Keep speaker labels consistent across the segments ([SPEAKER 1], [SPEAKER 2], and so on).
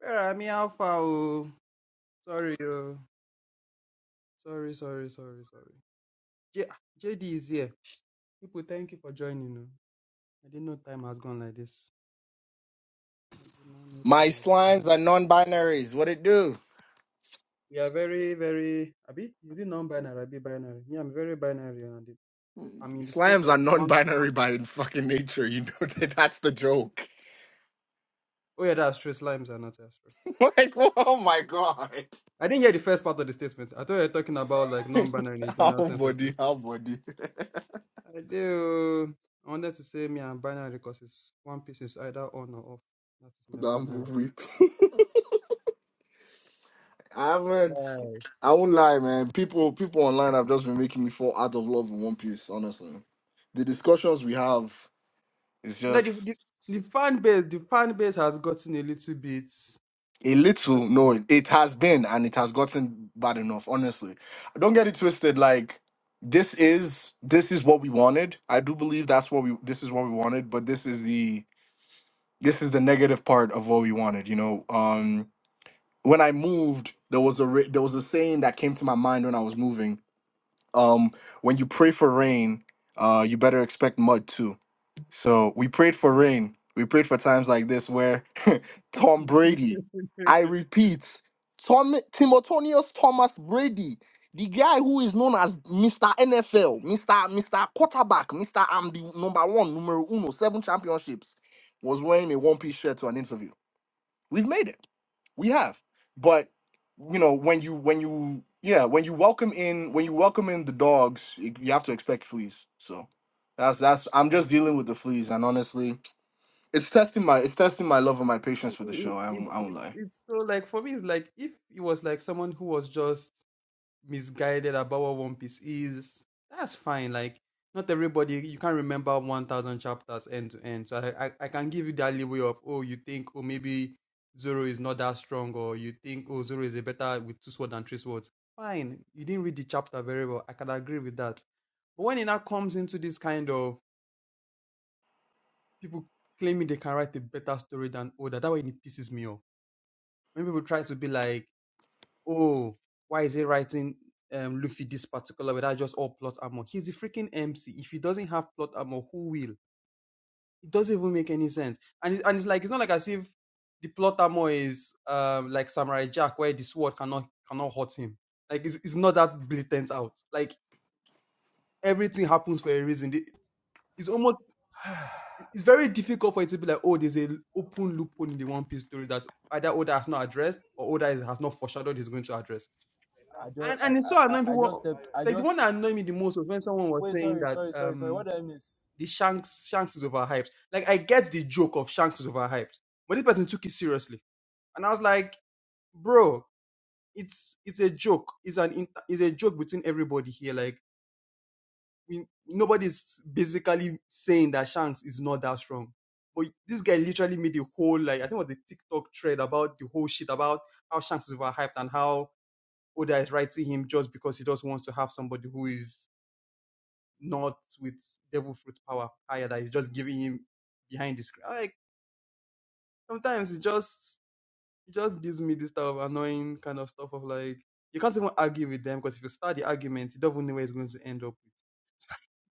[SPEAKER 1] Where me I alpha? Oh, sorry, oh, sorry, sorry, sorry, sorry. J- JD is here. People, thank you for joining. oh. I didn't know time has gone like this. I did not know no
[SPEAKER 2] My
[SPEAKER 1] time has
[SPEAKER 2] slimes
[SPEAKER 1] gone.
[SPEAKER 2] are non-binaries. What it do?
[SPEAKER 1] We are very, very. Abi, is it non-binary? Abi binary? Me, I'm very binary, and the- I'm in the state
[SPEAKER 2] Slimes are
[SPEAKER 1] of one.
[SPEAKER 2] non-binary by fucking nature. You know that that's the joke.
[SPEAKER 1] Oh yeah, that's true. Slimes are not as true.
[SPEAKER 2] like, oh my god.
[SPEAKER 1] I didn't hear the first part of the statement. I thought you were talking about like non-binary in the
[SPEAKER 2] how
[SPEAKER 1] general sense of
[SPEAKER 2] body,
[SPEAKER 1] things.
[SPEAKER 2] how body.
[SPEAKER 1] I do. I wanted to say me and binary because it's one piece is either on or off. That is my
[SPEAKER 2] I'm
[SPEAKER 1] binary.
[SPEAKER 2] weeping. I
[SPEAKER 1] Yeah.
[SPEAKER 2] haven't. I won't lie, man. People, people online have just been making me fall out of love in One Piece. Honestly, the discussions we have is
[SPEAKER 1] No, the, the,
[SPEAKER 2] just.
[SPEAKER 1] the fan base, the fan base has gotten a little bit.
[SPEAKER 2] A
[SPEAKER 1] I don't
[SPEAKER 2] little, no, it
[SPEAKER 1] know.
[SPEAKER 2] it has been and it has gotten bad enough, honestly. Don't get it twisted, like this is this is what we wanted. I do believe that's what we this is what we wanted, but this is the this is the negative part of what we wanted, you know. Um when I moved, there was a ra- there was a saying that came to my mind when I was moving. Um when you pray for rain, uh you better expect mud too so we prayed for rain. We prayed for times like this where Tom Brady, I repeat, Tom Timotonius Thomas Brady, the guy who is known as Mr. NFL, Mr. Mr. Quarterback, Mr. I'm the number one, numero uno, seven championships, was wearing a one-piece shirt to an interview. We've made it we have but you know when you when you yeah when you welcome in when you welcome in the dogs you you have to expect fleas so that's that's i'm
[SPEAKER 1] yeah.
[SPEAKER 2] just dealing with the fleas and honestly it's testing my it's testing my love and my patience
[SPEAKER 1] It-
[SPEAKER 2] for the
[SPEAKER 1] it-
[SPEAKER 2] show i won't, I
[SPEAKER 1] it's
[SPEAKER 2] won't lie
[SPEAKER 1] it's it's so like for me, it's like if it was like someone who was just misguided about what One Piece is, that's fine. Like not everybody, you can't remember one thousand chapters end to end. So I, I I can give you that leeway of oh you think oh maybe Zoro is not that strong or you think oh Zoro is a better with two swords than three swords. Fine, you didn't read the chapter very well. I can agree with that But when it now comes into this kind of people claiming they can write a better story than Oda, that way it pisses me off. When people try to be like, oh, why is he writing um, Luffy this particular way? That's just all plot armor. He's the freaking MC. If he doesn't have plot armor, who will? It doesn't even make any sense. And it's, and it's like, it's not like as if the plot armor is um, like Samurai Jack, where the sword cannot cannot hurt him. Like, it's, it's not that blatant out. Like, everything happens for a reason. It's almost it- it's very difficult for it to be like, oh, there's a l- open loophole in the One Piece story that either Oda has not addressed or Oda is- has not foreshadowed he's going to address.
[SPEAKER 3] I just
[SPEAKER 1] And
[SPEAKER 3] I,
[SPEAKER 1] and it's so
[SPEAKER 3] I,
[SPEAKER 1] annoying
[SPEAKER 3] I I just
[SPEAKER 1] people.
[SPEAKER 3] stepped I
[SPEAKER 1] Like the
[SPEAKER 3] just
[SPEAKER 1] one that annoyed me the most was when someone was
[SPEAKER 3] wait
[SPEAKER 1] saying
[SPEAKER 3] sorry
[SPEAKER 1] that
[SPEAKER 3] sorry sorry sorry
[SPEAKER 1] um
[SPEAKER 3] what did I miss?
[SPEAKER 1] the Shanks Shanks is overhyped. Like I get the joke of Shanks is overhyped, but this person took it seriously, and I was like, bro, it's it's a joke. It's an in- it's a joke between everybody here. Like we nobody's basically saying that Shanks is not that strong. But this guy literally made the whole like I think it was the TikTok thread about the whole shit about how Shanks is overhyped and how Oda is writing him just because he just wants to have somebody who is not with devil fruit power higher that is just giving him behind the screen. Like sometimes it just it just gives me this type of annoying kind of stuff of like you can't even argue with them because if you start the argument, you don't even know where it's going to end up with.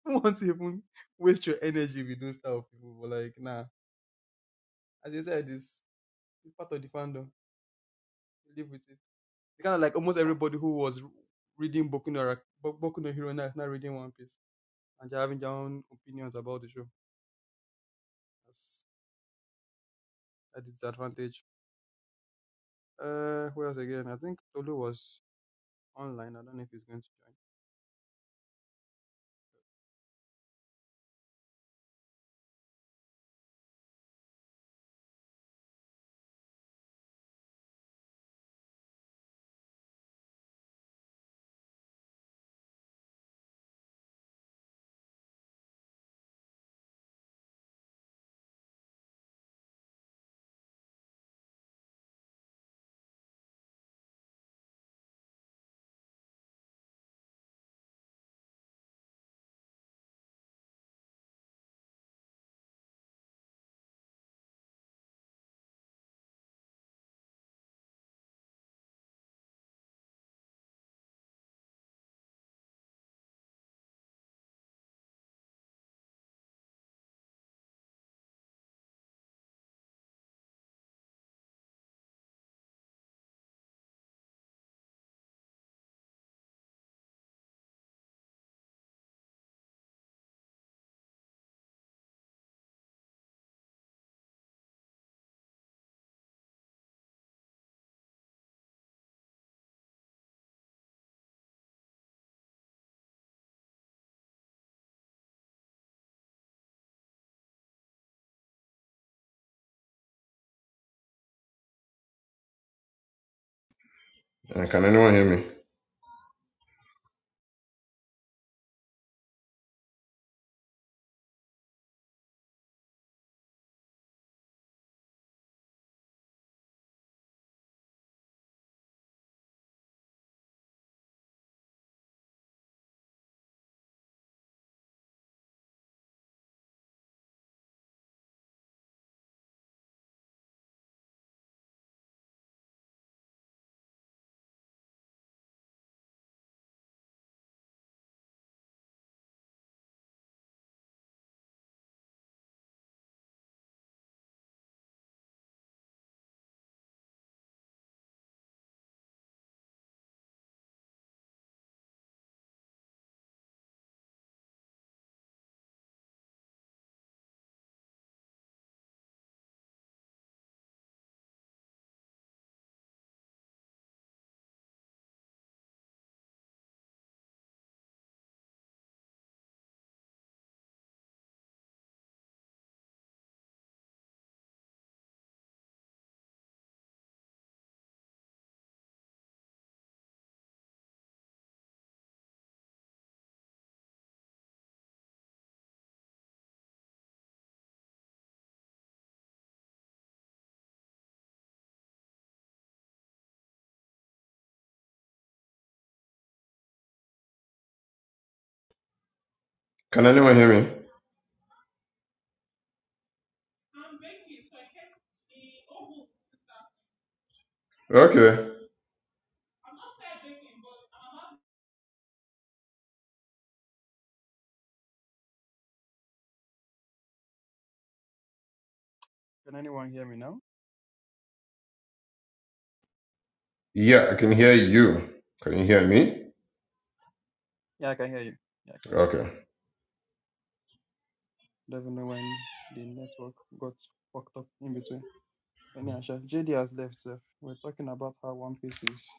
[SPEAKER 1] Who wants to even waste your energy if you don't start with those type of people? But like, nah. As you said, it's, it's part of the fandom. You Live with it. It's kind of like almost everybody who was reading Boku no, Ra- Bo- Boku no Hero now is not reading One Piece. And they're having their own opinions about the show. That's a disadvantage. Uh, who else again? I think Tolu was online. I don't know if he's going to join.
[SPEAKER 4] And can anyone hear me? Can anyone hear me? Okay.
[SPEAKER 1] Can anyone hear me now?
[SPEAKER 4] Yeah, I can hear you. Can you hear me?
[SPEAKER 1] Yeah, I can hear you. Yeah, I can hear you.
[SPEAKER 4] Okay.
[SPEAKER 1] Don't even know when the network got fucked up in between. Anyhow, Chef JD has left, Seth. We're talking about how One Piece is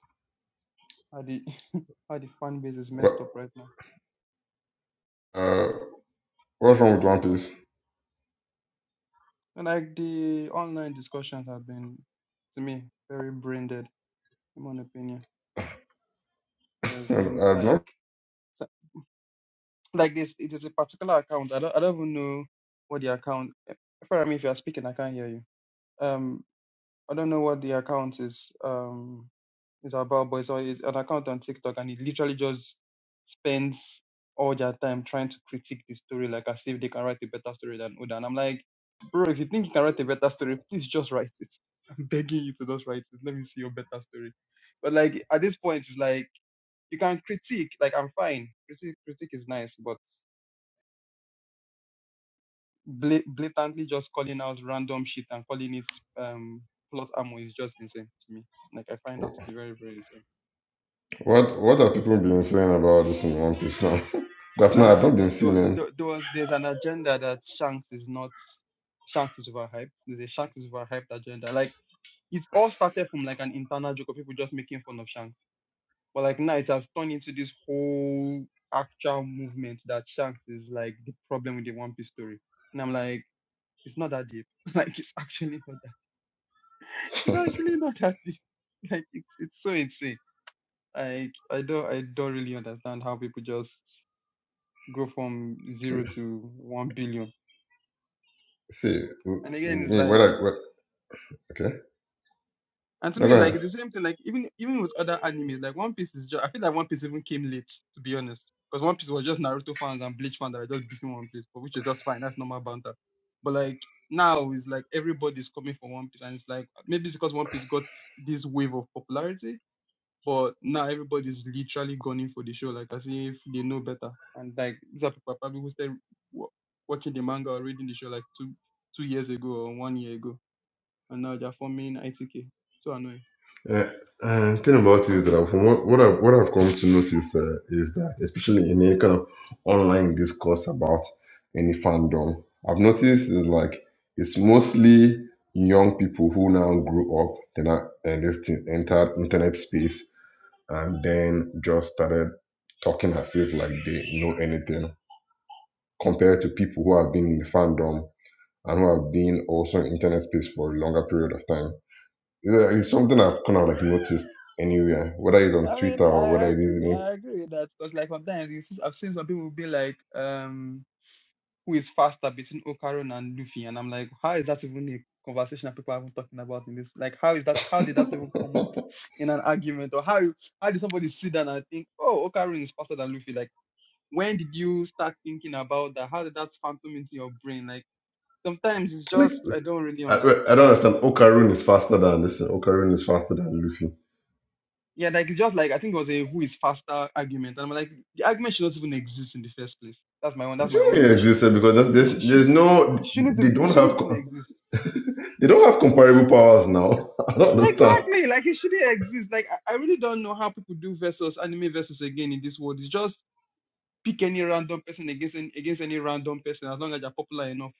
[SPEAKER 1] how the how the fan base is
[SPEAKER 4] What?
[SPEAKER 1] messed up right now.
[SPEAKER 4] Uh, what's wrong with One Piece?
[SPEAKER 1] And like the online discussions have been, to me, very brain dead, in my opinion. There's
[SPEAKER 4] I-
[SPEAKER 1] been
[SPEAKER 4] I've
[SPEAKER 1] like
[SPEAKER 4] not.
[SPEAKER 1] so- like this. It is a particular account. I don't I don't even know what the account. For me, if you are speaking, I can't hear you. Um, I don't know what the account is. Um, It's about, but it's, on- it's an account on TikTok, and it literally just spends all their time trying to critique the story, like as if they can write a better story than Oda. And I'm like, bro, if you think you can write a better story, please just write it. I'm begging you to just write it. Let me see your better story. But like at this point, it's like you can critique. Like I'm fine. Critique, critique is nice, but bla- blatantly just calling out random shit and calling it um plot ammo is just insane to me. Like I find that to be very, very insane.
[SPEAKER 4] What What have people been saying about this in One Piece now? I've not. I've not
[SPEAKER 1] Um,
[SPEAKER 4] been
[SPEAKER 1] there,
[SPEAKER 4] seeing it.
[SPEAKER 1] there, there was there's an agenda that Shanks is not Shanks is overhyped. There's a Shanks is overhyped agenda. Like it all started from like an internal joke of people just making fun of Shanks, but like now it has turned into this whole actual movement that Shanks is like the problem with the One Piece story. And I'm like, it's not that deep. like it's actually not that. It's actually not that deep. Like it's it's so insane. Like I don't I don't really understand how people just go from zero to one billion
[SPEAKER 4] See m-
[SPEAKER 1] And again, it's
[SPEAKER 4] me.
[SPEAKER 1] like,
[SPEAKER 4] What? I, what? Okay.
[SPEAKER 1] and to
[SPEAKER 4] No,
[SPEAKER 1] me,
[SPEAKER 4] go ahead.
[SPEAKER 1] like it's the same thing. Like even even with other animes, like One Piece is just. I feel like One Piece even came late, to be honest, because One Piece was just Naruto fans and Bleach fans that were just beefing One Piece, but which is just fine. That's normal banter. But like now, it's like everybody's coming for One Piece, and it's like maybe it's because One Piece got this wave of popularity, but now everybody's literally gunning for the show, like as if they know better. And like these are people probably who started wa- watching the manga or reading the show like two two years ago or one year ago and now they're forming ITK. So annoying.
[SPEAKER 4] Uh, uh, thing about it is that from what, what I've what I've come to notice uh, is that especially in any kind of online discourse about any fandom, I've noticed is like it's mostly young people who now grew up, then uh, this thing entered internet space and then just started talking as if like they know anything compared to people who have been in the fandom and who have been also in internet space for a longer period of time. Yeah, it's something I've kind of like noticed anywhere, whether it's on
[SPEAKER 1] I mean,
[SPEAKER 4] Twitter
[SPEAKER 1] I
[SPEAKER 4] or
[SPEAKER 1] I
[SPEAKER 4] whether it is
[SPEAKER 1] agree.
[SPEAKER 4] in
[SPEAKER 1] I agree with that because, like, sometimes you see, I've seen some people be like, um, who is faster between Ocaron and Luffy, and I'm like, how is that even a conversation that people haven't talking about in this? Like, how is that? How did that even come up in an argument, or how you- how did somebody sit down and think, oh, Ocaron is faster than Luffy? Like, when did you start thinking about that? How did that phantom into your brain? Like, sometimes it's
[SPEAKER 4] like
[SPEAKER 1] just I don't really
[SPEAKER 4] I, I
[SPEAKER 1] understand.
[SPEAKER 4] don't understand. Okarun is faster than this. Okarun is faster than Luffy.
[SPEAKER 1] Yeah, like it's just like I think it was a who is faster argument, and I'm like the argument should not even exist in the first place. That's my own. That's
[SPEAKER 4] It
[SPEAKER 1] my
[SPEAKER 4] shouldn't
[SPEAKER 1] own
[SPEAKER 4] really
[SPEAKER 1] issue
[SPEAKER 4] exist
[SPEAKER 1] with
[SPEAKER 4] eh,
[SPEAKER 1] it.
[SPEAKER 4] because
[SPEAKER 1] It,
[SPEAKER 4] there's,
[SPEAKER 1] sh-
[SPEAKER 4] there's
[SPEAKER 1] it
[SPEAKER 4] there's
[SPEAKER 1] shouldn't. It
[SPEAKER 4] no
[SPEAKER 1] shouldn't.
[SPEAKER 4] they
[SPEAKER 1] even- It
[SPEAKER 4] don't
[SPEAKER 1] shouldn't
[SPEAKER 4] have
[SPEAKER 1] even
[SPEAKER 4] co-
[SPEAKER 1] exist.
[SPEAKER 4] they don't have comparable powers now. I don't understand.
[SPEAKER 1] Exactly. Like it shouldn't exist. Like I, I really don't know how people do versus anime versus again in this world. It's just pick any random person against any, against any random person as long as you're popular enough.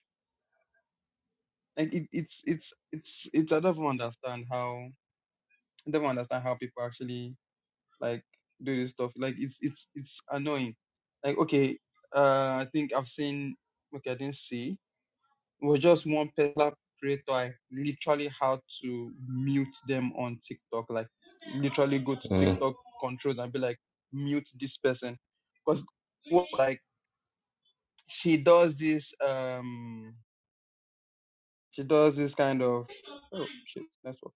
[SPEAKER 1] Like it, it's it's it's it's I don't even understand how I don't even understand how people actually. like do this stuff. Like it's it's it's annoying. Like okay, uh, I think I've seen. Okay, I didn't see. It was just one particular creator. I literally had to mute them on TikTok. Like literally go to
[SPEAKER 4] Mm.
[SPEAKER 1] TikTok controls and be like mute this person because what like she does this um she does this kind of oh shit network.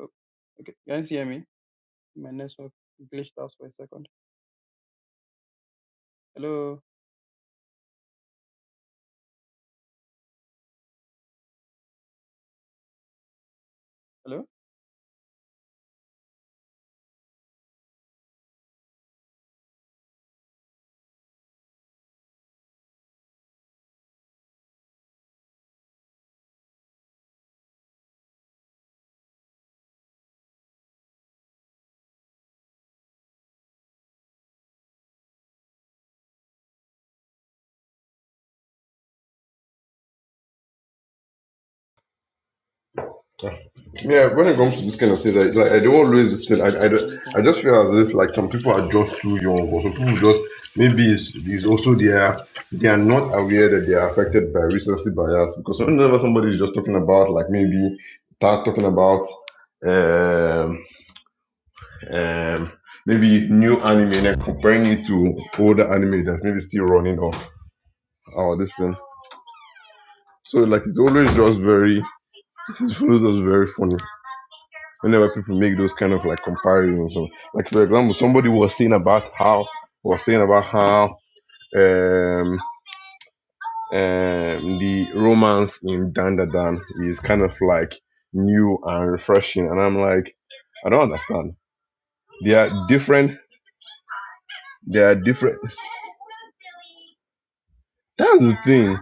[SPEAKER 1] Oh, okay, can you hear me? My network glitched out for a second. Hello, hello. Yeah,
[SPEAKER 4] Yeah, when it
[SPEAKER 1] can you
[SPEAKER 4] comes
[SPEAKER 1] hear
[SPEAKER 4] to
[SPEAKER 1] me?
[SPEAKER 4] this kind of thing, like, like I
[SPEAKER 1] Just
[SPEAKER 4] don't always listen. I,
[SPEAKER 1] gesture
[SPEAKER 4] I,
[SPEAKER 1] or
[SPEAKER 4] don't- I
[SPEAKER 1] anything.
[SPEAKER 4] just feel as if
[SPEAKER 1] and
[SPEAKER 4] like some people are just too young, or some
[SPEAKER 1] it's all
[SPEAKER 4] people
[SPEAKER 1] glitched.
[SPEAKER 4] just maybe it's, it's also they are they are not aware that they are affected by recency bias because whenever somebody is just talking about like maybe start talking about um um maybe new anime and then comparing it to older anime that's maybe still running or or this thing. So like it's always just very it follows us very funny. whenever people make those kind of like comparisons or- like for example somebody was saying about how was saying about how um um the romance in dandadan is kind of like new and refreshing and i'm like i don't understand they are different they are different that's the thing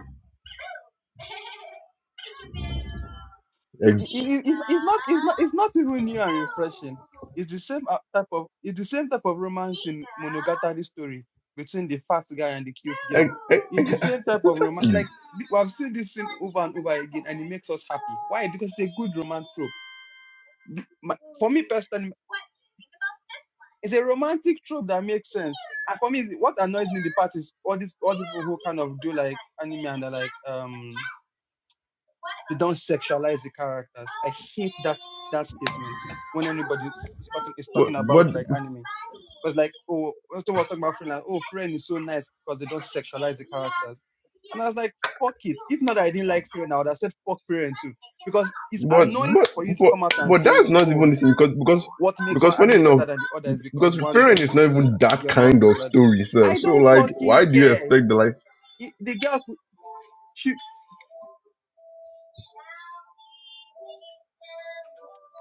[SPEAKER 1] It, it,
[SPEAKER 4] Ex-
[SPEAKER 1] it, it- it's not it's not it's not even new and refreshing. It's the same uh, type of it's the same type of romance in Monogatari story between the fat guy and the cute girl.
[SPEAKER 4] ex-
[SPEAKER 1] It's the same type of romance.
[SPEAKER 4] exactly
[SPEAKER 1] Like th- I've seen this scene over and over again, and it makes us happy. Why? Because it's a good romance trope. My, for me personally, it's a romantic trope that makes sense. And for me, what annoys me in the part is all these all the people who kind of do like anime and they're like um
[SPEAKER 4] What?
[SPEAKER 1] they
[SPEAKER 4] about
[SPEAKER 1] don't
[SPEAKER 4] this blue
[SPEAKER 1] sexualize
[SPEAKER 4] egg?
[SPEAKER 1] the characters. I hate that that statement
[SPEAKER 4] Open.
[SPEAKER 1] when anybody
[SPEAKER 4] Oh,
[SPEAKER 1] is is
[SPEAKER 4] so
[SPEAKER 1] talking is
[SPEAKER 4] cute. What?
[SPEAKER 1] talking
[SPEAKER 4] What?
[SPEAKER 1] about
[SPEAKER 4] It's
[SPEAKER 1] like
[SPEAKER 4] so
[SPEAKER 1] anime.
[SPEAKER 4] funny.
[SPEAKER 1] Because like oh when someone was
[SPEAKER 4] Bunny
[SPEAKER 1] talking about friend
[SPEAKER 4] rabbit
[SPEAKER 1] like oh
[SPEAKER 4] can
[SPEAKER 1] friend
[SPEAKER 4] be
[SPEAKER 1] is so
[SPEAKER 4] pets.
[SPEAKER 1] nice because they
[SPEAKER 4] And
[SPEAKER 1] don't
[SPEAKER 4] so we say,
[SPEAKER 1] sexualize the
[SPEAKER 4] yeah,
[SPEAKER 1] characters. And
[SPEAKER 4] yeah,
[SPEAKER 1] I was like, fuck it.
[SPEAKER 4] you
[SPEAKER 1] If not
[SPEAKER 4] can
[SPEAKER 1] I
[SPEAKER 4] be
[SPEAKER 1] didn't
[SPEAKER 4] a
[SPEAKER 1] like
[SPEAKER 4] pet.
[SPEAKER 1] friend, I would have said fuck friend too. Because it's
[SPEAKER 4] But
[SPEAKER 1] annoying for you
[SPEAKER 4] but
[SPEAKER 1] to
[SPEAKER 4] but
[SPEAKER 1] come out and
[SPEAKER 4] but
[SPEAKER 1] say,
[SPEAKER 4] that's not
[SPEAKER 1] Oh,
[SPEAKER 4] even the same because because
[SPEAKER 1] what makes
[SPEAKER 4] because
[SPEAKER 1] one
[SPEAKER 4] funny
[SPEAKER 1] anime
[SPEAKER 4] enough
[SPEAKER 1] better than the other is because
[SPEAKER 4] because
[SPEAKER 1] one
[SPEAKER 4] Fairen
[SPEAKER 1] doesn't
[SPEAKER 4] is not
[SPEAKER 1] sexualize
[SPEAKER 4] even
[SPEAKER 1] the
[SPEAKER 4] that
[SPEAKER 1] girls, one
[SPEAKER 4] kind of
[SPEAKER 1] sexualize the
[SPEAKER 4] story
[SPEAKER 1] I
[SPEAKER 4] itself. So
[SPEAKER 1] don't
[SPEAKER 4] like why
[SPEAKER 1] fucking
[SPEAKER 4] do you
[SPEAKER 1] care.
[SPEAKER 4] expect the like
[SPEAKER 1] It- The girl could- she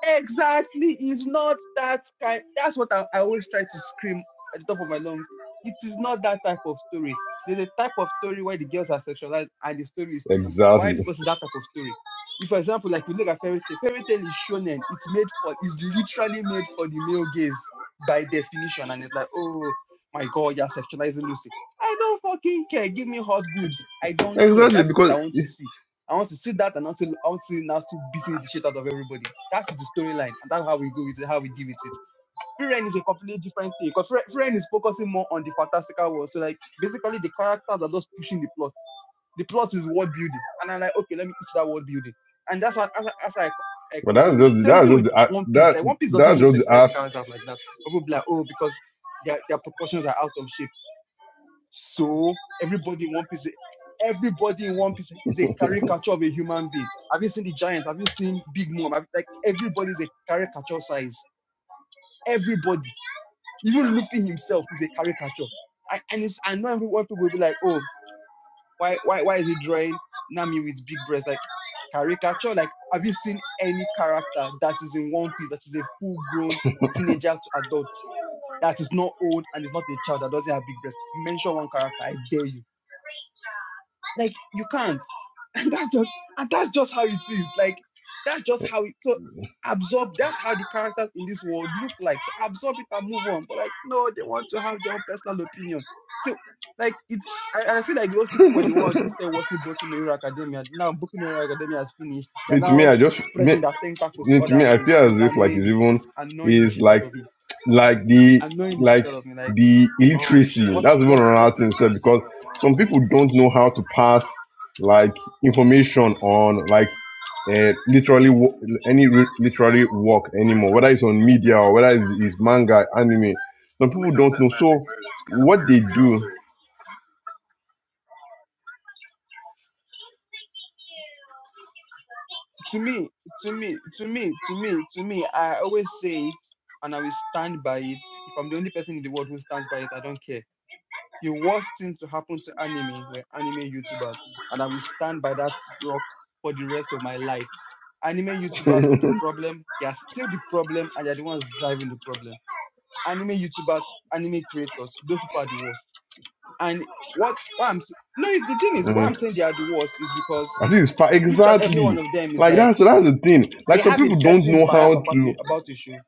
[SPEAKER 1] Exactly. It's not that kind. That's what I, I always try to scream at the top of my lungs. It is not that type of story. There's a type of story where the girls are sexualized and the story is too good. Why?
[SPEAKER 4] exactly
[SPEAKER 1] Because it's that type of story. If, for example, like we look at fairy tale, fairy tale is shonen. It's made for, it's literally made for the male gaze by definition. And it's like, oh my God, you're sexualizing Lucy. I don't fucking care. Give me hot boobs. I don't care.
[SPEAKER 4] exactly
[SPEAKER 1] That's what I
[SPEAKER 4] because
[SPEAKER 1] want to see I want to see that and I want to, I want to see Nasu beating the shit out of everybody. That's the storyline, and that's how we go with it, how we deal with it. Free Ren is a completely different thing because Free Free Ren is focusing more on the fantastical world. So like basically the characters are just pushing the plot. The plot is world building, and I'm like, okay, let me eat that world building, and that's what as, as I I
[SPEAKER 4] But that's
[SPEAKER 1] consume it.
[SPEAKER 4] just the-
[SPEAKER 1] Same
[SPEAKER 4] that's
[SPEAKER 1] thing
[SPEAKER 4] just
[SPEAKER 1] with
[SPEAKER 4] the, a-
[SPEAKER 1] One Piece.
[SPEAKER 4] that
[SPEAKER 1] Like One Piece doesn't
[SPEAKER 4] that's
[SPEAKER 1] even
[SPEAKER 4] just the
[SPEAKER 1] sexualize the
[SPEAKER 4] ass.
[SPEAKER 1] characters like that. People be like, oh, because their, their proportions are out of shape so everybody in One Piece, everybody in One Piece is a caricature of a human being. Have you seen the Giants? Have you seen Big Mom? Have, like everybody is a caricature size. Everybody, even Luffy himself, is a caricature. I, and it's I know everyone people will be like, oh, why why why is he drawing Nami with big breasts? Like caricature. Like have you seen any character that is in One Piece that is a full grown teenager to adult that is not old and is not a child that doesn't have big breasts? Mention one character, I dare you Like you can't. And that's just and that's just how it is. Like that's just how it so absorb that's how the characters in this world look like. So absorb it and move on. But like no, they want to have their own personal opinion. So like it's I, and I feel like those people were the
[SPEAKER 4] me
[SPEAKER 1] ones who started watching Boku no Hero Academia. Now Boku no Hero Academia has finished. They're
[SPEAKER 4] to me,
[SPEAKER 1] now
[SPEAKER 4] I just me,
[SPEAKER 1] spreading their tentacles to
[SPEAKER 4] me to
[SPEAKER 1] other
[SPEAKER 4] me, I
[SPEAKER 1] shows
[SPEAKER 4] feel
[SPEAKER 1] and
[SPEAKER 4] as
[SPEAKER 1] it's
[SPEAKER 4] if like
[SPEAKER 1] annoying
[SPEAKER 4] it's
[SPEAKER 1] me.
[SPEAKER 4] even
[SPEAKER 1] It's annoying the
[SPEAKER 4] is
[SPEAKER 1] shit out
[SPEAKER 4] like
[SPEAKER 1] of me.
[SPEAKER 4] like the
[SPEAKER 1] Annoying the shit
[SPEAKER 4] like
[SPEAKER 1] out of me. Like
[SPEAKER 4] the illiteracy.
[SPEAKER 1] what
[SPEAKER 4] That's even
[SPEAKER 1] what what
[SPEAKER 4] another thing,
[SPEAKER 1] is
[SPEAKER 4] sir, because some people don't know how to pass like information on like uh, literally wo- any re- literally work anymore, whether it's on media or whether it's, it's manga, anime. Some people don't know. So what they
[SPEAKER 1] to me, to me, to me, to me, to me, I always say it and I will stand by it. If I'm the only person in the world who stands by it, I don't care. The worst thing to happen to anime were anime YouTubers, and I will stand by that rock for the rest of my life. Anime YouTubers were the problem, they are still the problem, and they're the ones driving the problem. Anime YouTubers, anime creators, those people are the worst. And what, what I'm s- no, the thing is, why
[SPEAKER 4] do,
[SPEAKER 1] I'm saying they are the worst is because
[SPEAKER 4] I think it's fine.
[SPEAKER 1] each and every
[SPEAKER 4] Exactly.
[SPEAKER 1] one of them is
[SPEAKER 4] Like
[SPEAKER 1] like
[SPEAKER 4] that's that's the thing.
[SPEAKER 1] they
[SPEAKER 4] Like some
[SPEAKER 1] have a
[SPEAKER 4] people don't
[SPEAKER 1] certain
[SPEAKER 4] know
[SPEAKER 1] bias
[SPEAKER 4] how
[SPEAKER 1] about
[SPEAKER 4] to.
[SPEAKER 1] the about the show,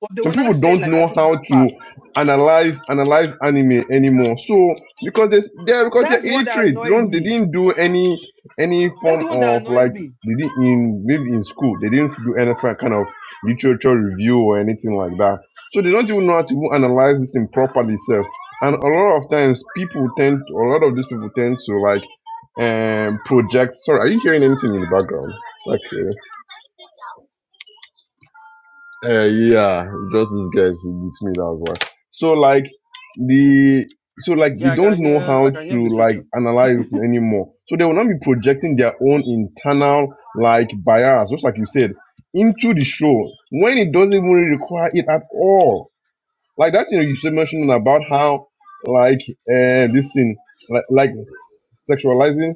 [SPEAKER 1] but they
[SPEAKER 4] Some
[SPEAKER 1] will
[SPEAKER 4] people
[SPEAKER 1] not say
[SPEAKER 4] don't
[SPEAKER 1] like as
[SPEAKER 4] know
[SPEAKER 1] if
[SPEAKER 4] how
[SPEAKER 1] it's
[SPEAKER 4] to
[SPEAKER 1] fact.
[SPEAKER 4] analyze analyze anime anymore. So because they they're because they're
[SPEAKER 1] That's the one that
[SPEAKER 4] illiterate. They
[SPEAKER 1] annoys
[SPEAKER 4] don't. They
[SPEAKER 1] me.
[SPEAKER 4] didn't do any any
[SPEAKER 1] That's
[SPEAKER 4] form
[SPEAKER 1] the one that
[SPEAKER 4] of
[SPEAKER 1] annoys
[SPEAKER 4] like
[SPEAKER 1] me.
[SPEAKER 4] they didn't in maybe in school. They didn't do any fi- kind of literature review or anything like that. So they don't even know how to even analyze this thing properly. Self. And a lot of times people tend. a lot of these people tend to like um project sorry are you hearing anything in the background okay uh yeah just these guys with me that's why so like the so like
[SPEAKER 1] Yeah,
[SPEAKER 4] they
[SPEAKER 1] I
[SPEAKER 4] don't
[SPEAKER 1] can
[SPEAKER 4] know
[SPEAKER 1] hear I
[SPEAKER 4] how
[SPEAKER 1] can hear
[SPEAKER 4] to
[SPEAKER 1] Miss
[SPEAKER 4] like
[SPEAKER 1] Rachel.
[SPEAKER 4] analyze anymore so they will not be projecting their own internal like bias just like you said into the show when it doesn't even really require it at all like that you know you said mentioning about how like uh this thing like like sexualizing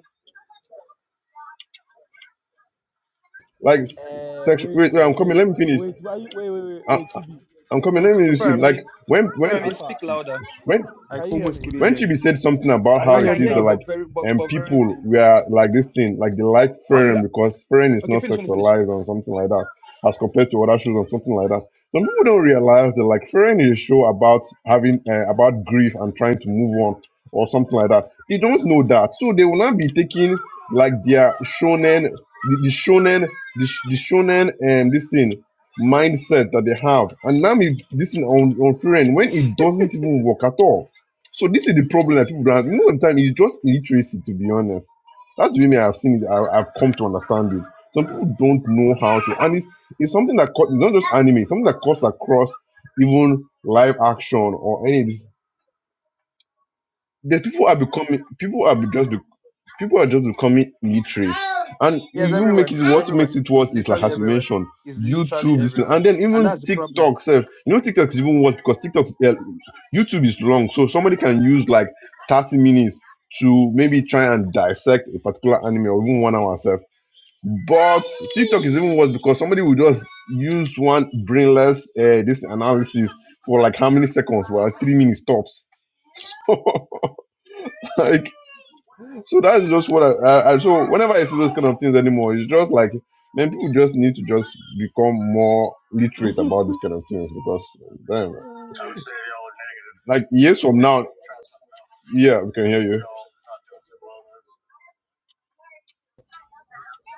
[SPEAKER 4] like
[SPEAKER 3] Uh
[SPEAKER 4] sex
[SPEAKER 3] wait
[SPEAKER 4] wait, wait
[SPEAKER 3] oh
[SPEAKER 4] i'm coming
[SPEAKER 3] wait
[SPEAKER 4] let me finish
[SPEAKER 3] wait why you wait wait wait
[SPEAKER 4] I,
[SPEAKER 3] wait Chibi
[SPEAKER 4] I'm coming.
[SPEAKER 3] wait
[SPEAKER 4] Let me
[SPEAKER 3] Chibi
[SPEAKER 4] listen.
[SPEAKER 3] Emeka
[SPEAKER 4] Like
[SPEAKER 1] Farami,
[SPEAKER 4] when when
[SPEAKER 1] Farami,
[SPEAKER 3] Alpha
[SPEAKER 1] speak louder.
[SPEAKER 4] when
[SPEAKER 1] I
[SPEAKER 3] can you hear
[SPEAKER 1] almost
[SPEAKER 3] me?
[SPEAKER 1] couldn't
[SPEAKER 4] when
[SPEAKER 1] hear
[SPEAKER 4] she be
[SPEAKER 1] you.
[SPEAKER 4] said something about
[SPEAKER 1] I,
[SPEAKER 3] Can
[SPEAKER 4] how
[SPEAKER 3] you
[SPEAKER 1] I
[SPEAKER 4] it
[SPEAKER 3] hear
[SPEAKER 1] can
[SPEAKER 3] me
[SPEAKER 1] hear
[SPEAKER 4] is that
[SPEAKER 1] you,
[SPEAKER 3] now?
[SPEAKER 1] but
[SPEAKER 4] like
[SPEAKER 1] very but,
[SPEAKER 4] and
[SPEAKER 1] but very
[SPEAKER 4] people
[SPEAKER 1] faint.
[SPEAKER 4] were like this thing, like they like
[SPEAKER 1] Honestly,
[SPEAKER 4] fairing
[SPEAKER 1] ga-
[SPEAKER 4] because fairing is
[SPEAKER 1] okay,
[SPEAKER 4] not
[SPEAKER 1] finish, finish, finish.
[SPEAKER 4] sexualized or something like that, as compared to other shows or something like that. Some people don't realize that like fairing is a show about having uh, about grief and trying to move on or something like that. They don't know that, so they will not be taking like their shonen, the, the shonen, the, sh- the shonen, and this thing mindset that they have. And now if this thing on on fairing when it doesn't even work at all so this is the problem that people don't have. You know, sometimes it's just literacy, to be honest. That's the way me I've seen it. I, I've come to understand it. Some people don't know how to, and it's, it's something that cut, not just anime, it's something that cuts across even live action or any. of this. The people are becoming people are be- just becoming people are just becoming illiterate and
[SPEAKER 1] Yeah,
[SPEAKER 4] we
[SPEAKER 1] it's
[SPEAKER 4] even make
[SPEAKER 1] everywhere.
[SPEAKER 4] it
[SPEAKER 1] It's
[SPEAKER 4] what
[SPEAKER 1] everywhere.
[SPEAKER 4] makes it
[SPEAKER 1] It's
[SPEAKER 4] worse is like
[SPEAKER 1] literally
[SPEAKER 4] as you
[SPEAKER 1] everywhere.
[SPEAKER 4] mentioned
[SPEAKER 1] It's literally
[SPEAKER 4] youtube this thing,
[SPEAKER 1] everywhere,
[SPEAKER 4] and then
[SPEAKER 1] and
[SPEAKER 4] even
[SPEAKER 1] that's the problem.
[SPEAKER 4] tiktok self you know tiktok is even worse because tiktok uh, youtube is long so somebody can use like 30 minutes to maybe try and dissect a particular anime or even one hour self but tiktok is even worse because somebody will just use one brainless uh, this analysis for like how many seconds well three minutes tops Like so that's just what I, I, I so whenever I see those kind of things anymore, it's just like man, people just need to just become more literate
[SPEAKER 1] yeah,
[SPEAKER 4] about these kind of things because damn, like years from now, yeah, we can hear you.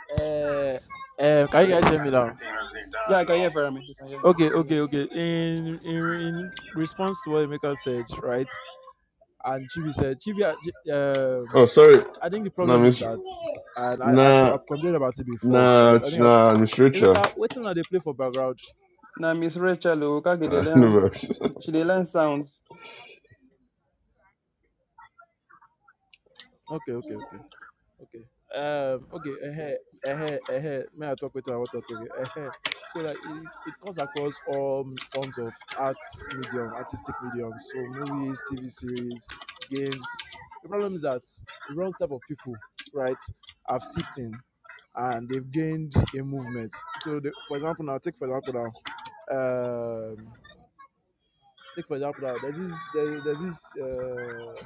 [SPEAKER 3] Uh, uh can you guys hear me now?
[SPEAKER 1] I can hear Farami. I can hear
[SPEAKER 3] Okay
[SPEAKER 1] you.
[SPEAKER 3] okay okay in in in response to what Emeka said right and Chibi said Chibi uh, Chi- um
[SPEAKER 4] Oh, sorry,
[SPEAKER 3] I think the
[SPEAKER 4] nah,
[SPEAKER 3] problem is
[SPEAKER 4] miss,
[SPEAKER 3] that and I, I've so-
[SPEAKER 4] nah,
[SPEAKER 3] I've complained about it before right
[SPEAKER 4] nah,
[SPEAKER 3] I
[SPEAKER 4] ch-
[SPEAKER 3] think I've,
[SPEAKER 4] nah, Miss Rachel,
[SPEAKER 3] Emeka wait till now they play for background
[SPEAKER 1] Now Miss Rachel, oh, can get the
[SPEAKER 4] uh, no
[SPEAKER 1] learn.
[SPEAKER 4] vex.
[SPEAKER 1] She, she dey learn sounds.
[SPEAKER 3] okay okay okay Okay. Um. Okay. Uh-huh, uh-huh, uh-huh. May I talk with you? I want to talk again. Uh-huh. So like it, it comes across all forms of arts medium, artistic mediums. So movies, TV series, games. The problem is that the wrong type of people, right, have seeped in, and they've gained a movement. So the, for example, now take for example now, um, take for example now. There's this there's, there's this. Uh,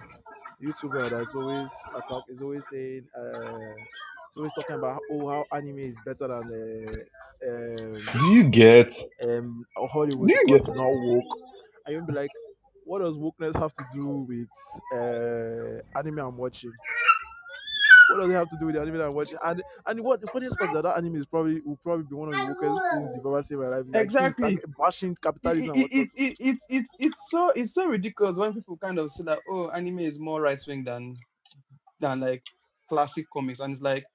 [SPEAKER 3] YouTuber that's always attack is always saying uh it's always talking about oh how anime is better than uh,
[SPEAKER 4] Do
[SPEAKER 3] um
[SPEAKER 4] you get? Do
[SPEAKER 3] um Hollywood
[SPEAKER 4] you
[SPEAKER 3] because
[SPEAKER 4] get?
[SPEAKER 3] it's not woke. And you'll be like, what does wokeness have to do with uh anime I'm watching? What does it have to do with the anime that I'm watching? And and what the funniest part is that that anime is probably will probably be one of the wokest things you've ever seen in my life. It's like things like
[SPEAKER 1] Exactly.
[SPEAKER 3] bashing
[SPEAKER 1] It,
[SPEAKER 3] capitalism
[SPEAKER 1] it,
[SPEAKER 3] and
[SPEAKER 1] it,
[SPEAKER 3] whatnot.
[SPEAKER 1] it, it, it, it's so it's so ridiculous when people kind of say that oh anime is more right wing than than like classic comics and it's like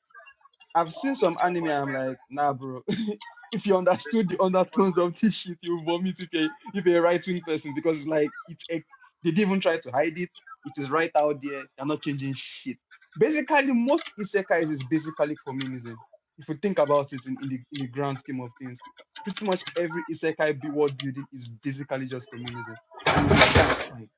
[SPEAKER 1] I've seen some anime. I'm like, nah, bro. if you understood the undertones of this shit, you vomit if you're if you're a right wing person because it's like it's a, they didn't even try to hide it. It is right out there. They're not changing shit. Basically, most isekais is basically communism. If you think about it in, in the in the grand scheme of things, pretty much every isekai be world building is basically just communism, and it's like that's fine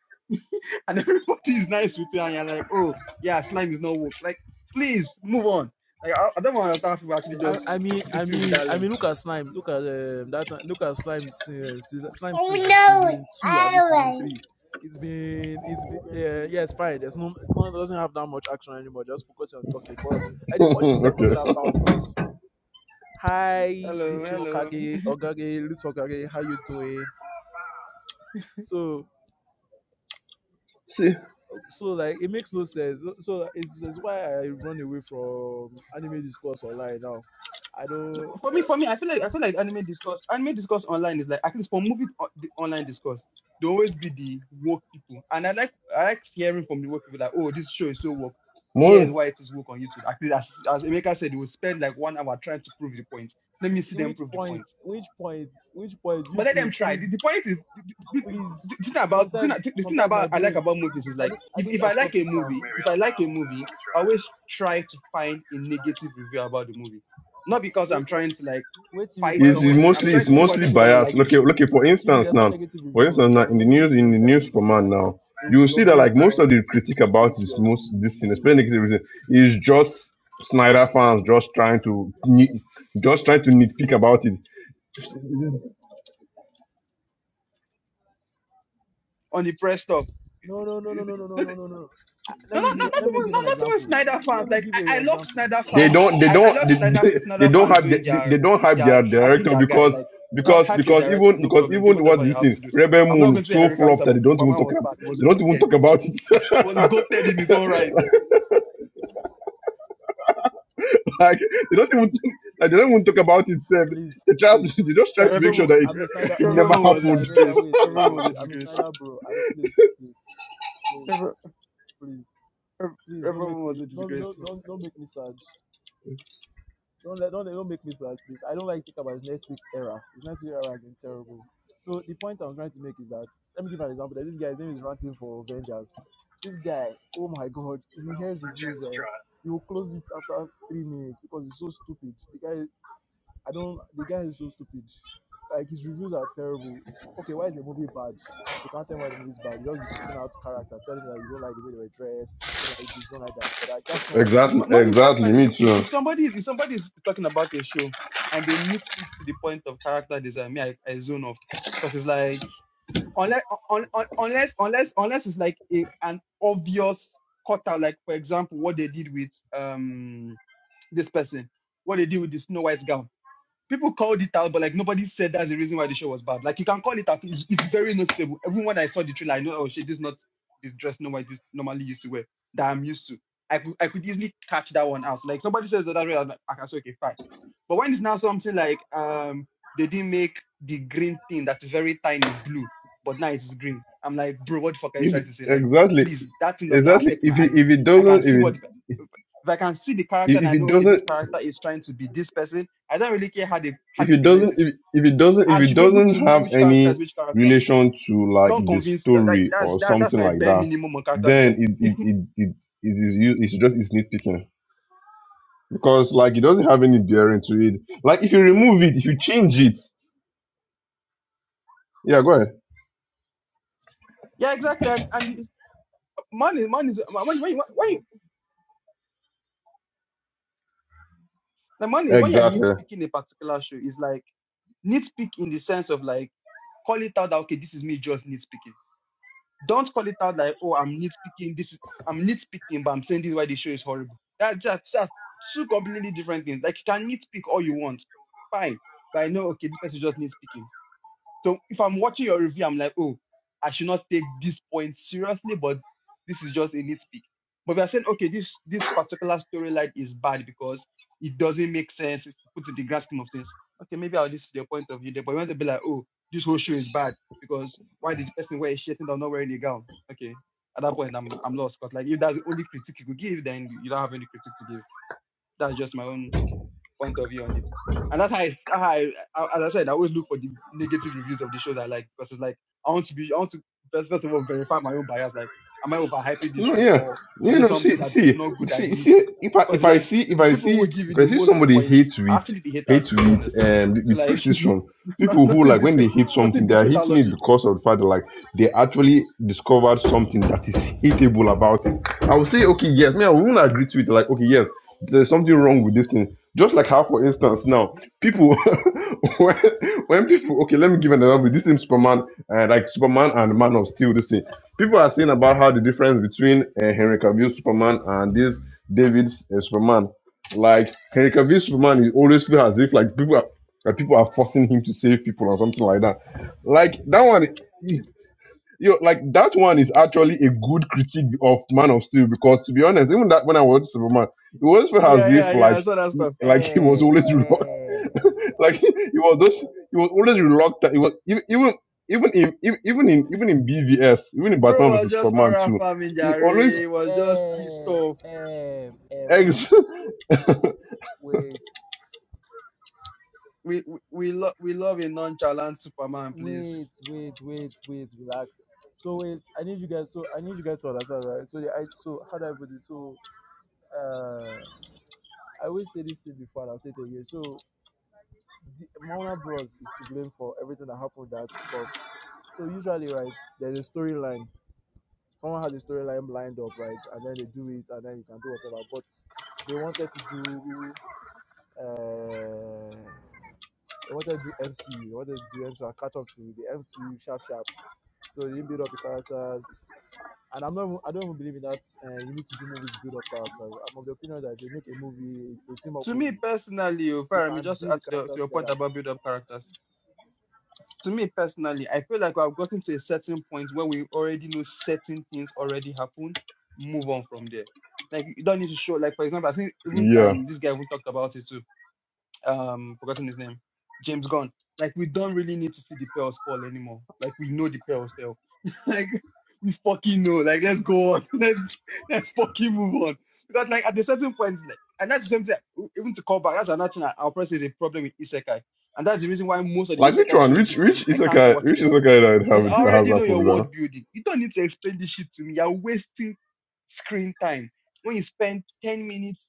[SPEAKER 1] and everybody is nice with you, and you're like, oh, yeah, slime is not woke. Like, please move on. Like, I, I don't understand how people actually
[SPEAKER 3] I,
[SPEAKER 1] just
[SPEAKER 3] I mean,
[SPEAKER 1] see
[SPEAKER 3] I
[SPEAKER 1] things with
[SPEAKER 3] mean,
[SPEAKER 1] that
[SPEAKER 3] I mean.
[SPEAKER 1] lens.
[SPEAKER 3] Look at slime. Look at um, that. Look at slime. uh, se- Slime season two, I mean season three. It's been, it's been. Uh, yes, fine. There's no, it's not. It doesn't have that much action anymore. Just focus on talking. But uh, the politics they're
[SPEAKER 4] okay.
[SPEAKER 3] talking about. Hi,
[SPEAKER 1] Hello,
[SPEAKER 3] little
[SPEAKER 1] hello.
[SPEAKER 3] Okage, Okage, little Okage. How you doing? So,
[SPEAKER 4] See
[SPEAKER 3] so like it makes no sense. So so it's, it's why I run away from anime discourse online now. I
[SPEAKER 1] No,
[SPEAKER 3] don't.
[SPEAKER 1] but for me, for me, I feel like I feel like anime discourse, anime discourse online is like at least for movie o- the online discourse, they always be the woke people, and I like I like hearing from the woke people like, oh, this show is so woke. Here
[SPEAKER 4] more.
[SPEAKER 1] is why it is woke on YouTube. Actually, as as Emeka said, they will spend like one hour trying to prove the point. Let me see them
[SPEAKER 3] which
[SPEAKER 1] prove the
[SPEAKER 3] point
[SPEAKER 1] point.
[SPEAKER 3] which point which point you
[SPEAKER 1] But let them
[SPEAKER 3] two
[SPEAKER 1] try.
[SPEAKER 3] please
[SPEAKER 1] The, the point is, the, the,
[SPEAKER 3] please
[SPEAKER 1] the thing about the thing,
[SPEAKER 3] sometimes
[SPEAKER 1] the thing
[SPEAKER 3] sometimes
[SPEAKER 1] about
[SPEAKER 3] my
[SPEAKER 1] I like
[SPEAKER 3] brain
[SPEAKER 1] about movies is
[SPEAKER 3] i
[SPEAKER 1] like
[SPEAKER 3] think i
[SPEAKER 1] if,
[SPEAKER 3] think
[SPEAKER 1] if
[SPEAKER 3] i've
[SPEAKER 1] I like
[SPEAKER 3] stopped
[SPEAKER 1] a
[SPEAKER 3] it now
[SPEAKER 1] movie, if I like a movie, I always try to find a negative review about the movie. Not because
[SPEAKER 3] wait
[SPEAKER 1] I'm trying to like
[SPEAKER 3] wait till you
[SPEAKER 1] fight
[SPEAKER 3] find
[SPEAKER 4] It's, it's
[SPEAKER 3] one
[SPEAKER 1] somebody. I'm
[SPEAKER 4] mostly
[SPEAKER 3] there's a,
[SPEAKER 1] trying
[SPEAKER 4] it's
[SPEAKER 1] to see
[SPEAKER 3] there's
[SPEAKER 1] why
[SPEAKER 3] one
[SPEAKER 4] mostly
[SPEAKER 1] people
[SPEAKER 3] negative
[SPEAKER 1] don't
[SPEAKER 4] biased.
[SPEAKER 1] like the
[SPEAKER 3] review
[SPEAKER 4] Look at
[SPEAKER 1] show
[SPEAKER 4] look at for
[SPEAKER 3] chibi
[SPEAKER 4] instance
[SPEAKER 3] there's one
[SPEAKER 4] now,
[SPEAKER 3] negative
[SPEAKER 4] for
[SPEAKER 3] reviews
[SPEAKER 4] instance now
[SPEAKER 3] there's some
[SPEAKER 4] in the
[SPEAKER 3] negative
[SPEAKER 4] news in the
[SPEAKER 3] reviews that you
[SPEAKER 4] news
[SPEAKER 3] will see
[SPEAKER 4] command
[SPEAKER 3] and then
[SPEAKER 4] now, you
[SPEAKER 3] you,
[SPEAKER 4] will
[SPEAKER 3] your
[SPEAKER 4] see that
[SPEAKER 3] brain
[SPEAKER 4] like
[SPEAKER 3] is
[SPEAKER 4] most of the
[SPEAKER 3] melting from the
[SPEAKER 4] critique about
[SPEAKER 3] stupidity
[SPEAKER 4] this
[SPEAKER 3] of the
[SPEAKER 4] most this thing,
[SPEAKER 3] review
[SPEAKER 4] especially negative reason, is just Snyder fans just trying to nit- just trying to nitpick about it.
[SPEAKER 1] on the press stuff.
[SPEAKER 3] no no no no no no no no no no Ah,
[SPEAKER 1] No,
[SPEAKER 3] let me
[SPEAKER 1] not
[SPEAKER 3] give
[SPEAKER 1] not not
[SPEAKER 3] let me
[SPEAKER 1] even
[SPEAKER 3] give
[SPEAKER 1] not,
[SPEAKER 3] an
[SPEAKER 1] not even
[SPEAKER 3] example
[SPEAKER 1] Snyder
[SPEAKER 3] let
[SPEAKER 1] fans.
[SPEAKER 3] me
[SPEAKER 1] Like
[SPEAKER 3] give
[SPEAKER 1] I,
[SPEAKER 3] you
[SPEAKER 1] I
[SPEAKER 3] an
[SPEAKER 1] love
[SPEAKER 3] example
[SPEAKER 1] Snyder
[SPEAKER 4] They
[SPEAKER 1] fans.
[SPEAKER 4] don't they
[SPEAKER 1] I, I
[SPEAKER 4] don't
[SPEAKER 1] love
[SPEAKER 4] they,
[SPEAKER 1] Snyder
[SPEAKER 4] they they
[SPEAKER 1] Snyder
[SPEAKER 4] don't
[SPEAKER 1] fans
[SPEAKER 4] have
[SPEAKER 1] doing
[SPEAKER 4] they, they
[SPEAKER 1] their
[SPEAKER 4] don't have their
[SPEAKER 1] their hyping
[SPEAKER 4] director
[SPEAKER 1] their guy.
[SPEAKER 4] because
[SPEAKER 1] Like help
[SPEAKER 4] because
[SPEAKER 1] help your
[SPEAKER 4] because
[SPEAKER 1] director,
[SPEAKER 4] even
[SPEAKER 1] no
[SPEAKER 4] because
[SPEAKER 1] problem. Do
[SPEAKER 4] even what
[SPEAKER 1] whatever you
[SPEAKER 4] this
[SPEAKER 1] have
[SPEAKER 4] thing
[SPEAKER 1] to do.
[SPEAKER 4] Rebel
[SPEAKER 1] I'm not
[SPEAKER 4] Moon
[SPEAKER 1] gonna say
[SPEAKER 4] so
[SPEAKER 1] Henry Cavill
[SPEAKER 4] flopped that they
[SPEAKER 1] Sup-
[SPEAKER 4] don't even
[SPEAKER 1] Superman
[SPEAKER 4] talk
[SPEAKER 1] was
[SPEAKER 4] ab-
[SPEAKER 1] bad. He was
[SPEAKER 4] they don't
[SPEAKER 1] goated.
[SPEAKER 4] even
[SPEAKER 1] He
[SPEAKER 4] talk about
[SPEAKER 1] was goated in his own
[SPEAKER 4] it.
[SPEAKER 1] right.
[SPEAKER 4] Like they don't even think, like they don't even talk about it. Sir.
[SPEAKER 3] please,
[SPEAKER 4] They try,
[SPEAKER 3] please,
[SPEAKER 4] they just try
[SPEAKER 1] Yeah,
[SPEAKER 4] to
[SPEAKER 1] Rebel
[SPEAKER 4] make sure
[SPEAKER 1] Moon-
[SPEAKER 4] that
[SPEAKER 3] please.
[SPEAKER 4] it,
[SPEAKER 3] I'm
[SPEAKER 1] Re-
[SPEAKER 3] a Snyder.
[SPEAKER 1] Re-
[SPEAKER 4] it
[SPEAKER 3] Wait,
[SPEAKER 1] Rebel
[SPEAKER 4] never
[SPEAKER 3] wait,
[SPEAKER 1] Moon
[SPEAKER 3] wait.
[SPEAKER 1] was a
[SPEAKER 3] Emeka,
[SPEAKER 4] happened.
[SPEAKER 3] Emeka,
[SPEAKER 1] disgrace.
[SPEAKER 3] wait,
[SPEAKER 1] Rebel
[SPEAKER 3] wait,
[SPEAKER 1] Moon
[SPEAKER 3] wait,
[SPEAKER 1] was a
[SPEAKER 3] wait. I'm a
[SPEAKER 1] disgrace.
[SPEAKER 3] Snyder, bro. I don't. Please, please, please,
[SPEAKER 1] Rebel,
[SPEAKER 3] please,
[SPEAKER 1] Re-
[SPEAKER 3] please. Don't
[SPEAKER 1] Rebel
[SPEAKER 3] make
[SPEAKER 1] Moon was
[SPEAKER 3] me.
[SPEAKER 1] a
[SPEAKER 3] Don't,
[SPEAKER 1] disgrace.
[SPEAKER 3] don't, don't, don't make me sad. Don't let, don't, don't make me sad, please. I don't like to think about his Netflix era. His Netflix era has been terrible. So the point I'm trying to make is that let me give an example. That This guy's name is Ranting for Avengers. This guy, oh my god, if he hears reviews, eh, he will close it after three minutes because it's so stupid. The guy, I don't. The guy is so stupid. Like his reviews are terrible. Okay, why is the movie bad? You can't tell me why the movie is bad. You just be picking out characters, telling me that you don't like the way they were dressed, you don't like this, you don't like that. But like that's not why the movie
[SPEAKER 4] Exactly,
[SPEAKER 3] is
[SPEAKER 1] M-
[SPEAKER 3] bad.
[SPEAKER 1] Money
[SPEAKER 4] exactly.
[SPEAKER 1] personally,
[SPEAKER 4] Me
[SPEAKER 1] if, if
[SPEAKER 4] too.
[SPEAKER 1] if somebody is if somebody is talking about a show and they nitpick to the point of character design, me I, I zone off because it's like unless un, un, unless unless unless it's like a, an obvious cut out, like for example, what they did with um this person, what they did with the Snow White gown people called it out, but like nobody said that's the reason why the show was bad. Like you can call it out. It's, it's very noticeable. Everyone I saw the trailer, I know, oh shit, this is not this dress nobody just normally used to wear that I'm used to. I could I could easily catch that one out. Like somebody says that way, I'm like, I can say okay, fine. But when it's now something like um they didn't make the green thing that is very tiny blue, but now it's green. I'm like, bro, what the fuck are you trying
[SPEAKER 4] If
[SPEAKER 1] to say? Like,
[SPEAKER 4] Exactly,
[SPEAKER 1] please, that thing does not
[SPEAKER 4] exactly.
[SPEAKER 1] affect my
[SPEAKER 4] If it,
[SPEAKER 1] eyes.
[SPEAKER 4] if it
[SPEAKER 1] I can
[SPEAKER 4] doesn't, if
[SPEAKER 1] see
[SPEAKER 4] it
[SPEAKER 1] what if I can see the character and
[SPEAKER 4] if
[SPEAKER 1] I
[SPEAKER 4] it
[SPEAKER 1] know okay, this
[SPEAKER 4] doesn't,
[SPEAKER 1] character is trying to be this person I don't really care how they how
[SPEAKER 4] if
[SPEAKER 1] they
[SPEAKER 4] it
[SPEAKER 1] present
[SPEAKER 4] doesn't,
[SPEAKER 1] it.
[SPEAKER 4] if, if it doesn't, if
[SPEAKER 1] I
[SPEAKER 4] it
[SPEAKER 1] should be able
[SPEAKER 4] doesn't
[SPEAKER 1] to know
[SPEAKER 4] have
[SPEAKER 1] which character
[SPEAKER 4] any
[SPEAKER 1] is which character.
[SPEAKER 4] relation to like
[SPEAKER 1] Don't
[SPEAKER 4] the
[SPEAKER 1] convince that, that-
[SPEAKER 4] story
[SPEAKER 1] that's
[SPEAKER 4] or
[SPEAKER 1] that, that's
[SPEAKER 4] something
[SPEAKER 1] my
[SPEAKER 4] like
[SPEAKER 1] bare
[SPEAKER 4] that,
[SPEAKER 1] minimum on character
[SPEAKER 4] then
[SPEAKER 1] design.
[SPEAKER 4] it it it it, it is you. It's just it's nitpicking because like it doesn't have any bearing to it. Like if you remove it, if you change it, yeah, go ahead.
[SPEAKER 1] Yeah, exactly. And and the- man is man is man when you when you the man is when you're
[SPEAKER 4] Exactly.
[SPEAKER 1] nitpicking a particular show is like nitpick in the sense of like call it out that okay this is me just nitpicking. Don't call it out like oh I'm nitpicking this is I'm nitpicking but I'm saying this is why the show is horrible. That that's, that's two completely different things. Like you can nitpick all you want, fine. But I know okay this person just nitpicking So if I'm watching your review, I'm like, oh, I should not take this point seriously, but this is just a nitpick. But we are saying, okay, this this particular storyline is bad because it doesn't make sense. If you put it in the grand scheme of things, okay, maybe I'll listen to your point of view there, but you want to be like, oh, this whole show is bad because why did the person wear a shirt and I'm not wearing a gown? Okay, at that point, I'm I'm lost because like if that's the only critique you could give, then you don't have any critique to give. That's just my own point of view on it. And that's how I, s- how I, I- as I said, I always look for the negative reviews of the shows I like because it's like I want to be, I want to first, first of all verify my own bias. Like, am I overhyping this
[SPEAKER 4] No,
[SPEAKER 1] show
[SPEAKER 4] yeah.
[SPEAKER 1] or is
[SPEAKER 4] You
[SPEAKER 1] there
[SPEAKER 4] know,
[SPEAKER 1] something
[SPEAKER 4] see,
[SPEAKER 1] that is
[SPEAKER 4] see,
[SPEAKER 1] not good I
[SPEAKER 4] see,
[SPEAKER 1] missed?
[SPEAKER 4] see. If I, if
[SPEAKER 1] Because
[SPEAKER 4] I
[SPEAKER 1] like
[SPEAKER 4] see, if
[SPEAKER 1] the
[SPEAKER 4] I
[SPEAKER 1] people
[SPEAKER 4] see,
[SPEAKER 1] who give you
[SPEAKER 4] if I
[SPEAKER 1] the
[SPEAKER 4] see
[SPEAKER 1] most
[SPEAKER 4] somebody
[SPEAKER 1] points
[SPEAKER 4] hate
[SPEAKER 1] are
[SPEAKER 4] with,
[SPEAKER 1] actually the haters,
[SPEAKER 4] hate
[SPEAKER 1] to be
[SPEAKER 4] with,
[SPEAKER 1] honest.
[SPEAKER 4] and
[SPEAKER 1] So
[SPEAKER 4] with
[SPEAKER 1] like,
[SPEAKER 4] precision.
[SPEAKER 1] no-
[SPEAKER 4] People who
[SPEAKER 1] nothing
[SPEAKER 4] like
[SPEAKER 1] beats
[SPEAKER 4] when they
[SPEAKER 1] hate,
[SPEAKER 4] hate
[SPEAKER 1] nothing
[SPEAKER 4] something, they
[SPEAKER 1] beats
[SPEAKER 4] are
[SPEAKER 1] hater
[SPEAKER 4] hating it
[SPEAKER 1] logic.
[SPEAKER 4] because of the fact that like they actually discovered something that is hateable about it. I would say, okay, yes, me, I wouldn't agree to it. Like, okay, yes, there's something wrong with this thing. Just like how, for instance, now people, when, when people, okay, let me give an example. This is Superman, uh, like Superman and Man of Steel. This thing. People are saying about how the difference between uh, Henry Cavill Superman and this David's uh, Superman. Like Henry Cavill Superman, he always feel as if like people are like people are forcing him to save people or something like that. Like that one. Yo, like that one is actually a good critique of Man of Steel because, to be honest, even that when I watched Superman, it was felt as
[SPEAKER 1] Yeah,
[SPEAKER 4] if
[SPEAKER 1] yeah,
[SPEAKER 4] like
[SPEAKER 1] yeah. So that
[SPEAKER 4] he-
[SPEAKER 1] stuff.
[SPEAKER 4] like he was always reluctant, like he was just he was always reluctant. It was even even even in even even in even in BVS, even in
[SPEAKER 1] Bro
[SPEAKER 4] Batman
[SPEAKER 1] was
[SPEAKER 4] versus
[SPEAKER 1] just
[SPEAKER 4] Superman
[SPEAKER 1] aura
[SPEAKER 4] too,
[SPEAKER 1] farming,
[SPEAKER 4] he
[SPEAKER 1] Jare.
[SPEAKER 4] always
[SPEAKER 1] He Was just pissed
[SPEAKER 3] Eh,
[SPEAKER 1] off.
[SPEAKER 3] eh, eh, wait,
[SPEAKER 4] ex-
[SPEAKER 3] wait,
[SPEAKER 1] We we we, lo- we love a nonchalant Superman,
[SPEAKER 3] wait,
[SPEAKER 1] please.
[SPEAKER 3] wait, wait, wait, relax. So wait, I need you guys. So I need you guys to understand, right? So the I so how do I put it? So uh, I always say this thing before, and I'll say it again. So the Mauna Bros is to blame for everything that happened with that stuff. So usually, right, there's a storyline. Someone has a storyline lined up, right, and then they do it, and then you can do whatever. But they wanted to do, uh, they wanted to do MCU. They wanted to do MCU and catch up to the MCU sharp sharp. So they didn't build up the characters. And I'm not, even- I don't even believe in that. Uh, you need to do movies build up characters. I'm of the opinion that if you make a movie, a team up
[SPEAKER 1] to me
[SPEAKER 3] movie,
[SPEAKER 1] personally, oh,
[SPEAKER 3] you
[SPEAKER 1] Faramir,
[SPEAKER 3] can
[SPEAKER 1] just to
[SPEAKER 3] build
[SPEAKER 1] add
[SPEAKER 3] the
[SPEAKER 1] to, the, to
[SPEAKER 3] characters
[SPEAKER 1] your point
[SPEAKER 3] together
[SPEAKER 1] about build up characters, to me personally, I feel like I've gotten to a certain point where we already know certain things already happen, move on from there. Like you don't need to show like for example, I think even
[SPEAKER 4] yeah.
[SPEAKER 1] um this guy even talked about it too um forgotten his name, James Gunn. Like we don't really need to see the pearls fall anymore. Like we know the pearls fell. like we fucking know. Like let's go on. Let's let's fucking move on. Because like at a certain point, like and that's the same thing. uh, Even to call back, that's another thing. I- I'll probably say the problem with isekai, and that's the reason why most of the
[SPEAKER 4] Like which
[SPEAKER 1] isekai
[SPEAKER 4] one?
[SPEAKER 1] shows
[SPEAKER 4] Which
[SPEAKER 1] this season
[SPEAKER 4] which
[SPEAKER 1] I
[SPEAKER 4] is
[SPEAKER 1] can't
[SPEAKER 4] okay?
[SPEAKER 1] watch
[SPEAKER 4] Which
[SPEAKER 1] them
[SPEAKER 4] is okay that
[SPEAKER 1] because
[SPEAKER 4] have
[SPEAKER 1] I
[SPEAKER 4] it has
[SPEAKER 1] already know
[SPEAKER 4] that
[SPEAKER 1] your
[SPEAKER 4] problem?
[SPEAKER 1] world building. You don't need to explain this shit to me. You're wasting screen time when you spend ten minutes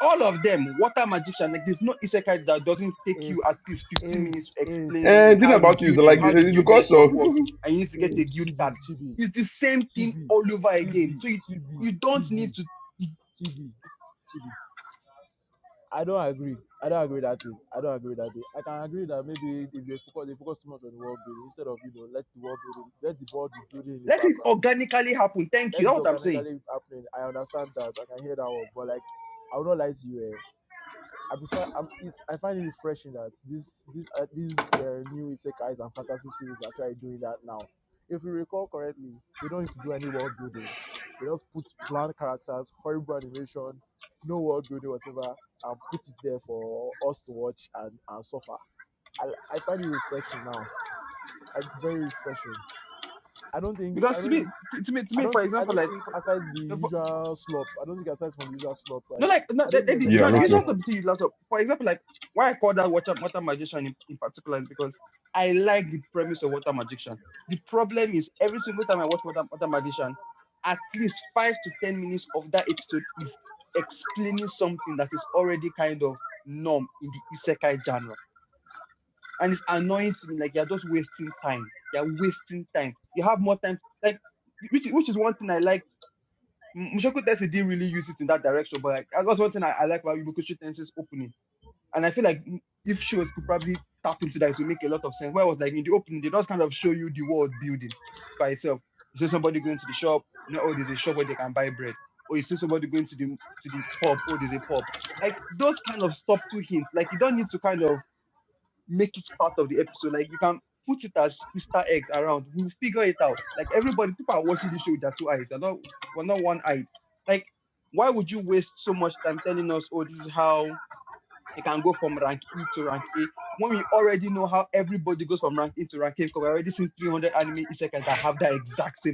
[SPEAKER 1] all of them, water magician, like there's no isekai that doesn't take you
[SPEAKER 3] is
[SPEAKER 1] at least 15
[SPEAKER 3] is
[SPEAKER 1] minutes to
[SPEAKER 3] is
[SPEAKER 1] explain
[SPEAKER 3] is
[SPEAKER 4] And thing
[SPEAKER 1] how the
[SPEAKER 3] is
[SPEAKER 4] about it is
[SPEAKER 1] guild
[SPEAKER 4] that, like
[SPEAKER 3] is
[SPEAKER 1] how the
[SPEAKER 4] it's
[SPEAKER 1] guild
[SPEAKER 3] is
[SPEAKER 4] because
[SPEAKER 1] network
[SPEAKER 4] of
[SPEAKER 1] works,
[SPEAKER 3] is
[SPEAKER 1] and you need to get a
[SPEAKER 3] is
[SPEAKER 1] guild card.
[SPEAKER 3] chibi chibi
[SPEAKER 1] It's the same thing
[SPEAKER 3] chibi
[SPEAKER 1] all over again.
[SPEAKER 3] chibi
[SPEAKER 1] So you,
[SPEAKER 3] chibi
[SPEAKER 1] you don't need
[SPEAKER 3] chibi
[SPEAKER 1] to you-
[SPEAKER 3] chibi chibi. I don't agree. I don't agree with that thing. I don't agree with that thing. I can agree that maybe if they focus they focus too much on the world building instead of you know let the world building let the world be building in the
[SPEAKER 1] let it
[SPEAKER 3] background.
[SPEAKER 1] organically happen. Thank
[SPEAKER 3] Let
[SPEAKER 1] you.
[SPEAKER 3] it
[SPEAKER 1] That's
[SPEAKER 3] be
[SPEAKER 1] what I'm saying.
[SPEAKER 3] organically happening. I understand that. I can hear that one. But like I will not lie to you. eh. I prefer. I'm, it's, I find it refreshing that this this uh, these uh, new isekais and fantasy series are actually doing that now. If you recall correctly, they don't used to do any world building. They just put bland characters, horrible animation, no world building, whatever, and put it there for us to watch and, and suffer. I, I find it refreshing now, like very refreshing. I don't think I
[SPEAKER 1] Because to
[SPEAKER 3] don't think-
[SPEAKER 1] me, to, to me, to
[SPEAKER 3] I
[SPEAKER 1] me,
[SPEAKER 3] don't
[SPEAKER 1] for
[SPEAKER 3] thi- I
[SPEAKER 1] example,
[SPEAKER 3] don't
[SPEAKER 1] like
[SPEAKER 3] think
[SPEAKER 1] for,
[SPEAKER 3] aside the
[SPEAKER 1] for,
[SPEAKER 3] usual slop. I don't think aside from the usual slop,
[SPEAKER 1] No,
[SPEAKER 3] right?
[SPEAKER 1] like no,
[SPEAKER 3] I don't
[SPEAKER 1] they,
[SPEAKER 3] think there's
[SPEAKER 1] they,
[SPEAKER 3] any
[SPEAKER 4] yeah,
[SPEAKER 1] no.
[SPEAKER 4] me
[SPEAKER 1] You
[SPEAKER 3] bad
[SPEAKER 4] too.
[SPEAKER 1] just
[SPEAKER 3] one
[SPEAKER 1] observe lots of. For example, like why I call that water water magician in, in particular is because I like the premise of water magician. The problem is every single time I watch water water magician, at least five to ten minutes of that episode is explaining something that is already kind of norm in the isekai genre, and it's annoying to me. Like you're just wasting time. You're wasting time. You have more time. Like which which is one thing I like M- Mushoku Tensei didn't really use it in that direction, but like that was one thing I, I like about Ibukushi Tensei's opening. And I feel like mm, if shows could probably tap into that, it would make a lot of sense. Where I was like in the opening, they just kind of show you the world building by itself. You see somebody going to the shop, you know, oh, there's a shop where they can buy bread. Or you see somebody going to the to the pub, oh, there's a pub. Like those kind of subtle hints. Like you don't need to kind of make it part of the episode. Like you can put it as Easter eggs around. We'll figure it out. Like everybody, people are watching this show with their two eyes. They're not we're not one eyed. Like, why would you waste so much time telling us, oh, this is how they can go from rank E to rank A when we already know how everybody goes from rank A to rank A because we've already seen 300 anime isekais that have that exact same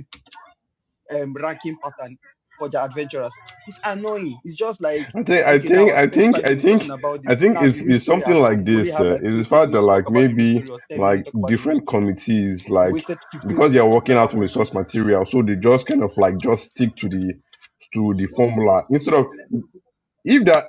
[SPEAKER 1] um, ranking pattern for the adventurers. It's annoying. It's just like,
[SPEAKER 4] I think I
[SPEAKER 1] okay, now
[SPEAKER 4] think
[SPEAKER 1] I
[SPEAKER 4] I
[SPEAKER 1] spent
[SPEAKER 4] think
[SPEAKER 1] five
[SPEAKER 4] I
[SPEAKER 1] minutes
[SPEAKER 4] think
[SPEAKER 1] talking about
[SPEAKER 4] I
[SPEAKER 1] this.
[SPEAKER 4] think
[SPEAKER 1] Now
[SPEAKER 4] it's
[SPEAKER 1] the real
[SPEAKER 4] it's
[SPEAKER 1] story
[SPEAKER 4] something
[SPEAKER 1] has
[SPEAKER 4] like
[SPEAKER 1] come. We only
[SPEAKER 4] this.
[SPEAKER 1] have
[SPEAKER 4] Uh,
[SPEAKER 1] like
[SPEAKER 4] it's the
[SPEAKER 1] 20
[SPEAKER 4] fact
[SPEAKER 1] minutes
[SPEAKER 4] that
[SPEAKER 1] to talk
[SPEAKER 4] like
[SPEAKER 1] about the real
[SPEAKER 4] maybe
[SPEAKER 1] story or 10 minutes
[SPEAKER 4] like
[SPEAKER 1] to talk about the real
[SPEAKER 4] different
[SPEAKER 1] story.
[SPEAKER 4] committees
[SPEAKER 1] We
[SPEAKER 4] like
[SPEAKER 1] wasted 15
[SPEAKER 4] because they
[SPEAKER 1] minutes
[SPEAKER 4] are
[SPEAKER 1] talking
[SPEAKER 4] working out
[SPEAKER 1] about
[SPEAKER 4] from a
[SPEAKER 1] world
[SPEAKER 4] source
[SPEAKER 1] building.
[SPEAKER 4] material, so they just kind of like just stick to the to the formula instead of if that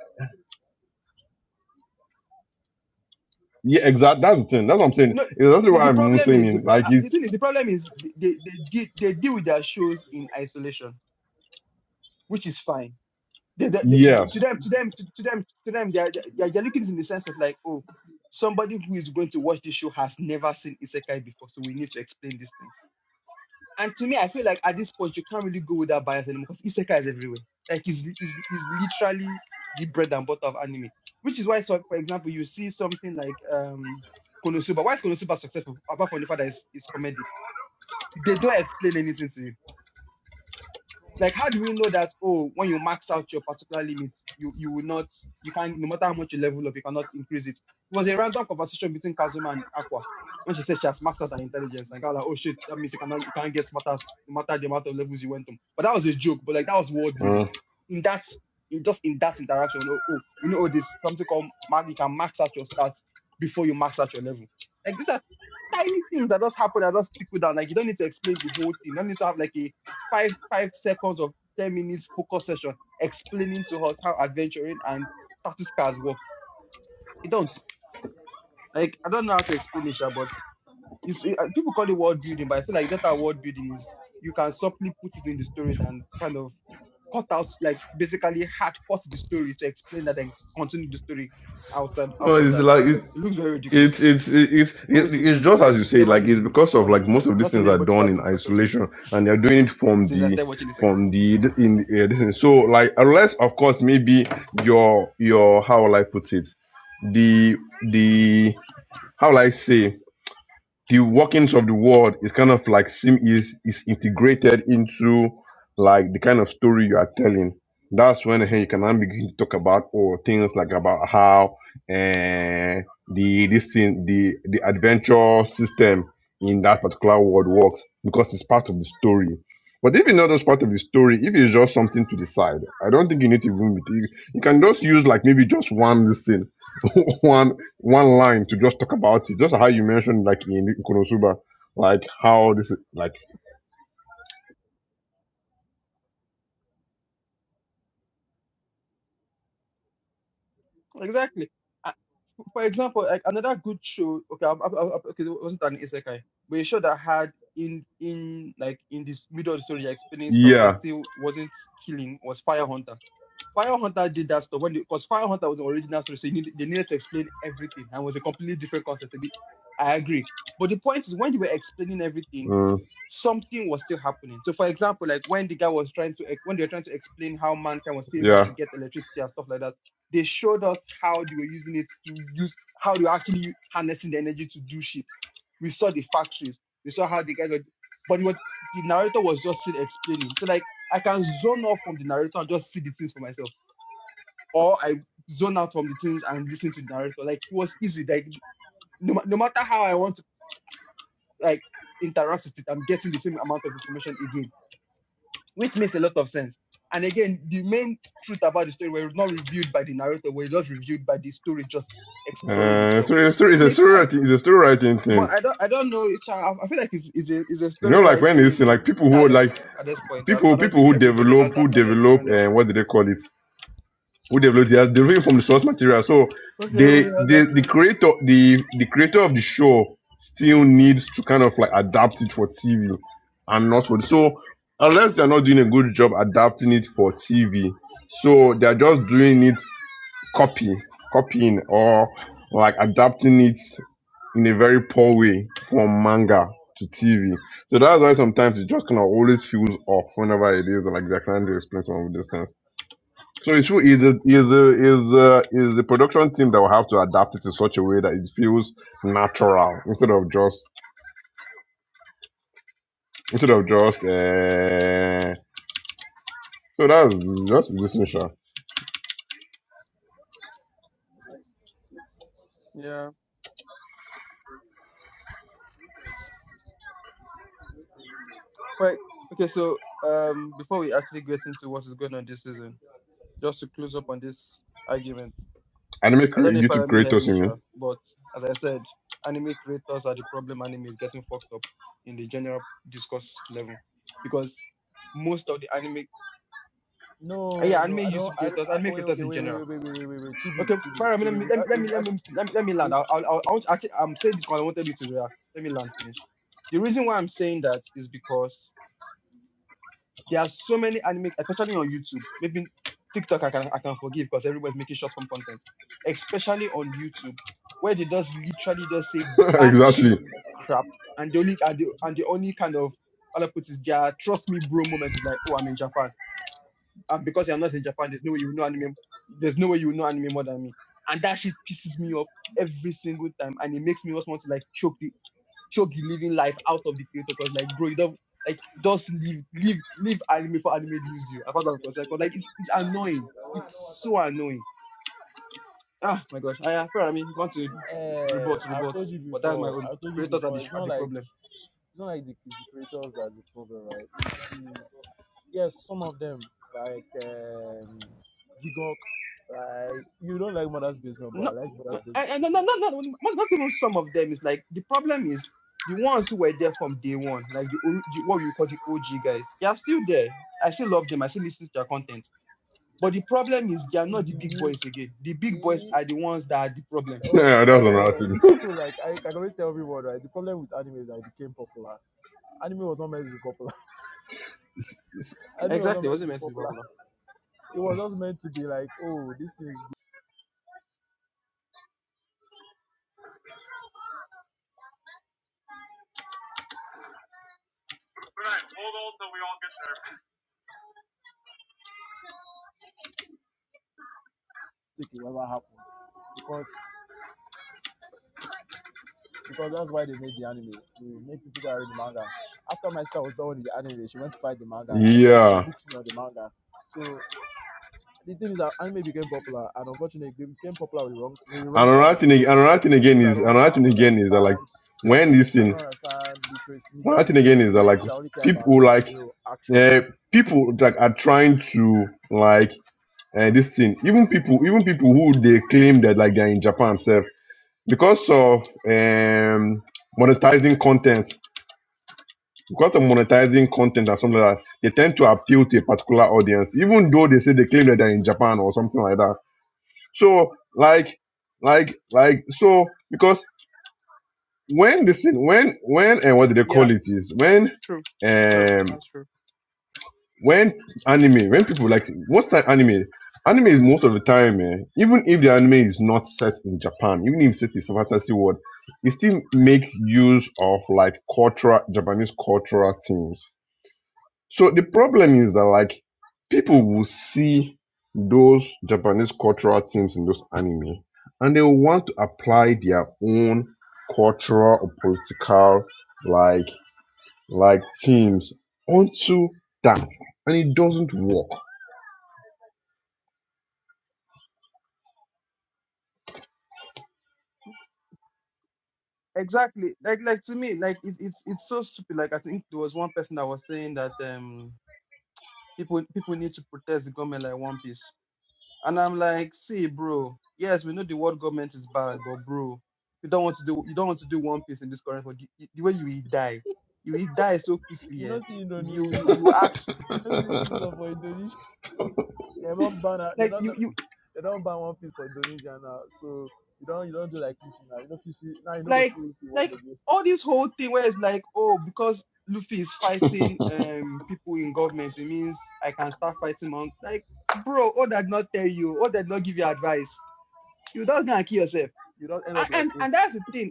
[SPEAKER 4] yeah exact that's the thing that's what I'm saying.
[SPEAKER 1] No,
[SPEAKER 4] It's that's
[SPEAKER 1] the,
[SPEAKER 4] why
[SPEAKER 1] the
[SPEAKER 4] I'm
[SPEAKER 1] problem
[SPEAKER 4] saying
[SPEAKER 1] is, the,
[SPEAKER 4] it,
[SPEAKER 1] pro-
[SPEAKER 4] like
[SPEAKER 1] uh, the
[SPEAKER 4] it's
[SPEAKER 1] thing is, the problem is they, they, they, de- they deal with their shows in isolation, which is fine. They, they, they- to
[SPEAKER 4] yes.
[SPEAKER 1] them, to them, to, to them, to them, they're, they're, they're looking in the sense of like, oh, somebody who is going to watch this show has never seen Isekai before, so we need to explain these things And to me, I feel like at this point, you can't really go with that bias anymore because Isekai is everywhere. Like, it's, it's, it's literally the bread and butter of anime. Which is why, so, for example, you see something like um, Konosuba. Why is Konosuba successful? Apart from the fact that it's, it's comedic. They don't explain anything to you like, how do we know that, oh, when you max out your particular limit, you, you will not, you can't, no matter how much you level up, you cannot increase it? It was a random conversation between Kazuma and Aqua when she said she has maxed out her intelligence. And I was like, oh shit, that means you cannot, you can't get smarter no matter the amount of levels you went to. But that was a joke, but like, that was world building.
[SPEAKER 4] Uh,
[SPEAKER 1] In that, in just in that interaction, oh, oh we know oh, there's something called, mag- you can max out your stats before you max out your level. Like these are tiny things that just happen that just stick with them. Like you don't need to explain the whole thing. You don't need to have like a five five seconds of ten minutes focus session explaining to us how adventuring and status cars work. You don't like I don't know how to explain it, Sha, but it's, it, uh, people call it world building, but I feel like that world building is you can simply put it in the story and kind of cut out like basically hard cut the story to explain that and continue the story outside out
[SPEAKER 4] no,
[SPEAKER 1] of
[SPEAKER 4] it's
[SPEAKER 1] that.
[SPEAKER 4] like it,
[SPEAKER 1] It looks very ridiculous.
[SPEAKER 4] it's it's it's it-
[SPEAKER 1] Always looked
[SPEAKER 4] it's
[SPEAKER 1] re-
[SPEAKER 4] just as
[SPEAKER 1] like
[SPEAKER 4] you
[SPEAKER 1] it
[SPEAKER 4] say
[SPEAKER 1] never
[SPEAKER 4] like
[SPEAKER 1] looks
[SPEAKER 4] it's
[SPEAKER 1] good
[SPEAKER 4] because
[SPEAKER 1] as far
[SPEAKER 4] of
[SPEAKER 1] as I'm
[SPEAKER 4] like most
[SPEAKER 1] concerned.
[SPEAKER 4] of
[SPEAKER 1] I'm
[SPEAKER 4] these
[SPEAKER 1] not seeing
[SPEAKER 4] things are
[SPEAKER 1] anybody do
[SPEAKER 4] done
[SPEAKER 1] that
[SPEAKER 4] in
[SPEAKER 1] thing successfully
[SPEAKER 4] isolation and they're doing it from
[SPEAKER 1] since I
[SPEAKER 4] the
[SPEAKER 1] started watching this guy.
[SPEAKER 4] from the d- in uh, this thing. so like unless of course maybe your your how will i put it the the how will i say the workings of the world is kind of like sim is is integrated into like the kind of story you are telling. That's when hey, you can now begin to talk about or things like about how eh, the this thing the the adventure system in that particular world works because it's part of the story. But if you not those part of the story, if it's just something to the side, I don't think you need to even be. You you can just use like maybe just one listen, one one line to just talk about it, just how you mentioned, like in Konosuba, like how this, is- like
[SPEAKER 1] Exactly. I, for example, like another good show. Okay, I, I, I, okay, it wasn't an isekai, but a show that had in in like in this middle of the story, you're explaining stuff, but it
[SPEAKER 4] yeah,
[SPEAKER 1] still wasn't killing was Fire Hunter. Fire Hunter did that stuff when because Fire Hunter was the original story, so you need, they needed to explain everything and was a completely different concept. It- I agree, but the point is when you were explaining everything,
[SPEAKER 4] mm,
[SPEAKER 1] something was still happening. So, for example, like when the guy was trying to ex- when they were trying to explain how mankind was still able
[SPEAKER 4] yeah.
[SPEAKER 1] to get electricity and stuff like that, they showed us how they were using it to use how they were actually u- harnessing the energy to do shit. We saw the factories, we saw how the guys were, but it was, the narrator was just still explaining. So like I can zone off from the narrator and just see the things for myself, or I zone out from the things and listen to the narrator. Like it was easy. Like no, no matter how I want to like interact with it, I'm getting the same amount of information again, which makes a lot of sense. And again, the main truth about the story were not reviewed by the narrator, were just reviewed by the story just exploring
[SPEAKER 4] Uh,
[SPEAKER 1] itself.
[SPEAKER 4] so it's, so
[SPEAKER 1] It
[SPEAKER 4] it's a
[SPEAKER 1] makes
[SPEAKER 4] story
[SPEAKER 1] sense.
[SPEAKER 4] writing, it's a story writing thing.
[SPEAKER 1] But I don't, I don't know. it's- I I feel like it's, it's, a, it's a
[SPEAKER 4] You know,
[SPEAKER 1] story
[SPEAKER 4] like when it's like
[SPEAKER 1] writing
[SPEAKER 4] people who
[SPEAKER 1] talent
[SPEAKER 4] like
[SPEAKER 1] at this point. I, I
[SPEAKER 4] people,
[SPEAKER 1] don't
[SPEAKER 4] people
[SPEAKER 1] think
[SPEAKER 4] who
[SPEAKER 1] everybody has
[SPEAKER 4] develop, who
[SPEAKER 1] that talent. You
[SPEAKER 4] develop,
[SPEAKER 1] kind of
[SPEAKER 4] and what do they call it? who developed it, they are deriving from the source material. So
[SPEAKER 1] okay,
[SPEAKER 4] the
[SPEAKER 1] everybody has that
[SPEAKER 4] the the
[SPEAKER 1] talent.
[SPEAKER 4] creator the the creator of the show still needs to kind of like adapt it for TV and not for the, so unless they're not doing a good job adapting it for TV, so they're just doing it copy copying or like adapting it in a very poor way from manga to TV. So that's why sometimes it just kind of always feels off whenever it is like they're trying to explain some of these things. So it's who- is the is the is the is the production team that will have to adapt it in such a way that it feels natural instead of just instead of just uh, so that's just listening sure.
[SPEAKER 1] Yeah, quite okay. So, um, before we actually get into what is going on this season, just to close up on this argument,
[SPEAKER 4] Anime
[SPEAKER 1] I don't
[SPEAKER 4] cre-
[SPEAKER 1] know if
[SPEAKER 4] YouTube
[SPEAKER 1] Arami heard
[SPEAKER 4] creators,
[SPEAKER 1] me,
[SPEAKER 4] you
[SPEAKER 1] sure,
[SPEAKER 4] mean?
[SPEAKER 1] but as I said, anime creators are the problem. Anime is getting fucked up in the general discourse level because most of the anime, uh,
[SPEAKER 3] No,
[SPEAKER 1] yeah,
[SPEAKER 3] no,
[SPEAKER 1] anime
[SPEAKER 3] I don't.
[SPEAKER 1] YouTube
[SPEAKER 3] I,
[SPEAKER 1] creators,
[SPEAKER 3] I
[SPEAKER 1] anime
[SPEAKER 3] wait,
[SPEAKER 1] creators
[SPEAKER 3] okay,
[SPEAKER 1] in
[SPEAKER 3] wait, wait,
[SPEAKER 1] general.
[SPEAKER 3] wait, wait, wait, wait, wait, wait. Chibi,
[SPEAKER 1] Okay,
[SPEAKER 3] Chibi,
[SPEAKER 1] Farami, let
[SPEAKER 3] Chibi.
[SPEAKER 1] me
[SPEAKER 3] We've,
[SPEAKER 1] let me
[SPEAKER 3] had-
[SPEAKER 1] let me
[SPEAKER 3] we've,
[SPEAKER 1] let
[SPEAKER 3] had-
[SPEAKER 1] me let me, let me land.
[SPEAKER 3] we've
[SPEAKER 1] I'll, I'll, I'll, I want- I can- I'm saying this because I wanted you to react. Let me land finish. The reason why I'm saying that is because There are so many anime, especially on YouTube. Maybe TikTok I can I can forgive because everybody's making short form content. Especially on YouTube, where they just literally just say batch
[SPEAKER 4] exactly.
[SPEAKER 1] crap and the only and the, and the only kind of all I put is their trust me bro moment is like, oh I'm in Japan. And because I'm not in Japan, there's no way you know anime there's no way you know anime more than me. And that shit pisses me off every single time and it makes me just want to like choke the Shogi living life out of the creator because like bro, you don't like just live live live anime for anime leaves you. Apart of course, like, cause like it's it's annoying. It's so annoying. Ah my gosh. I I I mean if you want to re-
[SPEAKER 3] uh,
[SPEAKER 1] rebut,
[SPEAKER 3] I've
[SPEAKER 1] rebut.
[SPEAKER 3] told you
[SPEAKER 1] But that's my
[SPEAKER 3] before.
[SPEAKER 1] own.
[SPEAKER 3] I've told you
[SPEAKER 1] Creators are
[SPEAKER 3] before.
[SPEAKER 1] the
[SPEAKER 3] It's
[SPEAKER 1] are
[SPEAKER 3] not
[SPEAKER 1] the
[SPEAKER 3] like
[SPEAKER 1] problem.
[SPEAKER 3] it's not like the, it's the creators that's the problem, right? It's, it's, yes, some of them like um, Gigok. Like you don't like Mother's Basement, but I
[SPEAKER 1] No
[SPEAKER 3] like
[SPEAKER 1] no
[SPEAKER 3] Mother's Basement.
[SPEAKER 1] and no no
[SPEAKER 3] Basement.
[SPEAKER 1] no no no, not not even some of them. It's like the problem is the ones who were there from day one, like the, ori- the what we call the OG guys, they are still there. I still love them. I still listen to their content But the problem is they are
[SPEAKER 3] It's
[SPEAKER 1] not the
[SPEAKER 3] the
[SPEAKER 1] big
[SPEAKER 3] new.
[SPEAKER 1] boys again. The big boys
[SPEAKER 3] eh,
[SPEAKER 1] are the ones that are the problem.
[SPEAKER 3] Oh,
[SPEAKER 4] Yeah, that's another
[SPEAKER 3] uh,
[SPEAKER 4] thing.
[SPEAKER 3] that's so like I, I can always tell everyone, right? The problem with anime is that it became popular. Anime was not meant to be popular I knew it was not
[SPEAKER 1] Exactly. It
[SPEAKER 3] meant to
[SPEAKER 1] Wasn't
[SPEAKER 3] be
[SPEAKER 1] meant to be
[SPEAKER 3] popular.
[SPEAKER 1] popular.
[SPEAKER 3] It was just meant to be like, oh, this thing is good. Take it whatever happened. Because because that's why they made the anime to make people go and read the manga. After my sister was done with the anime, she went to find the manga and then she
[SPEAKER 4] yeah,
[SPEAKER 3] hooked me on the manga. So the thing is that anime became popular and unfortunately it became popular with the wrong with the wrong
[SPEAKER 4] and
[SPEAKER 3] type
[SPEAKER 4] another
[SPEAKER 3] of
[SPEAKER 4] thing, ag-
[SPEAKER 3] people.
[SPEAKER 4] another thing again
[SPEAKER 3] People that
[SPEAKER 4] is
[SPEAKER 3] don't
[SPEAKER 4] another
[SPEAKER 3] ha-
[SPEAKER 4] thing again is that like
[SPEAKER 3] understand
[SPEAKER 4] when this
[SPEAKER 3] I
[SPEAKER 4] thing,
[SPEAKER 3] don't understand literacy, media
[SPEAKER 4] another thing again is that
[SPEAKER 3] literacy,
[SPEAKER 4] like
[SPEAKER 3] people that only care about,
[SPEAKER 4] people like
[SPEAKER 3] you know, action.
[SPEAKER 4] uh, people that are trying to like and this thing even people even people who they claim that like they're in japan self because of um monetizing content because of monetizing content and something like that they tend to appeal to a particular audience even though they say they claim that they're in japan or something like that so like like like so because when this thing when when and what do they
[SPEAKER 1] Yeah,
[SPEAKER 4] call it is when
[SPEAKER 1] true. True.
[SPEAKER 4] um
[SPEAKER 1] That's true.
[SPEAKER 4] when anime, when people like what's that anime? Anime is most of the time, eh, even if the anime is not set in Japan, even if set is a fantasy world, it still makes use of like cultural Japanese cultural things. So the problem is that like people will see those Japanese cultural things in those anime, and they will want to apply their own cultural or political like like teams onto that and it doesn't work
[SPEAKER 1] Exactly. Like like to me, like it, it's it's so stupid. Like I think there was one person that was saying that um people people need to protest the government like one piece. And I'm like, see, bro, yes, we know the world government is bad, but bro, you don't want to do you don't want to do one piece in this current world. The, the way you will die. You will die so quickly,
[SPEAKER 3] You
[SPEAKER 1] yeah.
[SPEAKER 3] know, see
[SPEAKER 1] If you
[SPEAKER 3] Indonesia.
[SPEAKER 1] you you act
[SPEAKER 3] You know, see what is up for Indonesia. Yeah, They don't ban her- they
[SPEAKER 1] like
[SPEAKER 3] don't
[SPEAKER 1] you, you
[SPEAKER 3] they don't ban one piece for Indonesia now. So you don't you don't do like Luffy now. You know if you see now you don't go
[SPEAKER 1] Like,
[SPEAKER 3] see Luffy watch
[SPEAKER 1] like
[SPEAKER 3] again.
[SPEAKER 1] all this whole thing where it's like, oh, because Luffy is fighting um people in government, it means I can start fighting monk. Like, bro, Oda did not tell you. Oda did not give you advice. You just gonna kill yourself.
[SPEAKER 3] You don't end
[SPEAKER 1] And,
[SPEAKER 3] up like
[SPEAKER 1] and and
[SPEAKER 3] Ace.
[SPEAKER 1] that's the thing.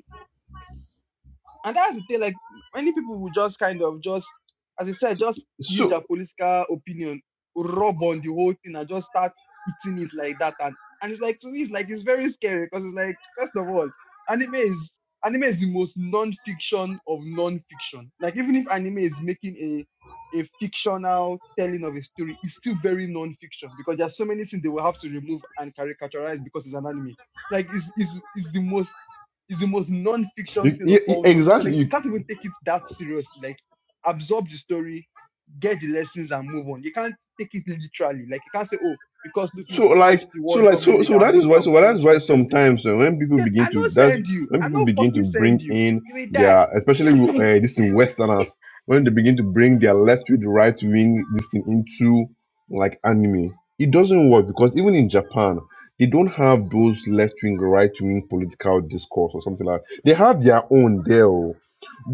[SPEAKER 1] And that's the thing, like many people will just kind of just, as I said, just use
[SPEAKER 4] so
[SPEAKER 1] their political opinion, rub on the whole thing and just start eating it like that. And and it's like to me, it's like it's very scary because it's like, first of all, anime is anime is the most non-fiction of non-fiction. Like even if anime is making a a fictional telling of a story, it's still very non-fiction because there's so many things they will have to remove and caricaturize because it's an anime. Like it's it's, it's the most it's the most non-fiction
[SPEAKER 4] you,
[SPEAKER 1] thing of
[SPEAKER 4] you-
[SPEAKER 1] all non-fiction.
[SPEAKER 4] exactly
[SPEAKER 1] Like you
[SPEAKER 4] you,
[SPEAKER 1] can't even take it that seriously. Like absorb the story, get the lessons, and move on. You can't take it literally. Like you can't say, oh, because Luffy
[SPEAKER 4] So
[SPEAKER 1] punched
[SPEAKER 4] like
[SPEAKER 1] the
[SPEAKER 4] so
[SPEAKER 1] world
[SPEAKER 4] like
[SPEAKER 1] government
[SPEAKER 4] so
[SPEAKER 1] leader,
[SPEAKER 4] so
[SPEAKER 1] I'm
[SPEAKER 4] that
[SPEAKER 1] going
[SPEAKER 4] is
[SPEAKER 1] to go
[SPEAKER 4] why
[SPEAKER 1] and
[SPEAKER 4] so well, that is
[SPEAKER 1] punch my
[SPEAKER 4] why
[SPEAKER 1] president.
[SPEAKER 4] sometimes uh, when people
[SPEAKER 1] Then
[SPEAKER 4] begin
[SPEAKER 1] I
[SPEAKER 4] to
[SPEAKER 1] not
[SPEAKER 4] that's
[SPEAKER 1] send you.
[SPEAKER 4] when
[SPEAKER 1] I
[SPEAKER 4] people
[SPEAKER 1] not
[SPEAKER 4] begin to
[SPEAKER 1] fucking send
[SPEAKER 4] bring
[SPEAKER 1] you.
[SPEAKER 4] in
[SPEAKER 1] You will die.
[SPEAKER 4] their especially uh, this in Westerners when they begin to bring their left with right wing this thing into like anime it doesn't work because even in Japan they don't have those left wing right wing political discourse or something like that. they have their own there oh.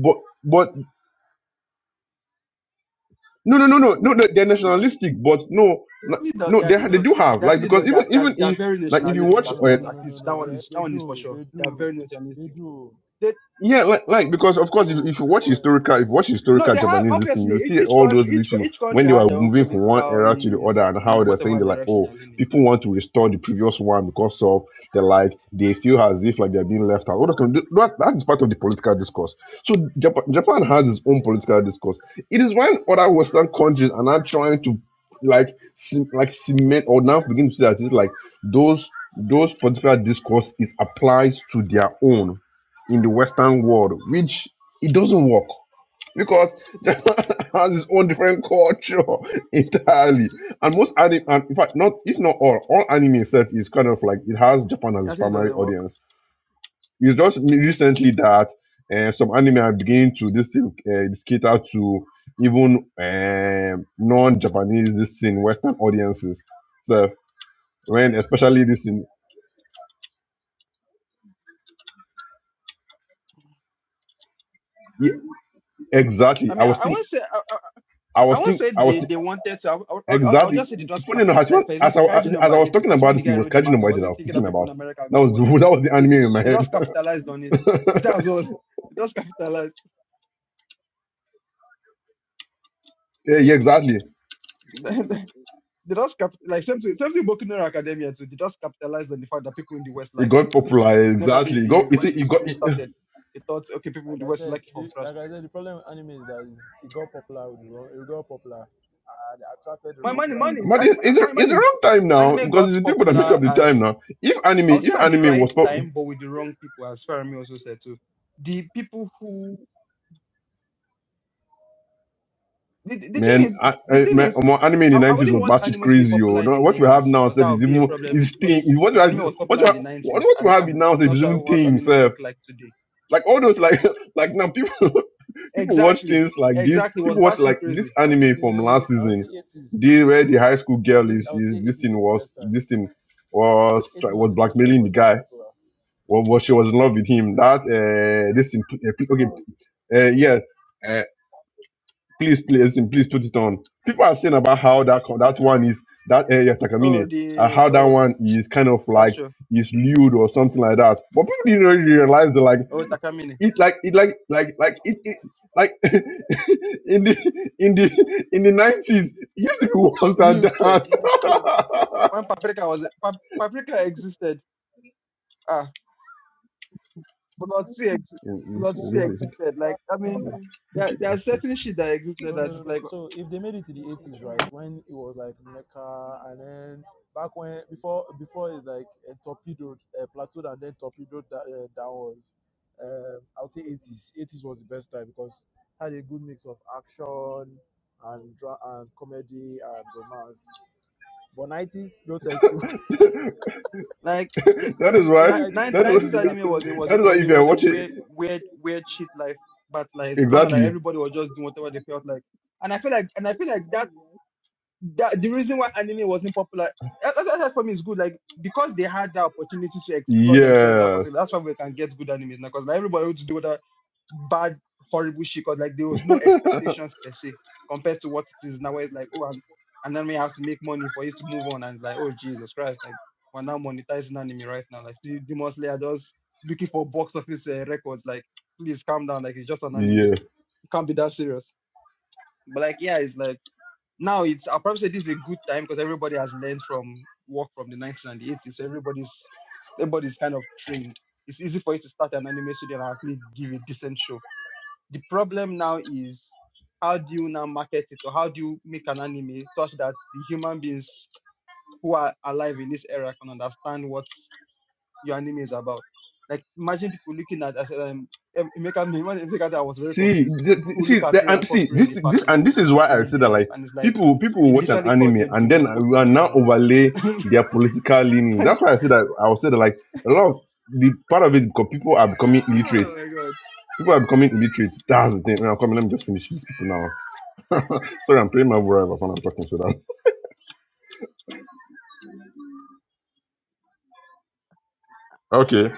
[SPEAKER 4] but but no no no no no no, they're nationalistic but no no
[SPEAKER 1] And they don't.
[SPEAKER 4] no,
[SPEAKER 1] Yeah,
[SPEAKER 4] they
[SPEAKER 1] they
[SPEAKER 4] ha- they
[SPEAKER 1] don't.
[SPEAKER 4] do have
[SPEAKER 1] They
[SPEAKER 4] like
[SPEAKER 1] actually
[SPEAKER 4] because
[SPEAKER 1] don't. They
[SPEAKER 4] even
[SPEAKER 1] are, they are,
[SPEAKER 4] even
[SPEAKER 1] they are
[SPEAKER 4] if
[SPEAKER 1] very
[SPEAKER 4] like
[SPEAKER 3] No
[SPEAKER 4] if you
[SPEAKER 3] no no
[SPEAKER 1] nationalistic
[SPEAKER 4] watch
[SPEAKER 1] at
[SPEAKER 3] no no
[SPEAKER 4] uh,
[SPEAKER 1] once.
[SPEAKER 3] no
[SPEAKER 1] At
[SPEAKER 3] no no
[SPEAKER 1] least
[SPEAKER 3] no.
[SPEAKER 1] that one
[SPEAKER 3] They
[SPEAKER 1] is that
[SPEAKER 3] they
[SPEAKER 1] one is for
[SPEAKER 3] do
[SPEAKER 1] sure.
[SPEAKER 3] they
[SPEAKER 1] They are
[SPEAKER 3] do
[SPEAKER 1] very
[SPEAKER 3] they
[SPEAKER 1] nationalistic
[SPEAKER 3] do
[SPEAKER 1] They
[SPEAKER 4] Yeah, like, like because
[SPEAKER 3] they
[SPEAKER 4] of course, if,
[SPEAKER 3] do.
[SPEAKER 4] if you
[SPEAKER 3] Oh
[SPEAKER 4] watch
[SPEAKER 3] boy!
[SPEAKER 4] historical, if you watch
[SPEAKER 1] No,
[SPEAKER 4] historical
[SPEAKER 1] they have
[SPEAKER 4] Japanese this thing,
[SPEAKER 1] obviously
[SPEAKER 4] you
[SPEAKER 1] each
[SPEAKER 4] see
[SPEAKER 1] each
[SPEAKER 4] all
[SPEAKER 1] country,
[SPEAKER 4] those
[SPEAKER 1] each co-
[SPEAKER 4] people
[SPEAKER 1] each
[SPEAKER 4] when
[SPEAKER 1] country
[SPEAKER 4] they
[SPEAKER 1] has
[SPEAKER 4] were
[SPEAKER 1] their own
[SPEAKER 4] moving from one
[SPEAKER 1] political
[SPEAKER 4] era to the other,
[SPEAKER 1] leanings
[SPEAKER 4] and
[SPEAKER 1] in
[SPEAKER 4] how they're saying
[SPEAKER 1] whatever
[SPEAKER 4] they're like,
[SPEAKER 1] direction
[SPEAKER 4] oh,
[SPEAKER 1] they're leaning.
[SPEAKER 4] people want to restore the previous one because of the like they feel as if like they're being left out. All that, kind of- that that is part of the political discourse. So Japan, Japan has its own political discourse. It is when other Western countries are now trying to like c- like cement or now begin to see that it's like those those political discourse is applies to their own in the Western world, which it doesn't work because Japan has its own different culture entirely. And most anime, and in fact, not if not all, all anime itself is kind of like it has Japan as
[SPEAKER 1] I
[SPEAKER 4] its
[SPEAKER 1] think it
[SPEAKER 4] primary
[SPEAKER 1] doesn't work.
[SPEAKER 4] audience. It's just recently that uh, some anime are beginning to this thing uh, this cater to even um, non-Japanese this in Western audiences. So when especially this in yeah, exactly,
[SPEAKER 1] I
[SPEAKER 4] I
[SPEAKER 1] mean, I,
[SPEAKER 4] was
[SPEAKER 1] I
[SPEAKER 4] think,
[SPEAKER 1] won't say I, I,
[SPEAKER 4] I
[SPEAKER 1] I I
[SPEAKER 4] was
[SPEAKER 1] won't
[SPEAKER 4] think
[SPEAKER 1] say
[SPEAKER 4] I was
[SPEAKER 1] they, they wanted to. I, I, I'll, I'll I'll
[SPEAKER 4] Exactly.
[SPEAKER 1] just say they just
[SPEAKER 4] Funny enough,
[SPEAKER 1] capital.
[SPEAKER 4] as,
[SPEAKER 1] Like
[SPEAKER 4] well,
[SPEAKER 1] for
[SPEAKER 4] as,
[SPEAKER 1] example,
[SPEAKER 4] I,
[SPEAKER 1] Kaiju
[SPEAKER 4] as
[SPEAKER 1] number
[SPEAKER 4] I was
[SPEAKER 1] eight. The
[SPEAKER 4] talking
[SPEAKER 1] first
[SPEAKER 4] about
[SPEAKER 1] when the
[SPEAKER 4] this, it
[SPEAKER 1] guy
[SPEAKER 4] was
[SPEAKER 1] wrote the
[SPEAKER 4] Kajin
[SPEAKER 1] manga,
[SPEAKER 4] Boy that I
[SPEAKER 1] wasn't
[SPEAKER 4] was
[SPEAKER 1] thinking that
[SPEAKER 4] thinking
[SPEAKER 1] people
[SPEAKER 4] about.
[SPEAKER 1] in America are
[SPEAKER 4] That
[SPEAKER 1] going to
[SPEAKER 4] was the
[SPEAKER 1] watch it.
[SPEAKER 4] that was the
[SPEAKER 1] They,
[SPEAKER 4] anime in my
[SPEAKER 1] they
[SPEAKER 4] head.
[SPEAKER 1] just capitalized on it. That's all. They just capitalized.
[SPEAKER 4] yeah, yeah, exactly.
[SPEAKER 1] they just cap- like same thing, same thing. Boku no Hero Academia too. They just capitalized on the fact that people in the West
[SPEAKER 4] It
[SPEAKER 1] liked it.
[SPEAKER 4] got popular.
[SPEAKER 1] Like I
[SPEAKER 4] Exactly.
[SPEAKER 1] said,
[SPEAKER 4] It
[SPEAKER 1] the,
[SPEAKER 4] got. It,
[SPEAKER 1] when the
[SPEAKER 4] it got.
[SPEAKER 1] story
[SPEAKER 4] It,
[SPEAKER 1] started, they thought, okay, people
[SPEAKER 3] like
[SPEAKER 1] would
[SPEAKER 3] I
[SPEAKER 1] always like
[SPEAKER 3] said,
[SPEAKER 1] it from
[SPEAKER 3] the,
[SPEAKER 1] fresh.
[SPEAKER 3] like I said, the problem with anime is that it's, it got popular with the wrong, it got popular and it attracted the
[SPEAKER 1] My
[SPEAKER 3] wrong
[SPEAKER 1] man,
[SPEAKER 3] crowd.
[SPEAKER 1] man is
[SPEAKER 4] but
[SPEAKER 1] anime,
[SPEAKER 4] it's, it's, the-
[SPEAKER 1] my man
[SPEAKER 4] it's the
[SPEAKER 1] is
[SPEAKER 4] wrong time now
[SPEAKER 1] anime
[SPEAKER 4] because
[SPEAKER 1] got
[SPEAKER 4] it's the people that make
[SPEAKER 1] popular
[SPEAKER 4] up the
[SPEAKER 1] at
[SPEAKER 4] time now. If anime,
[SPEAKER 1] I would
[SPEAKER 4] if
[SPEAKER 1] say at the
[SPEAKER 4] anime
[SPEAKER 1] right
[SPEAKER 4] was pop,
[SPEAKER 1] time, but with the wrong people, as Fermi also said too. The people who the, the thing
[SPEAKER 4] man,
[SPEAKER 1] is
[SPEAKER 4] I,
[SPEAKER 1] the
[SPEAKER 4] I,
[SPEAKER 1] thing
[SPEAKER 4] man
[SPEAKER 1] is
[SPEAKER 4] more anime in the
[SPEAKER 1] I, I
[SPEAKER 4] nineties
[SPEAKER 1] wouldn't
[SPEAKER 4] was
[SPEAKER 1] want
[SPEAKER 4] batshit
[SPEAKER 1] anime to be
[SPEAKER 4] crazy. Oh,
[SPEAKER 1] popular in the
[SPEAKER 4] no, what you have
[SPEAKER 1] nineties,
[SPEAKER 4] now,
[SPEAKER 1] because
[SPEAKER 4] sir,
[SPEAKER 1] that
[SPEAKER 4] is
[SPEAKER 1] would be a
[SPEAKER 4] even
[SPEAKER 1] problem.
[SPEAKER 4] is thing.
[SPEAKER 1] Because
[SPEAKER 4] is What you
[SPEAKER 1] if
[SPEAKER 4] have,
[SPEAKER 1] anime was
[SPEAKER 4] what you
[SPEAKER 1] popular in
[SPEAKER 4] have,
[SPEAKER 1] the
[SPEAKER 4] what,
[SPEAKER 1] nineties,
[SPEAKER 4] what you
[SPEAKER 1] and
[SPEAKER 4] have
[SPEAKER 1] I'm
[SPEAKER 4] now, sir,
[SPEAKER 1] I'm not
[SPEAKER 4] is
[SPEAKER 1] sure
[SPEAKER 4] even
[SPEAKER 1] what
[SPEAKER 4] thing,
[SPEAKER 1] anime would
[SPEAKER 4] sir.
[SPEAKER 1] look like today.
[SPEAKER 4] Like all those, like like now people. people watch
[SPEAKER 1] Exactly,
[SPEAKER 4] things like this.
[SPEAKER 1] exactly. Was
[SPEAKER 4] People watch
[SPEAKER 1] Bashi
[SPEAKER 4] like this
[SPEAKER 1] crazy?
[SPEAKER 3] I would
[SPEAKER 4] anime from last
[SPEAKER 3] say I would
[SPEAKER 4] season,
[SPEAKER 3] say eighties.
[SPEAKER 4] the where the high school
[SPEAKER 3] I
[SPEAKER 4] girl
[SPEAKER 3] think
[SPEAKER 4] is
[SPEAKER 3] I would say
[SPEAKER 4] is this
[SPEAKER 3] eighties
[SPEAKER 4] thing
[SPEAKER 3] was the
[SPEAKER 4] was
[SPEAKER 3] best time.
[SPEAKER 4] this thing was try-
[SPEAKER 3] Eighties was
[SPEAKER 4] was
[SPEAKER 3] the best time
[SPEAKER 4] blackmailing
[SPEAKER 3] for
[SPEAKER 4] the
[SPEAKER 3] it to be
[SPEAKER 4] guy.
[SPEAKER 3] popular.
[SPEAKER 4] Well, was she was in love with him. That uh, this thing, uh, pl- okay, uh, yeah. Uh, please, please, please put it on. People are saying about how that co- that one is that uh, yeah, Takamine,
[SPEAKER 1] Oh,
[SPEAKER 4] uh,
[SPEAKER 1] the
[SPEAKER 4] how that
[SPEAKER 1] oh,
[SPEAKER 4] one is kind of
[SPEAKER 1] that's
[SPEAKER 4] like
[SPEAKER 1] true.
[SPEAKER 4] is lewd or something like that. But people didn't really realize that like
[SPEAKER 1] Oh, Takamine.
[SPEAKER 4] it like it like like like it, it like in the in the in the nineties it used to be worse than
[SPEAKER 1] Liudke,
[SPEAKER 4] that.
[SPEAKER 1] when paprika was pap- paprika existed, ah, blood sea, ex- blood sea existed. Like I mean, there there are
[SPEAKER 4] Okay.
[SPEAKER 1] certain shit that existed
[SPEAKER 3] No,
[SPEAKER 1] that
[SPEAKER 3] no, no,
[SPEAKER 1] is
[SPEAKER 3] no.
[SPEAKER 1] like
[SPEAKER 3] So if they made it to the eighties, right? When it was like Mecca, and then back when before before it like uh, torpedoed, uh, plateaued, and then torpedoed that uh, downwards. Um, I'll say eighties. Eighties was the best time because had a good mix of action and dra- and comedy and romance. But nineties, no, thank you.
[SPEAKER 1] like the
[SPEAKER 4] that
[SPEAKER 3] so
[SPEAKER 4] is
[SPEAKER 3] those
[SPEAKER 4] why
[SPEAKER 3] early nineties,
[SPEAKER 4] that
[SPEAKER 3] I didn't
[SPEAKER 1] nineties
[SPEAKER 3] even are
[SPEAKER 1] anime was it
[SPEAKER 4] is
[SPEAKER 3] crazy.
[SPEAKER 1] was
[SPEAKER 4] that is
[SPEAKER 1] it
[SPEAKER 4] why
[SPEAKER 1] was
[SPEAKER 4] if
[SPEAKER 1] it
[SPEAKER 4] you're
[SPEAKER 1] was a
[SPEAKER 4] watching
[SPEAKER 1] weird weird weird shit life, but like it's kind of like
[SPEAKER 4] exactly
[SPEAKER 1] everybody was just doing whatever they felt like, and I feel like and I feel like that. that the reason why anime wasn't popular that, that, that for me is good like because they had the opportunity to explore themselves in that
[SPEAKER 4] yes
[SPEAKER 1] particular that's why we can get good anime now because like, everybody wants to do that bad horrible shit because like there was no expectations per se compared to what it is now where it's like oh and an anime has to make money for you to move on and like oh jesus christ like we're now monetizing anime right now like see demon slayer just looking for box office uh, records like please calm down like it's just an anime
[SPEAKER 4] yeah
[SPEAKER 1] it can't be that serious but like yeah it's like now it's I'll probably say this is a good time because everybody has learned from work from the 1990s and the 80s. So everybody's everybody's kind of trained. It's easy for you to start an anime studio and actually give a decent show. The problem now is how do you now market it or how do you make an anime such that the human beings who are alive in this era can understand what's your anime is about. Like imagine people looking at as, um Em- Emeka me when Emeka died, I was very
[SPEAKER 4] See, th-
[SPEAKER 1] confused.
[SPEAKER 4] th-
[SPEAKER 1] People look
[SPEAKER 4] see,
[SPEAKER 1] at
[SPEAKER 4] the,
[SPEAKER 1] Freya
[SPEAKER 4] and
[SPEAKER 1] and call
[SPEAKER 4] see
[SPEAKER 1] Freya
[SPEAKER 4] this,
[SPEAKER 1] a
[SPEAKER 4] this,
[SPEAKER 1] fascist
[SPEAKER 4] and this
[SPEAKER 1] because
[SPEAKER 4] is
[SPEAKER 1] she's
[SPEAKER 4] why I
[SPEAKER 1] killing
[SPEAKER 4] say that
[SPEAKER 1] demons,
[SPEAKER 4] like
[SPEAKER 1] and it's like
[SPEAKER 4] people, people
[SPEAKER 1] they
[SPEAKER 4] will watch an
[SPEAKER 1] literally call
[SPEAKER 4] anime
[SPEAKER 1] them
[SPEAKER 4] and then
[SPEAKER 1] demons. What
[SPEAKER 4] we
[SPEAKER 1] more
[SPEAKER 4] are
[SPEAKER 1] do you
[SPEAKER 4] now
[SPEAKER 1] want?
[SPEAKER 4] overlay their political leanings.
[SPEAKER 1] And-
[SPEAKER 4] That's why I say that I would say that like a lot of the part of it because people are becoming illiterate.
[SPEAKER 1] oh my god,
[SPEAKER 4] People are becoming illiterate. That's the thing. Now, come, let me just finish these people now. Sorry, I'm playing my word when I'm talking to them. Okay,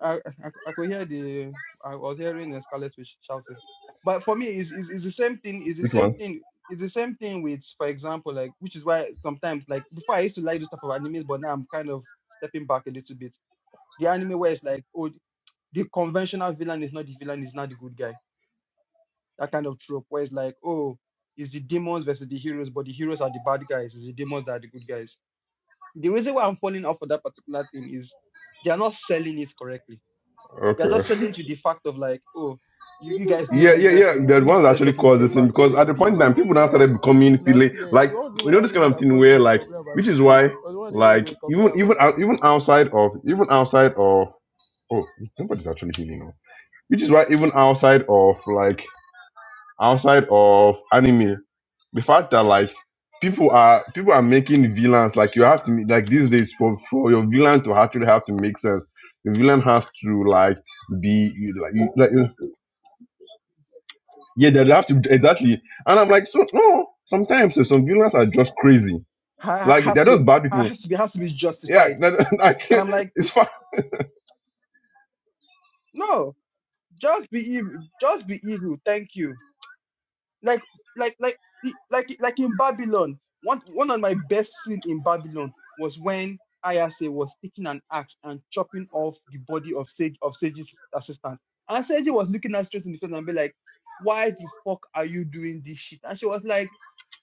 [SPEAKER 1] I, I I could hear the I was hearing the Scarlet Witch shouting, but for me it's, it's it's the same thing. It's the
[SPEAKER 4] which
[SPEAKER 1] same
[SPEAKER 4] one?
[SPEAKER 1] thing. It's the same thing with, for example, like which is why sometimes like before I used to like this type of animes, but now I'm kind of stepping back a little bit the anime where it's like, oh the conventional villain is not the villain, is not the good guy. That kind of trope where it's like, oh, it's the demons versus the heroes, but the heroes are the bad guys, it's the demons that are the good guys. The reason why I'm falling off of that particular thing is they are not selling it correctly. They are just
[SPEAKER 4] Okay.
[SPEAKER 1] selling to the fact of like, oh, you,
[SPEAKER 3] See,
[SPEAKER 1] you
[SPEAKER 3] this
[SPEAKER 1] guys know
[SPEAKER 3] time
[SPEAKER 4] Yeah,
[SPEAKER 1] these
[SPEAKER 3] of
[SPEAKER 4] yeah,
[SPEAKER 1] guys to
[SPEAKER 4] yeah.
[SPEAKER 1] be
[SPEAKER 3] that
[SPEAKER 4] The
[SPEAKER 1] good,
[SPEAKER 4] ones that
[SPEAKER 1] let's
[SPEAKER 4] actually
[SPEAKER 1] just make
[SPEAKER 4] caused
[SPEAKER 1] them
[SPEAKER 4] this
[SPEAKER 3] Chibi,
[SPEAKER 4] thing
[SPEAKER 1] bad for the
[SPEAKER 4] because
[SPEAKER 1] sake
[SPEAKER 4] at
[SPEAKER 3] Chibi,
[SPEAKER 1] of
[SPEAKER 4] the
[SPEAKER 1] being
[SPEAKER 4] point in
[SPEAKER 1] bad.
[SPEAKER 4] time,
[SPEAKER 3] Chibi, we
[SPEAKER 4] people now
[SPEAKER 3] complain about
[SPEAKER 4] started
[SPEAKER 3] this thing
[SPEAKER 4] becoming
[SPEAKER 3] since last
[SPEAKER 4] feeling
[SPEAKER 3] year.
[SPEAKER 4] like
[SPEAKER 3] What was the
[SPEAKER 4] you know this
[SPEAKER 3] that
[SPEAKER 4] kind
[SPEAKER 3] me
[SPEAKER 4] of
[SPEAKER 3] that
[SPEAKER 4] thing
[SPEAKER 3] caused
[SPEAKER 4] where
[SPEAKER 3] you to
[SPEAKER 4] like,
[SPEAKER 3] complain about
[SPEAKER 4] which
[SPEAKER 3] this
[SPEAKER 4] is
[SPEAKER 3] thing?
[SPEAKER 4] why
[SPEAKER 3] What was even you
[SPEAKER 4] like
[SPEAKER 3] go
[SPEAKER 4] even
[SPEAKER 3] complain
[SPEAKER 4] even
[SPEAKER 3] about that
[SPEAKER 4] out-
[SPEAKER 3] made
[SPEAKER 4] even
[SPEAKER 3] you...
[SPEAKER 4] outside of even outside of oh nobody's actually healing now. Which is why even outside of like outside of anime, the fact that like people are people are making villains like you have to make- like these days for for your villain to actually have to make sense. The villain has to like be like, you- like Yeah, they will have to exactly. And I'm like, so no. Sometimes uh, some villains are just crazy.
[SPEAKER 1] Ha-
[SPEAKER 4] Like
[SPEAKER 1] Has
[SPEAKER 4] they're
[SPEAKER 1] to
[SPEAKER 4] just bad people.
[SPEAKER 1] has to be has to be
[SPEAKER 4] Yeah,
[SPEAKER 1] justified.
[SPEAKER 4] that, I
[SPEAKER 1] And
[SPEAKER 4] can't.
[SPEAKER 1] I'm like,
[SPEAKER 4] It's fine.
[SPEAKER 1] no, just be evil, just be evil, thank you. like like like the- like like in Babylon. One one of my best scene in Babylon was when Ayase was taking an axe and chopping off the body of Sage of Sage's assistant. And Sage was looking at straight in the face and be like, "Why the fuck are you doing this shit?" And she was like.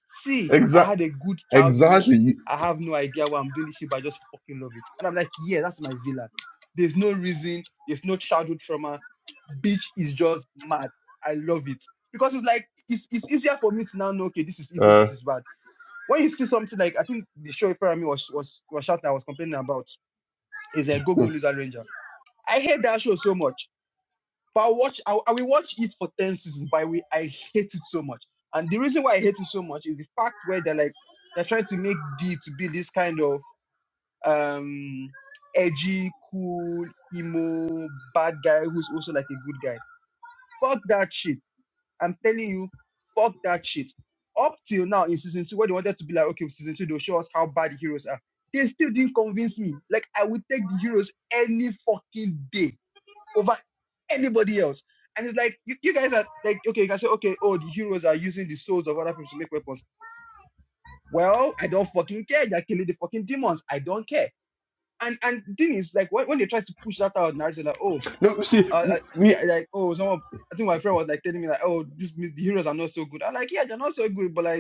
[SPEAKER 1] See, I
[SPEAKER 4] Exactly.
[SPEAKER 1] had a good childhood.
[SPEAKER 4] Exactly.
[SPEAKER 1] I have no idea why I'm doing this shit, but I just fucking love it. And I'm like, yeah, that's my villain. There's no reason. There's no childhood trauma. Bitch is just mad. I love it because it's like it's it's easier for me to now know. Okay, this is evil.
[SPEAKER 4] Uh,
[SPEAKER 1] This is bad. When you see something like I think the show Ferrami was was was shouting, I was complaining about is a Go Go Loser Ranger. I hate that show so much but I'll watch, I, I will watch it for 10 seasons, but I, will, I hate it so much. And the reason why I hate it so much is the fact where they're like, they're trying to make D to be this kind of, um, edgy, cool, emo, bad guy who's also like a good guy. Fuck that shit. I'm telling you, fuck that shit. Up till now in season two, where they wanted to be like, okay, season two, they'll show us how bad the heroes are. They still didn't convince me. Like, I would take the heroes any fucking day over anybody else. And it's like you, you guys are like, okay, you can say, okay, oh, the heroes are using the souls of other people to make weapons. Well, I don't fucking care. They're killing the fucking demons. I don't care. And and the thing is, like, when, when they try to push that out, narrative, like, oh,
[SPEAKER 4] no, see,
[SPEAKER 1] uh,
[SPEAKER 4] me,
[SPEAKER 1] uh,
[SPEAKER 4] me,
[SPEAKER 1] yeah, like, oh, someone, I think my friend was like telling me, like, oh, this the heroes are not so good. I'm like, yeah, they're not so good, but like.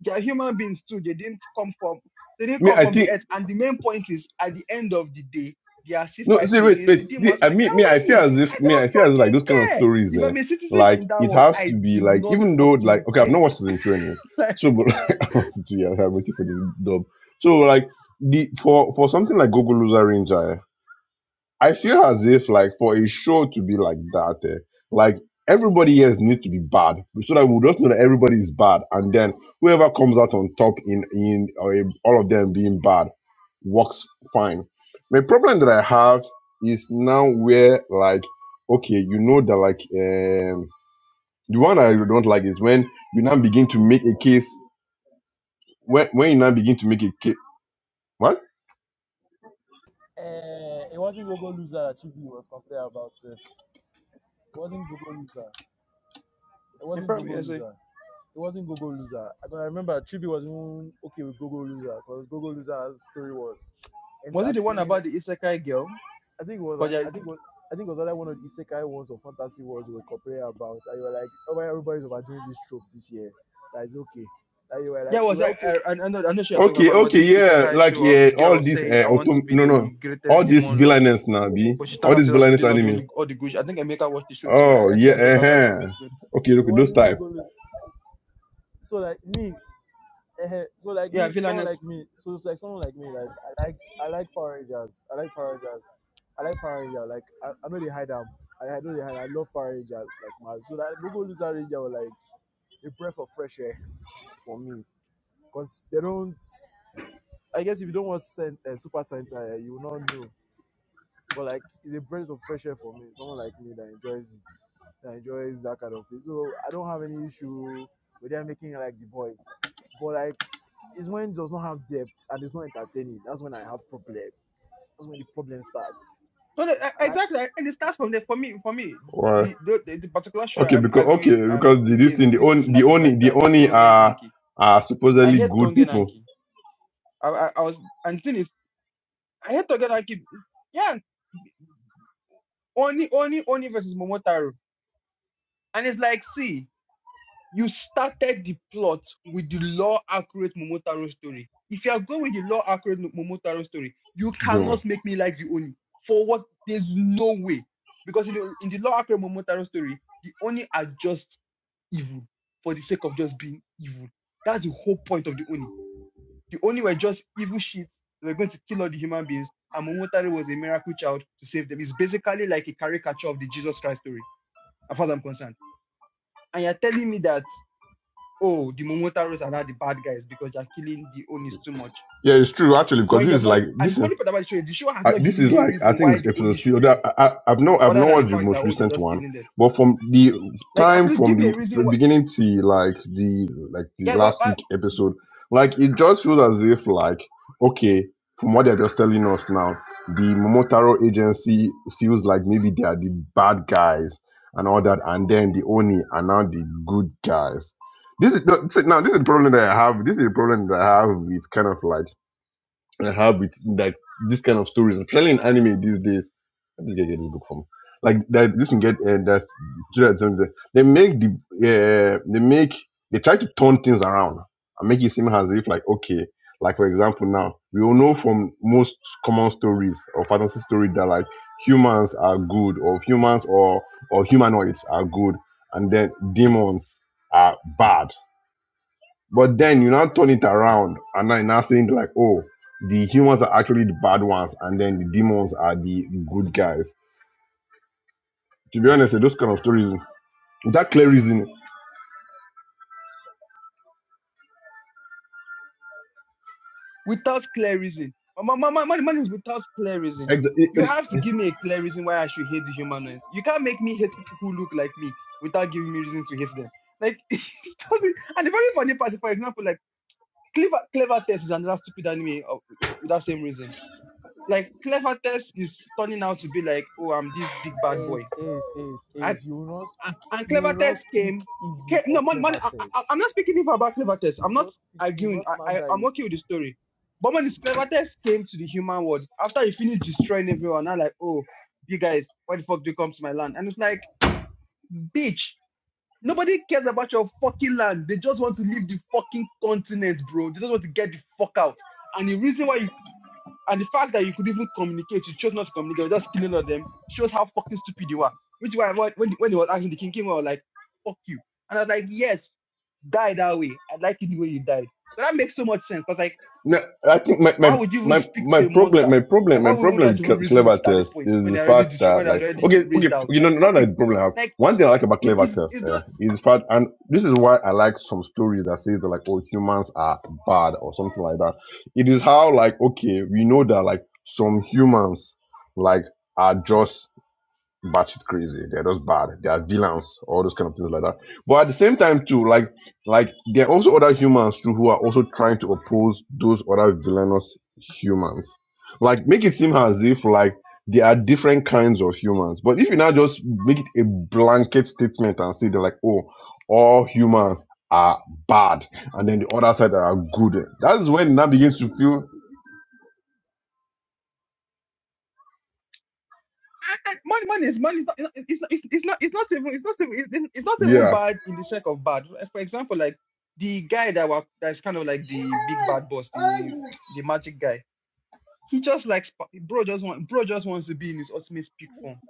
[SPEAKER 1] They are human beings too. They didn't come from they didn't
[SPEAKER 4] me,
[SPEAKER 1] come
[SPEAKER 4] I
[SPEAKER 1] from the
[SPEAKER 4] think.
[SPEAKER 1] earth. And the main point is at the end of the day, they are still
[SPEAKER 4] No, see,
[SPEAKER 1] fighting
[SPEAKER 4] wait,
[SPEAKER 1] against the
[SPEAKER 4] wait. See,
[SPEAKER 1] demons
[SPEAKER 4] I
[SPEAKER 1] and they
[SPEAKER 4] mean,
[SPEAKER 1] are
[SPEAKER 4] me, I feel
[SPEAKER 1] winning.
[SPEAKER 4] as if,
[SPEAKER 1] I
[SPEAKER 4] me, I
[SPEAKER 1] don't
[SPEAKER 4] feel as if, like those kind
[SPEAKER 1] fucking
[SPEAKER 4] of
[SPEAKER 1] care.
[SPEAKER 4] stories,
[SPEAKER 1] If
[SPEAKER 4] eh,
[SPEAKER 1] I'm a citizen
[SPEAKER 4] like
[SPEAKER 1] in that
[SPEAKER 4] it
[SPEAKER 1] world,
[SPEAKER 4] has
[SPEAKER 1] I
[SPEAKER 4] to be
[SPEAKER 1] do
[SPEAKER 4] like,
[SPEAKER 1] not
[SPEAKER 4] even though, like,
[SPEAKER 1] fucking
[SPEAKER 4] okay, I've
[SPEAKER 1] care.
[SPEAKER 4] not watched season two anyway.
[SPEAKER 1] Like
[SPEAKER 4] So, but like, I watched season two. Yeah, I'm waiting for the dub. So, like, the for for something like Gogo Loser Ranger, eh, I feel as if like for a show to be like that, eh, like everybody here needs to be bad so that we just know that everybody is bad, and then whoever comes out on top in in or in all of them being bad works fine. The problem that I have is now where like okay, you know that like um the one I don't like is when you now begin to make a case when when you now begin to make a case.
[SPEAKER 3] Eh, it wasn't Google loser that Chibi was complaining about. eh. It wasn't Google loser. It
[SPEAKER 1] in
[SPEAKER 3] wasn't
[SPEAKER 1] front of me,
[SPEAKER 3] Google loser. It wasn't Google loser. I can remember Chibi was even okay with Google loser because Google loser's story was
[SPEAKER 1] was it the one
[SPEAKER 3] entertaining
[SPEAKER 1] about the Isekai girl?
[SPEAKER 3] I think it was
[SPEAKER 1] Because
[SPEAKER 3] a- I
[SPEAKER 1] I,
[SPEAKER 3] think it was, I think it was either one of the Isekai ones or Fantasy ones we were complaining about. And you were like, oh, why everybody's overdoing this trope this year. That is okay. That you were like,
[SPEAKER 1] yeah,
[SPEAKER 3] you
[SPEAKER 1] was
[SPEAKER 3] were
[SPEAKER 1] that
[SPEAKER 3] okay.
[SPEAKER 1] I, I, I know I know she was talking
[SPEAKER 4] Okay,
[SPEAKER 1] about was
[SPEAKER 4] okay,
[SPEAKER 1] this
[SPEAKER 4] yeah,
[SPEAKER 1] Isekai
[SPEAKER 4] like
[SPEAKER 1] show of
[SPEAKER 4] yeah,
[SPEAKER 1] the girl
[SPEAKER 4] all this
[SPEAKER 1] saying
[SPEAKER 4] uh,
[SPEAKER 1] I want to
[SPEAKER 4] auto
[SPEAKER 1] be
[SPEAKER 4] no no,
[SPEAKER 1] the greatest
[SPEAKER 4] all this
[SPEAKER 1] demon lord,
[SPEAKER 4] villainous now, be
[SPEAKER 1] but she
[SPEAKER 4] all
[SPEAKER 1] turned out
[SPEAKER 4] this
[SPEAKER 1] to just be
[SPEAKER 4] villainous
[SPEAKER 1] doing all the
[SPEAKER 4] anime.
[SPEAKER 1] all the good. shit. I think Emeka watched the show too.
[SPEAKER 4] Oh
[SPEAKER 1] I, I think
[SPEAKER 4] yeah,
[SPEAKER 1] I dropped out of the first
[SPEAKER 4] uh-huh.
[SPEAKER 1] episode.
[SPEAKER 4] okay,
[SPEAKER 3] It
[SPEAKER 4] okay, those
[SPEAKER 3] wasn't go
[SPEAKER 4] type.
[SPEAKER 3] go. lose. So like me, eh, so like
[SPEAKER 1] Yeah,
[SPEAKER 3] me, someone
[SPEAKER 1] villainess
[SPEAKER 3] like me, so it's like someone like me, like I like I like Power Rangers. I like Power Rangers. I like Power Rangers. Like I, I know they hide them. I, I know they hide. I love Power Rangers. Like man, so that Google Loser Ranger was like a breath of fresh air for me because they don't. I guess if you don't watch Saint, uh, Super Saint, uh, you will not know. But like, it's a breath of fresh air for me. Someone like me that enjoys it, that enjoys that kind of thing. So I don't have any issue with them making it like the boys. But like, it's when it does not have depth and it's not entertaining. That's when I have problem. That's when the problem starts.
[SPEAKER 1] So the, e-
[SPEAKER 3] And I
[SPEAKER 1] exactly, and it starts from there. For me, for me,
[SPEAKER 4] Why?
[SPEAKER 1] the the, the, the particular show
[SPEAKER 4] Okay,
[SPEAKER 1] I'm
[SPEAKER 4] because okay,
[SPEAKER 1] arguing um
[SPEAKER 4] because the, this
[SPEAKER 1] against
[SPEAKER 4] thing the
[SPEAKER 1] this
[SPEAKER 4] only
[SPEAKER 1] season
[SPEAKER 4] the
[SPEAKER 1] that is
[SPEAKER 4] only
[SPEAKER 1] like
[SPEAKER 4] the
[SPEAKER 1] that is
[SPEAKER 4] only
[SPEAKER 1] Tongen
[SPEAKER 4] are
[SPEAKER 1] Anki.
[SPEAKER 4] are
[SPEAKER 1] I
[SPEAKER 4] supposedly
[SPEAKER 1] hate
[SPEAKER 4] good
[SPEAKER 1] Tongen
[SPEAKER 4] people.
[SPEAKER 1] Anki. I, I I was and thing is I hate Tongen Anki. Yeah, Oni Oni Oni versus Momotaro, and it's like see. You started the plot with the law accurate Momotaro story. If you are going with the law accurate Momotaro story, you
[SPEAKER 4] Do You know.
[SPEAKER 1] cannot make me like the Oni. For what? There's no way. Because in the, in the law accurate Momotaro story, the Oni are just evil for the sake of just being evil. That's the whole point of the Oni. The Oni were just evil shit. They were going to kill all the human beings. And Momotaro was a miracle child to save them. It's basically like a caricature of the Jesus Christ story, as far as I'm concerned. And you're telling me that oh, the Momotaros are now the bad guys because they're killing the Onis too much.
[SPEAKER 4] Yeah, it's true actually because
[SPEAKER 1] When you
[SPEAKER 4] this
[SPEAKER 1] have
[SPEAKER 4] is
[SPEAKER 1] not,
[SPEAKER 4] like
[SPEAKER 1] and the
[SPEAKER 4] this.
[SPEAKER 1] funny part about the show is the show has
[SPEAKER 4] I,
[SPEAKER 1] not
[SPEAKER 4] this
[SPEAKER 1] given
[SPEAKER 4] is
[SPEAKER 1] me a
[SPEAKER 4] like I
[SPEAKER 1] reason
[SPEAKER 4] think
[SPEAKER 1] why
[SPEAKER 4] it's
[SPEAKER 1] the
[SPEAKER 4] episode
[SPEAKER 1] Onis
[SPEAKER 4] six.
[SPEAKER 1] should
[SPEAKER 4] Although
[SPEAKER 1] leave,
[SPEAKER 4] I, I, I've not I've
[SPEAKER 1] other
[SPEAKER 4] not
[SPEAKER 1] than the
[SPEAKER 4] watched the
[SPEAKER 1] fact that,
[SPEAKER 4] most
[SPEAKER 1] oh, they're
[SPEAKER 4] recent
[SPEAKER 1] just
[SPEAKER 4] one,
[SPEAKER 1] killing them.
[SPEAKER 4] but from the
[SPEAKER 1] Like, at
[SPEAKER 4] time
[SPEAKER 1] least
[SPEAKER 4] from
[SPEAKER 1] give me a
[SPEAKER 4] the
[SPEAKER 1] reason why,
[SPEAKER 4] beginning to like the like the
[SPEAKER 1] yeah, why,
[SPEAKER 4] last
[SPEAKER 1] why,
[SPEAKER 4] week episode, like it just feels as if like okay, from what they're just telling us now, the Momotaro agency feels like maybe they are the bad guys and all that, and then the Oni are now the good guys. This is no, see, now this is the problem that I have. This is the problem that I have with kind of like I have with like this kind of stories, especially in anime these days. Where did this guy get this book from? Like that, this can get uh, that. They make the uh, they make they try to turn things around and make it seem as if like okay, like for example now we all know from most common stories or fantasy story that like humans are good or humans or or humanoids are good and then demons are bad but then you now turn it around and now you are now saying like, oh, the humans are actually the bad ones and then the demons are the good guys. To be honest, eh, those kind of stories, that clear reason,
[SPEAKER 1] without clear reason. My, my, my, my, mine is without clear reason.
[SPEAKER 4] ex- it,
[SPEAKER 1] You
[SPEAKER 4] it,
[SPEAKER 1] have to give me a clear reason why I should hate the humanoids. You can't make me hate people who look like me without giving me reason to hate them. Like, it doesn't, and the very funny part, is, for example, like, Clever, Clever Test is another stupid anime of, with that same reason like clever test is turning out to be like, oh, I'm this big bad boy.
[SPEAKER 3] is is is
[SPEAKER 1] And
[SPEAKER 3] is you will not
[SPEAKER 1] and
[SPEAKER 3] speak.
[SPEAKER 1] and
[SPEAKER 3] You
[SPEAKER 1] clever
[SPEAKER 3] will not
[SPEAKER 1] test
[SPEAKER 3] speak
[SPEAKER 1] came, came
[SPEAKER 3] evil
[SPEAKER 1] no
[SPEAKER 3] or
[SPEAKER 1] money, money
[SPEAKER 3] clever
[SPEAKER 1] I,
[SPEAKER 3] things.
[SPEAKER 1] I, I'm not speaking even about clever test.
[SPEAKER 3] You
[SPEAKER 1] I'm
[SPEAKER 3] will
[SPEAKER 1] not
[SPEAKER 3] not speak. You will
[SPEAKER 1] arguing.
[SPEAKER 3] not
[SPEAKER 1] I, I
[SPEAKER 3] slander
[SPEAKER 1] I'm
[SPEAKER 3] it.
[SPEAKER 1] okay with the story. But when this clever test came to the human world, after he finished destroying everyone, I'm like, oh, you guys, why the fuck do you come to my land? And it's like, bitch, nobody cares about your fucking land. They just want to leave the fucking continent, bro. They just want to get the fuck out. And the reason why you and the fact that you could even communicate, you chose not to communicate, you're just killing all of them, shows how fucking stupid you are. Which is why when, when when he was asking the king came, out, I was like, fuck you. And I was like, yes, die that way. I like it the way you died. But that makes so much sense. Because like,
[SPEAKER 4] No, I think my,
[SPEAKER 1] why
[SPEAKER 4] my,
[SPEAKER 1] would you even
[SPEAKER 4] my,
[SPEAKER 1] speak
[SPEAKER 4] my
[SPEAKER 1] to a
[SPEAKER 4] problem
[SPEAKER 1] monster?
[SPEAKER 4] my problem
[SPEAKER 1] Like, why
[SPEAKER 4] my
[SPEAKER 1] would you even
[SPEAKER 4] problem
[SPEAKER 1] try to
[SPEAKER 4] with
[SPEAKER 1] even
[SPEAKER 4] Cle-
[SPEAKER 1] reason with
[SPEAKER 4] clever
[SPEAKER 1] it at this
[SPEAKER 4] test
[SPEAKER 1] point
[SPEAKER 4] is
[SPEAKER 1] when
[SPEAKER 4] the
[SPEAKER 1] they're already
[SPEAKER 4] fact
[SPEAKER 1] destroyed,
[SPEAKER 4] that
[SPEAKER 1] when they're
[SPEAKER 4] like
[SPEAKER 1] already
[SPEAKER 4] okay okay
[SPEAKER 1] raged out?
[SPEAKER 4] okay no
[SPEAKER 1] Like,
[SPEAKER 4] not
[SPEAKER 1] fuck you.
[SPEAKER 4] that problem I have
[SPEAKER 1] Like,
[SPEAKER 4] one thing I like about
[SPEAKER 1] it
[SPEAKER 4] clever
[SPEAKER 1] is
[SPEAKER 4] test
[SPEAKER 1] it's
[SPEAKER 4] uh, is the fact and this is why I like some stories that say that like oh humans are bad or something like that. It is how like okay we know that like some humans like are just batshit crazy. They're just bad. They are villains, all those kind of things like that. But at the same time, too, like like there are also other humans too who are also trying to oppose those other villainous humans. Like make it seem as if like there are different kinds of humans. But if you now just make it a blanket statement and say they're like, oh, all humans are bad, and then the other side are good. That's when it now begins to feel
[SPEAKER 1] I- money, money is money. It's not, it's not, it's, it's not, it's not even, it's not even, it's, it's not even
[SPEAKER 4] yeah,
[SPEAKER 1] bad in the sake of bad. For example, like the guy that was that's kind of like the big bad boss, the the magic guy. He just likes bro. Just want bro. Just wants to be in his ultimate peak form.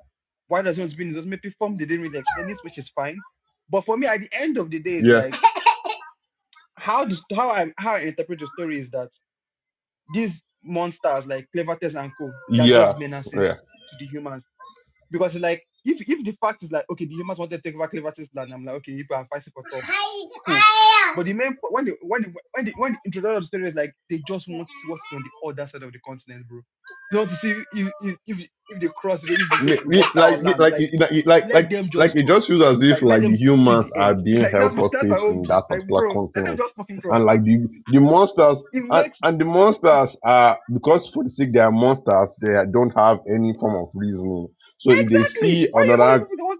[SPEAKER 1] Why does he want to be in his ultimate peak form? They didn't really explain this, which is fine. But for me, at the end of the day, it's
[SPEAKER 4] yeah,
[SPEAKER 1] like how this, how I how I interpret the story is that these monsters like Clevertest and Co. They're
[SPEAKER 4] yeah,
[SPEAKER 1] just
[SPEAKER 4] yeah.
[SPEAKER 1] menaces to the humans Because it's like if if the fact is like okay, the humans want to take over Cleverton's land, I'm like okay, you people are fighting for tough, cool. But the main po- when the when the, when the when the introduction of the story is like they just want to see what's on the other side of the continent, bro. They want to see if if if, if they cross, you know, if there's going
[SPEAKER 4] me,
[SPEAKER 1] to be
[SPEAKER 4] me,
[SPEAKER 1] water or
[SPEAKER 4] like me,
[SPEAKER 1] land.
[SPEAKER 4] like
[SPEAKER 1] Like
[SPEAKER 4] it- like it- like
[SPEAKER 1] let
[SPEAKER 4] like
[SPEAKER 1] them
[SPEAKER 4] like
[SPEAKER 1] just
[SPEAKER 4] it just
[SPEAKER 1] cross.
[SPEAKER 4] feels as if
[SPEAKER 1] Like let
[SPEAKER 4] like
[SPEAKER 1] them
[SPEAKER 4] the
[SPEAKER 1] see
[SPEAKER 4] humans
[SPEAKER 1] the
[SPEAKER 4] are
[SPEAKER 1] end.
[SPEAKER 4] being
[SPEAKER 1] Like
[SPEAKER 4] held
[SPEAKER 1] that's my that's my
[SPEAKER 4] hostage
[SPEAKER 1] own
[SPEAKER 4] in
[SPEAKER 1] beef.
[SPEAKER 4] that
[SPEAKER 1] Like
[SPEAKER 4] particular
[SPEAKER 1] bro, let them
[SPEAKER 4] continent,
[SPEAKER 1] just fucking cross.
[SPEAKER 4] and like the the monsters
[SPEAKER 1] It
[SPEAKER 4] and,
[SPEAKER 1] makes
[SPEAKER 4] and the monsters are because for the sake they are monsters they don't have any form of reasoning. So if they
[SPEAKER 1] exactly
[SPEAKER 4] see
[SPEAKER 1] why are you holding
[SPEAKER 4] another
[SPEAKER 1] people to hold?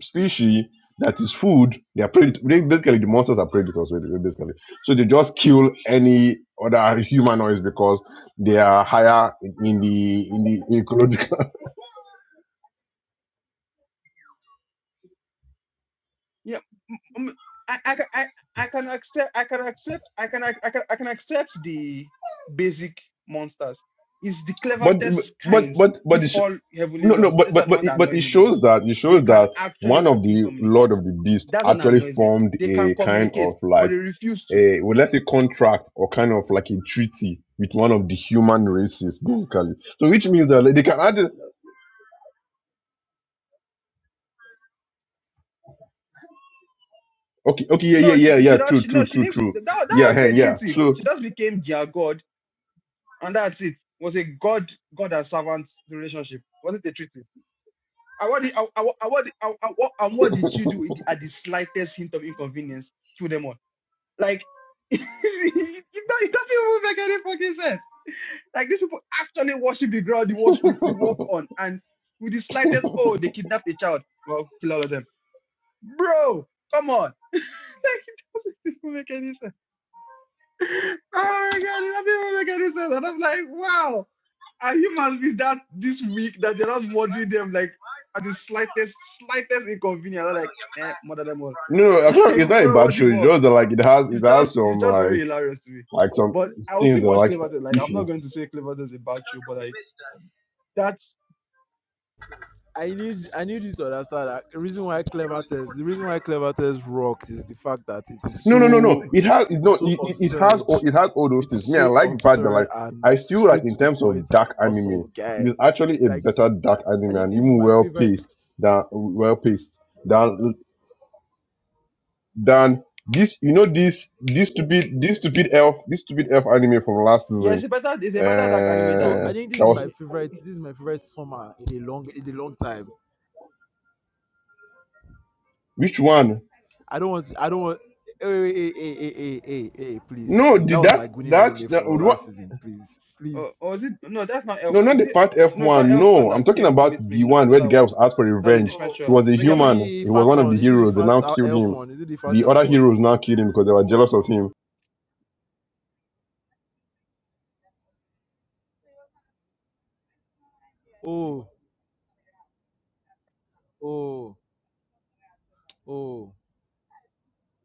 [SPEAKER 4] species that is food, they are predat- Basically, the monsters are predators. really, Basically, so they just kill any other humanoids because they are higher in in the in the ecological
[SPEAKER 1] um, I, I, can- I, I can accept I can accept I can I, can I can accept the basic monsters. It's the
[SPEAKER 4] But
[SPEAKER 1] cleverest
[SPEAKER 4] but
[SPEAKER 1] kinds,
[SPEAKER 4] but
[SPEAKER 1] the
[SPEAKER 4] but it sh-
[SPEAKER 1] fall heavenly
[SPEAKER 4] no no
[SPEAKER 1] lords.
[SPEAKER 4] but
[SPEAKER 1] These are
[SPEAKER 4] but
[SPEAKER 1] the
[SPEAKER 4] but
[SPEAKER 1] ones
[SPEAKER 4] it,
[SPEAKER 1] that
[SPEAKER 4] but
[SPEAKER 1] annoy
[SPEAKER 4] it
[SPEAKER 1] me the most.
[SPEAKER 4] shows that it
[SPEAKER 1] They
[SPEAKER 4] shows
[SPEAKER 1] can
[SPEAKER 4] that
[SPEAKER 1] actually
[SPEAKER 4] one of
[SPEAKER 1] fucking
[SPEAKER 4] the Lord
[SPEAKER 1] communicate.
[SPEAKER 4] of the Beast
[SPEAKER 1] That's what
[SPEAKER 4] actually
[SPEAKER 1] annoys me.
[SPEAKER 4] formed
[SPEAKER 1] They can
[SPEAKER 4] a kind
[SPEAKER 1] communicate,
[SPEAKER 4] of
[SPEAKER 1] but
[SPEAKER 4] like
[SPEAKER 1] they refuse to.
[SPEAKER 4] a well, let's say contract or kind of like a treaty with one of the human races basically. So which means that like, they can add okay okay yeah yeah
[SPEAKER 1] No, she,
[SPEAKER 4] yeah
[SPEAKER 1] she, she,
[SPEAKER 4] yeah
[SPEAKER 1] does-
[SPEAKER 4] true
[SPEAKER 1] she no,
[SPEAKER 4] true
[SPEAKER 1] she
[SPEAKER 4] true
[SPEAKER 1] didn't.
[SPEAKER 4] true
[SPEAKER 1] That, that
[SPEAKER 4] yeah
[SPEAKER 1] was
[SPEAKER 4] yeah
[SPEAKER 1] the
[SPEAKER 4] yeah,
[SPEAKER 1] treaty.
[SPEAKER 4] true.
[SPEAKER 1] She just became their god, and that's it. Was a god, god and servant relationship. Wasn't a treaty. And what did, and what, and what, and what, and what did you do at the slightest hint of inconvenience? Kill them all. Like, it, it, it doesn't even make any fucking sense. Like, these people actually worship the ground you, wash, you, you walk on. And with the slightest, oh, they kidnapped a child. Well, kill all of them. Bro, come on. Like, it doesn't even make any sense. Oh my god, it doesn't make any sense. And I'm like, wow, And you must be that this week that they are not murdering them like at the slightest, slightest inconvenience. I'm like, eh, murder them all.
[SPEAKER 4] No, no,
[SPEAKER 1] I'm
[SPEAKER 4] actually, it's
[SPEAKER 1] like,
[SPEAKER 4] not a
[SPEAKER 1] bro,
[SPEAKER 4] bad
[SPEAKER 1] what the
[SPEAKER 4] show. It's
[SPEAKER 1] fuck?
[SPEAKER 4] just that, like it has
[SPEAKER 1] It's
[SPEAKER 4] it has
[SPEAKER 1] just, it's
[SPEAKER 4] some
[SPEAKER 1] just very
[SPEAKER 4] like
[SPEAKER 1] hilarious to me.
[SPEAKER 4] like some
[SPEAKER 1] But I will
[SPEAKER 4] things
[SPEAKER 1] still
[SPEAKER 4] that are
[SPEAKER 1] watch
[SPEAKER 4] like
[SPEAKER 1] Cleverton. Like, I'm
[SPEAKER 4] iffy.
[SPEAKER 1] not going to say Cleverton is about you, but like, that's
[SPEAKER 3] I need I need you to understand that the reason why clever test the reason why clever test rocks is the fact that it is
[SPEAKER 4] No, no, no, no.
[SPEAKER 3] so
[SPEAKER 4] It has
[SPEAKER 3] it
[SPEAKER 4] no.
[SPEAKER 3] is so
[SPEAKER 4] It, it it has
[SPEAKER 3] absurd.
[SPEAKER 4] all. It has all those
[SPEAKER 3] It is
[SPEAKER 4] things. Me, I
[SPEAKER 3] so
[SPEAKER 4] like the fact that like
[SPEAKER 3] absurd and
[SPEAKER 4] I feel like
[SPEAKER 3] straight
[SPEAKER 4] in
[SPEAKER 3] to the
[SPEAKER 4] terms
[SPEAKER 3] point
[SPEAKER 4] of
[SPEAKER 3] and
[SPEAKER 4] dark anime,
[SPEAKER 3] awesome
[SPEAKER 4] it
[SPEAKER 3] guy.
[SPEAKER 4] is actually a
[SPEAKER 3] Like
[SPEAKER 4] better dark
[SPEAKER 3] I
[SPEAKER 4] anime
[SPEAKER 3] think
[SPEAKER 4] and
[SPEAKER 3] this is
[SPEAKER 4] even
[SPEAKER 3] my
[SPEAKER 4] well
[SPEAKER 3] favorite
[SPEAKER 4] paced than well paced than than this. You know this this stupid this stupid elf this stupid elf anime from last
[SPEAKER 1] yeah, it's
[SPEAKER 4] season.
[SPEAKER 1] a better, it's a better dark anime
[SPEAKER 3] so I
[SPEAKER 1] than,
[SPEAKER 4] Uh,
[SPEAKER 3] think this
[SPEAKER 4] that
[SPEAKER 3] is my
[SPEAKER 4] was
[SPEAKER 3] favorite this is my favorite summer in a long in a long time.
[SPEAKER 4] which one?
[SPEAKER 3] I don't want to, I don't want hey, hey, hey, hey, hey, hey, hey, hey, hey, please,
[SPEAKER 4] No,
[SPEAKER 3] please. That
[SPEAKER 4] did
[SPEAKER 3] was my
[SPEAKER 4] that
[SPEAKER 3] Gunin
[SPEAKER 4] that
[SPEAKER 3] anime
[SPEAKER 4] that
[SPEAKER 3] for
[SPEAKER 4] what?
[SPEAKER 3] last season. Please,
[SPEAKER 1] uh,
[SPEAKER 3] please.
[SPEAKER 1] or is it? No, that's not Elf.
[SPEAKER 4] No, not
[SPEAKER 1] Is
[SPEAKER 4] the
[SPEAKER 1] it?
[SPEAKER 4] part
[SPEAKER 1] No, it's
[SPEAKER 4] F1.
[SPEAKER 1] not
[SPEAKER 3] Is it
[SPEAKER 1] Elfson
[SPEAKER 4] No, I'm
[SPEAKER 1] that
[SPEAKER 4] talking
[SPEAKER 1] came to
[SPEAKER 4] about
[SPEAKER 1] meet me.
[SPEAKER 4] the
[SPEAKER 1] No,
[SPEAKER 4] one
[SPEAKER 1] it's not
[SPEAKER 4] where the
[SPEAKER 1] that
[SPEAKER 4] guy
[SPEAKER 1] one.
[SPEAKER 4] was out for
[SPEAKER 1] That's a
[SPEAKER 4] revenge.
[SPEAKER 1] different
[SPEAKER 3] Oh,
[SPEAKER 4] He
[SPEAKER 1] show.
[SPEAKER 4] was a
[SPEAKER 1] Make
[SPEAKER 3] is
[SPEAKER 1] I
[SPEAKER 3] it
[SPEAKER 4] human.
[SPEAKER 3] the
[SPEAKER 4] He was
[SPEAKER 3] fat
[SPEAKER 4] one of
[SPEAKER 3] one?
[SPEAKER 4] the
[SPEAKER 3] Is it the
[SPEAKER 4] heroes. They
[SPEAKER 3] fat
[SPEAKER 4] now
[SPEAKER 3] uh,
[SPEAKER 4] killed
[SPEAKER 3] elf
[SPEAKER 4] him.
[SPEAKER 3] one? Is it the fat
[SPEAKER 4] The
[SPEAKER 3] elf
[SPEAKER 4] other
[SPEAKER 3] one?
[SPEAKER 4] heroes now killed him because they were jealous of him.
[SPEAKER 3] Oh, oh, oh,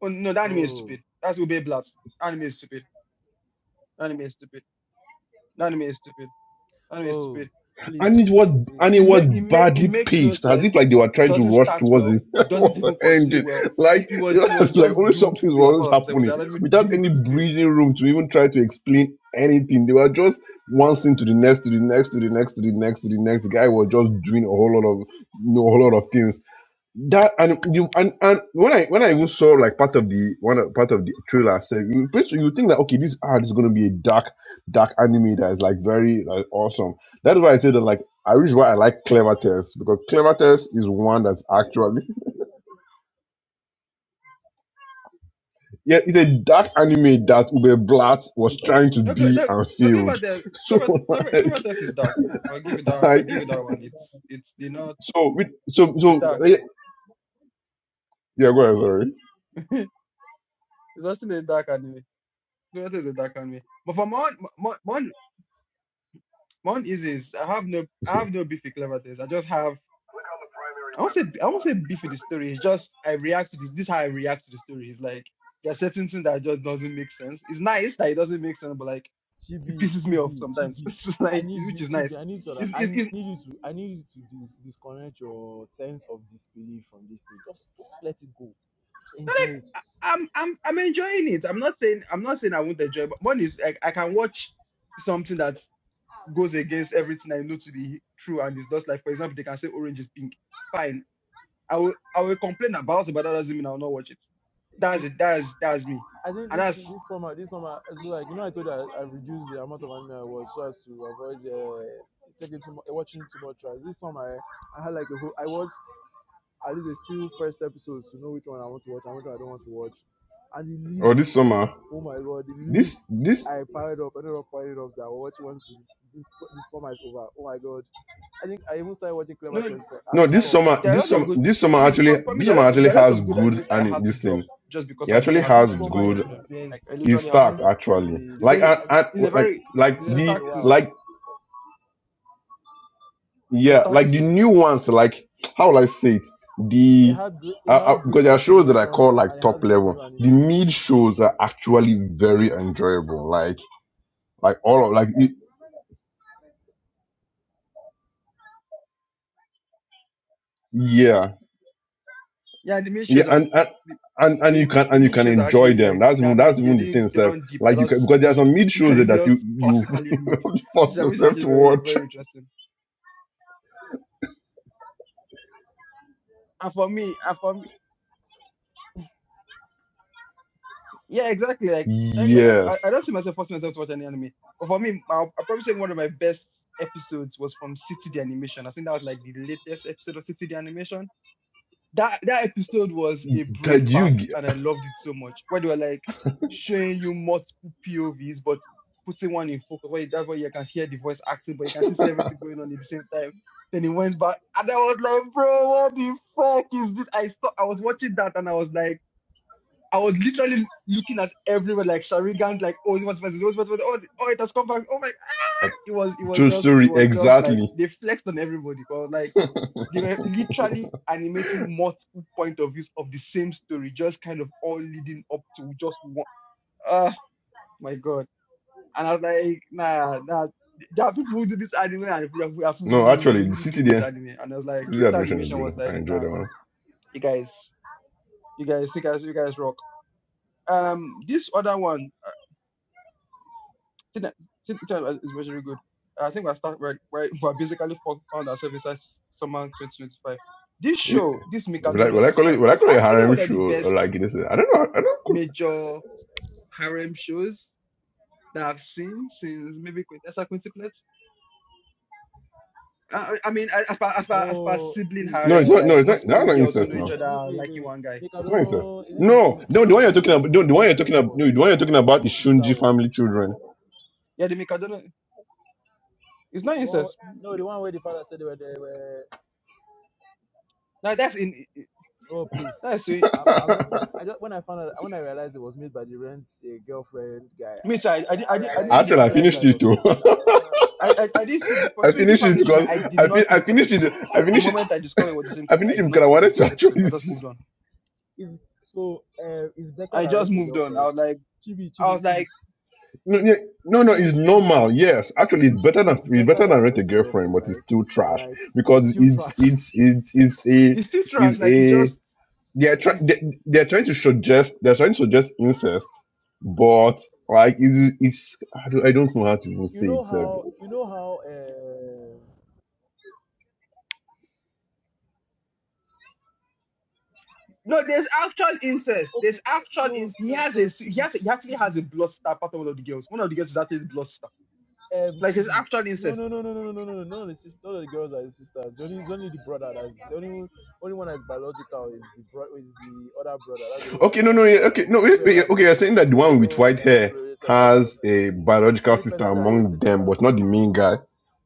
[SPEAKER 1] Oh no, the anime is
[SPEAKER 3] oh,
[SPEAKER 1] stupid. That's Ube Blast. Anime is stupid. Anime is stupid. Anime is stupid. Anime is
[SPEAKER 3] oh.
[SPEAKER 1] stupid.
[SPEAKER 3] Please,
[SPEAKER 4] And it was
[SPEAKER 3] please.
[SPEAKER 4] and it
[SPEAKER 1] It
[SPEAKER 4] was
[SPEAKER 1] make it make it
[SPEAKER 4] badly
[SPEAKER 1] makes no
[SPEAKER 4] paced, as if
[SPEAKER 1] sense.
[SPEAKER 4] like they were
[SPEAKER 1] It
[SPEAKER 4] trying to
[SPEAKER 1] doesn't
[SPEAKER 4] rush
[SPEAKER 1] start
[SPEAKER 4] towards
[SPEAKER 1] well.
[SPEAKER 4] the,
[SPEAKER 1] It doesn't
[SPEAKER 4] towards the
[SPEAKER 1] even continue
[SPEAKER 4] ending.
[SPEAKER 1] well.
[SPEAKER 4] Like
[SPEAKER 1] It, it was
[SPEAKER 4] it
[SPEAKER 1] it was
[SPEAKER 4] was like
[SPEAKER 1] just
[SPEAKER 4] only
[SPEAKER 1] doomed
[SPEAKER 4] something
[SPEAKER 1] to fail.
[SPEAKER 4] was
[SPEAKER 1] I
[SPEAKER 4] always
[SPEAKER 1] thought it was
[SPEAKER 4] happening
[SPEAKER 1] anime
[SPEAKER 4] without
[SPEAKER 1] doomed
[SPEAKER 4] any
[SPEAKER 1] to fail.
[SPEAKER 4] breathing room to even try to explain anything. They were just one thing to the next, to the next, to the next, to the next, to the next. The guy was just doing a whole lot of you know, a whole lot of things that and you and, and when I when I even saw like part of the one of- part of the trailer, I said you first you think that okay, this art is gonna be a dark dark anime that is like very like awesome. That's why I said that like I wish why I like Clever Test because Clever Test is one that's actually yeah it's a dark anime that Ube Blatt was trying to
[SPEAKER 1] No, Cle-
[SPEAKER 4] be
[SPEAKER 1] no,
[SPEAKER 4] and
[SPEAKER 1] no clever
[SPEAKER 4] failed.
[SPEAKER 1] death.
[SPEAKER 4] So
[SPEAKER 1] Clever, clever,
[SPEAKER 4] like
[SPEAKER 1] clever death is dark. I'll give it that. I'll
[SPEAKER 4] like
[SPEAKER 1] give it that one. It's it's the not.
[SPEAKER 4] so with so
[SPEAKER 1] It's
[SPEAKER 4] so
[SPEAKER 1] dark.
[SPEAKER 4] yeah yeah, go ahead
[SPEAKER 1] it's actually a dark anime. Clever death is a dark anime. But for Mon Mon Mon Mon is is I have no I
[SPEAKER 4] sorry
[SPEAKER 1] have no beef with clever death. I just have I won't say I won't say beef with the story. It's just I react to this. This is how I react to the story. It's like there are certain things that just doesn't make sense. It's nice that it doesn't make sense, but like it
[SPEAKER 3] Chibi,
[SPEAKER 1] pisses me off
[SPEAKER 3] Chibi,
[SPEAKER 1] sometimes.
[SPEAKER 3] Chibi.
[SPEAKER 1] It's
[SPEAKER 3] I
[SPEAKER 1] like
[SPEAKER 3] need
[SPEAKER 1] which
[SPEAKER 3] you,
[SPEAKER 1] is nice.
[SPEAKER 3] Chibi. I need you.
[SPEAKER 1] It's
[SPEAKER 3] I
[SPEAKER 1] it's,
[SPEAKER 3] need
[SPEAKER 1] it's
[SPEAKER 3] you to. I need you to dis- disconnect your sense of disbelief from this thing. Just, just let it go. Just
[SPEAKER 1] not like
[SPEAKER 3] enjoy
[SPEAKER 1] I- I'm I'm I'm enjoying it. I'm not saying I'm not saying I won't enjoy. But one is like I can watch something that goes against everything I know to be true, and it's just like for example they can say orange is pink. Fine, I will I will complain about it, but that doesn't mean I'll not watch it. That's
[SPEAKER 3] it.
[SPEAKER 1] it. That's that's me.
[SPEAKER 3] I think
[SPEAKER 1] And
[SPEAKER 3] this
[SPEAKER 1] that's
[SPEAKER 3] this summer, this summer, it's like you know, I told you I, I reduced the amount of anime I watch so as to avoid uh, taking too much, watching too much. Right? This summer, I, I had like a whole. I watched at least a few first episodes to know which one I want to watch and which one I don't want to watch, and the
[SPEAKER 4] or this
[SPEAKER 3] lists.
[SPEAKER 4] summer.
[SPEAKER 3] Oh my god, the
[SPEAKER 4] This
[SPEAKER 3] lists
[SPEAKER 4] this
[SPEAKER 3] I piled up, I ended up piling up. That I watch once this this this summer is over. Oh my god, I think I even started watching Clever
[SPEAKER 1] No,
[SPEAKER 3] Test, but I had
[SPEAKER 4] No,
[SPEAKER 3] to
[SPEAKER 1] there,
[SPEAKER 4] this
[SPEAKER 3] stop.
[SPEAKER 4] summer,
[SPEAKER 1] there are a
[SPEAKER 4] this
[SPEAKER 1] lot of
[SPEAKER 4] summer,
[SPEAKER 1] good
[SPEAKER 4] this
[SPEAKER 1] for
[SPEAKER 4] summer
[SPEAKER 1] me.
[SPEAKER 4] actually,
[SPEAKER 1] For, for me,
[SPEAKER 4] this
[SPEAKER 1] there are, a
[SPEAKER 4] summer
[SPEAKER 1] lot-
[SPEAKER 4] actually
[SPEAKER 1] there are a lot
[SPEAKER 4] has
[SPEAKER 1] of good
[SPEAKER 4] good
[SPEAKER 1] animes I
[SPEAKER 4] and
[SPEAKER 1] had to
[SPEAKER 4] this
[SPEAKER 1] drop
[SPEAKER 4] thing.
[SPEAKER 1] just
[SPEAKER 4] It
[SPEAKER 1] because I
[SPEAKER 4] actually
[SPEAKER 1] didn't have the
[SPEAKER 4] has
[SPEAKER 3] This
[SPEAKER 1] time to go
[SPEAKER 3] summer
[SPEAKER 1] through
[SPEAKER 3] is
[SPEAKER 1] all
[SPEAKER 4] good.
[SPEAKER 1] of
[SPEAKER 3] the
[SPEAKER 1] them. Like
[SPEAKER 3] best.
[SPEAKER 1] I
[SPEAKER 4] It's
[SPEAKER 1] literally
[SPEAKER 3] It's the
[SPEAKER 1] have to
[SPEAKER 4] stacked
[SPEAKER 3] best
[SPEAKER 1] drop.
[SPEAKER 4] actually.
[SPEAKER 3] in.
[SPEAKER 1] It's
[SPEAKER 4] Like
[SPEAKER 1] a
[SPEAKER 4] I,
[SPEAKER 3] I think
[SPEAKER 4] I,
[SPEAKER 1] it's a
[SPEAKER 4] like
[SPEAKER 1] very
[SPEAKER 4] like
[SPEAKER 3] the
[SPEAKER 1] it's a
[SPEAKER 3] best in
[SPEAKER 4] the
[SPEAKER 3] a
[SPEAKER 1] stacked season.
[SPEAKER 3] while
[SPEAKER 4] like
[SPEAKER 1] It's a
[SPEAKER 4] yeah,
[SPEAKER 1] stacked
[SPEAKER 4] like
[SPEAKER 3] Aside,
[SPEAKER 4] the
[SPEAKER 1] season.
[SPEAKER 4] new ones. Like how will I say it?
[SPEAKER 3] it
[SPEAKER 4] The
[SPEAKER 3] had great,
[SPEAKER 4] uh,
[SPEAKER 3] it
[SPEAKER 4] uh,
[SPEAKER 3] has great
[SPEAKER 4] because there are shows that I call
[SPEAKER 3] continuations and
[SPEAKER 4] like
[SPEAKER 3] it has
[SPEAKER 4] top
[SPEAKER 3] great
[SPEAKER 4] level.
[SPEAKER 3] new
[SPEAKER 4] The
[SPEAKER 3] animes.
[SPEAKER 4] mid shows are actually very enjoyable. Like like all of like it- yeah.
[SPEAKER 1] Yeah, the main
[SPEAKER 4] yeah
[SPEAKER 1] shows are
[SPEAKER 4] and, and
[SPEAKER 1] the
[SPEAKER 4] and and
[SPEAKER 1] the,
[SPEAKER 4] you can
[SPEAKER 1] the
[SPEAKER 4] and you
[SPEAKER 1] main
[SPEAKER 4] can
[SPEAKER 1] shows are
[SPEAKER 4] enjoy
[SPEAKER 1] actually
[SPEAKER 4] them
[SPEAKER 1] like
[SPEAKER 4] that's
[SPEAKER 1] in
[SPEAKER 4] even
[SPEAKER 1] that
[SPEAKER 4] that's
[SPEAKER 1] mid. They
[SPEAKER 4] even the thing
[SPEAKER 1] didn't they
[SPEAKER 4] sir
[SPEAKER 1] don't deep. They're
[SPEAKER 4] like you can
[SPEAKER 1] just
[SPEAKER 4] because there are
[SPEAKER 1] mid.
[SPEAKER 4] some mid
[SPEAKER 1] like
[SPEAKER 4] shows
[SPEAKER 1] they're
[SPEAKER 4] that you
[SPEAKER 1] just
[SPEAKER 4] you
[SPEAKER 1] classically mid, which
[SPEAKER 4] force
[SPEAKER 1] is which is
[SPEAKER 4] yourself
[SPEAKER 1] actually
[SPEAKER 4] to
[SPEAKER 1] very
[SPEAKER 4] watch
[SPEAKER 1] very interesting. And for me, and for me. Yeah, exactly. Like, thank God-
[SPEAKER 4] yes
[SPEAKER 1] I, I don't see myself forcing myself to watch any anime. But for me, I'll, I'll probably say one of my best episodes was from City the Animation. I think that was like the latest episode of City the Animation. That that episode was a brain
[SPEAKER 4] that you
[SPEAKER 1] fart,
[SPEAKER 4] get
[SPEAKER 1] and I loved it so much. Where they were like showing you multiple POVs, but putting one in focus. Where that's where you can hear the voice acting, but you can see everything going on at the same time. Then it went back, and I was like, "Bro, what the fuck is this?" I saw I was watching that, and I was like. I was literally looking at everyone like Sharigan, like oh, he wants passes, oh, he wants passes, oh, oh, it has come back. Oh my!
[SPEAKER 4] a
[SPEAKER 1] It was, it was
[SPEAKER 4] true
[SPEAKER 1] just, it
[SPEAKER 4] story
[SPEAKER 1] was just like
[SPEAKER 4] exactly
[SPEAKER 1] they flexed on everybody. Cause like they were literally animating multiple point of views of the same story, just kind of all leading up to just one. Ah, my god! And I was like, nah, nah. There are people who do this anime, and we have, we have
[SPEAKER 4] no
[SPEAKER 1] who
[SPEAKER 4] actually the
[SPEAKER 1] really
[SPEAKER 4] city
[SPEAKER 1] do this
[SPEAKER 4] there
[SPEAKER 1] anime. And I was like,
[SPEAKER 4] the
[SPEAKER 1] Kyoto
[SPEAKER 4] admission is
[SPEAKER 1] Animation
[SPEAKER 4] good
[SPEAKER 1] was
[SPEAKER 4] i
[SPEAKER 1] like,
[SPEAKER 4] enjoyed
[SPEAKER 1] nah,
[SPEAKER 4] that one
[SPEAKER 1] you guys, you guys, you guys, you guys rock. Um, this other one. China, China is very good. I think we're start we're, we're, we're basically fo- found ourselves inside summer 2025. This show, this
[SPEAKER 4] will I,
[SPEAKER 1] Mikandano
[SPEAKER 4] will I call it
[SPEAKER 1] Sisters,
[SPEAKER 4] will I
[SPEAKER 1] is
[SPEAKER 4] call it a
[SPEAKER 1] actually
[SPEAKER 4] harem
[SPEAKER 1] one of
[SPEAKER 4] show
[SPEAKER 1] the
[SPEAKER 4] or
[SPEAKER 1] best
[SPEAKER 4] like this I don't know I don't
[SPEAKER 1] major harem shows that I've seen since maybe Quintessa Quintuplets. I, I I mean, as far, as, far, as far as
[SPEAKER 3] No,
[SPEAKER 1] sibling
[SPEAKER 3] see,
[SPEAKER 4] no it's
[SPEAKER 1] harem or
[SPEAKER 4] not
[SPEAKER 3] uh,
[SPEAKER 1] like
[SPEAKER 4] no it's not
[SPEAKER 3] wait,
[SPEAKER 4] that's
[SPEAKER 1] multiple
[SPEAKER 3] wait,
[SPEAKER 4] not
[SPEAKER 1] girls who
[SPEAKER 4] incest
[SPEAKER 1] know
[SPEAKER 4] now
[SPEAKER 1] each
[SPEAKER 3] Mikadono,
[SPEAKER 1] other
[SPEAKER 3] is it
[SPEAKER 1] are
[SPEAKER 3] wait, wait,
[SPEAKER 1] liking
[SPEAKER 3] wait,
[SPEAKER 1] one guy.
[SPEAKER 4] It's not incest.
[SPEAKER 3] Mikadono, is it
[SPEAKER 4] No,
[SPEAKER 3] the-
[SPEAKER 4] no,
[SPEAKER 3] is
[SPEAKER 4] the
[SPEAKER 3] it
[SPEAKER 4] one you're talking
[SPEAKER 3] the
[SPEAKER 4] about, no, the
[SPEAKER 3] semi
[SPEAKER 4] one you're talking
[SPEAKER 3] incest
[SPEAKER 4] about, no,
[SPEAKER 3] one?
[SPEAKER 4] the one you're talking about is
[SPEAKER 3] Mikadono, is it that
[SPEAKER 4] Shunji
[SPEAKER 3] one?
[SPEAKER 4] family children.
[SPEAKER 1] Yeah, the Mikandano, it's not
[SPEAKER 3] The one,
[SPEAKER 1] incest.
[SPEAKER 3] wh- no, the one where the father said they were, they were
[SPEAKER 1] Now that's in,
[SPEAKER 3] oh please,
[SPEAKER 1] that's, me
[SPEAKER 3] I'm, I'm not. I just, when I found out when I realized it was made by the rent a girlfriend guy, I,
[SPEAKER 1] too, I, I, di-
[SPEAKER 3] I,
[SPEAKER 1] I,
[SPEAKER 3] I
[SPEAKER 1] di- I didn't see
[SPEAKER 3] realized
[SPEAKER 1] the
[SPEAKER 4] Actually,
[SPEAKER 3] I
[SPEAKER 4] I
[SPEAKER 1] first
[SPEAKER 3] realized
[SPEAKER 1] episode.
[SPEAKER 4] finished
[SPEAKER 3] that it
[SPEAKER 4] it
[SPEAKER 3] was
[SPEAKER 4] too.
[SPEAKER 3] stupid. I finally understood
[SPEAKER 1] I,
[SPEAKER 3] why it was
[SPEAKER 1] I, I didn't
[SPEAKER 3] stupid.
[SPEAKER 1] see the for
[SPEAKER 4] I
[SPEAKER 1] Stranger
[SPEAKER 4] finished it
[SPEAKER 1] Family Children.
[SPEAKER 4] because
[SPEAKER 1] I did
[SPEAKER 4] I
[SPEAKER 1] not
[SPEAKER 4] fin-
[SPEAKER 1] see
[SPEAKER 4] I
[SPEAKER 1] the first
[SPEAKER 4] finished it.
[SPEAKER 1] episode.
[SPEAKER 4] I
[SPEAKER 1] The
[SPEAKER 4] finished it.
[SPEAKER 1] moment I discovered it was the same
[SPEAKER 4] I
[SPEAKER 1] character, I
[SPEAKER 4] finished it
[SPEAKER 1] did
[SPEAKER 4] because
[SPEAKER 1] not
[SPEAKER 4] I
[SPEAKER 1] even see the
[SPEAKER 4] wanted to
[SPEAKER 1] first episode.
[SPEAKER 4] actually.
[SPEAKER 1] I just
[SPEAKER 4] s-
[SPEAKER 1] moved on.
[SPEAKER 3] It's so uh, it's better
[SPEAKER 1] I
[SPEAKER 3] than
[SPEAKER 1] just
[SPEAKER 3] rent a
[SPEAKER 1] moved on. I
[SPEAKER 3] girlfriend.
[SPEAKER 1] was like,
[SPEAKER 3] Chibi,
[SPEAKER 1] I
[SPEAKER 3] chibi,
[SPEAKER 1] was
[SPEAKER 3] chibi,
[SPEAKER 1] like,
[SPEAKER 4] No, yeah, no, no, it's
[SPEAKER 3] chibi, chibi, chibi.
[SPEAKER 4] normal. Yes, actually, it's better than
[SPEAKER 3] It's
[SPEAKER 4] it's
[SPEAKER 3] better
[SPEAKER 4] better than
[SPEAKER 3] than
[SPEAKER 4] rent a
[SPEAKER 3] rent a
[SPEAKER 4] girlfriend,
[SPEAKER 3] girlfriend,
[SPEAKER 4] but it's
[SPEAKER 3] right?
[SPEAKER 4] still
[SPEAKER 3] But
[SPEAKER 4] trash
[SPEAKER 3] like
[SPEAKER 4] because
[SPEAKER 3] it's still trash.
[SPEAKER 4] it's it's it's it's a
[SPEAKER 1] it's still
[SPEAKER 4] it's
[SPEAKER 1] trash. Like it's
[SPEAKER 4] a
[SPEAKER 1] just,
[SPEAKER 4] they're
[SPEAKER 1] it's,
[SPEAKER 4] trying they, they're trying to suggest they're trying to suggest incest, but like it, it's I don't, I don't know how to even
[SPEAKER 3] You
[SPEAKER 4] say
[SPEAKER 3] know
[SPEAKER 4] it. sir.
[SPEAKER 3] how you know how uh
[SPEAKER 1] no. There's actual incest. There's
[SPEAKER 3] okay
[SPEAKER 1] actual
[SPEAKER 3] no
[SPEAKER 1] incest. He
[SPEAKER 3] no
[SPEAKER 1] has a
[SPEAKER 3] no
[SPEAKER 1] he
[SPEAKER 3] chibi
[SPEAKER 1] has, a, he actually
[SPEAKER 3] chibi
[SPEAKER 1] has a blood star. Part of one of the girls. One of the girls is actually blood star.
[SPEAKER 3] um
[SPEAKER 1] Like it's
[SPEAKER 3] Chibi.
[SPEAKER 1] actual
[SPEAKER 3] No,
[SPEAKER 1] incest.
[SPEAKER 3] no, no, no, no, no, no, no, no. None of the sisters, none of the girls are his sisters. The only, it's only the brother that's the only only one that's biological is the bro, is the other brother. That's the only one that's
[SPEAKER 4] Okay, no, no, yeah,
[SPEAKER 3] biological.
[SPEAKER 4] okay, no, wait,
[SPEAKER 3] Every
[SPEAKER 4] wait, yeah,
[SPEAKER 3] other
[SPEAKER 4] okay. You're
[SPEAKER 3] person,
[SPEAKER 4] saying that the one with
[SPEAKER 3] no,
[SPEAKER 4] white
[SPEAKER 3] they are not
[SPEAKER 4] hair
[SPEAKER 3] related by blood.
[SPEAKER 4] has a
[SPEAKER 3] The
[SPEAKER 4] biological
[SPEAKER 3] only
[SPEAKER 4] sister
[SPEAKER 3] person that is
[SPEAKER 4] among
[SPEAKER 3] related
[SPEAKER 4] them,
[SPEAKER 3] by
[SPEAKER 4] but not the
[SPEAKER 3] blood
[SPEAKER 4] main guy,
[SPEAKER 3] is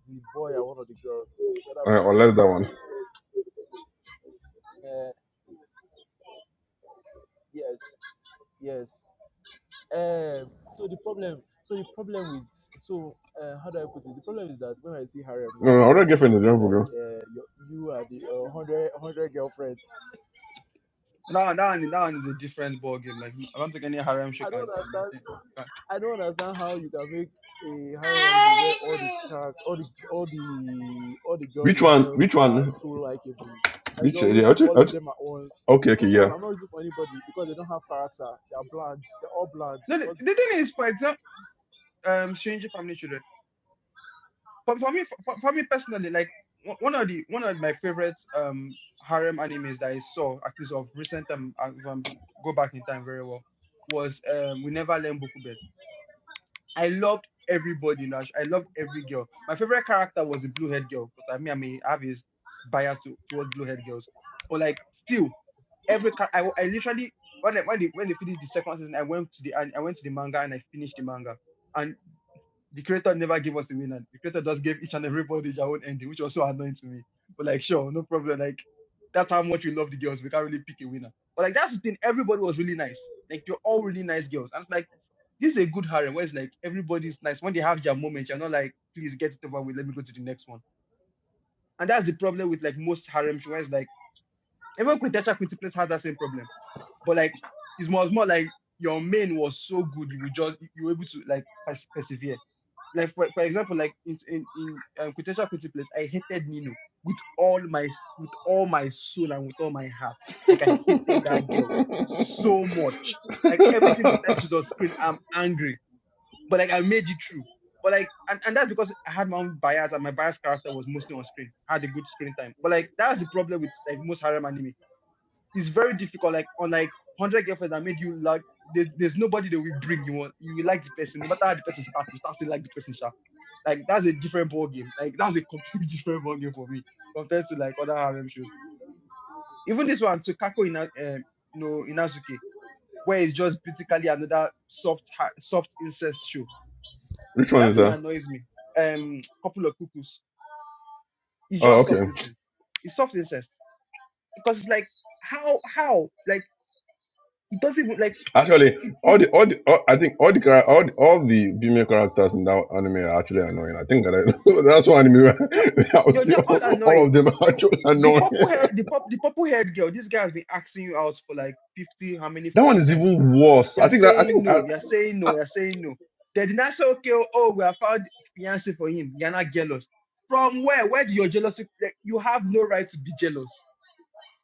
[SPEAKER 3] the boy and one of the girls. The other boy.
[SPEAKER 4] uh, unless that one.
[SPEAKER 3] Uh, yes, yes. Um, so the problem, so the problem with, so uh, how do I put it? The problem is that when I see harem
[SPEAKER 4] No,
[SPEAKER 3] now,
[SPEAKER 4] no,
[SPEAKER 3] I
[SPEAKER 4] I'm not
[SPEAKER 3] expect it
[SPEAKER 4] girlfriend.
[SPEAKER 3] to
[SPEAKER 4] I
[SPEAKER 3] be
[SPEAKER 4] don't
[SPEAKER 3] like
[SPEAKER 4] forget.
[SPEAKER 3] uh, your, you are the uh, 100, girlfriends.
[SPEAKER 1] Now, now, and now is a different ball game. Like I don't think any harem show
[SPEAKER 3] I don't
[SPEAKER 1] can can
[SPEAKER 3] understand.
[SPEAKER 1] maintain. Can.
[SPEAKER 3] I don't understand how you can make a harem anime where all the character, all the, all the, all the girls
[SPEAKER 4] Which
[SPEAKER 3] in
[SPEAKER 4] one?
[SPEAKER 3] harem
[SPEAKER 4] Which
[SPEAKER 3] are
[SPEAKER 4] one?
[SPEAKER 3] so likable. Like
[SPEAKER 4] Which?
[SPEAKER 3] you're
[SPEAKER 4] Yeah. I'll
[SPEAKER 3] rooting
[SPEAKER 4] ju-
[SPEAKER 3] for all
[SPEAKER 4] I'll
[SPEAKER 3] of
[SPEAKER 4] ju-
[SPEAKER 3] them at once.
[SPEAKER 4] okay, okay,
[SPEAKER 3] This
[SPEAKER 4] yeah.
[SPEAKER 3] one, I'm not rooting for anybody because they don't have character. They're bland. They're all bland.
[SPEAKER 1] No, the, the thing is, for example, um, Stranger Family Children. for, for me for, for me personally like one one of the one of my favorite um harem animes that I saw at least of recent time uh, if I go back in time very well was um We Never Learn Bokubet. I loved everybody in that sh- I loved every girl. My favorite character was the blue haired girl because I mean I may have his bias to, towards blue haired girls, but like still every char- I I literally when I, when they when they finished the second season I went to the an- I went to the manga and I finished the manga the creator never gave us a winner. the creator just gave each and everybody their own ending, which was so annoying to me. But like, sure, no problem. Like, that's how much we love the girls. We can't really pick a winner. But like, that's the thing. Everybody was really nice. Like, you're all really nice girls. And it's like, this is a good harem where it's like everybody's nice. When they have their moment, you're not like, please get it over with. Let me go to the next one. And that's the problem with like most harems, where it's like even Quintetra Quintuplets has that same problem. But like, it was more like your main was so good, you would just you were able to like pers- persevere like for, for example, like in in, in um, quintessential principles, I hated Nino with all my s- with all my soul and with all my heart. Like
[SPEAKER 4] Which
[SPEAKER 1] I hated that girl so much. Like every single time she's on screen, I'm angry. But like I made it through. But like and, and that's because I had my own bias and my bias character was mostly on screen. I had a good screen time. But like that's the problem with like most harem anime. It's very difficult. Like on like hundred girlfriends that made you like there, there's nobody that will bring you on. You will like the person, no matter how the person starts, you start to like the person. sha like that's a different ball game. Like that's a completely different ball game for me compared to like other harem shows. Even this one, Tsukako Ina, um, no Inazuke, where it's just basically another soft ha- soft incest show.
[SPEAKER 4] one
[SPEAKER 1] That
[SPEAKER 4] is
[SPEAKER 1] thing
[SPEAKER 4] that?
[SPEAKER 1] annoys me. Um, couple of cuckoos. It's
[SPEAKER 4] Oh,
[SPEAKER 1] just
[SPEAKER 4] okay.
[SPEAKER 1] soft incest. It's soft incest because it's like how how like it doesn't even like
[SPEAKER 4] Actually,
[SPEAKER 1] it it
[SPEAKER 4] all the all the all, I think all the chara- all the, all the female characters in that anime are actually annoying. I think that I, that's one anime where
[SPEAKER 1] ju-
[SPEAKER 4] I would
[SPEAKER 1] you're
[SPEAKER 4] say
[SPEAKER 1] just all
[SPEAKER 4] all, all
[SPEAKER 1] annoyed.
[SPEAKER 4] of them are
[SPEAKER 1] The
[SPEAKER 4] actually
[SPEAKER 1] the
[SPEAKER 4] annoying.
[SPEAKER 1] purple
[SPEAKER 4] that
[SPEAKER 1] hair, the purple, the purple haired girl. This guy has been asking you out for like fifty, how many
[SPEAKER 4] one
[SPEAKER 1] fucking
[SPEAKER 4] is
[SPEAKER 1] times?
[SPEAKER 4] even worse. I
[SPEAKER 1] You're
[SPEAKER 4] think that I
[SPEAKER 1] saying
[SPEAKER 4] think I,
[SPEAKER 1] no. You're saying no. You're saying no. They did not say, okay, oh, oh, we have found fiance for him. You're not jealous. From where? Where do your jealousy? Like, you have no right to be jealous.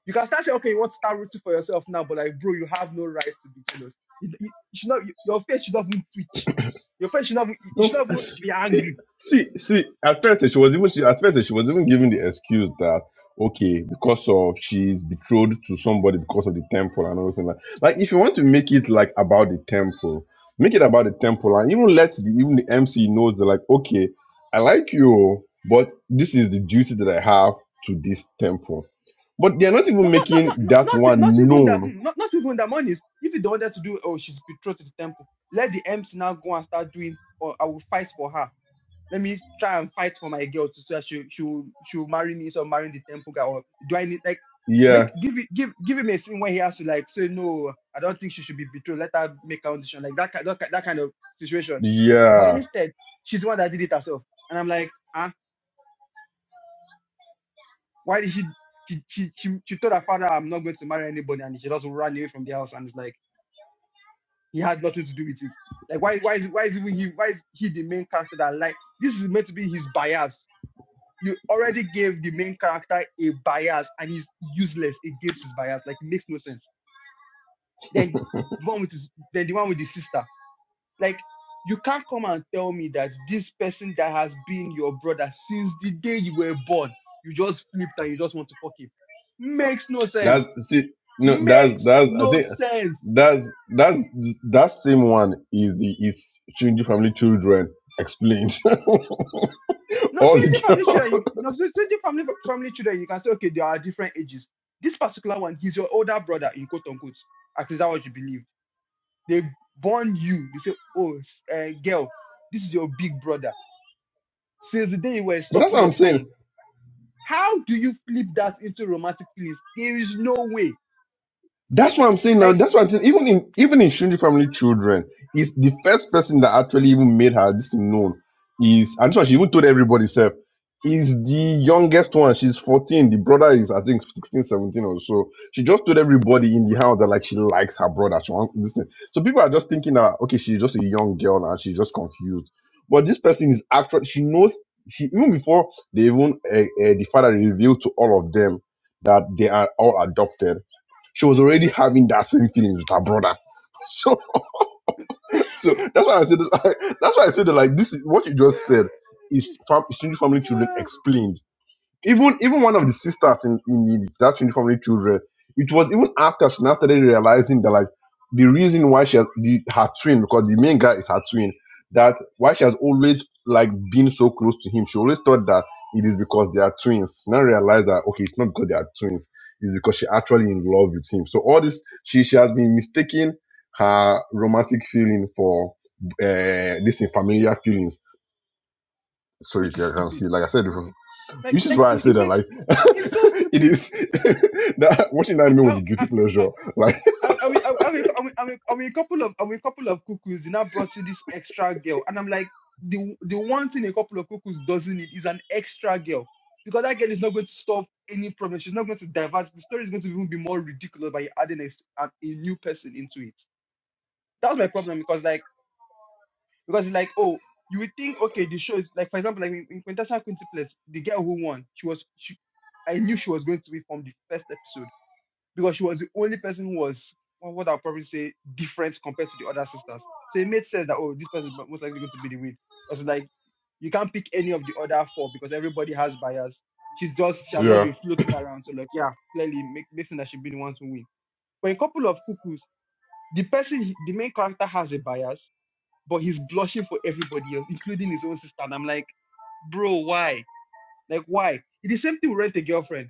[SPEAKER 1] You can start saying, okay, you want to start rooting for yourself now, but like, bro, you have no right to be jealous. You, you, you should not, you- your face should not even twitch. Your face should not, even- you
[SPEAKER 4] No,
[SPEAKER 1] should not even be
[SPEAKER 4] see,
[SPEAKER 1] angry.
[SPEAKER 4] see, see. At first, she was even she, at first she was even giving the excuse that okay, because of she's betrothed to somebody because of the temple and all that. Like, like, if you want to make it like about the temple, make it about the temple, and even let the even the MC knows that like okay, I like you, but this is the duty that I have to this temple. But they are not even
[SPEAKER 1] Not, not, not,
[SPEAKER 4] making
[SPEAKER 1] not,
[SPEAKER 4] that
[SPEAKER 1] not, not not
[SPEAKER 4] one
[SPEAKER 1] even that,
[SPEAKER 4] known
[SPEAKER 1] mm, not, not even that money. If you don't want her to do, oh, she's betrothed to the temple. Let the MC now go and start doing, or I will fight for her let me try and fight for my girl to so that she she will, she will marry me instead of marrying the temple guy or do I need like
[SPEAKER 4] Yeah.
[SPEAKER 1] make give it give give him a scene where he has to like say no I don't think she should be betrothed let her make her own decision like that ki- that, ki- that kind of situation but
[SPEAKER 4] Yeah.
[SPEAKER 1] instead she's the one that did it herself and I'm like huh why did she she she she, she told her father I'm not going to marry anybody and she just ran away from the house and it's like he had nothing to do with it like why why is why is even he why is he the main character that like this is meant to be his bias you already gave the main character a bias and he's useless against his bias. Like it makes no sense. Then the one with his then the one with the sister. Like you can't come and tell me that this person that has been your brother since the day you were born, you just flipped and you just want to fuck him. Makes no
[SPEAKER 4] That's
[SPEAKER 1] sense.
[SPEAKER 4] see no that's
[SPEAKER 1] Makes
[SPEAKER 4] that's I
[SPEAKER 1] no
[SPEAKER 4] think
[SPEAKER 1] sense.
[SPEAKER 4] that's that's that same one is the is Shinji family children explained.
[SPEAKER 1] No, so
[SPEAKER 4] All the
[SPEAKER 1] any family children,
[SPEAKER 4] girls.
[SPEAKER 1] you no so so family family children, you can say, okay, they are different ages. This particular one, he's your older brother in quote unquote. At least that's what you believe They born you. They say, oh, uh, girl, this is your big brother. Since the day you were
[SPEAKER 4] But that's
[SPEAKER 1] sucking
[SPEAKER 4] what
[SPEAKER 1] your
[SPEAKER 4] I'm saying.
[SPEAKER 1] thumb, how do you flip that into romantic feelings? There is no way.
[SPEAKER 4] That's what I'm saying now.
[SPEAKER 1] Like,
[SPEAKER 4] That's what I'm saying. Even in even in Shunji family children, is the first person that actually even made her this thing known is and so she even told everybody self is the youngest one. She's 14. The brother is I think 16, 17 or so. She just told everybody in the house that like she likes her brother. She wants this thing. So people are just thinking that okay, she's just a young girl and she's just confused. But this person is actually she knows she even before they even uh, uh, the father revealed to all of them that they are all adopted she was already having that same feelings with her brother. So, so that's why I said that's why I said that like this is what you just said is fam- single family children explained even even one of the sisters in, in the, that uniformly children, it was even after she now started realizing that like the reason why she has the her twin because the main guy is her twin that why she has always like been so close to him. She always thought that it is because they are twins. Now realize that okay, it's not because they are twins. It's because she actually in love with him. So all this she she has been mistaking her romantic feeling for uh this in familiar feelings. So you
[SPEAKER 1] which is
[SPEAKER 4] can can
[SPEAKER 1] stupid.
[SPEAKER 4] see, like I said,
[SPEAKER 1] Like,
[SPEAKER 4] which is
[SPEAKER 1] like
[SPEAKER 4] why I
[SPEAKER 1] it,
[SPEAKER 4] say
[SPEAKER 1] it
[SPEAKER 4] that
[SPEAKER 1] makes
[SPEAKER 4] like
[SPEAKER 1] it's so
[SPEAKER 4] it
[SPEAKER 1] stupid.
[SPEAKER 4] is that watching that anime was
[SPEAKER 1] I,
[SPEAKER 4] a
[SPEAKER 1] I,
[SPEAKER 4] guilty pleasure. Like
[SPEAKER 1] And, and, we, and, we, and, we, and, we, and we a couple of and we a couple of cuckoos they now brought in this extra girl and I'm like the the one thing a couple of cuckoos doesn't need is an extra girl because that girl is not going to solve any problem she's not going to divert the story is going to even be more ridiculous by adding a, a, a new person into it that's my problem because like because it's like oh you would think okay the show is like for example like in, in Quintessa Quintuplets the girl who won she was she I knew she was going to be from the first episode because she was the only person who was well, what I'll probably say different compared to the other sisters. So it made sense that oh, this person is most likely going to be the win. Because like you can't pick any of the other four because everybody has bias. She's just she has just
[SPEAKER 4] yeah.
[SPEAKER 1] been floating around. So like yeah, clearly make, makes sense that she'd be the one to win. But in couple of cuckoos, the person the main character has a bias, but he's blushing for everybody else, including his own sister. And I'm like, bro, why? Like why? It's the same thing with rent a girlfriend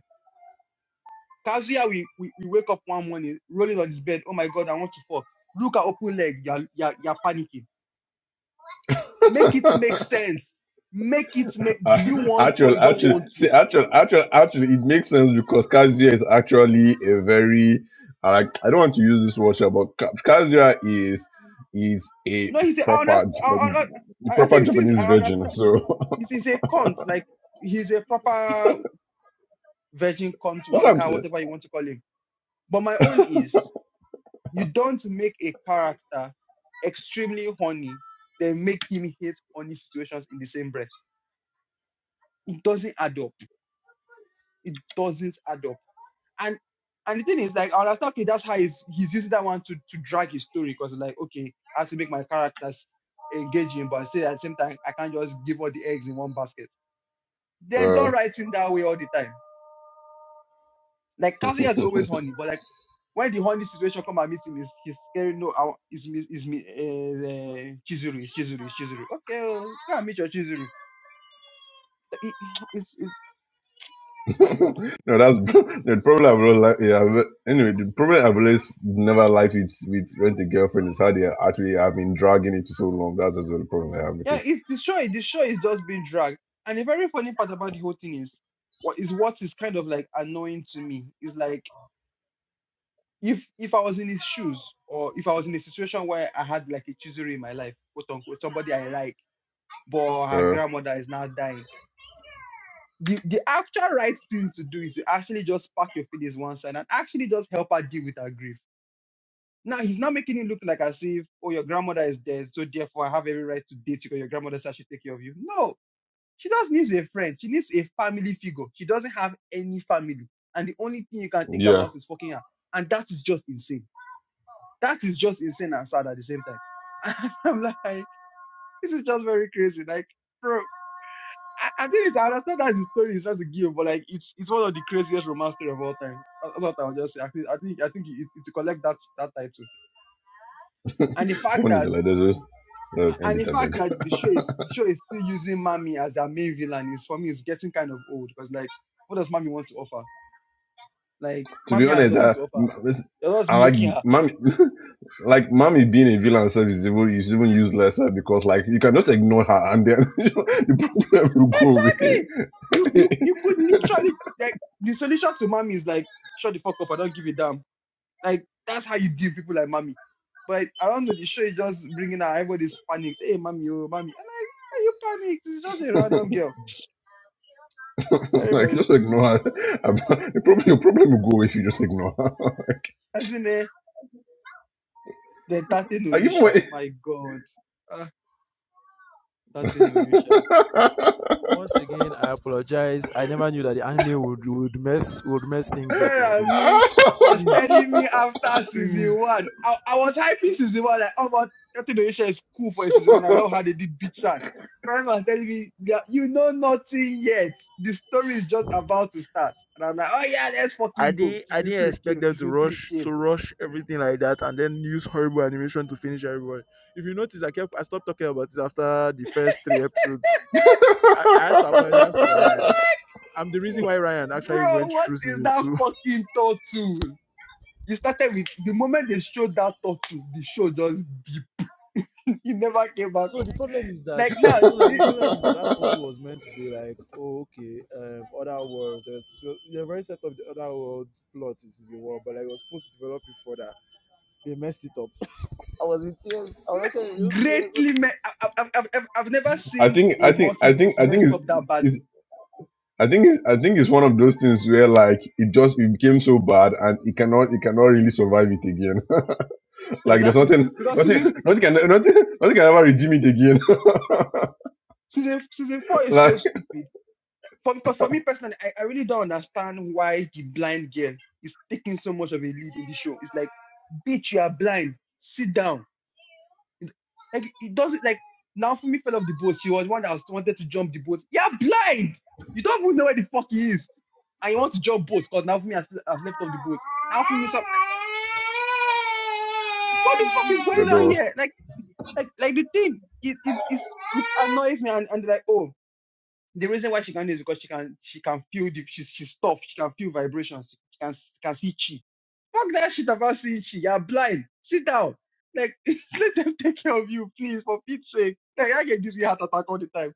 [SPEAKER 1] Kazuya, we, we, we wake up one morning, rolling on his bed. Oh my God, I want to fall. Look at open leg. You're, you're, you're panicking. Make it make sense. Make it make,
[SPEAKER 4] Uh,
[SPEAKER 1] do you want to or
[SPEAKER 4] actually,
[SPEAKER 1] you don't
[SPEAKER 4] actually,
[SPEAKER 1] want to?
[SPEAKER 4] see, actually, actually, actually, it makes sense because Kazuya is actually a very, I like, I don't want to use this word, sha, but Ka- Kazuya is is a
[SPEAKER 1] No, he said, I understand.
[SPEAKER 4] proper,
[SPEAKER 1] I,
[SPEAKER 4] Jap-
[SPEAKER 1] I,
[SPEAKER 4] the
[SPEAKER 1] I I
[SPEAKER 4] proper
[SPEAKER 1] think the
[SPEAKER 4] Japanese
[SPEAKER 1] I understand.
[SPEAKER 4] virgin. So
[SPEAKER 1] He's, he's a cunt. Like, he's a proper virgin cunt,
[SPEAKER 4] that's what I'm
[SPEAKER 1] wanker,
[SPEAKER 4] saying.
[SPEAKER 1] whatever you want to call him. But my own is, you don't make a character extremely horny, then make him hate horny situations in the same breath. It doesn't add up. It doesn't add up and and the thing is like I'll attack That's how he's he's using that one to to drag his story because like okay, I have to make my characters engaging, but say at the same time I can't just give all the eggs in one basket. Then don't
[SPEAKER 4] Uh,
[SPEAKER 1] write him that way all the time. Like Cassie has always honey, but like when the honey situation come and meet him, he's he's scared. No, I- it's me, it's me, uh, Chizuru, it's Chizuru, it's Chizuru. Okay, oh, go and meet your Chizuru. It- it's it, my God.
[SPEAKER 4] no, that's the problem. I've always, like, yeah, but anyway, the problem I've always never liked with with rent a girlfriend is how they are actually have been dragging it so long. That's also the problem I have with
[SPEAKER 1] Yeah,
[SPEAKER 4] it.
[SPEAKER 1] it's the show. The show is just being dragged. And the very funny part about the whole thing is what is what is kind of like annoying to me is like if if I was in his shoes or if I was in a situation where I had like a chizuru in my life, quote unquote, somebody I like, but her
[SPEAKER 4] Uh,
[SPEAKER 1] grandmother is now dying. The the actual right thing to do is to actually just pack your feelings one side and actually just help her deal with her grief. Now he's not making it look like as if oh your grandmother is dead, so therefore I have every right to date you because your grandmother said I should take care of you. No, She just needs a friend. She needs a family figure. She doesn't have any family. And the only thing you can think
[SPEAKER 4] yeah,
[SPEAKER 1] about is fucking her. And that is just insane. That is just insane and sad at the same time. And I'm like, this is just very crazy. Like, bro, I, I think it's, I understand that the story is not to give, but like, it's it's one of the craziest romance story of all time. I, I thought I would just say, I think, I think, I think it, it to collect that, that title. And the fact
[SPEAKER 4] one is
[SPEAKER 1] that,
[SPEAKER 4] like this. Is, uh, end
[SPEAKER 1] and the
[SPEAKER 4] it, I
[SPEAKER 1] fact
[SPEAKER 4] beg.
[SPEAKER 1] that the show is, the show is still using Mami as their main villain is, for me, is getting kind of old. Because like, what does Mami want to offer? Like
[SPEAKER 4] to be
[SPEAKER 1] mommy has
[SPEAKER 4] honest,
[SPEAKER 1] nothing
[SPEAKER 4] uh,
[SPEAKER 1] to offer. You're just
[SPEAKER 4] I like
[SPEAKER 1] milking her.
[SPEAKER 4] mommy, like mommy being a villain self is even is even useless uh, because like you can just ignore her and then the problem will
[SPEAKER 1] Exactly. You you you
[SPEAKER 4] go
[SPEAKER 1] could literally like the solution to mommy is like shut the fuck up. I don't give a damn. Like that's how you deal with people like mommy. But I don't know. The show is just bringing out everybody's panicked. Hey mommy, oh mommy. I'm like, are you panicked? It's just a
[SPEAKER 4] away.
[SPEAKER 1] random girl. Very
[SPEAKER 4] like
[SPEAKER 1] very
[SPEAKER 4] just
[SPEAKER 1] stupid.
[SPEAKER 4] ignore her. Um, the problem, your problem will go away if you just ignore her.
[SPEAKER 1] As in the the Tate no
[SPEAKER 4] like, even
[SPEAKER 1] Yusha.
[SPEAKER 4] when...
[SPEAKER 1] My God. Ah, Tate no Yusha.
[SPEAKER 3] Once again, I apologize. I never knew that the anime would would mess would mess things up like this.
[SPEAKER 1] Ferrami was
[SPEAKER 3] Please,
[SPEAKER 1] telling me after season
[SPEAKER 3] please.
[SPEAKER 1] one. I, I was hyping season one like, oh, but Captain Onisha is cool for a season one. I love how they did beat San. Ferrami was telling me, yeah, you know nothing yet. The story is just about to start. And I'm like, oh yeah, let's
[SPEAKER 3] I
[SPEAKER 1] fucking go.
[SPEAKER 3] didn't I
[SPEAKER 1] Season
[SPEAKER 3] didn't
[SPEAKER 1] two
[SPEAKER 3] expect
[SPEAKER 1] came,
[SPEAKER 3] them to
[SPEAKER 1] season three
[SPEAKER 3] rush
[SPEAKER 1] came.
[SPEAKER 3] to rush everything like that and then use horrible animation to finish everybody. If you notice, I kept I stopped talking about it after the first three episodes. I, I had to apologize to Ryan. I'm the reason why Ryan actually
[SPEAKER 1] Bro,
[SPEAKER 3] went
[SPEAKER 1] what
[SPEAKER 3] through
[SPEAKER 1] is
[SPEAKER 3] season
[SPEAKER 1] that
[SPEAKER 3] two
[SPEAKER 1] fucking turtle? You started with the moment they showed that turtle, the show just dipped. It never came back
[SPEAKER 3] So
[SPEAKER 1] up.
[SPEAKER 3] the problem is that
[SPEAKER 1] Like now, it,
[SPEAKER 3] so like the
[SPEAKER 1] it,
[SPEAKER 3] problem is that that portal was meant to be like oh, okay um other worlds uh, so the very set up the other worlds plot is, is a world but like it was supposed to develop it further they messed it up. I was in tears. I was actually in
[SPEAKER 1] me-
[SPEAKER 3] real tears.
[SPEAKER 1] greatly. Me- I- I- I've, I've, I've never
[SPEAKER 4] I
[SPEAKER 1] seen
[SPEAKER 4] think
[SPEAKER 1] a
[SPEAKER 4] I think I think
[SPEAKER 1] multiverse
[SPEAKER 4] I think
[SPEAKER 1] messed
[SPEAKER 4] it's,
[SPEAKER 1] up that
[SPEAKER 4] it's
[SPEAKER 1] badly.
[SPEAKER 4] I think it's, I think it's one of those things where like it just it became so bad and it cannot it cannot really survive it again. like there's
[SPEAKER 1] Exactly.
[SPEAKER 4] nothing
[SPEAKER 1] Because
[SPEAKER 4] nothing
[SPEAKER 1] season,
[SPEAKER 4] nothing can nothing nothing can ever redeem it again.
[SPEAKER 1] season, season four is so
[SPEAKER 4] Like.
[SPEAKER 1] stupid. For, because for me personally, I, I really don't understand why the blind girl is taking so much of a lead in the show. It's like, bitch, you are blind. Sit down. It- Like, it doesn't, like, Naomi fell off the boat. She was one that was, wanted to jump the boat. You're blind. You don't even know where the fuck he is. And you want to jump boat because Naomi has, has left off the boat. Naomi, what the fuck is
[SPEAKER 4] The
[SPEAKER 1] going on
[SPEAKER 4] door.
[SPEAKER 1] here? Like, like, like the thing, it, it, it's, it annoys me and, and like, oh, the reason why she can do is because she can, she can feel the, she's, she's tough. She can feel vibrations. She can, can see chi. Fuck that shit about seeing chi. You're blind. Sit down. Like, let them take care of you, please, for Pete's sake. Like, I get this heart attack all the time.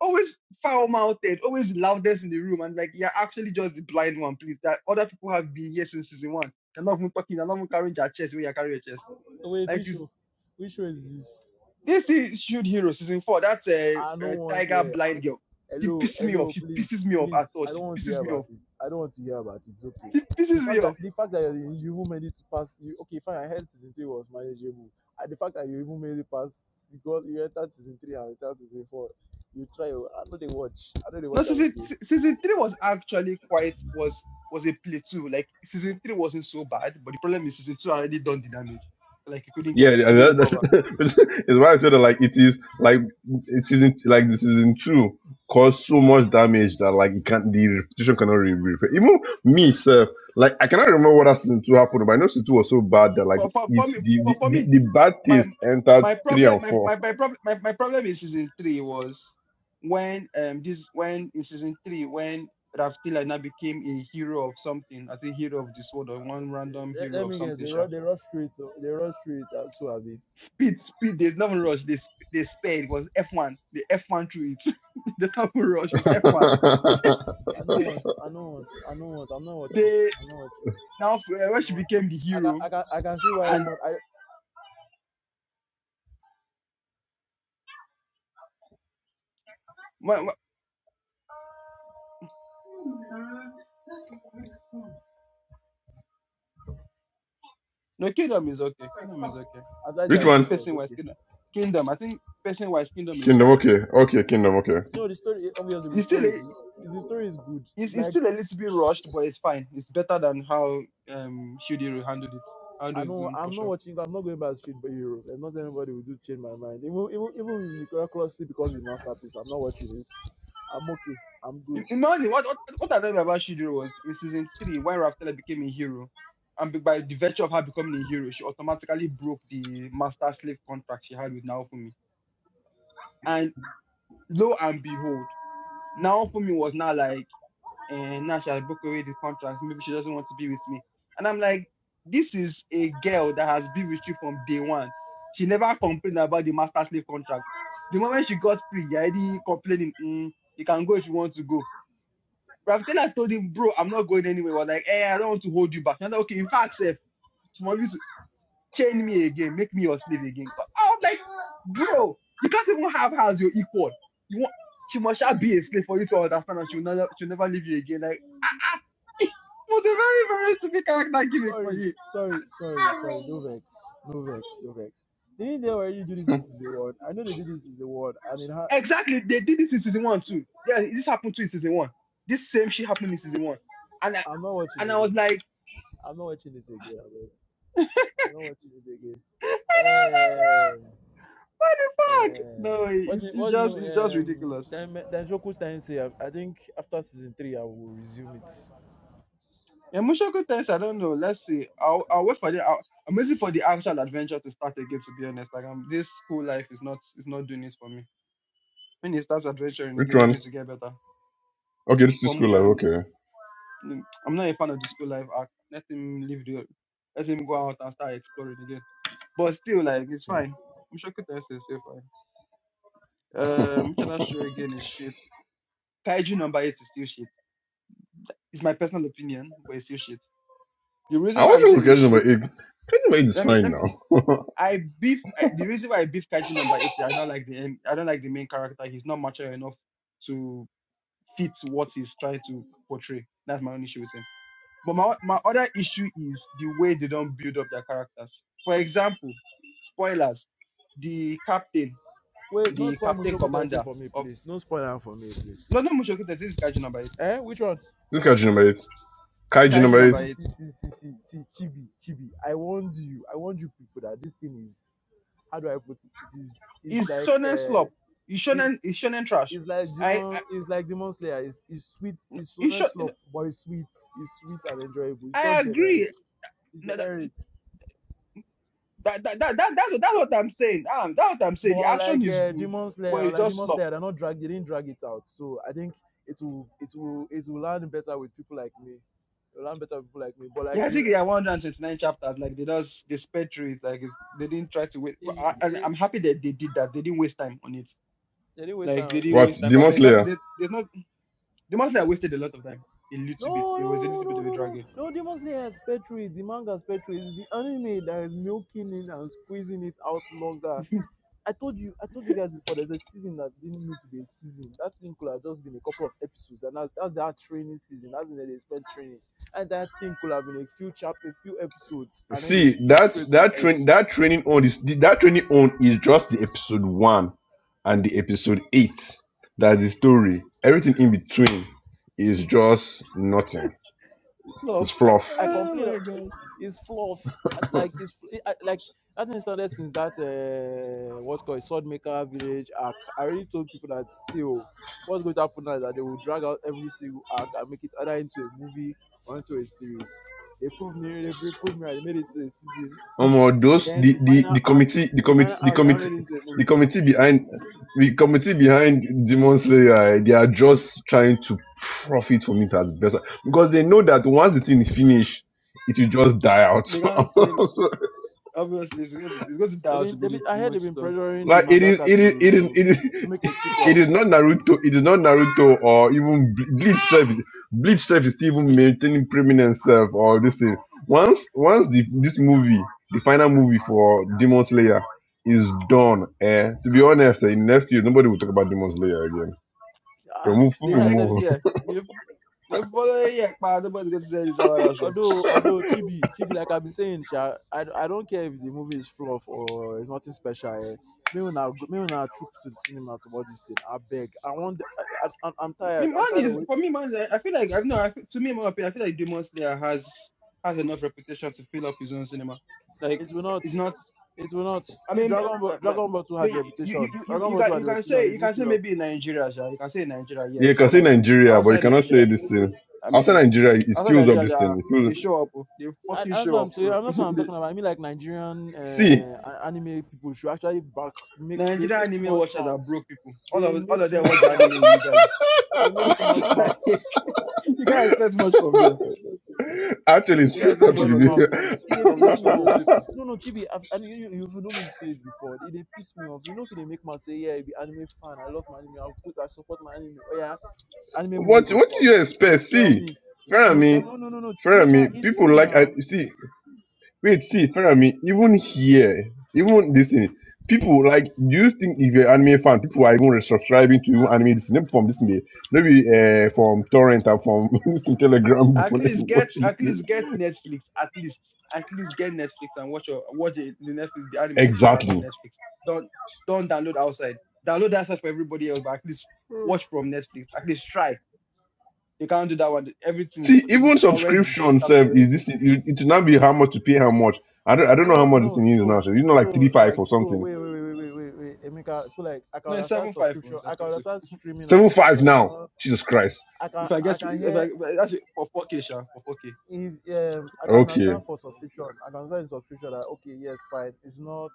[SPEAKER 1] Always foul mouthed, always loudest in the room, and like you're actually just the blind one, please. That other people have been here since season one. They're not even talking, they're not even carrying their chest where you are carrying your chest.
[SPEAKER 3] Wait,
[SPEAKER 1] Like
[SPEAKER 3] which
[SPEAKER 1] it's
[SPEAKER 3] show? Which show is this?
[SPEAKER 1] This is Shield Hero season four. That's a, uh
[SPEAKER 3] I
[SPEAKER 1] uh,
[SPEAKER 3] don't want to
[SPEAKER 1] Tiger
[SPEAKER 3] hear. I,
[SPEAKER 1] blind girl. She
[SPEAKER 3] hello,
[SPEAKER 1] pisses me off.
[SPEAKER 3] hello,
[SPEAKER 1] She pisses
[SPEAKER 3] please,
[SPEAKER 1] me off at
[SPEAKER 3] please.
[SPEAKER 1] all.
[SPEAKER 3] I don't
[SPEAKER 1] She
[SPEAKER 3] want to hear
[SPEAKER 1] pisses me
[SPEAKER 3] about
[SPEAKER 1] off.
[SPEAKER 3] it. I don't want to hear about it. It's okay.
[SPEAKER 1] She
[SPEAKER 3] The
[SPEAKER 1] pisses me
[SPEAKER 3] fact that
[SPEAKER 1] off.
[SPEAKER 3] the fact that you you even made it to pass, you, okay, fine. I heard season three was manageable. And the fact that you even made it past because you entered season three and entered season four, you try. oh, I know they watch. I know they
[SPEAKER 1] No,
[SPEAKER 3] watch every
[SPEAKER 1] season
[SPEAKER 3] day.
[SPEAKER 1] season three was actually quite was was a plateau. Like season three wasn't so bad, but the problem is season two already done the damage. Like he couldn't
[SPEAKER 4] Yeah,
[SPEAKER 1] get, he
[SPEAKER 4] yeah,
[SPEAKER 1] couldn't
[SPEAKER 4] that,
[SPEAKER 1] recover.
[SPEAKER 4] that, it's why I said that, like it is like it isn't like this isn't true. Cause so much damage that like it can't the repetition cannot be repaired. Even me, sir, like I cannot remember what that season two happened, but I know season two was so bad that like
[SPEAKER 1] For for, for
[SPEAKER 4] it's
[SPEAKER 1] me,
[SPEAKER 4] the the,
[SPEAKER 1] for, for
[SPEAKER 4] the,
[SPEAKER 1] me,
[SPEAKER 4] the bad
[SPEAKER 1] my
[SPEAKER 4] taste entered
[SPEAKER 1] my
[SPEAKER 4] three
[SPEAKER 1] problem
[SPEAKER 4] and
[SPEAKER 1] my my
[SPEAKER 4] four.
[SPEAKER 1] my problem my, my problem in season three was when um this when in season three when Raftila now became a hero of something, I think hero of this world or one random
[SPEAKER 3] Let,
[SPEAKER 1] hero
[SPEAKER 3] let
[SPEAKER 1] of
[SPEAKER 3] me guess.
[SPEAKER 1] something.
[SPEAKER 3] They
[SPEAKER 1] Sha.
[SPEAKER 3] rush. They rush straight. oh, They rush straight uh, to Abi.
[SPEAKER 1] Speed, speed, they never rush. They sp- they sped It was F1. The F1 through it. the never rush It was F1.
[SPEAKER 3] I don't want. I don't want. I don't want. I'm not watching.
[SPEAKER 1] They
[SPEAKER 3] I'm not watching.
[SPEAKER 1] now uh, when
[SPEAKER 3] I'm
[SPEAKER 1] she
[SPEAKER 3] not watching.
[SPEAKER 1] became the
[SPEAKER 3] I can.
[SPEAKER 1] hero
[SPEAKER 3] I can. I can see why.
[SPEAKER 1] and
[SPEAKER 3] But I.
[SPEAKER 1] my, my, no kingdom is okay. Kingdom is okay.
[SPEAKER 3] Aside
[SPEAKER 1] I
[SPEAKER 3] the
[SPEAKER 4] Which
[SPEAKER 1] think
[SPEAKER 4] one?
[SPEAKER 3] animation, it's
[SPEAKER 1] person wise
[SPEAKER 3] okay.
[SPEAKER 1] kingdom. Kingdom. I think person wise kingdom is
[SPEAKER 4] Kingdom.
[SPEAKER 1] fine
[SPEAKER 4] Okay, okay, Kingdom. Okay.
[SPEAKER 3] No, the story obviously the
[SPEAKER 1] it's still
[SPEAKER 3] story
[SPEAKER 1] a,
[SPEAKER 3] is the story is good.
[SPEAKER 1] It's,
[SPEAKER 3] It's
[SPEAKER 1] it's
[SPEAKER 3] like
[SPEAKER 1] still a little bit rushed, but it's fine. It's better than how um Shudiro handled it.
[SPEAKER 3] I
[SPEAKER 1] Handled his
[SPEAKER 3] know
[SPEAKER 1] own for
[SPEAKER 3] I'm not
[SPEAKER 1] sure.
[SPEAKER 3] watching. I'm not going by the street by Europe. There's not anybody will do change my mind. Even even even if miraculously becomes a masterpiece, I'm not watching it. I'm okay. I'm good.
[SPEAKER 1] I- Imagine what what, what I remember about Shudiro was in season three when Raftela became a hero, and be- by the virtue of her becoming a hero, she automatically broke the master slave contract she had with Naofumi. And lo and behold, Naofumi was now like. and now she has broke away the contract. Maybe she doesn't want to be with me. And I'm like, this is a girl that has been with you from day one. She never complained about the master slave contract. The moment she got free, you're already complaining, mm, you can go if you want to go. But after I told him, bro, I'm not going anywhere, was like, hey, I don't want to hold you back. And I'm like, okay, in fact, sir, tomorrow, chain me again, make me your slave again. 'Cause I was like, bro, you can't even have her as your equal. You want she must shall be a slave for you to understand and she'll never she'll never leave you again. Like ah, ah. it was a very, very stupid character gimmick for
[SPEAKER 3] Sorry,
[SPEAKER 1] you.
[SPEAKER 3] sorry, sorry, sorry. No vex, no vex, no vex. They didn't they already do this.
[SPEAKER 4] Hmm,
[SPEAKER 3] This is a word. I know they did this. Is a word, and it ha-
[SPEAKER 1] Exactly. They did this in season one too. Yeah, this happened too in season one. This same shit happened in season one. And I
[SPEAKER 3] I'm not watching
[SPEAKER 1] and I was
[SPEAKER 3] again.
[SPEAKER 1] like,
[SPEAKER 3] I'm not watching this again. I I'm not watching this again.
[SPEAKER 1] and I was
[SPEAKER 3] Um,
[SPEAKER 1] like, bro, what the fuck?
[SPEAKER 3] Uh,
[SPEAKER 1] No,
[SPEAKER 3] what's
[SPEAKER 1] it's
[SPEAKER 3] the,
[SPEAKER 1] it's
[SPEAKER 3] what's the
[SPEAKER 1] just it's just
[SPEAKER 3] um
[SPEAKER 1] ridiculous.
[SPEAKER 3] then then Shoku Tensei? I, I think after season three, I will resume it.
[SPEAKER 1] Yeah, Mushoku Tensei, I don't know. Let's see. I'll, I'll wait for the. I'll, I'm waiting for the actual adventure to start again. To be honest, like I'm, this school life is not is not doing it for me. When it starts adventuring
[SPEAKER 4] Which
[SPEAKER 1] again,
[SPEAKER 4] one?
[SPEAKER 1] maybe to get better.
[SPEAKER 4] Okay, this is
[SPEAKER 1] For me,
[SPEAKER 4] school life.
[SPEAKER 1] um,
[SPEAKER 4] okay.
[SPEAKER 1] mm, I'm not a fan of the school life act. Let him live the. Let him go out and start exploring again. But still, like it's fine. Mushoku Tensei is still fine. Um, which other
[SPEAKER 4] I
[SPEAKER 1] show again is shit. Kaiju number eight is still shit. It's my personal opinion, but it's still shit. The reason why
[SPEAKER 4] want
[SPEAKER 1] I'm
[SPEAKER 4] to look
[SPEAKER 1] saying it's
[SPEAKER 4] at Genome
[SPEAKER 1] shit.
[SPEAKER 4] 8. Genome 8 is
[SPEAKER 1] Let me let. me
[SPEAKER 4] fine now.
[SPEAKER 1] I beef I, the reason why I beef Kaiji number eight is I don't like the end- I don't like the main character. He's not mature enough to fit what he's trying to portray. That's my only issue with him. But my o- my other issue is the way they don't build up their characters. For example, spoilers: the captain,
[SPEAKER 3] Wait, no
[SPEAKER 1] the
[SPEAKER 3] spoil
[SPEAKER 1] captain
[SPEAKER 3] Mushoku Tensei
[SPEAKER 1] commander
[SPEAKER 3] for me,
[SPEAKER 1] of
[SPEAKER 3] please. No spoiler for me, please.
[SPEAKER 1] no no Mushoku. Tensei, This is Kaiju number eight.
[SPEAKER 3] Eh, which one?
[SPEAKER 4] look at Genome 8. Kai
[SPEAKER 3] See,
[SPEAKER 1] Kaiju
[SPEAKER 3] see,
[SPEAKER 4] Genome
[SPEAKER 1] number
[SPEAKER 4] 8.
[SPEAKER 3] see,
[SPEAKER 1] eight
[SPEAKER 3] see, see, see, see, see, Chibi, Chibi. I warned you. I warned you people that this thing is. How do I put it? It is. It's
[SPEAKER 1] is
[SPEAKER 3] like.
[SPEAKER 1] shonen
[SPEAKER 3] Uh,
[SPEAKER 1] slop. Is
[SPEAKER 3] it's
[SPEAKER 1] shonen is shonen trash.
[SPEAKER 3] it's like
[SPEAKER 1] I,
[SPEAKER 3] demon. It's like demon slayer. It's it's sweet.
[SPEAKER 1] I
[SPEAKER 3] It's so
[SPEAKER 1] is
[SPEAKER 3] nice
[SPEAKER 1] shon-
[SPEAKER 3] slop, but it's sweet. It's sweet and enjoyable. It's
[SPEAKER 1] I
[SPEAKER 3] just generic.
[SPEAKER 1] agree.
[SPEAKER 3] It's generic.
[SPEAKER 1] That, that, that, that, that's, what- that's what I'm saying. Um, that's what I'm
[SPEAKER 3] But
[SPEAKER 1] saying. The action
[SPEAKER 3] unlike
[SPEAKER 1] is
[SPEAKER 3] uh,
[SPEAKER 1] good,
[SPEAKER 3] Demon
[SPEAKER 1] but
[SPEAKER 3] Slayer,
[SPEAKER 1] it
[SPEAKER 3] unlike
[SPEAKER 1] just
[SPEAKER 3] Demon
[SPEAKER 1] slop.
[SPEAKER 3] Slayer, they're not drag. They didn't drag it out. So I think it will, it will, it will land better with people like me. It will land better with people like me. But like
[SPEAKER 1] Yeah, I
[SPEAKER 3] we,
[SPEAKER 1] think
[SPEAKER 3] like-
[SPEAKER 1] yeah, 129 chapters. Like they just they sped through it. Like it's, they didn't try to wait. Well,
[SPEAKER 3] it,
[SPEAKER 1] I, and
[SPEAKER 3] it,
[SPEAKER 1] I'm happy that they did that. They didn't waste time on it.
[SPEAKER 3] they didn't waste time
[SPEAKER 1] Like they
[SPEAKER 3] on
[SPEAKER 1] didn't
[SPEAKER 3] it.
[SPEAKER 4] What?
[SPEAKER 1] waste time because
[SPEAKER 4] Demon
[SPEAKER 1] there's not
[SPEAKER 4] Slayer.
[SPEAKER 1] there's, there's not the monster that wasted a lot of time. A little bit.
[SPEAKER 3] No,
[SPEAKER 1] There
[SPEAKER 3] no,
[SPEAKER 1] was a
[SPEAKER 3] no,
[SPEAKER 1] little bit
[SPEAKER 3] no,
[SPEAKER 1] of a
[SPEAKER 3] no,
[SPEAKER 1] drag
[SPEAKER 3] no. No, Demon Slayer is Petri. The manga is Petri. It's the anime that is milking it and squeezing it out longer. I told you, I told you guys before. There's a season that didn't need to be a season. That thing could have just been a couple of episodes, and that's that's that training season. That's when they spent training, and that thing could have been a few chap, a few episodes, and then they
[SPEAKER 4] See,
[SPEAKER 3] skip
[SPEAKER 4] that
[SPEAKER 3] straight to
[SPEAKER 4] that
[SPEAKER 3] the end.
[SPEAKER 4] train that training on is that training on is just the episode one and the episode eight. That's the story. Everything in between is just nothing.
[SPEAKER 1] Love.
[SPEAKER 4] It's
[SPEAKER 3] I
[SPEAKER 4] fluff.
[SPEAKER 3] I
[SPEAKER 1] Oh
[SPEAKER 3] complain.
[SPEAKER 1] my god.
[SPEAKER 3] It's fluff. Like it's fl- I- like that thing started since that uh, what's called Swordmaker Village arc. I already told people that see oh, what's going to happen now is that they will drag out every single arc and make it either into a movie or into a series. They proved me. They proved me. right. They made it to a season each.
[SPEAKER 4] Um, those
[SPEAKER 3] Then
[SPEAKER 4] the,
[SPEAKER 3] the
[SPEAKER 4] the
[SPEAKER 3] final
[SPEAKER 4] the
[SPEAKER 3] arc.
[SPEAKER 4] committee the
[SPEAKER 3] The final
[SPEAKER 4] committee the
[SPEAKER 3] arc now
[SPEAKER 4] committee
[SPEAKER 3] made it into a
[SPEAKER 4] the
[SPEAKER 3] movie.
[SPEAKER 4] committee behind the committee behind Demon Slayer eh, they are just trying to profit from it as best because they know that once the thing is finished it will just die out.
[SPEAKER 1] They can't claim. Obviously, it's going to, it's going to die
[SPEAKER 3] They've
[SPEAKER 1] out
[SPEAKER 3] been, they've been,
[SPEAKER 1] immediately
[SPEAKER 3] I heard they've
[SPEAKER 1] once it's
[SPEAKER 3] been
[SPEAKER 1] done.
[SPEAKER 3] pressuring the
[SPEAKER 4] Like it is,
[SPEAKER 3] mangaka
[SPEAKER 4] it is, it is,
[SPEAKER 3] to
[SPEAKER 4] it is,
[SPEAKER 3] to make a
[SPEAKER 4] it
[SPEAKER 3] sequel.
[SPEAKER 4] is not Naruto. It is not Naruto or even Ble- Bleach self. Bleach self is still even maintaining prominent self or this thing. Once, once the this movie, the final movie for Demon Slayer is done. Eh, to be honest, eh, in next year nobody will talk about Demon Slayer again. they
[SPEAKER 3] Ah,
[SPEAKER 4] people
[SPEAKER 1] The
[SPEAKER 3] when I said it,
[SPEAKER 1] next
[SPEAKER 4] move.
[SPEAKER 1] year, the the following year, pa, nobody's going to say this about us.
[SPEAKER 3] although although chibi chibi like i've been saying sha, I, I don't care if the movie is fluff or it's nothing special eh. me when i go- me when i troop to the cinema to watch this thing i beg i want the- I, I, i'm I'm
[SPEAKER 1] I
[SPEAKER 3] tired
[SPEAKER 1] mean, man
[SPEAKER 3] i'm tired of
[SPEAKER 1] is
[SPEAKER 3] it
[SPEAKER 1] for me, man. I I feel like I've no. I, feel- to me, in my opinion, I feel like Demon Slayer has has enough reputation to fill up his own cinema. Like,
[SPEAKER 3] it will not
[SPEAKER 1] it's not.
[SPEAKER 3] it will not
[SPEAKER 1] I
[SPEAKER 3] the
[SPEAKER 1] mean,
[SPEAKER 3] dragon ball
[SPEAKER 1] uh, uh,
[SPEAKER 3] dragon ball 2 had a
[SPEAKER 1] the- you you
[SPEAKER 3] reputation
[SPEAKER 1] you you
[SPEAKER 3] dragon
[SPEAKER 1] you
[SPEAKER 3] ball
[SPEAKER 1] can
[SPEAKER 3] 2 had
[SPEAKER 1] you
[SPEAKER 3] a
[SPEAKER 1] can
[SPEAKER 3] reputation
[SPEAKER 1] say
[SPEAKER 3] they
[SPEAKER 1] you
[SPEAKER 3] didn't
[SPEAKER 1] can say
[SPEAKER 3] fill up
[SPEAKER 1] maybe in Nigeria, sha, you can say in Nigeria,
[SPEAKER 4] Yeah, you
[SPEAKER 1] yes,
[SPEAKER 4] can
[SPEAKER 1] but
[SPEAKER 4] say
[SPEAKER 1] like
[SPEAKER 4] Nigeria, but you
[SPEAKER 1] outside
[SPEAKER 4] cannot say
[SPEAKER 1] Nigeria,
[SPEAKER 4] this thing.
[SPEAKER 1] I
[SPEAKER 4] After
[SPEAKER 1] mean,
[SPEAKER 4] Nigeria, it
[SPEAKER 1] outside
[SPEAKER 4] fills up
[SPEAKER 1] Nigeria, they,
[SPEAKER 4] this thing.
[SPEAKER 1] are-
[SPEAKER 4] It
[SPEAKER 1] they
[SPEAKER 4] fills.
[SPEAKER 1] show up, oh, they
[SPEAKER 3] and
[SPEAKER 1] fucking
[SPEAKER 3] that's what
[SPEAKER 1] show
[SPEAKER 3] i'm
[SPEAKER 1] up,
[SPEAKER 3] saying
[SPEAKER 1] bro.
[SPEAKER 3] that's what i'm
[SPEAKER 1] the
[SPEAKER 3] talking about i mean like nigerian
[SPEAKER 4] See,
[SPEAKER 3] uh, a- anime people should actually back make they
[SPEAKER 1] Nigeria
[SPEAKER 3] make too
[SPEAKER 1] anime
[SPEAKER 3] much
[SPEAKER 1] watchers are
[SPEAKER 3] mouths.
[SPEAKER 1] broke people. All
[SPEAKER 3] they
[SPEAKER 1] of all
[SPEAKER 3] make
[SPEAKER 1] of
[SPEAKER 3] too
[SPEAKER 1] them watch
[SPEAKER 3] much
[SPEAKER 1] the anime
[SPEAKER 3] mouths.
[SPEAKER 1] illegally.
[SPEAKER 3] they
[SPEAKER 1] So,
[SPEAKER 3] make too much
[SPEAKER 1] it's
[SPEAKER 3] mouths.
[SPEAKER 1] like, you can't expect much from them.
[SPEAKER 4] Actually, it's
[SPEAKER 3] They
[SPEAKER 4] true.
[SPEAKER 1] Get
[SPEAKER 3] make
[SPEAKER 1] very
[SPEAKER 3] too
[SPEAKER 1] much
[SPEAKER 3] much
[SPEAKER 1] from
[SPEAKER 4] Actually,
[SPEAKER 1] those
[SPEAKER 3] mouth.
[SPEAKER 1] from the
[SPEAKER 3] It it dey
[SPEAKER 1] from
[SPEAKER 3] piss
[SPEAKER 1] those
[SPEAKER 3] me
[SPEAKER 1] from
[SPEAKER 3] off.
[SPEAKER 1] those people.
[SPEAKER 3] No, no, Chibi, I've, and you, you, you know me to say it before. It dey piss me off. You know if they make man say, yeah, I be anime fan. I love my anime. I'll put, I support my anime. Oh yeah, anime movie
[SPEAKER 4] what
[SPEAKER 3] go
[SPEAKER 4] what do
[SPEAKER 3] come.
[SPEAKER 4] you
[SPEAKER 3] You will
[SPEAKER 4] expect?
[SPEAKER 3] tell
[SPEAKER 4] See,
[SPEAKER 3] me. You will
[SPEAKER 4] Fermi,
[SPEAKER 3] tell no, no, no, no. Ch- Emeka,
[SPEAKER 4] Fermi,
[SPEAKER 3] it's true
[SPEAKER 4] people like I
[SPEAKER 3] now.
[SPEAKER 4] see. Wait, see, Fermi, even here, even this thing, people like. Do you think if you're an anime fan, people are even subscribing to you anime this thing, from this thing, maybe uh, from torrent or from this thing, Telegram
[SPEAKER 1] At
[SPEAKER 4] group
[SPEAKER 1] least
[SPEAKER 4] and
[SPEAKER 1] get
[SPEAKER 4] watch this
[SPEAKER 1] at least
[SPEAKER 4] thing?
[SPEAKER 1] get Netflix. At least at least get Netflix and watch your watch the, the Netflix the anime Netflix has on
[SPEAKER 4] Exactly.
[SPEAKER 1] Netflix. Don't don't download outside. Download outside for everybody else, but at least watch from Netflix. At least try. You can't do that one. Everything is
[SPEAKER 4] See,
[SPEAKER 1] they will
[SPEAKER 4] even
[SPEAKER 1] torrent the shit
[SPEAKER 4] subscription
[SPEAKER 1] out of
[SPEAKER 4] serve is
[SPEAKER 1] everything.
[SPEAKER 4] this. It, it will not be how much to pay, how much. I don't. I don't know how
[SPEAKER 3] No,
[SPEAKER 4] much this
[SPEAKER 3] no.
[SPEAKER 4] thing is now.
[SPEAKER 3] So,
[SPEAKER 4] So it's not like three
[SPEAKER 3] so
[SPEAKER 4] five
[SPEAKER 3] like,
[SPEAKER 4] or
[SPEAKER 3] so
[SPEAKER 4] something.
[SPEAKER 3] wait, wait, wait, wait, wait, wait, wait. Emeka. So like, I can
[SPEAKER 1] No, it's
[SPEAKER 3] understand
[SPEAKER 1] seven five oh,
[SPEAKER 3] subscription.
[SPEAKER 1] it's
[SPEAKER 3] I can
[SPEAKER 1] expensive.
[SPEAKER 3] understand streaming and
[SPEAKER 4] Seven five
[SPEAKER 3] subscription. It's
[SPEAKER 4] now.
[SPEAKER 3] not.
[SPEAKER 4] Jesus Christ.
[SPEAKER 3] I can,
[SPEAKER 1] If I
[SPEAKER 3] I
[SPEAKER 1] guess
[SPEAKER 3] can
[SPEAKER 1] if I
[SPEAKER 3] hear
[SPEAKER 1] but actually for four K sha for four K.
[SPEAKER 3] if um, I can
[SPEAKER 4] Okay,
[SPEAKER 3] understand for subscription, I can understand the subscription that okay, yes, fine, it's not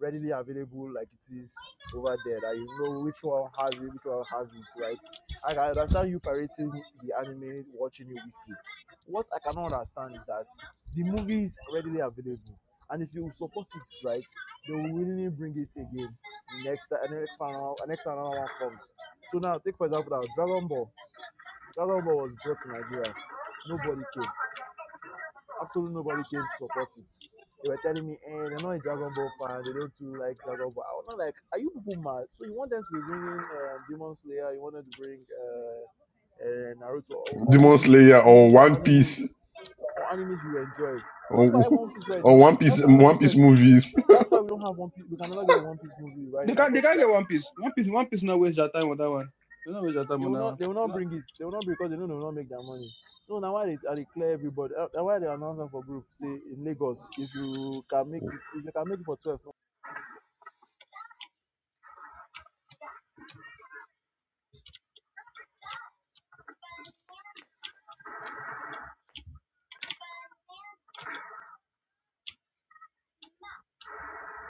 [SPEAKER 3] readily available like it is over there. That you know which one has it, which one has it, right? I can understand you pirating the anime, watching it weekly. What I cannot understand is that the movie is readily available, and if you support it, right, they will willingly bring it again next and the next one, and next another one comes. So now, take for example, now Dragon Ball. Dragon Ball was brought to Nigeria. Nobody came Absolutely nobody came to support it. They were telling me, eh, they're not a Dragon Ball fan. They don't too like Dragon Ball. I was not like, are you people mad? So you want them to be bringing uh, Demon Slayer? You want them to bring uh, uh, Naruto or, or
[SPEAKER 4] Demon
[SPEAKER 3] movies,
[SPEAKER 4] Slayer or
[SPEAKER 3] movies or
[SPEAKER 4] One Piece
[SPEAKER 3] animes or animes you enjoy? That's
[SPEAKER 4] or,
[SPEAKER 3] why One Piece Red.
[SPEAKER 4] or
[SPEAKER 3] No,
[SPEAKER 4] One Piece
[SPEAKER 3] that's why One
[SPEAKER 4] One
[SPEAKER 3] Piece
[SPEAKER 4] Piece
[SPEAKER 3] Red.
[SPEAKER 4] movies.
[SPEAKER 3] That's why we don't have One Piece. We can never get a One Piece movie right
[SPEAKER 1] They
[SPEAKER 3] now
[SPEAKER 1] can't they
[SPEAKER 3] because
[SPEAKER 1] can't get one piece. One piece one piece not waste your time on that one. They not waste your time
[SPEAKER 3] They
[SPEAKER 1] on
[SPEAKER 3] will
[SPEAKER 1] that one.
[SPEAKER 3] not. They will
[SPEAKER 1] They're
[SPEAKER 3] not
[SPEAKER 1] Not,
[SPEAKER 3] bring it. They will not bring because they know they will not make their money. So now why they, I declare everybody. uh, why they announce am for group say in Lagos if you can make it if you can make it for twelve. No,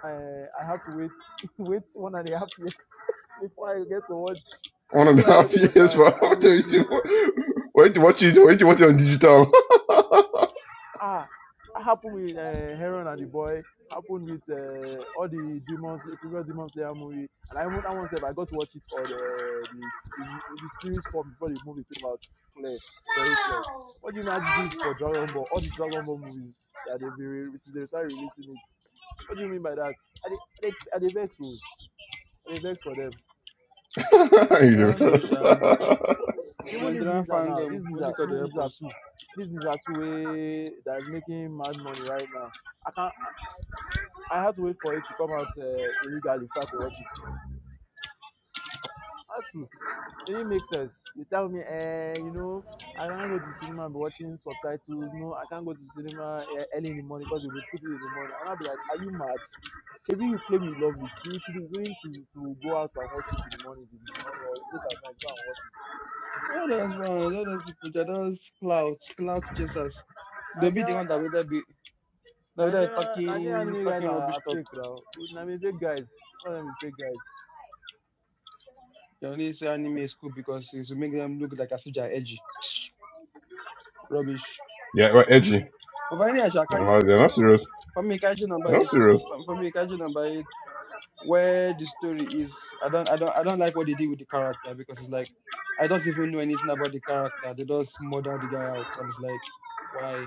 [SPEAKER 3] I I have to wait wait one and a half years before I get to watch
[SPEAKER 4] One and a
[SPEAKER 3] before I get
[SPEAKER 4] half
[SPEAKER 3] to watch
[SPEAKER 4] years for
[SPEAKER 3] an
[SPEAKER 4] wait
[SPEAKER 3] anime movie.
[SPEAKER 4] to watch it. Wait to watch it on digital.
[SPEAKER 3] Ah, it happened with uh, Heron and the boy. Happened with uh, all the demons, the previous Demon Slayer movie, and I even that one said I got to watch it on eh, the this in, in the series form before the movie came out. Clear, very clear. What do you mean I had to do it for Dragon Ball? All the Dragon Ball movies that they've been re- since they started releasing it. What do you mean by that? Are they are they, are they vex? oh? Are they vex for them?
[SPEAKER 1] I don't know,
[SPEAKER 4] Universe.
[SPEAKER 1] sha.
[SPEAKER 3] Even this
[SPEAKER 1] Nigerian
[SPEAKER 3] Nizza now,
[SPEAKER 1] fandom,
[SPEAKER 3] this
[SPEAKER 1] only
[SPEAKER 3] Nizza,
[SPEAKER 1] God
[SPEAKER 3] this
[SPEAKER 1] will help
[SPEAKER 3] Nizza
[SPEAKER 1] us.
[SPEAKER 3] too, this Nizza too way that is making mad money right now. I can't. I had to wait for it to come out uh, illegally if I could watch it. I had to. It didn't make sense. You tell me, eh, you know, I can't go to cinema and be watching subtitles. No, I can't go to cinema eh, early in the morning because they will put it in the morning. And I'll be like, are you mad? Maybe you claim you love it. You should be willing to, to go out and watch it in the morning if it's in the morning or it's late at night. Go and watch it.
[SPEAKER 1] All those ones, all those people, they're those clouds, cloud chasers. They'll be the
[SPEAKER 3] Nigeria,
[SPEAKER 1] one that will there be that will there
[SPEAKER 3] Nigeria, Nigerian
[SPEAKER 1] talking
[SPEAKER 3] anime guys
[SPEAKER 1] talking
[SPEAKER 3] are,
[SPEAKER 1] rubbish
[SPEAKER 3] are
[SPEAKER 1] talk.
[SPEAKER 3] fake now. I mean, fake guys. All of them be fake guys.
[SPEAKER 1] They only say anime is cool because it will make them look like as if they're edgy. Rubbish.
[SPEAKER 4] yeah, right, edgy.
[SPEAKER 1] But for any actual ka-
[SPEAKER 4] They're not they're not serious.
[SPEAKER 1] for me kaiju number
[SPEAKER 4] I'm
[SPEAKER 1] eight
[SPEAKER 4] serious.
[SPEAKER 1] for for me kaiju number eight where the story is I don't I don't I don't like what they did with the character because it's like I don't even know anything about the character. They just murder the guy out and it's like why?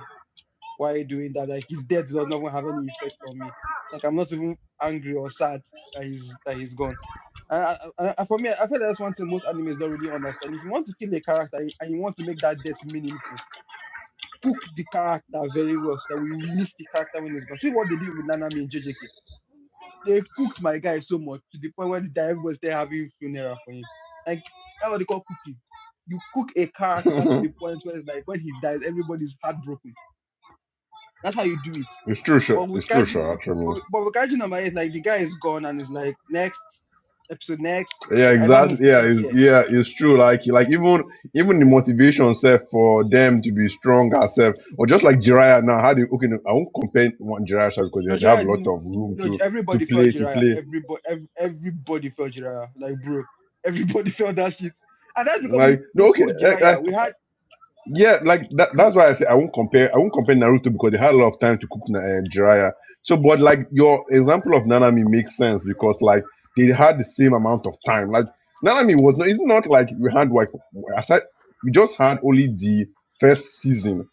[SPEAKER 1] why are you doing that? Like his death does not even have any effect on me. Like I'm not even angry or sad that he's that he's gone. And I, I, I- for me, I feel like that's one thing most animes don't really understand. If you want to kill a character and and you want to make that death meaningful, cook the character very well so that we miss the character when it's gone. See what they did with Nanami in JJK. They cooked my guy so much to the point where the guy was there having funeral for him. Like that's what they call cooking. You cook a character to the point where it's like when he dies, everybody's heartbroken that's how you do it.
[SPEAKER 4] it's true, Sha.
[SPEAKER 1] But
[SPEAKER 4] It's
[SPEAKER 1] with
[SPEAKER 4] true, Sha. I
[SPEAKER 1] Kaiju, but
[SPEAKER 4] mean,
[SPEAKER 1] with but with Kaiju number eight, like the guy is gone and is like next episode next.
[SPEAKER 4] yeah,
[SPEAKER 1] Like I don't
[SPEAKER 4] exactly. Yeah,
[SPEAKER 1] freaking
[SPEAKER 4] it's
[SPEAKER 1] care.
[SPEAKER 4] yeah, it's true. Like, like even even the motivation self for them to be strong herself, or just like Jiraiya now. How do you, okay? no, I won't compare one Jiraiya Shah because
[SPEAKER 1] No
[SPEAKER 4] they have
[SPEAKER 1] Jiraiya,
[SPEAKER 4] a lot
[SPEAKER 1] n-
[SPEAKER 4] of room
[SPEAKER 1] no
[SPEAKER 4] to to
[SPEAKER 1] everybody felt
[SPEAKER 4] play to
[SPEAKER 1] Jiraiya.
[SPEAKER 4] play.
[SPEAKER 1] Everybody, ev- everybody felt Jiraiya. Like bro, everybody felt that shit. And that's because we
[SPEAKER 4] Like
[SPEAKER 1] they
[SPEAKER 4] no, okay,
[SPEAKER 1] cooked
[SPEAKER 4] eh, eh,
[SPEAKER 1] Jiraiya. We had
[SPEAKER 4] Yeah, like that, that's why I say I won't compare. I won't compare Naruto because they had a lot of time to cook Na- uh, Jiraiya. So, but like your example of Nanami makes sense because like they had the same amount of time. Like Nanami was not. It's not like we had like aside, we just had only the first season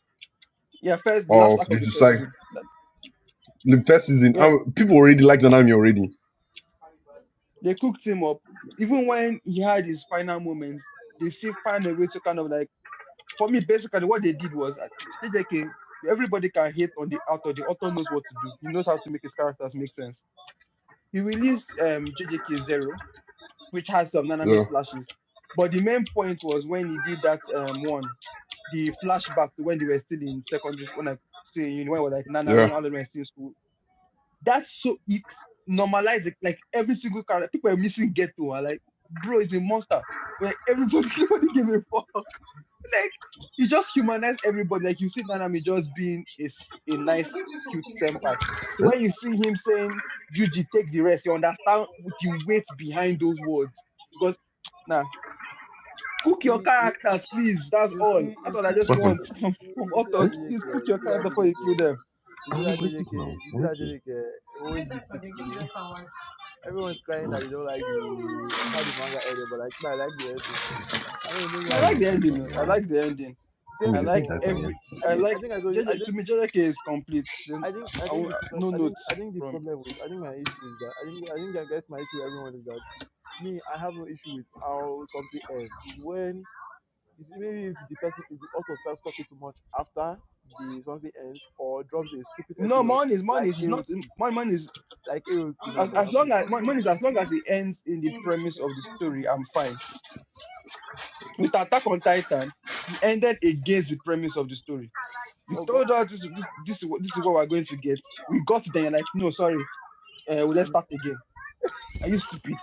[SPEAKER 1] yeah first the last
[SPEAKER 4] of
[SPEAKER 1] arc of the
[SPEAKER 4] Jujutsu.
[SPEAKER 1] first
[SPEAKER 4] Kaisen-
[SPEAKER 1] season. That,
[SPEAKER 4] The first season,
[SPEAKER 1] well,
[SPEAKER 4] and people already like Nanami already.
[SPEAKER 1] they cooked him up. Even when he had his final moments, they still find a way to kind of like for me, basically, what they did was uh, JJK. Everybody can hate on the author. The author knows what to do. He knows how to make his characters make sense. He released um, JJK Zero, which has some Nanami
[SPEAKER 4] Yeah,
[SPEAKER 1] flashes. But the main point was when he did that um, one, the flashback to when they were still in secondary, when I say you know, when I was like
[SPEAKER 4] yeah.
[SPEAKER 1] Nanami, all of them were still in school. That's so it normalized it. Like every single character, people are missing Ghetto. I like, bro, is a monster. Like everybody, nobody gave a fuck. Like you just humanize everybody. Like you see Nanami just being a, s- a nice, cute senpai. So when you see him saying Yuji, take the rest, you understand what you wait behind those words. Because nah,
[SPEAKER 3] You
[SPEAKER 1] cook your
[SPEAKER 3] see, you,
[SPEAKER 1] characters, please. That's
[SPEAKER 3] You
[SPEAKER 1] all.
[SPEAKER 3] see,
[SPEAKER 1] That's
[SPEAKER 3] you
[SPEAKER 1] all I
[SPEAKER 3] see,
[SPEAKER 1] just
[SPEAKER 4] What happened?
[SPEAKER 1] want
[SPEAKER 3] so- you
[SPEAKER 1] from,
[SPEAKER 3] see,
[SPEAKER 1] from
[SPEAKER 3] you see
[SPEAKER 4] Eh?
[SPEAKER 3] that
[SPEAKER 1] authors.
[SPEAKER 3] JJK,
[SPEAKER 1] Please cook
[SPEAKER 3] you
[SPEAKER 1] your
[SPEAKER 3] see
[SPEAKER 1] character
[SPEAKER 3] that
[SPEAKER 1] before
[SPEAKER 3] JJK,
[SPEAKER 1] you kill them.
[SPEAKER 3] you see
[SPEAKER 4] I'm
[SPEAKER 3] that
[SPEAKER 4] waiting
[SPEAKER 3] JJK,
[SPEAKER 4] now.
[SPEAKER 3] you
[SPEAKER 4] i
[SPEAKER 3] see that
[SPEAKER 4] waiting.
[SPEAKER 3] JJK it always be picked to me. Everyone's crying that they don't like the how the manga ended, but like, but I like the ending. I don't know, maybe
[SPEAKER 1] I, mean, I
[SPEAKER 4] Oh
[SPEAKER 3] that's
[SPEAKER 1] like
[SPEAKER 4] my
[SPEAKER 1] the
[SPEAKER 3] me.
[SPEAKER 4] God, oh
[SPEAKER 1] ending. though.
[SPEAKER 4] my
[SPEAKER 1] I
[SPEAKER 4] God.
[SPEAKER 1] like the ending.
[SPEAKER 4] Come
[SPEAKER 3] Same
[SPEAKER 4] on,
[SPEAKER 1] I
[SPEAKER 3] thing
[SPEAKER 4] there's no
[SPEAKER 1] like
[SPEAKER 4] diaper
[SPEAKER 3] for,
[SPEAKER 4] here.
[SPEAKER 1] every
[SPEAKER 3] I
[SPEAKER 1] I
[SPEAKER 3] think, I
[SPEAKER 1] like
[SPEAKER 3] think I told you, I
[SPEAKER 1] JJ,
[SPEAKER 3] think.
[SPEAKER 1] to me, JJK is complete. Then
[SPEAKER 3] I think I
[SPEAKER 1] I, I
[SPEAKER 3] think
[SPEAKER 1] won't-
[SPEAKER 3] the problem
[SPEAKER 1] no
[SPEAKER 3] I think I
[SPEAKER 1] notes
[SPEAKER 3] think the
[SPEAKER 1] from.
[SPEAKER 3] problem with I think my issue is that I think I think I guess my issue with everyone is that me I have no issue with how something ends. It's when It's maybe if the person, if the author starts talking too much after the something ends or drops a stupid
[SPEAKER 1] No,
[SPEAKER 3] epilogue
[SPEAKER 1] mine is mine
[SPEAKER 3] like
[SPEAKER 1] is it's not
[SPEAKER 3] AOT,
[SPEAKER 1] mine. Mine is
[SPEAKER 3] like AOT now
[SPEAKER 1] as,
[SPEAKER 3] for
[SPEAKER 1] as long
[SPEAKER 3] example.
[SPEAKER 1] as mine mine is as long as it ends in the premise of the story, I'm fine. With Attack on Titan, he ended against the premise of the story. You
[SPEAKER 3] Oh God,
[SPEAKER 1] told us this this this is what this is what we're going to get. We got there. You're like, no, sorry, uh, well, let's
[SPEAKER 3] I'm,
[SPEAKER 1] start again. Are you stupid?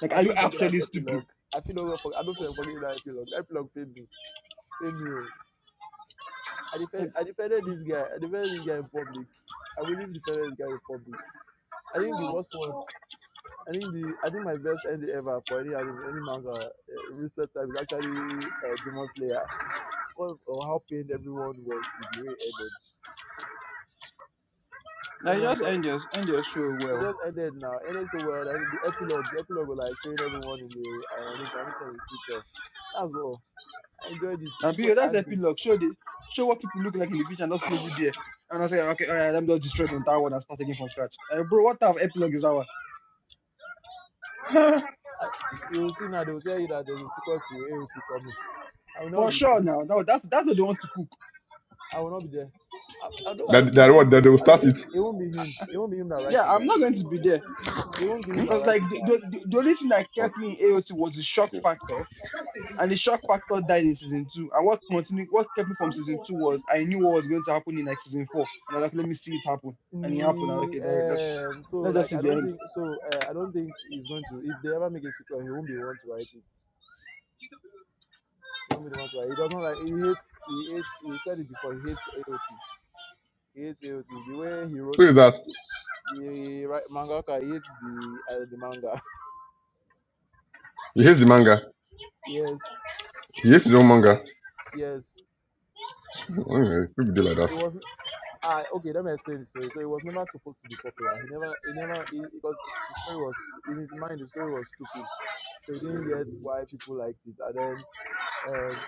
[SPEAKER 1] Like,
[SPEAKER 3] I
[SPEAKER 1] are you
[SPEAKER 3] don't forget that
[SPEAKER 1] actually stupid?
[SPEAKER 3] epilogue. I feel not for, I don't feel forget that epilogue. That epilogue paid me, paid me. oh. I defend,
[SPEAKER 1] And
[SPEAKER 3] I defended this guy. I defended this guy in public. I will even defend this guy in public. I think the worst one. I think the I think my best ending ever for any anime, any manga uh, recent time is actually uh, Demon Slayer. because of how pained everyone was with the way it ended.
[SPEAKER 1] now
[SPEAKER 3] Everyone
[SPEAKER 1] just
[SPEAKER 3] thought
[SPEAKER 1] end your end your show
[SPEAKER 3] it
[SPEAKER 1] well.
[SPEAKER 3] just ended now, ended so well. And the epilogue, the epilogue was like showing everyone in the uh, reincarnated in the future. That's all. I enjoyed it.
[SPEAKER 1] Now,
[SPEAKER 3] People
[SPEAKER 1] be
[SPEAKER 3] were
[SPEAKER 1] that's
[SPEAKER 3] angry.
[SPEAKER 1] epilogue. Show the show what people look like in the future and just close it there. And I say, okay, all right, let me just destroy the entire world and start again from scratch. Uh, bro, what type of epilogue is that one?
[SPEAKER 3] I, you will see now, they will tell you that there's a sequel to AOT coming. I will not
[SPEAKER 1] For
[SPEAKER 3] be there.
[SPEAKER 1] sure now. Now that's that's what they want to cook.
[SPEAKER 3] I will not be there. I, I don't, I
[SPEAKER 4] That
[SPEAKER 3] don't, no, I
[SPEAKER 4] that
[SPEAKER 3] don't
[SPEAKER 4] what
[SPEAKER 3] think, it,
[SPEAKER 4] that they
[SPEAKER 3] will-
[SPEAKER 4] will
[SPEAKER 3] I
[SPEAKER 4] start
[SPEAKER 3] don't,
[SPEAKER 4] it.
[SPEAKER 3] it won't be him. It won't be him that writes
[SPEAKER 1] yeah,
[SPEAKER 3] it, Sha.
[SPEAKER 1] I'm not going to be there
[SPEAKER 3] It won't be him that
[SPEAKER 1] because
[SPEAKER 3] writes it,
[SPEAKER 1] like
[SPEAKER 3] Sha.
[SPEAKER 1] the, the, the the only thing that kept me in AOT was the shock factor, and the shock factor died in season two. And what continued, what kept me from season two was I knew what was going to happen in like season four, and I was like, let me see it happen, and it happened. I was like, okay, that, let's
[SPEAKER 3] The, um, so
[SPEAKER 1] let's just
[SPEAKER 3] like
[SPEAKER 1] see
[SPEAKER 3] I
[SPEAKER 1] the
[SPEAKER 3] don't
[SPEAKER 1] end.
[SPEAKER 3] think so. Uh, I don't think he's going to. If they ever make a sequel, he won't be the one to write it. He won't be the one to write. It. He doesn't like. He hates. He hates. He said it before. He hates AOT. He hates AOT. The way he wrote
[SPEAKER 4] Who is that?
[SPEAKER 3] the right mangaka, he hates the uh, the manga.
[SPEAKER 4] He hates the manga.
[SPEAKER 3] yes,
[SPEAKER 4] He hates his own manga.
[SPEAKER 3] yes.
[SPEAKER 4] Oh, yeah, It's people do like
[SPEAKER 3] It
[SPEAKER 4] that.
[SPEAKER 3] was. I okay. Let me explain the story. So it was never supposed to be popular. He never. He never. He, because the story was in his mind. The story was stupid. So he didn't get why people liked it. And then. um.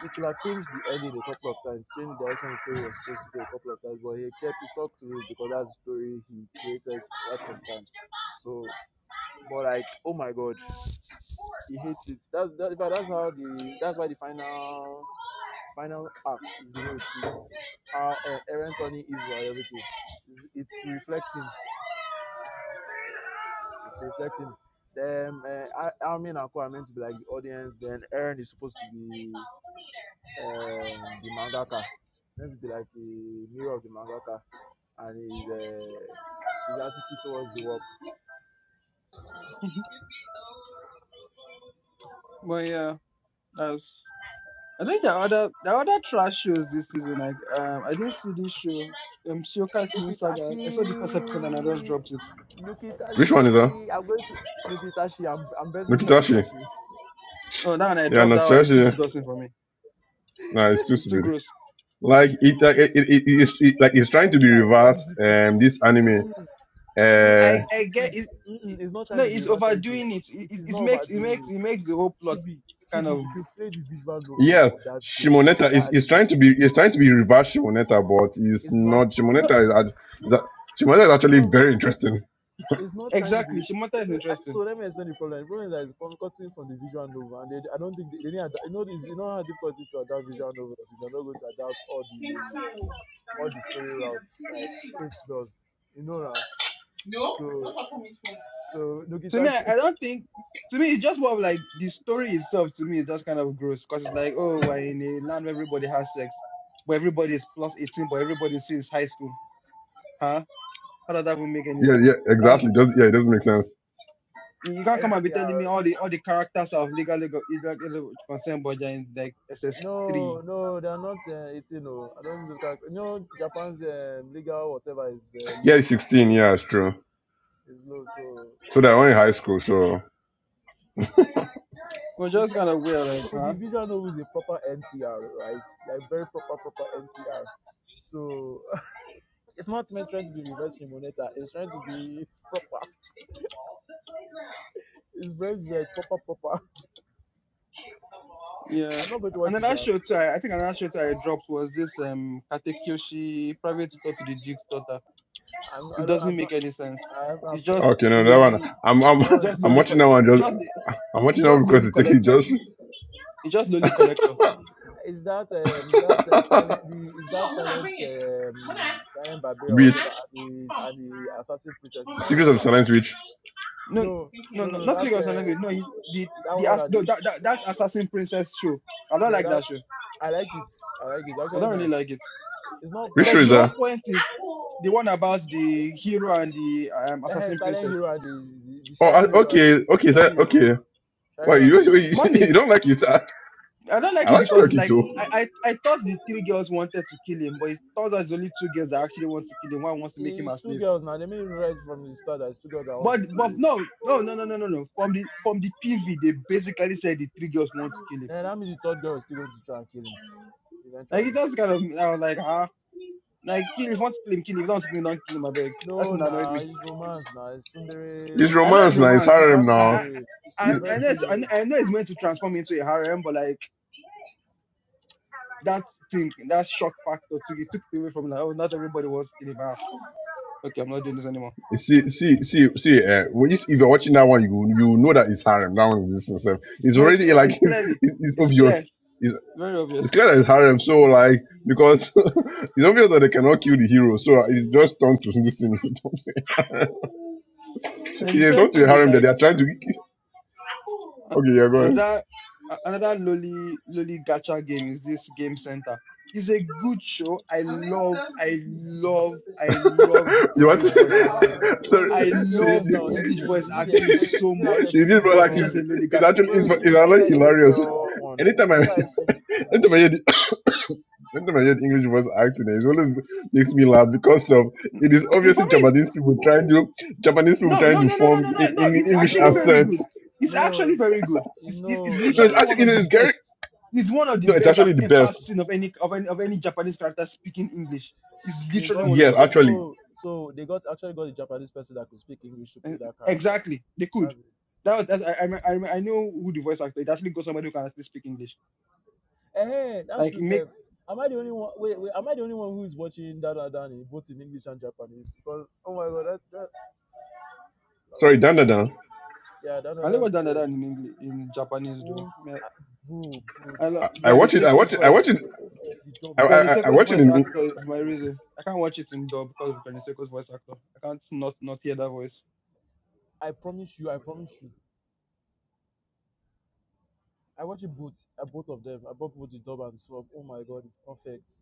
[SPEAKER 3] He could have changed the ending a couple of times, changed the direction his story was supposed to go a couple of times, but he kept he stuck to it because that's the story he created right from the time. So, but like, oh my god, he hates it. That's that, in fact, that's how the that's why the final final arc is the way it is. How uh, Aaron turning evil and everything. It's, it's to reflect him. It's to reflect him. Then uh, Armin and Co are meant to be like the audience. Then Aaron is supposed to be um, the mangaka. Let's be like a mirror of the mangaka and his uh, his attitude towards the work.
[SPEAKER 1] but yeah, that's. I think the other the other trash shows this season. Like, um, I didn't see this show. Um, Siokat New Saga. I saw the first episode and I just
[SPEAKER 3] Nukitashi,
[SPEAKER 1] dropped it.
[SPEAKER 4] Which one is that?
[SPEAKER 3] Nukitashi. I'm going to Nukitashi. I'm I'm betting it's
[SPEAKER 1] No, no,
[SPEAKER 4] Nokitashi.
[SPEAKER 3] Nukitashi.
[SPEAKER 1] oh, that one I
[SPEAKER 4] Yeah,
[SPEAKER 1] dropped that one. It's too
[SPEAKER 4] Nokitashi.
[SPEAKER 1] disgusting for me.
[SPEAKER 4] Nah, it's too
[SPEAKER 1] It's too
[SPEAKER 4] stupid.
[SPEAKER 1] gross
[SPEAKER 4] like it, like it,
[SPEAKER 3] It's
[SPEAKER 4] it, it- it's it- like it's
[SPEAKER 3] it's
[SPEAKER 4] trying to be
[SPEAKER 3] hentai. What
[SPEAKER 4] reversed.
[SPEAKER 3] did you think?
[SPEAKER 4] um this anime
[SPEAKER 3] Mm-mm,
[SPEAKER 4] uh
[SPEAKER 1] I
[SPEAKER 3] mm-mm,
[SPEAKER 1] I get it. it-
[SPEAKER 3] mm-mm. It's not
[SPEAKER 1] No,
[SPEAKER 3] trying to be
[SPEAKER 1] it's
[SPEAKER 3] reverse editing.
[SPEAKER 1] overdoing it. It,
[SPEAKER 3] It
[SPEAKER 1] it.
[SPEAKER 3] is
[SPEAKER 1] it
[SPEAKER 3] not
[SPEAKER 1] makes it makes
[SPEAKER 3] overdoing
[SPEAKER 1] it
[SPEAKER 3] it.
[SPEAKER 1] makes the whole plot
[SPEAKER 3] Chibi,
[SPEAKER 1] kind
[SPEAKER 3] Chibi.
[SPEAKER 1] of
[SPEAKER 3] If you've played the visual novel
[SPEAKER 4] yeah
[SPEAKER 3] of that game of
[SPEAKER 4] shimoneta
[SPEAKER 3] that
[SPEAKER 4] is, is
[SPEAKER 3] anime,
[SPEAKER 4] trying to be it's trying to be reverse shimoneta but it's
[SPEAKER 3] it's not.
[SPEAKER 4] not
[SPEAKER 1] not
[SPEAKER 4] shimoneta is act- that shimoneta is
[SPEAKER 3] It's
[SPEAKER 4] actually
[SPEAKER 3] not.
[SPEAKER 4] very interesting
[SPEAKER 3] it's not trying to
[SPEAKER 1] exactly.
[SPEAKER 3] be
[SPEAKER 1] Shimata is
[SPEAKER 3] so I,
[SPEAKER 1] interesting.
[SPEAKER 3] so let me explain the problem the problem is that it's from cutting from the visual novel and they, i don't think they, they need ad- you know it's you know how difficult it is to adapt visual novels if you're not going to adapt all the all the story routes like fate does you know now so so
[SPEAKER 1] To me,
[SPEAKER 3] nogitashi
[SPEAKER 1] I, I don't think. To me, it's just more of like the story itself. To me, is just kind of gross because it's like, oh, we're in a land where everybody has sex, but everybody is plus eighteen, but everybody since high school. Huh? How does that even make any
[SPEAKER 4] yeah
[SPEAKER 1] sense?
[SPEAKER 4] yeah
[SPEAKER 1] That's
[SPEAKER 4] exactly does yeah it doesn't make sense
[SPEAKER 1] you can't come and be telling me
[SPEAKER 3] ntr
[SPEAKER 1] all the all the characters are of legal legal, legal, legal consent, but they're in like SS three.
[SPEAKER 3] no no they're not uh, 18 no i don't think those characters no japan's um, legal whatever is uh,
[SPEAKER 4] yeah it's
[SPEAKER 3] low
[SPEAKER 4] 16
[SPEAKER 3] so
[SPEAKER 4] yeah it's true
[SPEAKER 3] it's low so
[SPEAKER 4] so that one
[SPEAKER 3] oh
[SPEAKER 4] in high
[SPEAKER 3] no
[SPEAKER 4] school so
[SPEAKER 1] Well,
[SPEAKER 3] Is
[SPEAKER 1] just
[SPEAKER 3] eh,
[SPEAKER 1] kind of weird, like,
[SPEAKER 3] so
[SPEAKER 1] huh?
[SPEAKER 3] the visual novel is a proper NTR, right? Like very proper, proper NTR. So it's not meant trying to be reverse Shimoneta. It's trying to be proper. It's very like proper, proper.
[SPEAKER 1] Yeah.
[SPEAKER 3] I'm not going to watch it.
[SPEAKER 1] another
[SPEAKER 3] Sha.
[SPEAKER 1] show too, I, I think another show too I dropped was this um Katekyoshi private tutor to the Duke's daughter.
[SPEAKER 3] I'm.
[SPEAKER 1] It
[SPEAKER 3] I don't.
[SPEAKER 1] doesn't
[SPEAKER 3] I'm
[SPEAKER 1] make
[SPEAKER 3] not.
[SPEAKER 1] any sense.
[SPEAKER 3] I have. I'm,
[SPEAKER 1] It's
[SPEAKER 3] uh,
[SPEAKER 1] just
[SPEAKER 4] okay no that one
[SPEAKER 1] lowly
[SPEAKER 4] i'm i'm
[SPEAKER 3] that
[SPEAKER 1] it's
[SPEAKER 3] one is
[SPEAKER 1] just
[SPEAKER 4] i'm
[SPEAKER 1] lowly
[SPEAKER 3] trash.
[SPEAKER 1] co-
[SPEAKER 4] watching that
[SPEAKER 1] it's
[SPEAKER 4] one just
[SPEAKER 1] just
[SPEAKER 4] i'm
[SPEAKER 1] it's
[SPEAKER 4] watching that one
[SPEAKER 1] just
[SPEAKER 3] Is,
[SPEAKER 4] because
[SPEAKER 1] lowly
[SPEAKER 4] it's taking
[SPEAKER 1] collector.
[SPEAKER 4] just
[SPEAKER 1] It's just lowly collector.
[SPEAKER 3] is that um is that uh, silent the is that silent um silent barbarian or
[SPEAKER 4] Witch.
[SPEAKER 3] whatever and the, and the assassin princesses I,
[SPEAKER 4] secrets of
[SPEAKER 3] I like
[SPEAKER 4] silent Witch.
[SPEAKER 1] No
[SPEAKER 3] no
[SPEAKER 1] no
[SPEAKER 3] no
[SPEAKER 1] no
[SPEAKER 3] no
[SPEAKER 1] not
[SPEAKER 3] that's
[SPEAKER 1] Lagos
[SPEAKER 3] uh
[SPEAKER 1] Olympic. No, he's the
[SPEAKER 3] that
[SPEAKER 1] the
[SPEAKER 3] one
[SPEAKER 1] ass
[SPEAKER 3] and the,
[SPEAKER 1] no that, that that Assassin Princess show. I don't
[SPEAKER 3] nah,
[SPEAKER 1] like
[SPEAKER 3] that
[SPEAKER 1] that show.
[SPEAKER 3] I like it. I like it. It's
[SPEAKER 1] I
[SPEAKER 3] actually
[SPEAKER 1] don't really like
[SPEAKER 3] nice.
[SPEAKER 1] it.
[SPEAKER 3] It's not
[SPEAKER 4] Which
[SPEAKER 3] bad.
[SPEAKER 1] Like
[SPEAKER 4] is
[SPEAKER 1] the whole
[SPEAKER 4] that?
[SPEAKER 1] point is the one about the hero and the um,
[SPEAKER 3] Eh,
[SPEAKER 1] assassin
[SPEAKER 3] Silent
[SPEAKER 1] princess.
[SPEAKER 3] Hero and the, the, the
[SPEAKER 4] Oh,
[SPEAKER 3] Shy
[SPEAKER 4] I,
[SPEAKER 3] Hero and
[SPEAKER 4] okay, okay, is
[SPEAKER 3] Shy Hero.
[SPEAKER 4] okay?
[SPEAKER 3] Shy
[SPEAKER 4] Why
[SPEAKER 3] Hero and
[SPEAKER 4] you, you
[SPEAKER 3] the
[SPEAKER 1] Money.
[SPEAKER 4] you
[SPEAKER 3] Assassin
[SPEAKER 4] don't like it?
[SPEAKER 3] Princesses.
[SPEAKER 4] I,
[SPEAKER 1] I don't like
[SPEAKER 4] I
[SPEAKER 1] it
[SPEAKER 4] actually
[SPEAKER 1] because
[SPEAKER 4] like
[SPEAKER 1] it's
[SPEAKER 4] it
[SPEAKER 1] like
[SPEAKER 4] too.
[SPEAKER 1] I, I, I thought the three girls wanted to kill him, but it turns out it's only two girls that actually want to kill him. One wants to make him
[SPEAKER 3] It's
[SPEAKER 1] a
[SPEAKER 3] two
[SPEAKER 1] slave.
[SPEAKER 3] girls now. They made it right from the start that it's two girls that want
[SPEAKER 1] But
[SPEAKER 3] to kill
[SPEAKER 1] but
[SPEAKER 3] him.
[SPEAKER 1] no no no no no no no. From the from the PV, they basically said the three girls want to kill him.
[SPEAKER 3] Then that means the third girl is still going to try and kill him
[SPEAKER 1] Like it
[SPEAKER 3] eventually.
[SPEAKER 1] just kind of I was like ah like kill if you want to kill him kill him If you don't want to kill him don't kill him I beg. That
[SPEAKER 3] No,
[SPEAKER 1] thing annoyed
[SPEAKER 3] nah,
[SPEAKER 1] me.
[SPEAKER 3] it's romance now. It's
[SPEAKER 4] It's
[SPEAKER 3] Sundere.
[SPEAKER 1] I know it's
[SPEAKER 4] romance now. It's
[SPEAKER 1] romance.
[SPEAKER 4] harem
[SPEAKER 3] Reverse
[SPEAKER 4] now.
[SPEAKER 1] I I
[SPEAKER 3] Sundere. It's
[SPEAKER 1] I, I
[SPEAKER 3] Reverse
[SPEAKER 1] know it's, I, know-
[SPEAKER 3] Sundere.
[SPEAKER 1] I know it's meant to transform into a harem, but like that thing that shock factor took it took it away from me. like oh not everybody wants to kill him. Ah okay I'm not doing this anymore.
[SPEAKER 4] See, see, see, see. Uh, well, if if you're watching that one, you you know that it's harem. That one is itself. It's
[SPEAKER 1] No, it's,
[SPEAKER 4] already
[SPEAKER 1] uh,
[SPEAKER 4] like
[SPEAKER 1] it's
[SPEAKER 4] it's,
[SPEAKER 1] clearly,
[SPEAKER 4] it's
[SPEAKER 1] it's clear,
[SPEAKER 4] obvious. It's,
[SPEAKER 1] very
[SPEAKER 4] it's
[SPEAKER 1] obvious.
[SPEAKER 4] clear that it's harem. So like because it's obvious that they cannot kill the hero. So it just turned to this thing.
[SPEAKER 1] And the
[SPEAKER 4] yeah, it
[SPEAKER 1] same
[SPEAKER 4] turned to a
[SPEAKER 1] thing with
[SPEAKER 4] harem that
[SPEAKER 1] like
[SPEAKER 4] they are trying to.
[SPEAKER 1] uh,
[SPEAKER 4] Okay, yeah, go ahead.
[SPEAKER 1] another uh, another lowly lowly gacha game is this Game Center. It's a good show. I love, I love, I love the
[SPEAKER 4] You want to?
[SPEAKER 1] English voice acting.
[SPEAKER 3] Um, wait,
[SPEAKER 4] Sorry.
[SPEAKER 3] wait, wait,
[SPEAKER 1] I
[SPEAKER 3] is it
[SPEAKER 4] The
[SPEAKER 3] game set
[SPEAKER 1] love the
[SPEAKER 3] or
[SPEAKER 4] you,
[SPEAKER 1] English
[SPEAKER 3] exchange?
[SPEAKER 1] voice
[SPEAKER 3] Is it the
[SPEAKER 1] acting
[SPEAKER 3] exchange?
[SPEAKER 4] you,
[SPEAKER 1] so
[SPEAKER 3] Is it like
[SPEAKER 1] much,
[SPEAKER 4] you did,
[SPEAKER 3] exchange
[SPEAKER 4] but
[SPEAKER 1] but
[SPEAKER 4] like,
[SPEAKER 1] it's
[SPEAKER 3] girl
[SPEAKER 1] just a
[SPEAKER 4] it's,
[SPEAKER 1] lowly gacha.
[SPEAKER 4] actually
[SPEAKER 3] Wait,
[SPEAKER 4] is
[SPEAKER 3] wait,
[SPEAKER 4] it's
[SPEAKER 3] Chibi, is it
[SPEAKER 4] actually
[SPEAKER 3] that exchange
[SPEAKER 4] hilarious.
[SPEAKER 3] girl one?
[SPEAKER 4] Anytime
[SPEAKER 3] Is it
[SPEAKER 4] I,
[SPEAKER 3] that exchange?
[SPEAKER 4] anytime I hear the, anytime I hear the English voice acting, it always makes me laugh because of it is
[SPEAKER 1] It, for
[SPEAKER 4] obviously
[SPEAKER 1] me.
[SPEAKER 4] Japanese people trying to Japanese people
[SPEAKER 1] No,
[SPEAKER 4] trying
[SPEAKER 1] no,
[SPEAKER 4] to
[SPEAKER 1] no, no, no, no,
[SPEAKER 4] form a-
[SPEAKER 1] no, no.
[SPEAKER 4] Eng-
[SPEAKER 1] It's
[SPEAKER 4] English
[SPEAKER 1] actually
[SPEAKER 3] No,
[SPEAKER 1] very
[SPEAKER 4] accents.
[SPEAKER 1] good. It's actually
[SPEAKER 3] no,
[SPEAKER 1] very good.
[SPEAKER 3] eh,
[SPEAKER 1] It's, it's it's
[SPEAKER 3] no,
[SPEAKER 4] No, it's
[SPEAKER 1] literally
[SPEAKER 3] no.
[SPEAKER 1] one
[SPEAKER 4] actually
[SPEAKER 1] of the
[SPEAKER 4] it's Gary.
[SPEAKER 1] best. It's one of the
[SPEAKER 4] No, it's
[SPEAKER 1] best I've
[SPEAKER 4] actually the
[SPEAKER 1] ever
[SPEAKER 4] best.
[SPEAKER 1] seen of any of any of any Japanese character speaking English. It's
[SPEAKER 3] Sh- They
[SPEAKER 1] literally
[SPEAKER 3] got
[SPEAKER 1] one of the
[SPEAKER 4] Yes,
[SPEAKER 1] best.
[SPEAKER 4] actually.
[SPEAKER 3] so so they got actually got a Japanese person that could speak English to play
[SPEAKER 1] Eh,
[SPEAKER 3] that character.
[SPEAKER 1] Exactly, they could.
[SPEAKER 3] That's it.
[SPEAKER 1] That was that's, I, I I I know who the voice actor. It actually got somebody who can actually speak English.
[SPEAKER 3] Eh, that's
[SPEAKER 1] Like it
[SPEAKER 3] true,
[SPEAKER 1] make
[SPEAKER 3] Seth. Am I the only one? Wait, wait. Am I the only one who is watching Dada Dan in both in English and Japanese? Because oh my god, that that loud.
[SPEAKER 4] Sorry, Dan Dan. Dan.
[SPEAKER 3] yeah, Dada
[SPEAKER 1] I never
[SPEAKER 3] Dan's
[SPEAKER 1] done that
[SPEAKER 3] dead.
[SPEAKER 1] in English in Japanese though.
[SPEAKER 3] Um,
[SPEAKER 1] Yeah.
[SPEAKER 3] I- bro, bro,
[SPEAKER 1] I
[SPEAKER 3] the,
[SPEAKER 1] love
[SPEAKER 4] I, I
[SPEAKER 3] the
[SPEAKER 1] Granny
[SPEAKER 4] watch
[SPEAKER 3] dub
[SPEAKER 4] it. I
[SPEAKER 3] is
[SPEAKER 1] Seko's
[SPEAKER 4] watch it. I
[SPEAKER 3] mad.
[SPEAKER 4] watch
[SPEAKER 1] voice.
[SPEAKER 4] it.
[SPEAKER 3] The dub
[SPEAKER 4] I,
[SPEAKER 3] is
[SPEAKER 1] Granny
[SPEAKER 4] I, I
[SPEAKER 3] mad.
[SPEAKER 4] I
[SPEAKER 1] Seko's
[SPEAKER 4] watch it
[SPEAKER 1] voice
[SPEAKER 4] in.
[SPEAKER 3] It's
[SPEAKER 1] actor
[SPEAKER 3] just
[SPEAKER 1] is
[SPEAKER 3] as
[SPEAKER 1] my
[SPEAKER 3] good.
[SPEAKER 1] reason. I can't watch it in dub because of Granny Seko's voice actor. I can't not not hear that voice.
[SPEAKER 3] I promise you, I promise you. I watch it both, uh, both of them. I bought both the dub and sub. Oh my god, it's perfect.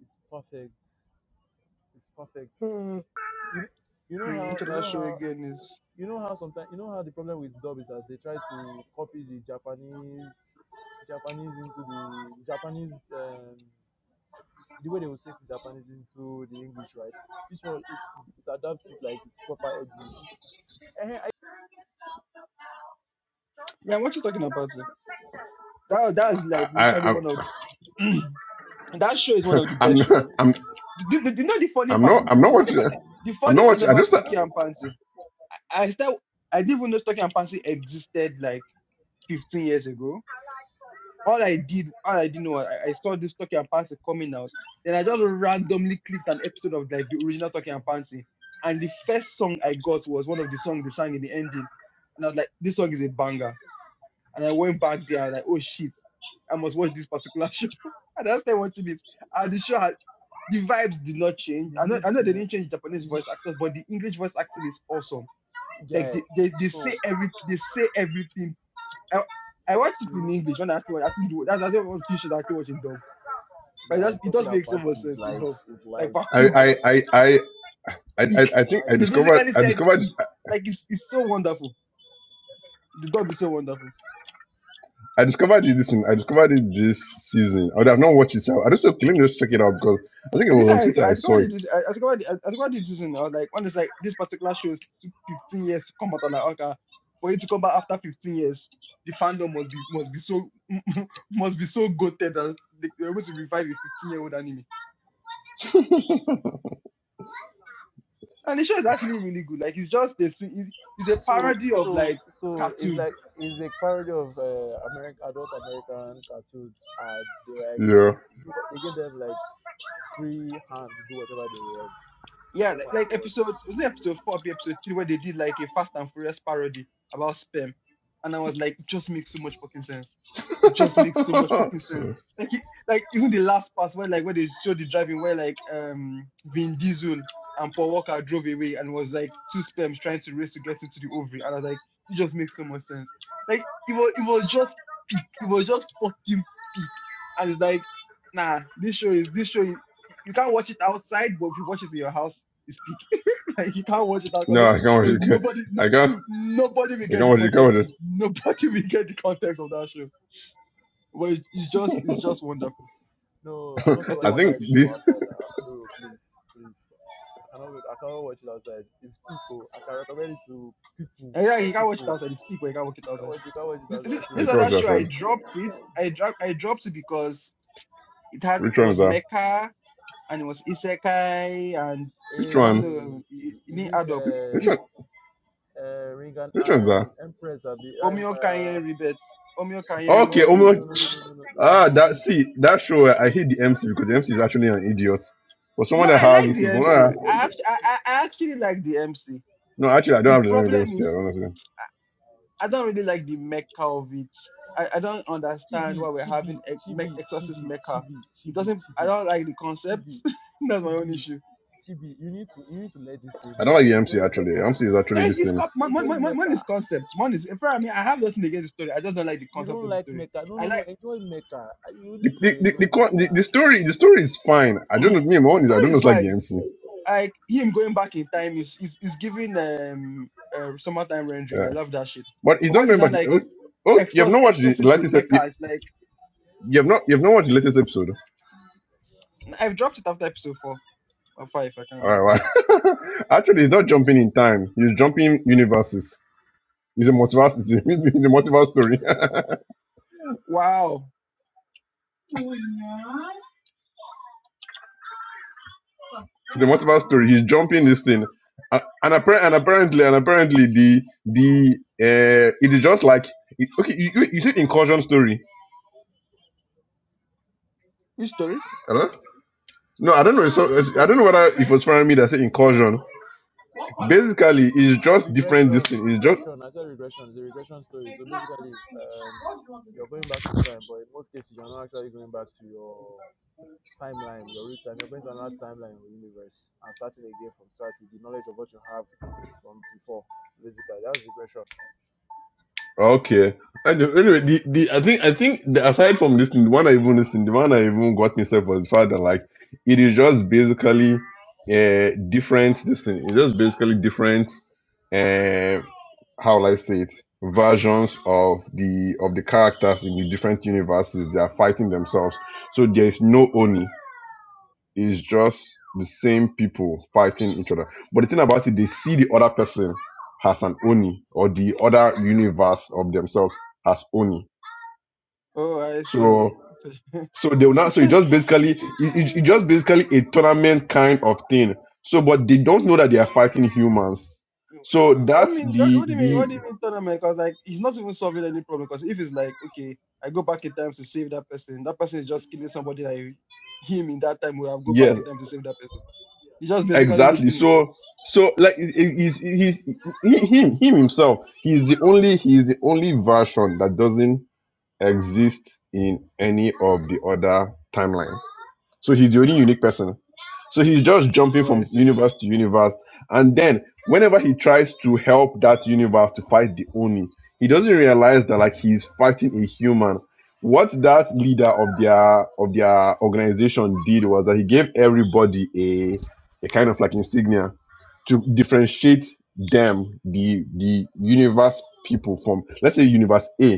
[SPEAKER 3] It's perfect. It's perfect.
[SPEAKER 1] Uh,
[SPEAKER 3] You, you know
[SPEAKER 1] mm,
[SPEAKER 3] how
[SPEAKER 1] which
[SPEAKER 3] you
[SPEAKER 1] other
[SPEAKER 3] know
[SPEAKER 1] show
[SPEAKER 3] how
[SPEAKER 1] again is
[SPEAKER 3] you know how sometimes you know how the problem with dub is that they try to copy the Japanese Japanese into the, the Japanese um, the way they will say it in Japanese into the English, right? This one it it adapts it like it's proper English. Eh,
[SPEAKER 1] yeah? What you talking about? eh? That that's like
[SPEAKER 4] I,
[SPEAKER 1] literally
[SPEAKER 4] I
[SPEAKER 1] one of the that show is one of the
[SPEAKER 4] I'm
[SPEAKER 1] best shows. I've,
[SPEAKER 4] not, I'm
[SPEAKER 1] the, the, you know the funny
[SPEAKER 4] I'm
[SPEAKER 1] part.
[SPEAKER 4] not
[SPEAKER 1] The,
[SPEAKER 4] I'm
[SPEAKER 1] the
[SPEAKER 4] not what
[SPEAKER 1] funny part.
[SPEAKER 4] you
[SPEAKER 1] The
[SPEAKER 4] I'm
[SPEAKER 1] funny
[SPEAKER 4] not
[SPEAKER 1] part
[SPEAKER 4] what you, I
[SPEAKER 1] about
[SPEAKER 4] just
[SPEAKER 1] Stocky and Pansy. I still I didn't even know Stocky and Pansy existed like 15 years ago. All I did, all I didn't know, was I, I saw this Stocky and Pansy coming out. Then I just randomly clicked an episode of like the original Stocky and Pansy, and the first song I got was one of the songs they sang in the ending, and I was like, this song is a banger And I went back there, I was like, oh shit, I must watch this particular show. and I started watching it. And the show had the vibes did not change.
[SPEAKER 3] You
[SPEAKER 1] I know,
[SPEAKER 3] need
[SPEAKER 1] I
[SPEAKER 3] to
[SPEAKER 1] know they didn't change the Japanese
[SPEAKER 3] you n-
[SPEAKER 1] voice actors, but the English voice acting is awesome. Like they,
[SPEAKER 3] get
[SPEAKER 1] they, they say every they say everything. I, I watched it in
[SPEAKER 3] so
[SPEAKER 1] English when I actually I actually do that's that's one few shows I actually watch in dub. But it
[SPEAKER 3] Guys,
[SPEAKER 1] does it
[SPEAKER 3] talking
[SPEAKER 1] does make so
[SPEAKER 3] about
[SPEAKER 1] much
[SPEAKER 3] his
[SPEAKER 1] sense in
[SPEAKER 3] life.
[SPEAKER 1] dub.
[SPEAKER 3] His
[SPEAKER 1] Like
[SPEAKER 3] life.
[SPEAKER 1] for
[SPEAKER 4] I
[SPEAKER 3] Like I
[SPEAKER 1] cooked,
[SPEAKER 4] I
[SPEAKER 3] want
[SPEAKER 4] I I I, I,
[SPEAKER 1] eek.
[SPEAKER 3] his
[SPEAKER 4] I think I
[SPEAKER 1] They
[SPEAKER 3] life.
[SPEAKER 4] discovered
[SPEAKER 1] basically
[SPEAKER 4] I
[SPEAKER 1] said
[SPEAKER 4] discovered
[SPEAKER 1] eek. Like it's it's so wonderful. The dub is so wonderful.
[SPEAKER 4] I discovered it this in, I discovered it this season. I would have not watched it. so I just said, let me just check it out because I think it
[SPEAKER 1] Me,
[SPEAKER 4] was on
[SPEAKER 1] I,
[SPEAKER 4] Twitter.
[SPEAKER 1] I
[SPEAKER 4] I
[SPEAKER 1] discovered
[SPEAKER 4] saw it.
[SPEAKER 1] it. This, I I discovered it. I I discovered it this season. I was like, when it's like this particular show took 15 years to come out, I'm like, okay, for it to come back after 15 years, the fandom must be must be so must be so gutted that they were able to revive a 15 year old anime. And the show is actually really good. Like, it's just a, it's, it's a
[SPEAKER 3] So
[SPEAKER 1] parody of
[SPEAKER 3] so
[SPEAKER 1] like
[SPEAKER 3] so it's
[SPEAKER 1] cartoon.
[SPEAKER 3] like it's a parody of uh, American adult American cartoons, and they like
[SPEAKER 4] yeah.
[SPEAKER 3] do, what- they give them like free hand to do whatever they want.
[SPEAKER 1] Yeah,
[SPEAKER 3] Oh
[SPEAKER 1] like,
[SPEAKER 3] my
[SPEAKER 1] like
[SPEAKER 3] god!
[SPEAKER 1] episode was it episode four, or episode three, where they did like a Fast and Furious parody about sperm, and I was like, it just makes so much fucking sense. It just makes so much fucking sense. Like, it, like even the last part where like where they showed the driving, where like um Vin Diesel and Paul Walker drove away, and was like two sperms trying to race to get into the ovary, and I was like, it just makes so much sense. Like it was, it was just peak. It was just fucking peak. And it's like, nah, this show is this show. Is, you can't watch it outside, but if you watch it in your house speak. like you can't watch it out
[SPEAKER 4] no, I can't. watch
[SPEAKER 1] because
[SPEAKER 4] it.
[SPEAKER 1] nobody, no,
[SPEAKER 4] I can't.
[SPEAKER 1] nobody will
[SPEAKER 4] I
[SPEAKER 1] get
[SPEAKER 4] can't
[SPEAKER 1] the
[SPEAKER 4] watch it. You can't
[SPEAKER 1] context. Nobody will get the context of that show. But it's it's just, it's just wonderful.
[SPEAKER 3] No, I
[SPEAKER 4] watch
[SPEAKER 3] don't
[SPEAKER 4] it.
[SPEAKER 1] That's
[SPEAKER 3] feel
[SPEAKER 1] a
[SPEAKER 4] I
[SPEAKER 3] that
[SPEAKER 4] think
[SPEAKER 3] kind of
[SPEAKER 1] wonderful
[SPEAKER 3] shit
[SPEAKER 1] show.
[SPEAKER 4] the
[SPEAKER 3] for outside. Uh, no, please, please. I cannot. wait- I cannot watch it outside. It's pico. I can recommend it to people.
[SPEAKER 1] And yeah,
[SPEAKER 3] My
[SPEAKER 1] you can't watch it
[SPEAKER 3] people.
[SPEAKER 1] outside. It's speak, but you can't watch it
[SPEAKER 3] You can't
[SPEAKER 1] outside.
[SPEAKER 3] watch. You can't watch it
[SPEAKER 1] This,
[SPEAKER 3] outside,
[SPEAKER 1] this,
[SPEAKER 4] I
[SPEAKER 1] this
[SPEAKER 4] can't
[SPEAKER 3] please.
[SPEAKER 1] other
[SPEAKER 4] watch it. I
[SPEAKER 1] show,
[SPEAKER 4] said.
[SPEAKER 1] I dropped it. I dropped, I dropped it because it had
[SPEAKER 4] Which one is
[SPEAKER 1] was
[SPEAKER 4] that?
[SPEAKER 1] Mecha and it was Isekai and
[SPEAKER 4] Which
[SPEAKER 1] I don't
[SPEAKER 4] one?
[SPEAKER 3] Hey,
[SPEAKER 1] know. It, it
[SPEAKER 3] is
[SPEAKER 1] didn't
[SPEAKER 3] it
[SPEAKER 1] add up.
[SPEAKER 4] Which
[SPEAKER 3] uh,
[SPEAKER 1] This
[SPEAKER 4] one?
[SPEAKER 3] uh, Ringan
[SPEAKER 4] Which one's that?
[SPEAKER 3] um, Empress or be, uh,
[SPEAKER 1] Omio
[SPEAKER 3] Empire?
[SPEAKER 1] Kanyen rebate. Omio Kanyen.
[SPEAKER 3] Oh
[SPEAKER 4] Okay,
[SPEAKER 1] I
[SPEAKER 3] no no
[SPEAKER 1] think
[SPEAKER 4] almost.
[SPEAKER 1] it's
[SPEAKER 3] no no no no
[SPEAKER 1] Omio.
[SPEAKER 3] no no no no! no,
[SPEAKER 4] Ah,
[SPEAKER 3] It's
[SPEAKER 4] that
[SPEAKER 3] good,
[SPEAKER 4] see that show. eh,
[SPEAKER 3] it's
[SPEAKER 4] I
[SPEAKER 3] good,
[SPEAKER 4] hate the MC because the MC is actually an idiot. For someone
[SPEAKER 1] No,
[SPEAKER 4] that
[SPEAKER 1] I
[SPEAKER 3] it's
[SPEAKER 4] has
[SPEAKER 1] like
[SPEAKER 4] this,
[SPEAKER 3] good,
[SPEAKER 1] the
[SPEAKER 4] is, well,
[SPEAKER 3] it's
[SPEAKER 1] MC.
[SPEAKER 3] very
[SPEAKER 4] nah,
[SPEAKER 3] good.
[SPEAKER 1] I, actually, I, I I actually like the MC.
[SPEAKER 4] no, actually, I don't
[SPEAKER 1] The
[SPEAKER 4] have the name of the
[SPEAKER 1] problem
[SPEAKER 4] MC.
[SPEAKER 1] is,
[SPEAKER 4] Honestly,
[SPEAKER 1] I don't really like the Mecca of it. I, I don't understand why
[SPEAKER 3] Chibi,
[SPEAKER 1] we're having
[SPEAKER 3] chibi,
[SPEAKER 1] ex- me-
[SPEAKER 3] chibi,
[SPEAKER 1] Exorcist
[SPEAKER 3] chibi,
[SPEAKER 1] Mecca.
[SPEAKER 3] chibi,
[SPEAKER 1] It
[SPEAKER 3] chibi,
[SPEAKER 1] doesn't, I
[SPEAKER 3] chibi,
[SPEAKER 1] don't like the concept.
[SPEAKER 3] chibi,
[SPEAKER 1] That's my own
[SPEAKER 3] chibi,
[SPEAKER 1] issue.
[SPEAKER 3] chibi. You need to you need to let this thing
[SPEAKER 4] I don't
[SPEAKER 3] go.
[SPEAKER 4] like the MC.
[SPEAKER 3] Enjoy
[SPEAKER 4] Actually, the
[SPEAKER 3] Mecca.
[SPEAKER 4] MC is
[SPEAKER 1] No,
[SPEAKER 4] actually
[SPEAKER 1] it's,
[SPEAKER 4] this
[SPEAKER 1] it's
[SPEAKER 4] thing.
[SPEAKER 1] cop- one, one,
[SPEAKER 3] Enjoy
[SPEAKER 1] one, one one
[SPEAKER 3] Mecca.
[SPEAKER 1] is concept. One is, in fact, I mean, I have nothing against the story. I just don't like the
[SPEAKER 3] You
[SPEAKER 1] concept
[SPEAKER 3] don't
[SPEAKER 1] of the
[SPEAKER 3] like
[SPEAKER 1] story.
[SPEAKER 3] Mecca? No
[SPEAKER 1] I
[SPEAKER 3] no no.
[SPEAKER 1] like,
[SPEAKER 3] Enjoy Mecca. You
[SPEAKER 4] The
[SPEAKER 3] need to
[SPEAKER 4] the, the,
[SPEAKER 3] enjoy
[SPEAKER 4] the, con- the
[SPEAKER 3] Mecca.
[SPEAKER 4] the story the story is fine. I don't know. Me, my own is I
[SPEAKER 1] story
[SPEAKER 4] don't know.
[SPEAKER 1] is
[SPEAKER 4] It's like the
[SPEAKER 1] fine.
[SPEAKER 4] MC.
[SPEAKER 1] Like, him going back in time is, is, is giving um, uh, summertime rendering. I
[SPEAKER 4] Yeah,
[SPEAKER 1] love that shit.
[SPEAKER 4] but it's
[SPEAKER 1] But
[SPEAKER 4] not
[SPEAKER 1] what is
[SPEAKER 4] going
[SPEAKER 1] not
[SPEAKER 4] back.
[SPEAKER 1] like?
[SPEAKER 4] Oh, oh you have
[SPEAKER 1] Exorc-
[SPEAKER 4] not watched the
[SPEAKER 1] Exorcist in
[SPEAKER 4] latest. ep- You,
[SPEAKER 1] Mecca. It's like
[SPEAKER 4] you have not you have not watched the latest episode.
[SPEAKER 1] I've dropped it after episode four or five. I can't
[SPEAKER 4] All
[SPEAKER 1] remember.
[SPEAKER 4] right, wow. actually, he's not jumping in time. He's jumping universes. It's a motivational. It's a it's a motivational story. the
[SPEAKER 1] Wow.
[SPEAKER 4] motivational story. He's jumping this thing, and, and, appar- and apparently, and apparently, the the uh, it is just like it- okay. You, you you see incursion story.
[SPEAKER 1] Which story?
[SPEAKER 4] Hello? No, I don't know. So
[SPEAKER 1] Which
[SPEAKER 4] I don't
[SPEAKER 1] story?
[SPEAKER 4] know whether it was from me that said incursion. Basically, it's just different. This
[SPEAKER 3] regression
[SPEAKER 4] thing. It's just
[SPEAKER 3] regression i said regression is a regression story so basically um you're going back in time but in most cases you're not actually going back to your timeline your real time you're going to another timeline in the universe and starting again from scratch with the knowledge of what you have from before basically that's regression
[SPEAKER 4] Okay. And the- anyway, the, the I think I think the, aside from listening, the one I even listened, the one I even got myself was the like it is just basically uh different this thing. It's just basically different uh how will I say it versions of the of the characters in the different universes. They are fighting themselves. So there is no Oni. It's just the same people fighting each other. But the thing about it, they see the other person has an Oni or the other universe of themselves as Oni.
[SPEAKER 1] Oh, I see.
[SPEAKER 4] So
[SPEAKER 1] So-
[SPEAKER 4] so they will not so it just basically it, it, it just basically a tournament kind of thing. So but they don't know that they are fighting humans.
[SPEAKER 1] Uh,
[SPEAKER 4] So
[SPEAKER 1] what
[SPEAKER 4] that's
[SPEAKER 1] mean? What,
[SPEAKER 4] the
[SPEAKER 1] what do you mean?
[SPEAKER 4] the
[SPEAKER 1] What do you mean tournament? Because like he's not even solving any problem. Because if it's like okay, I go back in time to save that person, that person is just killing somebody that him in that time will have go back
[SPEAKER 4] yes,
[SPEAKER 1] in time to save that person. He's just basically
[SPEAKER 4] exactly.
[SPEAKER 1] looping himself.
[SPEAKER 4] So so like it- it- he's he's he, him him himself he's the only he's the only version that doesn't exist in any of the other timeline. So he's the only unique person. So he's just jumping
[SPEAKER 1] Oh, I
[SPEAKER 4] from
[SPEAKER 1] see.
[SPEAKER 4] universe to universe. And then whenever he tries to help that universe to fight the Oni, he doesn't realize that like he's fighting a human. What that leader of their of their organization did was that he gave everybody a a kind of like insignia to differentiate them, the the universe people from let's say universe A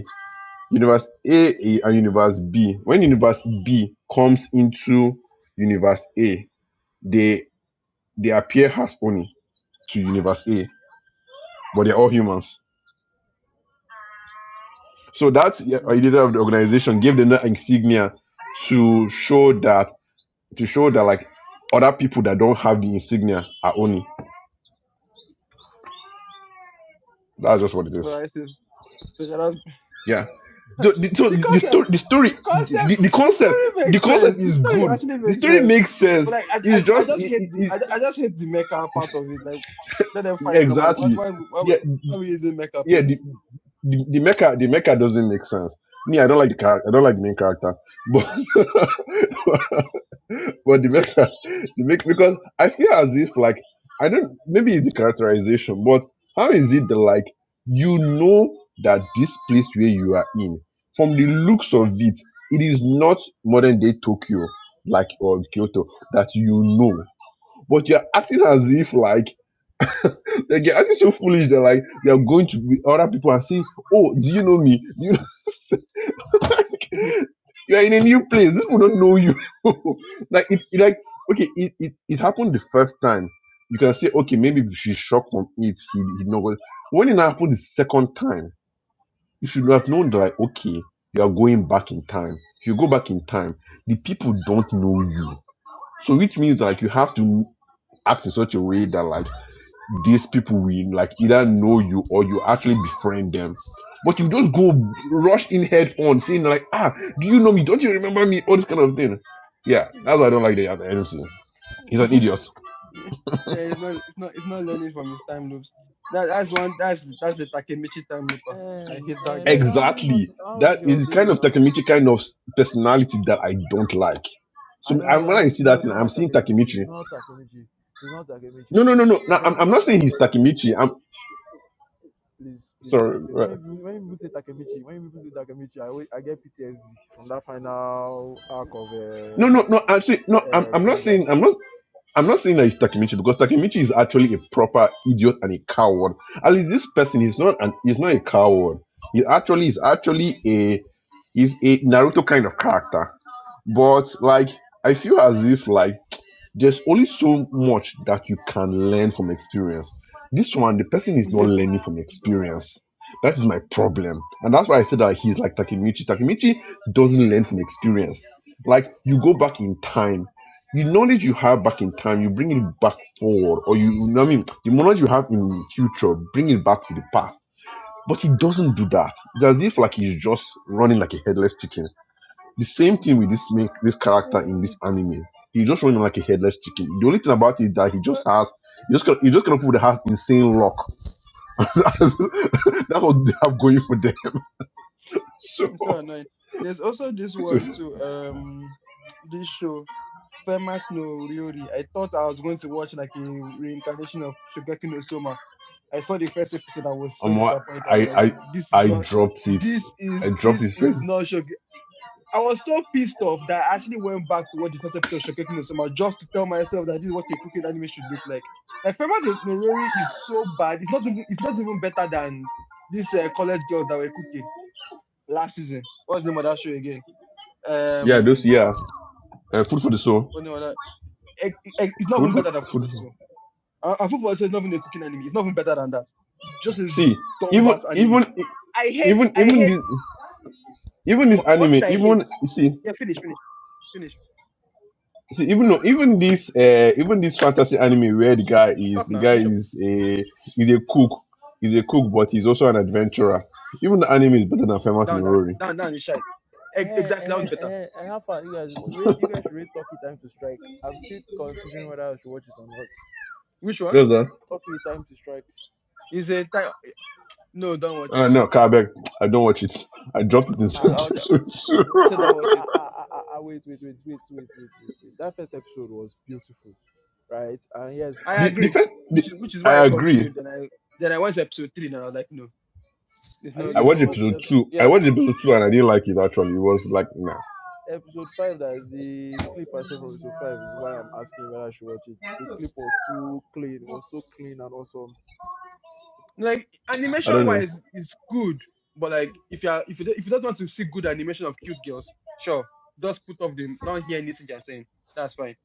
[SPEAKER 4] universe A A and universe B. When universe B comes into universe A, they they appear as only to universe A, but they're all humans. So that uh,
[SPEAKER 1] Mm.
[SPEAKER 4] leader of the organization gave them that insignia to show that to show that like other people that don't have the insignia are only. That's just what it
[SPEAKER 1] Oh,
[SPEAKER 4] is.
[SPEAKER 1] I see. So that's
[SPEAKER 4] Yeah. So the, so
[SPEAKER 1] the
[SPEAKER 4] the story,
[SPEAKER 1] concept,
[SPEAKER 4] the story,
[SPEAKER 1] the concept,
[SPEAKER 4] the, the
[SPEAKER 1] the
[SPEAKER 4] concept,
[SPEAKER 1] story
[SPEAKER 4] the
[SPEAKER 1] makes sense.
[SPEAKER 4] concept
[SPEAKER 1] The
[SPEAKER 4] is
[SPEAKER 1] story
[SPEAKER 4] good.
[SPEAKER 1] actually
[SPEAKER 4] The
[SPEAKER 1] makes
[SPEAKER 4] story
[SPEAKER 1] sense.
[SPEAKER 4] makes sense.
[SPEAKER 1] But like, I, I,
[SPEAKER 4] It's
[SPEAKER 1] I
[SPEAKER 4] just
[SPEAKER 1] just
[SPEAKER 4] it,
[SPEAKER 1] hate the,
[SPEAKER 4] it,
[SPEAKER 1] I, I just hate the mecha part of it. Like, let them fight normally. Why,
[SPEAKER 4] exactly.
[SPEAKER 1] why, why, why
[SPEAKER 4] Yeah,
[SPEAKER 1] are we using mecha,
[SPEAKER 4] yeah. The,
[SPEAKER 1] please?
[SPEAKER 4] the, the mecha, the mecha doesn't make sense. Me, I don't like the character. I don't like the main character, but but the mecha, the mecha, because I feel as if like I don't. Maybe it's the characterization, but how is it that like you know that this place where you are in, from the looks of it, it is not modern day Tokyo, like or Kyoto that you know, but you're acting as if like they get actually so foolish that like they are going to be other people and say, "Oh, do you know me? Do you know? like,
[SPEAKER 1] yeah,
[SPEAKER 4] you are in a new place. These people don't know you." like it, it, like okay, it, it it happened the first time. You can say, "Okay, maybe if she's shocked from it, he he know." what-" When it happened the second time, you should have known that like, okay, you are going back in time. If you go back in time, the people don't know you, so which means like you have to act in such a way that like these people will like either know you or you actually befriend them. But you just go rush in head on saying like, ah, do you know me? Don't you remember me? All this kind of thing. Yeah, that's why I don't like the other MC. He's an idiot.
[SPEAKER 1] it's not, it's not, it's not learning from his time loops. That, that's one, that's, that's the Takemichi time looper. I
[SPEAKER 3] and
[SPEAKER 1] hate that
[SPEAKER 3] uh, make how many months
[SPEAKER 4] Exactly.
[SPEAKER 3] how old
[SPEAKER 4] That
[SPEAKER 3] is
[SPEAKER 4] is
[SPEAKER 3] your
[SPEAKER 4] the
[SPEAKER 3] baby
[SPEAKER 4] kind of
[SPEAKER 3] now
[SPEAKER 4] Takemichi kind of personality that I don't like. So
[SPEAKER 3] i
[SPEAKER 4] I'm
[SPEAKER 3] don't i
[SPEAKER 4] when I
[SPEAKER 3] don't
[SPEAKER 4] see
[SPEAKER 3] know
[SPEAKER 4] that
[SPEAKER 3] it's
[SPEAKER 4] thing,
[SPEAKER 3] not
[SPEAKER 4] I'm
[SPEAKER 3] like
[SPEAKER 4] seeing
[SPEAKER 3] takemichi
[SPEAKER 4] Takemichi.
[SPEAKER 3] it's not takemichi it's not takemichi
[SPEAKER 4] No, no, no, no.
[SPEAKER 3] please
[SPEAKER 4] no I'm, I'm
[SPEAKER 3] takemichi
[SPEAKER 4] not saying he's
[SPEAKER 3] takemichi
[SPEAKER 4] Takemichi.
[SPEAKER 3] please
[SPEAKER 4] I'm
[SPEAKER 3] please, please,
[SPEAKER 4] sorry.
[SPEAKER 3] please.
[SPEAKER 4] right.
[SPEAKER 3] When people, when people say Takemichi, when people say Takemichi, I, always- I get PTSD from that final arc of
[SPEAKER 4] No,
[SPEAKER 3] uh,
[SPEAKER 4] no, no. Actually, no. I'm,
[SPEAKER 3] uh,
[SPEAKER 4] I'm not saying.
[SPEAKER 3] Avengers.
[SPEAKER 4] I'm not. I'm not saying that it's Takemichi because Takemichi is actually a proper idiot and a coward. At least this person is not an is not a coward. He actually is actually a is a Naruto kind of character. But like I feel as if like there's only so much that you can learn from experience. This one, the person is not
[SPEAKER 1] guy.
[SPEAKER 4] learning from experience. That is my problem. And that's why I said that he's like Takemichi. Takemichi doesn't learn from experience. Like you go back in time. The knowledge you have back in time, you bring it back forward. Or you, you know what I mean? The knowledge you have in the future, bring it back to the past. But he doesn't do that. It's as if like he's just running like a headless chicken the same thing with this main, this character in this anime. He just running like a headless chicken. The only thing about it is that he just has you just you just cannot put the has insane luck. That's what they have going for them. So
[SPEAKER 1] It's so annoying. There's also this
[SPEAKER 4] so
[SPEAKER 1] one too. Um, this show. Fermat no Ryori. I thought I was going to watch like a reincarnation of Shogeki no Soma. I saw the first episode. I was so
[SPEAKER 4] Um, what
[SPEAKER 1] disappointed. I was
[SPEAKER 4] I
[SPEAKER 1] like, this
[SPEAKER 4] I
[SPEAKER 1] is
[SPEAKER 4] I
[SPEAKER 1] not,
[SPEAKER 4] dropped it.
[SPEAKER 1] this
[SPEAKER 4] I
[SPEAKER 1] is,
[SPEAKER 4] dropped
[SPEAKER 1] this
[SPEAKER 4] it first.
[SPEAKER 1] is not Shogeki. I was so pissed off that I actually went back to watch the first episode of Shogeki no Soma just to tell myself that this is what a crooked anime should look like. Like Fermat no Ryori is so bad. It's not even, it's not even better than these uh, college girls that were cooking last season. What's the name of that show again?
[SPEAKER 4] Yeah, those
[SPEAKER 1] Um,
[SPEAKER 4] yeah. Uh, food for the soul.
[SPEAKER 1] oh no, no. Eh, eh, it's not
[SPEAKER 4] Food
[SPEAKER 1] even
[SPEAKER 4] for
[SPEAKER 1] better than
[SPEAKER 4] food
[SPEAKER 1] football so.
[SPEAKER 4] for.
[SPEAKER 1] And, and people say it's not even a cooking anime. It's not even better than that. It's just a
[SPEAKER 4] See, even
[SPEAKER 1] dumbass anime.
[SPEAKER 4] even
[SPEAKER 1] I hate,
[SPEAKER 4] even
[SPEAKER 1] I
[SPEAKER 4] even
[SPEAKER 1] hate,
[SPEAKER 4] this even this
[SPEAKER 1] one one
[SPEAKER 4] anime,
[SPEAKER 1] thing I hate.
[SPEAKER 4] even you see
[SPEAKER 1] Yeah, finish, finish, finish.
[SPEAKER 4] see even no even this uh even this fantasy anime where the guy is
[SPEAKER 1] Talk
[SPEAKER 4] the
[SPEAKER 1] now,
[SPEAKER 4] guy
[SPEAKER 1] finish up.
[SPEAKER 4] is a is a cook is a cook but he's also an adventurer. Even the anime is better than Famous
[SPEAKER 1] Down, down,
[SPEAKER 4] Nerori.
[SPEAKER 1] down, down is shite.
[SPEAKER 3] Eh,
[SPEAKER 1] E-
[SPEAKER 3] eh,
[SPEAKER 1] Exactly, that one's better.
[SPEAKER 3] eh, eh. How far you guys rate? You guys should rate Turkey Time to Strike. I'm still considering whether I should watch it or not.
[SPEAKER 1] Which one?
[SPEAKER 4] Yes, sir.
[SPEAKER 3] Turkey Time to Strike.
[SPEAKER 1] Is a time. No, don't watch
[SPEAKER 4] Uh,
[SPEAKER 1] it.
[SPEAKER 4] no, Kabek, I don't watch it. I dropped it in
[SPEAKER 3] Ah
[SPEAKER 1] No, I'll,
[SPEAKER 3] ah
[SPEAKER 4] subscription.
[SPEAKER 1] I'll
[SPEAKER 3] ah ah
[SPEAKER 1] say don't
[SPEAKER 3] ah
[SPEAKER 1] watch it.
[SPEAKER 3] ah ah. ah, ah. Wait wait wait wait wait wait wait wait. That first episode was beautiful, right? And yes,
[SPEAKER 1] I
[SPEAKER 4] the,
[SPEAKER 3] fine.
[SPEAKER 4] the
[SPEAKER 1] agree.
[SPEAKER 4] first. The,
[SPEAKER 1] Which is, which is why I
[SPEAKER 4] I agree.
[SPEAKER 1] continued. Then I, then I watched episode three and I was like, no, there's
[SPEAKER 3] Are
[SPEAKER 1] no,
[SPEAKER 3] you
[SPEAKER 4] I
[SPEAKER 1] there's
[SPEAKER 3] sure?
[SPEAKER 4] watched
[SPEAKER 1] no hope.
[SPEAKER 3] Because
[SPEAKER 4] episode
[SPEAKER 3] there's
[SPEAKER 4] two.
[SPEAKER 1] Yeah.
[SPEAKER 4] I watched episode two and I didn't like it actually. It was like nah.
[SPEAKER 3] episode five that is the clip I saw from episode five is why I'm asking whether I should watch it. The clip was too clean, was so clean and awesome.
[SPEAKER 1] Like
[SPEAKER 4] I
[SPEAKER 1] animation
[SPEAKER 4] don't know.
[SPEAKER 1] wise is good, but like if you are if you don't- if you don't want to see good animation of cute girls, sure, just put off them. Don't hear anything they're saying. That's fine.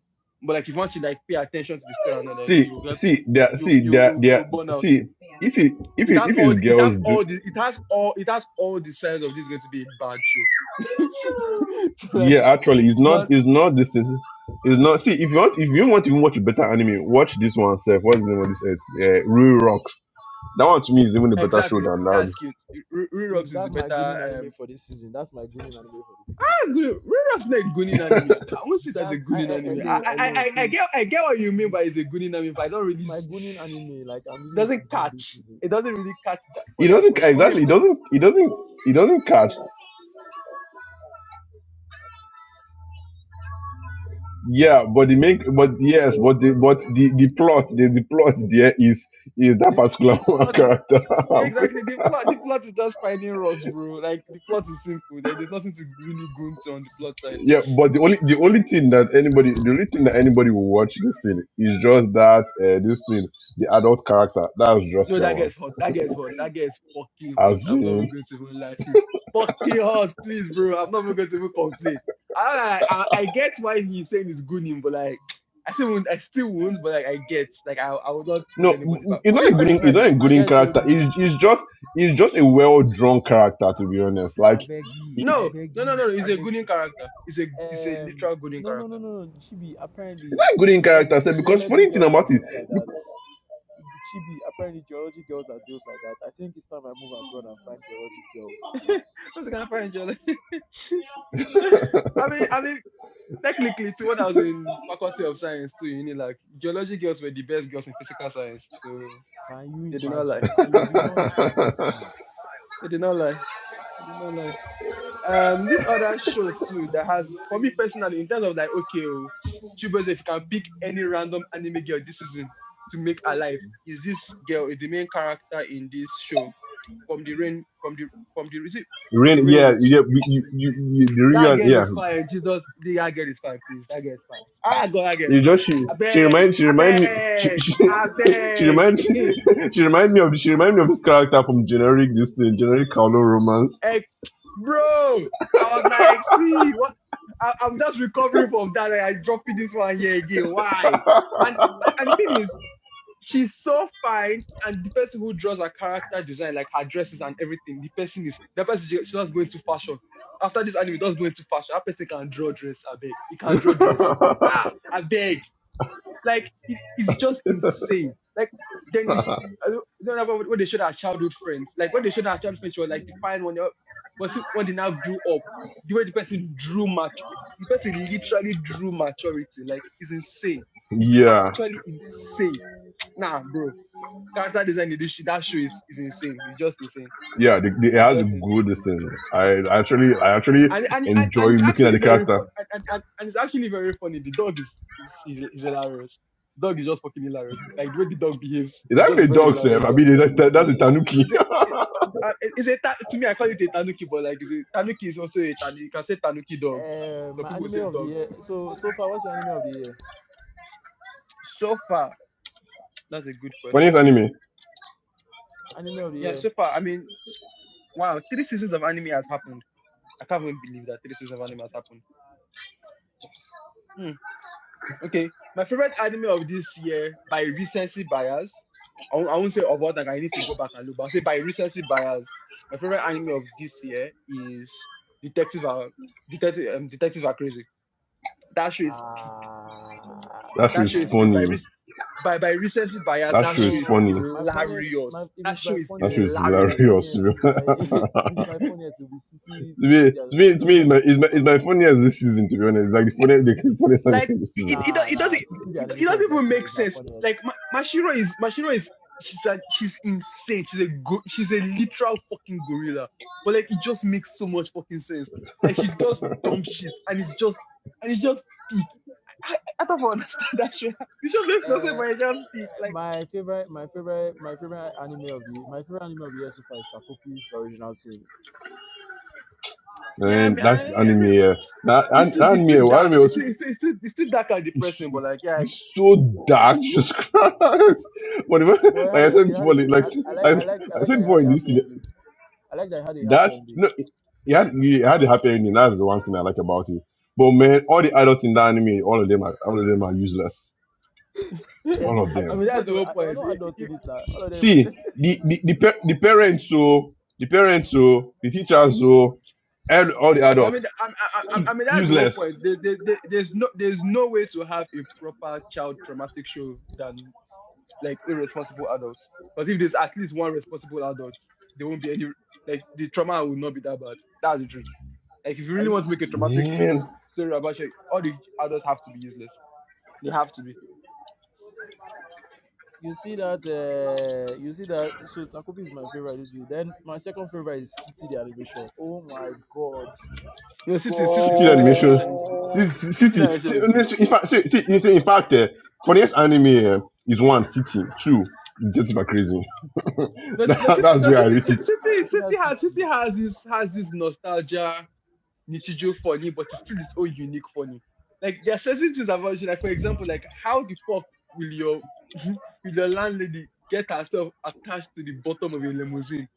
[SPEAKER 1] But like if you want to like pay attention to the story, and all, like
[SPEAKER 4] See,
[SPEAKER 1] you get
[SPEAKER 4] see, there,
[SPEAKER 1] you
[SPEAKER 4] see,
[SPEAKER 1] you
[SPEAKER 4] there,
[SPEAKER 1] you
[SPEAKER 4] there,
[SPEAKER 1] you burn out.
[SPEAKER 4] see. If it, if
[SPEAKER 1] It
[SPEAKER 4] it,
[SPEAKER 1] has
[SPEAKER 4] if
[SPEAKER 1] all the,
[SPEAKER 4] it's
[SPEAKER 1] it has
[SPEAKER 4] girls do,
[SPEAKER 1] all the it has all it has all the signs of this going to be a bad show. so like
[SPEAKER 4] yeah, actually, it's not,
[SPEAKER 1] not
[SPEAKER 4] it's not this thing. It's not. See, if you want, if you want to even watch a better anime, watch this one. Self, what's the name of this? Is uh, Real Rocks. That one to me is even a better show
[SPEAKER 1] exactly
[SPEAKER 4] than that.
[SPEAKER 1] that's cute. Re- Re-
[SPEAKER 3] Please,
[SPEAKER 1] Rerocks is the
[SPEAKER 3] that's my
[SPEAKER 1] better
[SPEAKER 3] Goonin
[SPEAKER 1] um,
[SPEAKER 3] anime for this season. That's my Goonin anime for this season, please.
[SPEAKER 1] Gun- Red Roughneck Gunin anime. I won't see it as a
[SPEAKER 3] That's I,
[SPEAKER 1] Gunin
[SPEAKER 3] I,
[SPEAKER 1] anime.
[SPEAKER 3] hello,
[SPEAKER 1] I, I,
[SPEAKER 3] hello,
[SPEAKER 1] I, I
[SPEAKER 3] please,
[SPEAKER 1] get, I get what you mean
[SPEAKER 3] please.
[SPEAKER 1] by it's a Gunin anime, but it's not really,
[SPEAKER 3] It's my
[SPEAKER 1] s-
[SPEAKER 3] Goonin anime. Like I'm using it to
[SPEAKER 1] doesn't
[SPEAKER 3] goon this
[SPEAKER 1] catch.
[SPEAKER 3] season.
[SPEAKER 1] It doesn't really catch that for
[SPEAKER 4] It
[SPEAKER 1] that
[SPEAKER 4] doesn't
[SPEAKER 1] for
[SPEAKER 4] ca-
[SPEAKER 1] me. For
[SPEAKER 3] No,
[SPEAKER 1] me
[SPEAKER 3] no,
[SPEAKER 4] exactly. It
[SPEAKER 3] no.
[SPEAKER 1] personally,
[SPEAKER 4] doesn't. It doesn't. It doesn't catch. Yeah, but the make, but yes, but the but the the plot, the, the plot there is is that
[SPEAKER 1] the,
[SPEAKER 4] particular
[SPEAKER 1] the
[SPEAKER 4] one
[SPEAKER 1] plot is
[SPEAKER 4] character.
[SPEAKER 1] yeah, exactly the plot. The plot is just finding rocks, bro. Like the plot is simple. There- There's nothing to really go into on the plot side.
[SPEAKER 4] yeah, but the only the only thing that anybody, the only thing that anybody will watch this thing is just that uh, this thing, the adult character. That's just
[SPEAKER 1] No,
[SPEAKER 4] that
[SPEAKER 1] that
[SPEAKER 4] one.
[SPEAKER 1] gets hot. That gets hot. That gets fucking
[SPEAKER 4] As
[SPEAKER 1] hot. I'm not even
[SPEAKER 4] in,
[SPEAKER 1] going to even lie. She's fucking hot, please, bro. I'm not even going to even complain. I I, I get why he's saying it's good him, but like I still won't, I still won't, but like I get like I I would not hold
[SPEAKER 4] no,
[SPEAKER 1] anybody back.
[SPEAKER 4] it's
[SPEAKER 1] For
[SPEAKER 4] not
[SPEAKER 1] me
[SPEAKER 4] a
[SPEAKER 3] and my
[SPEAKER 4] good,
[SPEAKER 3] guy,
[SPEAKER 4] it's not
[SPEAKER 1] personally,
[SPEAKER 4] a
[SPEAKER 3] my
[SPEAKER 4] good
[SPEAKER 3] guy
[SPEAKER 4] character.
[SPEAKER 3] told me,
[SPEAKER 4] It's it's just it's just a well drawn character to be honest. Like
[SPEAKER 3] Avegi,
[SPEAKER 4] it's.
[SPEAKER 1] no, no, no,
[SPEAKER 3] Avegi,
[SPEAKER 1] no. no. He's a good
[SPEAKER 3] Avegi.
[SPEAKER 1] in character. He's a he's a
[SPEAKER 3] Um,
[SPEAKER 1] literal good in
[SPEAKER 3] no, no,
[SPEAKER 1] character.
[SPEAKER 3] no, no, no. Chibi.
[SPEAKER 4] It's
[SPEAKER 3] Apparently,
[SPEAKER 4] not a
[SPEAKER 3] the
[SPEAKER 4] good in character,
[SPEAKER 3] geology,
[SPEAKER 4] sef, because
[SPEAKER 3] geology
[SPEAKER 4] funny thing
[SPEAKER 3] girls are
[SPEAKER 4] about
[SPEAKER 3] built like
[SPEAKER 4] it,
[SPEAKER 3] that. Chibi, apparently geology girls are built like that. I think it's time I move abroad and find geology girls, please.
[SPEAKER 1] What's gonna find you? Like, I mean, I mean. Technically, too, when I was in Faculty of Science too, you know, like geology girls were the best girls in physical science, so
[SPEAKER 3] Can you
[SPEAKER 1] they did not lie.
[SPEAKER 3] imagine? And you did not introduce me.
[SPEAKER 1] They did not lie. They did not lie. Um, this other show too that has for me personally in terms of like okay, oh, Chibueze, if you can pick any random anime girl this season to make her life, is this girl is the main character in this show from the rain from the from the is it the
[SPEAKER 4] Really?
[SPEAKER 1] rain
[SPEAKER 4] yeah,
[SPEAKER 1] with
[SPEAKER 4] yeah,
[SPEAKER 1] you.
[SPEAKER 4] you, you, you, you
[SPEAKER 1] That
[SPEAKER 4] Rion,
[SPEAKER 1] girl
[SPEAKER 4] yeah.
[SPEAKER 1] is fine, Jesus. That girl is fine, please. That girl is fine. Ah, God, that girl is
[SPEAKER 4] You
[SPEAKER 1] fine.
[SPEAKER 4] just she,
[SPEAKER 1] I
[SPEAKER 4] she
[SPEAKER 1] beg,
[SPEAKER 4] reminds, she
[SPEAKER 1] I
[SPEAKER 4] reminds me, she,
[SPEAKER 1] beg,
[SPEAKER 4] she,
[SPEAKER 1] I
[SPEAKER 4] she
[SPEAKER 1] beg.
[SPEAKER 4] reminds, she reminds me of, she reminds me of this character from generic, this thing, generic Kaolo romance.
[SPEAKER 1] Hey, bro, I was like, see, what? I, I'm just recovering from that. and I dropped this one here again. Why? And and the thing is, she's so fine, and the person who draws her character design, like her dresses and everything, the person is the person she she just go into fashion. After this anime, just go into fashion. That person can draw dress. I beg, he can draw dress. Ah, I beg. Like it, it's just insane. Like then you see, I don't I don't remember when when they showed our childhood friends. Like when they showed our childhood friends, she was like the fine one. uh, Was it when they now grew up, the way the person drew much, the person literally drew maturity. Like it's insane. It's
[SPEAKER 4] yeah,
[SPEAKER 1] actually insane. Nah, bro. Character design in this sh- that show is, is insane. It's just insane.
[SPEAKER 4] yeah, the, the, it
[SPEAKER 1] It's
[SPEAKER 4] has a
[SPEAKER 1] just insane.
[SPEAKER 4] good listen. I actually, I actually
[SPEAKER 1] and and and,
[SPEAKER 4] enjoy
[SPEAKER 1] and it's
[SPEAKER 4] looking at
[SPEAKER 1] actually
[SPEAKER 4] the
[SPEAKER 1] very fu-
[SPEAKER 4] character.
[SPEAKER 1] and, and, and it's actually very funny. The dog is is, is hilarious. The dog is just fucking hilarious. Like the way the dog behaves,
[SPEAKER 4] Is
[SPEAKER 1] it's
[SPEAKER 4] that
[SPEAKER 1] just a
[SPEAKER 4] even a
[SPEAKER 1] very
[SPEAKER 4] dog, sir?
[SPEAKER 1] hilarious
[SPEAKER 4] I
[SPEAKER 1] dog.
[SPEAKER 4] mean, that, that, that's a tanuki.
[SPEAKER 1] Is it? it uh, is it to me? I call it a tanuki, but like, is it tanuki is also a tanuki. You can say tanuki dog.
[SPEAKER 3] Uh,
[SPEAKER 1] So
[SPEAKER 3] my
[SPEAKER 1] people
[SPEAKER 3] anime
[SPEAKER 1] say
[SPEAKER 3] of the
[SPEAKER 1] dog.
[SPEAKER 3] year. So so far, what's your anime of the year?
[SPEAKER 1] So far, that's a good
[SPEAKER 4] Funniest
[SPEAKER 1] question.
[SPEAKER 4] anime.
[SPEAKER 3] Anime of the
[SPEAKER 1] Yeah,
[SPEAKER 3] year.
[SPEAKER 1] so far, I mean, wow, three seasons of anime has happened. I can't even believe that three seasons of anime has happened. Hmm. Okay, my favorite anime of this year by recency bias. I won't, I won't say about that. I need to go back and look. But I'll say by recency bias. My favorite anime of this year is detectives Are Detective um, Detectives Are Crazy. That show is
[SPEAKER 3] Ah,
[SPEAKER 4] That show
[SPEAKER 1] that show
[SPEAKER 4] is
[SPEAKER 1] is by
[SPEAKER 4] funny.
[SPEAKER 1] re- by by recency bias.
[SPEAKER 4] That
[SPEAKER 1] That
[SPEAKER 4] show
[SPEAKER 1] show
[SPEAKER 4] is
[SPEAKER 1] is
[SPEAKER 3] no,
[SPEAKER 4] funny.
[SPEAKER 3] my funniest. My
[SPEAKER 1] hilarious.
[SPEAKER 3] if
[SPEAKER 1] That
[SPEAKER 3] it's
[SPEAKER 1] show
[SPEAKER 3] by
[SPEAKER 1] is
[SPEAKER 4] That show is
[SPEAKER 3] funniest, if it's by
[SPEAKER 1] hilarious.
[SPEAKER 4] hilarious. to
[SPEAKER 3] funniest, my if it's by funniest, it will be City
[SPEAKER 4] me,
[SPEAKER 3] City
[SPEAKER 4] to
[SPEAKER 3] the
[SPEAKER 4] me, to
[SPEAKER 3] animation.
[SPEAKER 4] me it's, my, it's, my, it's my funniest this season, to be honest. It's like the funniest, the funniest
[SPEAKER 1] Like
[SPEAKER 4] anime this
[SPEAKER 1] it, it,
[SPEAKER 4] season.
[SPEAKER 1] it,
[SPEAKER 3] Nah, nah,
[SPEAKER 1] doesn't
[SPEAKER 3] City the
[SPEAKER 1] it, it
[SPEAKER 3] animation
[SPEAKER 1] doesn't
[SPEAKER 3] is my
[SPEAKER 1] even
[SPEAKER 3] favorite.
[SPEAKER 1] make
[SPEAKER 3] Is my
[SPEAKER 1] sense.
[SPEAKER 3] funniest.
[SPEAKER 1] Like Ma- Mashiro is Mashiro is she's a, she's insane. She's a go- she's a literal fucking gorilla. But like it just makes so much fucking sense. Like she does dumb shit and it's just and it's just peak. I, I don't understand that shit. It just makes no sense,
[SPEAKER 3] Uh,
[SPEAKER 1] but it just peak. Like
[SPEAKER 3] my favorite, my favorite, my favorite anime of the my favorite anime of the year so far is Takopi's original sin.
[SPEAKER 1] yeah, I
[SPEAKER 4] And
[SPEAKER 1] mean,
[SPEAKER 4] that
[SPEAKER 1] I, I mean
[SPEAKER 4] anime, uh, that,
[SPEAKER 1] it's
[SPEAKER 4] an-
[SPEAKER 1] too
[SPEAKER 4] that
[SPEAKER 1] it's too
[SPEAKER 4] anime, uh,
[SPEAKER 1] dark.
[SPEAKER 4] anime
[SPEAKER 1] It's
[SPEAKER 4] was
[SPEAKER 1] too, it's too, it's too, it's too dark and
[SPEAKER 4] it's,
[SPEAKER 1] depressing. But like yeah,
[SPEAKER 4] it's so dark, just Christ. But if, I-
[SPEAKER 3] But it
[SPEAKER 4] like
[SPEAKER 3] had
[SPEAKER 4] I
[SPEAKER 3] a
[SPEAKER 4] said
[SPEAKER 3] it had a
[SPEAKER 4] before, like,
[SPEAKER 3] good.
[SPEAKER 4] like
[SPEAKER 3] I, I like I
[SPEAKER 4] like
[SPEAKER 3] like I
[SPEAKER 4] I
[SPEAKER 3] like
[SPEAKER 4] said
[SPEAKER 3] that it had
[SPEAKER 4] before
[SPEAKER 3] a
[SPEAKER 4] in this,
[SPEAKER 3] happy ending. I like that it had a happy
[SPEAKER 4] That
[SPEAKER 3] ending.
[SPEAKER 4] no, it had, it had a happy ending. That's the one thing I like about it. But man, all the adults in that anime, all of them are all of them are useless.
[SPEAKER 1] I,
[SPEAKER 3] There's
[SPEAKER 4] All
[SPEAKER 3] no
[SPEAKER 4] of
[SPEAKER 3] ad-
[SPEAKER 1] I
[SPEAKER 4] them.
[SPEAKER 1] mean
[SPEAKER 3] you sure
[SPEAKER 1] that's
[SPEAKER 3] there
[SPEAKER 1] the
[SPEAKER 3] were
[SPEAKER 1] whole
[SPEAKER 3] there were
[SPEAKER 1] point.
[SPEAKER 3] no
[SPEAKER 1] It,
[SPEAKER 3] adults
[SPEAKER 1] it,
[SPEAKER 3] in it. Nah. All of them. were-
[SPEAKER 4] See the the the, pa- the parents so the parents so the teachers so and all the
[SPEAKER 1] I mean,
[SPEAKER 4] adults
[SPEAKER 1] I, I,
[SPEAKER 4] Stu-
[SPEAKER 1] I I mean that's the whole
[SPEAKER 4] useless.
[SPEAKER 1] point. There, there, there- there's no, there's no way to have a proper child traumatic show than like irresponsible adults. Because if there's at least one responsible adult, there won't be any like the trauma will not be that bad. That's the truth. Like if you
[SPEAKER 3] Are
[SPEAKER 1] really
[SPEAKER 3] you?
[SPEAKER 1] want to make a traumatic sh-
[SPEAKER 4] Man,
[SPEAKER 1] story about shit, all the adults have to be useless. They have to be.
[SPEAKER 3] You see that, uh, you see that. So Takopi is my favorite. This is then my second favorite is City the animation. Oh my god,
[SPEAKER 1] No, City, City,
[SPEAKER 4] city
[SPEAKER 1] City, the
[SPEAKER 4] animation,
[SPEAKER 1] animation is good.
[SPEAKER 3] god!
[SPEAKER 4] city,
[SPEAKER 1] City, the
[SPEAKER 4] city.
[SPEAKER 1] animation is good.
[SPEAKER 4] see, In fact, see, see, you see, in fact, eh, for anime eh, is one city, two. Detective are crazy.
[SPEAKER 1] No, no,
[SPEAKER 4] That-
[SPEAKER 3] You
[SPEAKER 1] City,
[SPEAKER 3] see
[SPEAKER 4] that's
[SPEAKER 1] no,
[SPEAKER 3] that
[SPEAKER 4] where I
[SPEAKER 1] City,
[SPEAKER 4] rate
[SPEAKER 3] city?
[SPEAKER 1] City,
[SPEAKER 3] You see that
[SPEAKER 1] City has, City
[SPEAKER 3] city?
[SPEAKER 1] has this, has this nostalgia Nichijou funny, but it's still its own unique funny. Like there are certain things about you, like for example, like how the fuck will your will your landlady get herself attached to the bottom of a limousine,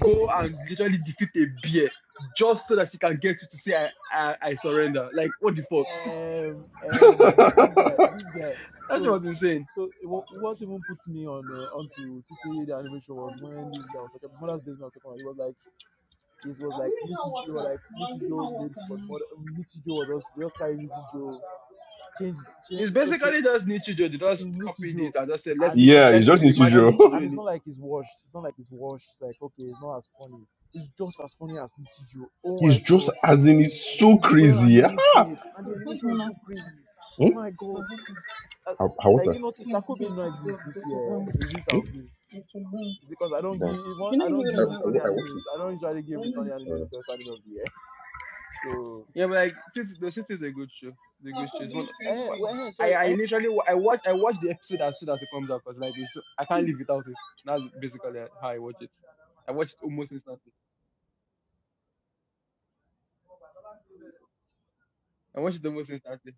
[SPEAKER 1] go and literally defeat a bear just so that she can get you to say I I, I surrender. Like what the fuck?
[SPEAKER 3] um um
[SPEAKER 4] it.
[SPEAKER 3] this guy this guy
[SPEAKER 1] That's what I
[SPEAKER 3] so
[SPEAKER 1] was insane.
[SPEAKER 3] so what, what even put me on uh, onto city the animation was when this guy was talking mother's basement was talking about it was like it was like Nichijou was like Nichijou made for mother Nichijou was just they just carry Nichijou change change
[SPEAKER 1] It's
[SPEAKER 3] just is
[SPEAKER 1] basically just Nichijou. They just copied
[SPEAKER 3] Nichijou
[SPEAKER 1] it and just said let's
[SPEAKER 3] and
[SPEAKER 4] Yeah,
[SPEAKER 3] it's
[SPEAKER 4] it's
[SPEAKER 1] let's
[SPEAKER 4] just
[SPEAKER 3] and it's not
[SPEAKER 1] reimagine
[SPEAKER 3] and,
[SPEAKER 4] usual.
[SPEAKER 1] Nichijou
[SPEAKER 3] and it's
[SPEAKER 1] in
[SPEAKER 3] not like it's washed it's not like it's washed like okay it's not as funny it's just as funny as Nichijou oh my
[SPEAKER 4] it's just
[SPEAKER 3] god
[SPEAKER 4] as in it's so
[SPEAKER 3] it's well
[SPEAKER 4] crazy. Yeah?
[SPEAKER 3] animated and the animation is so crazy
[SPEAKER 4] Hmm?
[SPEAKER 3] oh my god Uh,
[SPEAKER 4] How, how
[SPEAKER 3] like
[SPEAKER 4] water?
[SPEAKER 3] even if Takobi did not exist this year, is it
[SPEAKER 4] Hmm?
[SPEAKER 3] I'll give? It's because I don't
[SPEAKER 4] Bruh,
[SPEAKER 3] give even I don't
[SPEAKER 4] I, I,
[SPEAKER 3] give
[SPEAKER 4] I, wa-
[SPEAKER 3] returning
[SPEAKER 4] I this. watched it.
[SPEAKER 3] animes. I don't usually give returning
[SPEAKER 4] Uh,
[SPEAKER 3] animes best anime of the year. So
[SPEAKER 1] Yeah, but like since no, since it's a good show, it's a good show. It's one.
[SPEAKER 3] eh,
[SPEAKER 1] wha-
[SPEAKER 3] well, eh,
[SPEAKER 1] I
[SPEAKER 3] sorry,
[SPEAKER 1] I
[SPEAKER 3] eh,
[SPEAKER 1] literally wa- I watch I watch the episode as soon as it comes out because like it's so, I can't live without it. That's basically how I watch it. I watch it almost instantly. I watch it almost instantly.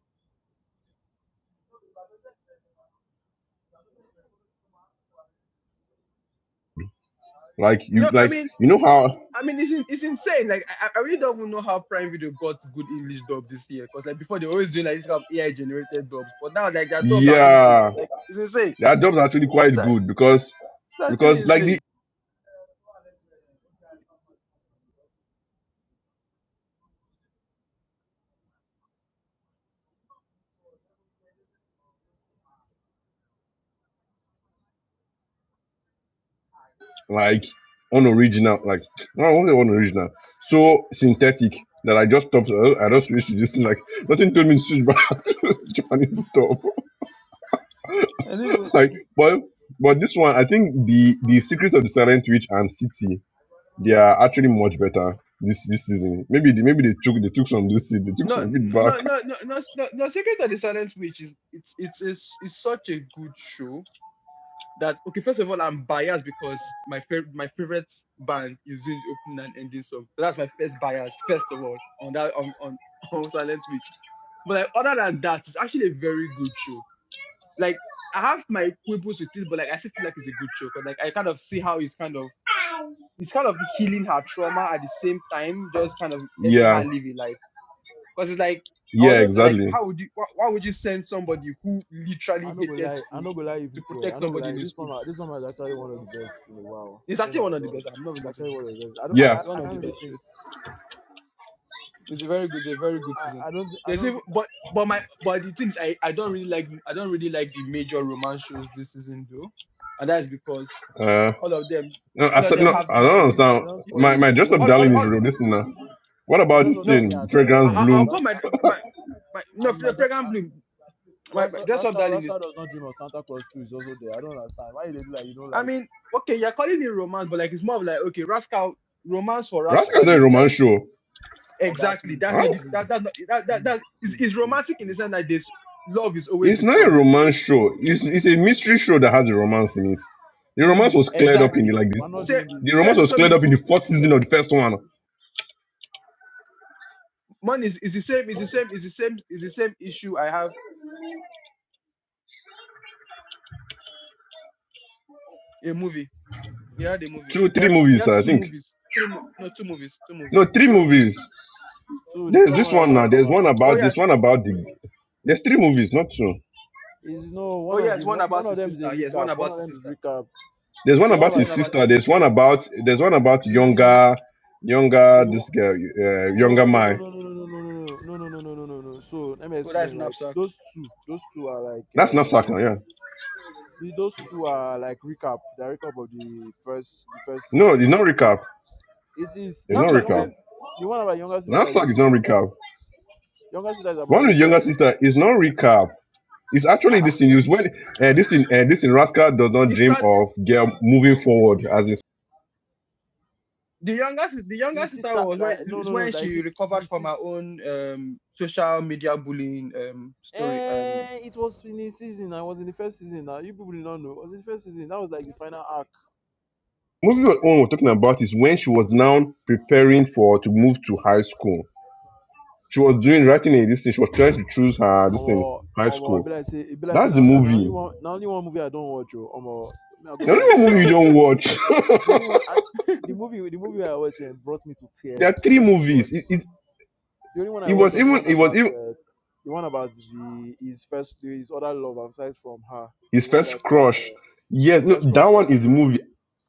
[SPEAKER 4] like
[SPEAKER 1] No,
[SPEAKER 4] you
[SPEAKER 1] I
[SPEAKER 4] like
[SPEAKER 1] mean
[SPEAKER 4] you know how
[SPEAKER 1] I mean it's in, it's insane. Like I, I really don't even know how Prime Video got good English dub this year because like before they always doing like this kind of AI generated dubs, but now like their dubs are actually good.
[SPEAKER 4] yeah
[SPEAKER 1] Like it's insane.
[SPEAKER 4] their jobs are actually
[SPEAKER 1] It's,
[SPEAKER 4] quite
[SPEAKER 1] a-
[SPEAKER 4] good because
[SPEAKER 1] it's actually
[SPEAKER 4] because like the
[SPEAKER 1] insane.
[SPEAKER 4] like unoriginal like no, I won't say unoriginal so synthetic that I just stopped uh, I just switched to this thing, like nothing told me to switch back to Japanese stuff
[SPEAKER 1] And even
[SPEAKER 4] like but but this one I think the the secret of the silent witch and city They are actually much better this this season. Maybe they, maybe they took they took some this they took
[SPEAKER 1] No,
[SPEAKER 4] some feedback.
[SPEAKER 1] no, no, no, no, no, no. Secret of the Silent Witch is it's it's it's, it's such a good show that okay. First of all, I'm biased because my favorite my favorite band is doing the opening and ending song, so that's my first bias. First of all, on that on on on Silent Witch, but like, other than that, it's actually a very good show. Like I have my quibbles with it, but like I still feel like it's a good show because like I kind of see how it's kind of it's kind of healing her trauma at the same time, just kind of letting her
[SPEAKER 4] Yeah,
[SPEAKER 1] live a life. Because it's like I was
[SPEAKER 4] yeah,
[SPEAKER 1] just like,
[SPEAKER 4] exactly.
[SPEAKER 1] how would you? Why, why would you send somebody who literally
[SPEAKER 3] I'm not gonna
[SPEAKER 1] hated
[SPEAKER 3] lie, I'm
[SPEAKER 1] school
[SPEAKER 3] not gonna lie you
[SPEAKER 1] to
[SPEAKER 3] people. Eh,
[SPEAKER 1] protect
[SPEAKER 3] I'm not
[SPEAKER 1] somebody
[SPEAKER 3] gonna
[SPEAKER 1] in
[SPEAKER 3] lie.
[SPEAKER 1] his
[SPEAKER 3] This
[SPEAKER 1] school?
[SPEAKER 3] one, this one is actually one of the best in a while.
[SPEAKER 1] It's
[SPEAKER 3] Oh
[SPEAKER 1] actually
[SPEAKER 3] my
[SPEAKER 1] one of the
[SPEAKER 3] god,
[SPEAKER 1] best. I'm not
[SPEAKER 3] it's
[SPEAKER 1] going to
[SPEAKER 3] actually
[SPEAKER 1] lie.
[SPEAKER 3] one of the best. I don't, I,
[SPEAKER 4] Yeah.
[SPEAKER 3] can't-
[SPEAKER 1] It's one
[SPEAKER 3] I
[SPEAKER 1] of
[SPEAKER 3] can't
[SPEAKER 1] the
[SPEAKER 3] really
[SPEAKER 1] best
[SPEAKER 3] think.
[SPEAKER 1] shows. It's a very good. It's a very good season.
[SPEAKER 3] I, I don't, thi- I
[SPEAKER 1] There's
[SPEAKER 3] don't
[SPEAKER 1] even
[SPEAKER 3] think
[SPEAKER 1] but but my but the things I I don't really like I don't really like the major romance shows this season though, and that's because
[SPEAKER 4] Uh,
[SPEAKER 1] all of them
[SPEAKER 4] no, I
[SPEAKER 1] all of
[SPEAKER 4] said
[SPEAKER 3] they
[SPEAKER 1] them
[SPEAKER 4] no.
[SPEAKER 3] don't
[SPEAKER 1] have
[SPEAKER 4] I
[SPEAKER 3] spoil
[SPEAKER 1] is
[SPEAKER 4] don't
[SPEAKER 1] is is-
[SPEAKER 3] you. They
[SPEAKER 4] understand.
[SPEAKER 3] don't spoil
[SPEAKER 4] My my
[SPEAKER 3] you. They
[SPEAKER 4] dress up
[SPEAKER 1] all
[SPEAKER 3] don't, they
[SPEAKER 1] all
[SPEAKER 4] darling is
[SPEAKER 1] all
[SPEAKER 3] don't.
[SPEAKER 4] real. This thing now. What
[SPEAKER 3] My
[SPEAKER 4] about
[SPEAKER 3] drop
[SPEAKER 4] this
[SPEAKER 3] of
[SPEAKER 1] no
[SPEAKER 3] darling
[SPEAKER 4] thing?
[SPEAKER 3] and
[SPEAKER 4] Fragrance
[SPEAKER 1] I I- I'll
[SPEAKER 4] Bloom.
[SPEAKER 3] uh,
[SPEAKER 1] call my my my no
[SPEAKER 3] and my
[SPEAKER 1] Fragrant
[SPEAKER 3] dog.
[SPEAKER 1] Bloom my, my
[SPEAKER 3] Rascal,
[SPEAKER 1] dress up
[SPEAKER 3] Rascal,
[SPEAKER 1] darling
[SPEAKER 3] Rascal does not dream of Santa Claus too. Is also there. I don't understand why they do like you know
[SPEAKER 1] I
[SPEAKER 3] like
[SPEAKER 1] mean, okay, you're calling it romance, but like it's more of like okay, Rascal romance for
[SPEAKER 4] Rascal is
[SPEAKER 1] Rascal
[SPEAKER 4] not a
[SPEAKER 1] is
[SPEAKER 4] romance
[SPEAKER 1] like
[SPEAKER 4] show.
[SPEAKER 3] Oga,
[SPEAKER 1] exactly that's
[SPEAKER 3] please,
[SPEAKER 1] not
[SPEAKER 4] Huh?
[SPEAKER 1] the, that
[SPEAKER 3] please,
[SPEAKER 1] that's not that that that
[SPEAKER 3] please,
[SPEAKER 1] is,
[SPEAKER 3] please,
[SPEAKER 1] is
[SPEAKER 3] please,
[SPEAKER 1] romantic in the sense that
[SPEAKER 3] please,
[SPEAKER 1] this love is always
[SPEAKER 4] It's
[SPEAKER 1] the
[SPEAKER 4] not a
[SPEAKER 1] problem.
[SPEAKER 4] romance show. It's it's a mystery show that has a romance in it. The romance
[SPEAKER 3] please,
[SPEAKER 4] was cleared up in the,
[SPEAKER 1] Exactly.
[SPEAKER 3] please.
[SPEAKER 4] like this.
[SPEAKER 3] We're not
[SPEAKER 1] Same
[SPEAKER 3] doing this.
[SPEAKER 4] The
[SPEAKER 1] same
[SPEAKER 4] romance was
[SPEAKER 1] so
[SPEAKER 4] cleared up
[SPEAKER 1] mis-
[SPEAKER 4] in the fourth season of the first one.
[SPEAKER 1] money is, is the same is the same is the same is the same issue I have a movie. You had a movie.
[SPEAKER 4] Two,
[SPEAKER 1] You
[SPEAKER 4] three
[SPEAKER 1] had you
[SPEAKER 4] movies,
[SPEAKER 1] had
[SPEAKER 4] I
[SPEAKER 1] two
[SPEAKER 4] think.
[SPEAKER 1] movies. Three mo- no two movies. Two
[SPEAKER 4] No,
[SPEAKER 1] movies.
[SPEAKER 4] three
[SPEAKER 3] Two movies.
[SPEAKER 4] movies.
[SPEAKER 3] So the
[SPEAKER 4] There's
[SPEAKER 3] third
[SPEAKER 4] this
[SPEAKER 3] one has
[SPEAKER 4] one
[SPEAKER 3] not
[SPEAKER 4] now.
[SPEAKER 3] yet come
[SPEAKER 4] There's
[SPEAKER 3] out.
[SPEAKER 4] one
[SPEAKER 1] Oh
[SPEAKER 4] about
[SPEAKER 1] yeah.
[SPEAKER 4] this one about the. There's three movies, not two.
[SPEAKER 3] Is no
[SPEAKER 1] Oh
[SPEAKER 3] one of
[SPEAKER 1] yes,
[SPEAKER 3] the
[SPEAKER 1] one
[SPEAKER 3] one, one
[SPEAKER 1] about
[SPEAKER 3] of
[SPEAKER 1] his
[SPEAKER 3] them is a
[SPEAKER 1] sister. Yes, one
[SPEAKER 3] recap. One
[SPEAKER 1] about
[SPEAKER 3] of
[SPEAKER 1] his
[SPEAKER 3] them is
[SPEAKER 1] sister.
[SPEAKER 3] recap.
[SPEAKER 4] There's one
[SPEAKER 3] The one of
[SPEAKER 4] about
[SPEAKER 1] The
[SPEAKER 3] my
[SPEAKER 1] one
[SPEAKER 4] his
[SPEAKER 3] sister.
[SPEAKER 1] about
[SPEAKER 4] sister.
[SPEAKER 1] his
[SPEAKER 4] There's
[SPEAKER 1] sister.
[SPEAKER 4] one about there's one about
[SPEAKER 3] The
[SPEAKER 4] younger, younger
[SPEAKER 3] the one.
[SPEAKER 4] this girl, uh,
[SPEAKER 3] No
[SPEAKER 4] younger
[SPEAKER 3] no no
[SPEAKER 4] Mai.
[SPEAKER 3] no no no no no no no no no no no no no no. no. So let me
[SPEAKER 1] Oh that's
[SPEAKER 3] explain. Right,
[SPEAKER 1] knapsack.
[SPEAKER 3] those two, those two are like.
[SPEAKER 4] That's knapsack now.
[SPEAKER 3] Uh,
[SPEAKER 4] Yeah.
[SPEAKER 3] Those two are like recap, the recap of the first the first
[SPEAKER 4] No,
[SPEAKER 3] season.
[SPEAKER 4] it's not
[SPEAKER 3] The-
[SPEAKER 4] recap.
[SPEAKER 3] It is
[SPEAKER 4] It's not
[SPEAKER 3] this is
[SPEAKER 1] Knapsack is a,
[SPEAKER 4] recap.
[SPEAKER 3] younger the one about younger sister is
[SPEAKER 4] Knapsack is not
[SPEAKER 3] recap now.
[SPEAKER 4] recap.
[SPEAKER 3] Younger sister is about
[SPEAKER 4] One with
[SPEAKER 3] recap.
[SPEAKER 4] younger
[SPEAKER 3] Re,
[SPEAKER 4] sister is not recap. It's
[SPEAKER 3] ah.
[SPEAKER 4] actually
[SPEAKER 3] ah.
[SPEAKER 4] this thing. It's when uh, this thing uh, this thing rascal does not
[SPEAKER 1] it
[SPEAKER 4] dream
[SPEAKER 1] starts.
[SPEAKER 4] of girl moving forward as in
[SPEAKER 1] the youngest, the youngest
[SPEAKER 3] his
[SPEAKER 1] sister
[SPEAKER 3] sister
[SPEAKER 1] was
[SPEAKER 3] like
[SPEAKER 1] when
[SPEAKER 3] no
[SPEAKER 1] is
[SPEAKER 3] no no
[SPEAKER 1] when
[SPEAKER 3] that is
[SPEAKER 1] she
[SPEAKER 3] his
[SPEAKER 1] recovered
[SPEAKER 3] his
[SPEAKER 1] from her
[SPEAKER 3] sister
[SPEAKER 1] own um social media bullying um story um
[SPEAKER 3] Eh, it was in his season. I was in the first season. Now you people did not know. It was in the first season. That was like the final arc.
[SPEAKER 4] movie What we're talking about is when she was now preparing for to move to high school She was doing writing a this thing. She was trying to choose her this thing
[SPEAKER 3] Or
[SPEAKER 4] high
[SPEAKER 3] or be
[SPEAKER 4] school.
[SPEAKER 3] like say, it be like say
[SPEAKER 4] That's the
[SPEAKER 3] now. And the only
[SPEAKER 4] movie.
[SPEAKER 3] one, the only one movie I don't watch. Oh, or me I go
[SPEAKER 4] The
[SPEAKER 3] find
[SPEAKER 4] only
[SPEAKER 3] the
[SPEAKER 4] one
[SPEAKER 3] other
[SPEAKER 4] movie you don't
[SPEAKER 3] ones.
[SPEAKER 4] watch.
[SPEAKER 3] The only one, I, the movie, the movie I watched eh, brought me to
[SPEAKER 4] there are
[SPEAKER 3] tears.
[SPEAKER 4] three
[SPEAKER 3] Oh my
[SPEAKER 4] movies.
[SPEAKER 3] god.
[SPEAKER 4] It, it
[SPEAKER 3] The only one I
[SPEAKER 4] it
[SPEAKER 3] watched
[SPEAKER 4] was
[SPEAKER 3] was the
[SPEAKER 4] even
[SPEAKER 3] one
[SPEAKER 4] it was
[SPEAKER 3] about
[SPEAKER 4] even
[SPEAKER 3] uh, the one about the his first his other love aside from her. The
[SPEAKER 4] his
[SPEAKER 3] one that
[SPEAKER 4] first crush.
[SPEAKER 3] uh,
[SPEAKER 4] Yes,
[SPEAKER 3] his
[SPEAKER 4] no,
[SPEAKER 3] first
[SPEAKER 4] that
[SPEAKER 3] crush, yeah.
[SPEAKER 4] one is the movie.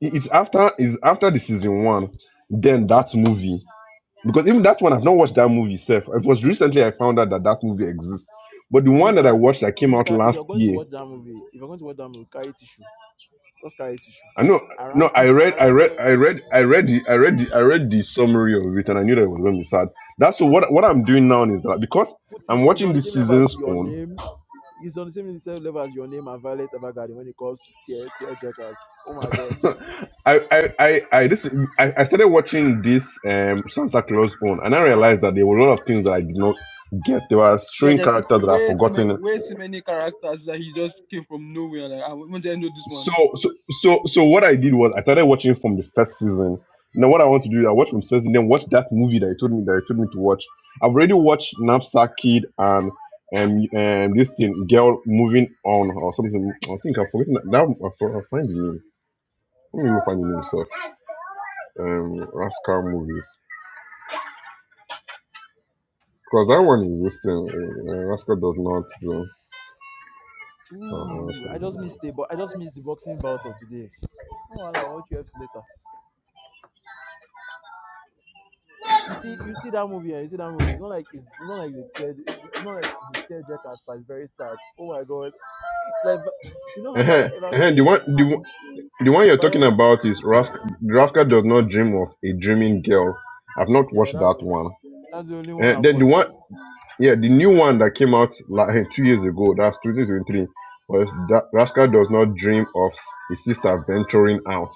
[SPEAKER 4] It- It's after is after the season one. Then that movie because even that one I've not watched that movie. Self, it was recently I found out that that movie exists. But the one that I
[SPEAKER 3] Emeka,
[SPEAKER 4] watched that came out
[SPEAKER 3] Emeka, if
[SPEAKER 4] last
[SPEAKER 3] you're going to
[SPEAKER 4] year
[SPEAKER 3] watch that movie, if you're going to watch that movie, carry tissue. Just carry tissue.
[SPEAKER 4] I know,
[SPEAKER 3] I
[SPEAKER 4] no,
[SPEAKER 3] rank
[SPEAKER 4] I
[SPEAKER 3] it.
[SPEAKER 4] read,
[SPEAKER 3] I
[SPEAKER 4] I
[SPEAKER 3] rank it.
[SPEAKER 4] read,
[SPEAKER 3] On,
[SPEAKER 4] I read, I read the, I read the, I read the summary of it, and I knew that it was going to be sad. That's so. what what I'm doing now is that because
[SPEAKER 3] put it.
[SPEAKER 4] I'm
[SPEAKER 3] It's
[SPEAKER 4] watching
[SPEAKER 3] on the
[SPEAKER 4] this
[SPEAKER 3] same level as
[SPEAKER 4] season's
[SPEAKER 3] your
[SPEAKER 4] own,
[SPEAKER 3] name. It's on the same same level as your name and Violet Evergarden when it comes to tear tear jerkers. Oh my god.
[SPEAKER 4] I, I, I, I, this, I, I started watching this um Santa Claus own, and I realized that there were a lot of things that I did not get. There were
[SPEAKER 1] yeah
[SPEAKER 4] showing
[SPEAKER 1] there's
[SPEAKER 4] characters that I've
[SPEAKER 1] way too many
[SPEAKER 4] forgotten
[SPEAKER 1] way too many characters that he just came from nowhere like I want to know this one
[SPEAKER 4] So, so, so, so what I did was I started watching it from the first season. Now, what I want to do is I watch from season, then watch that movie that you told me that you told me to watch. I've already watched Knapsack Kid and um and this thing, Girl Moving On or something. I think I've forgotten that. Now I'll fi- I'll find the name. Let me go find the name itself. Um, Rascal movies because that one is this thing. Uh, uh, Rascal does not do. Uh,
[SPEAKER 3] Ooh, I just
[SPEAKER 4] Rascal.
[SPEAKER 3] missed the but I just missed the boxing bout of today. Oh, well, I'll watch UFC later. You see, you
[SPEAKER 1] Mm.
[SPEAKER 3] see that movie, and you see that movie. It's not like it's not like the tear. It's not like the tear jerkers, but it's very sad. Oh my god! It's like Vi- you know how
[SPEAKER 4] Uh-huh.
[SPEAKER 3] Violet
[SPEAKER 4] Uh-huh.
[SPEAKER 3] Evergarden,
[SPEAKER 4] The
[SPEAKER 3] eh,
[SPEAKER 4] one the,
[SPEAKER 3] had
[SPEAKER 4] one- the one you're
[SPEAKER 3] Violet,
[SPEAKER 4] talking
[SPEAKER 3] you know,
[SPEAKER 4] about is Rask Rafka does not dream of a dreaming girl. I've not
[SPEAKER 3] yeah,
[SPEAKER 4] watched
[SPEAKER 3] that's
[SPEAKER 4] that
[SPEAKER 3] the,
[SPEAKER 4] one.
[SPEAKER 3] that's the only one
[SPEAKER 4] Uh,
[SPEAKER 3] I've
[SPEAKER 4] then the
[SPEAKER 3] watched.
[SPEAKER 4] one yeah, the new one that came out like hey, two years ago, that's 2023, was that Rascal does not dream of his sister venturing out.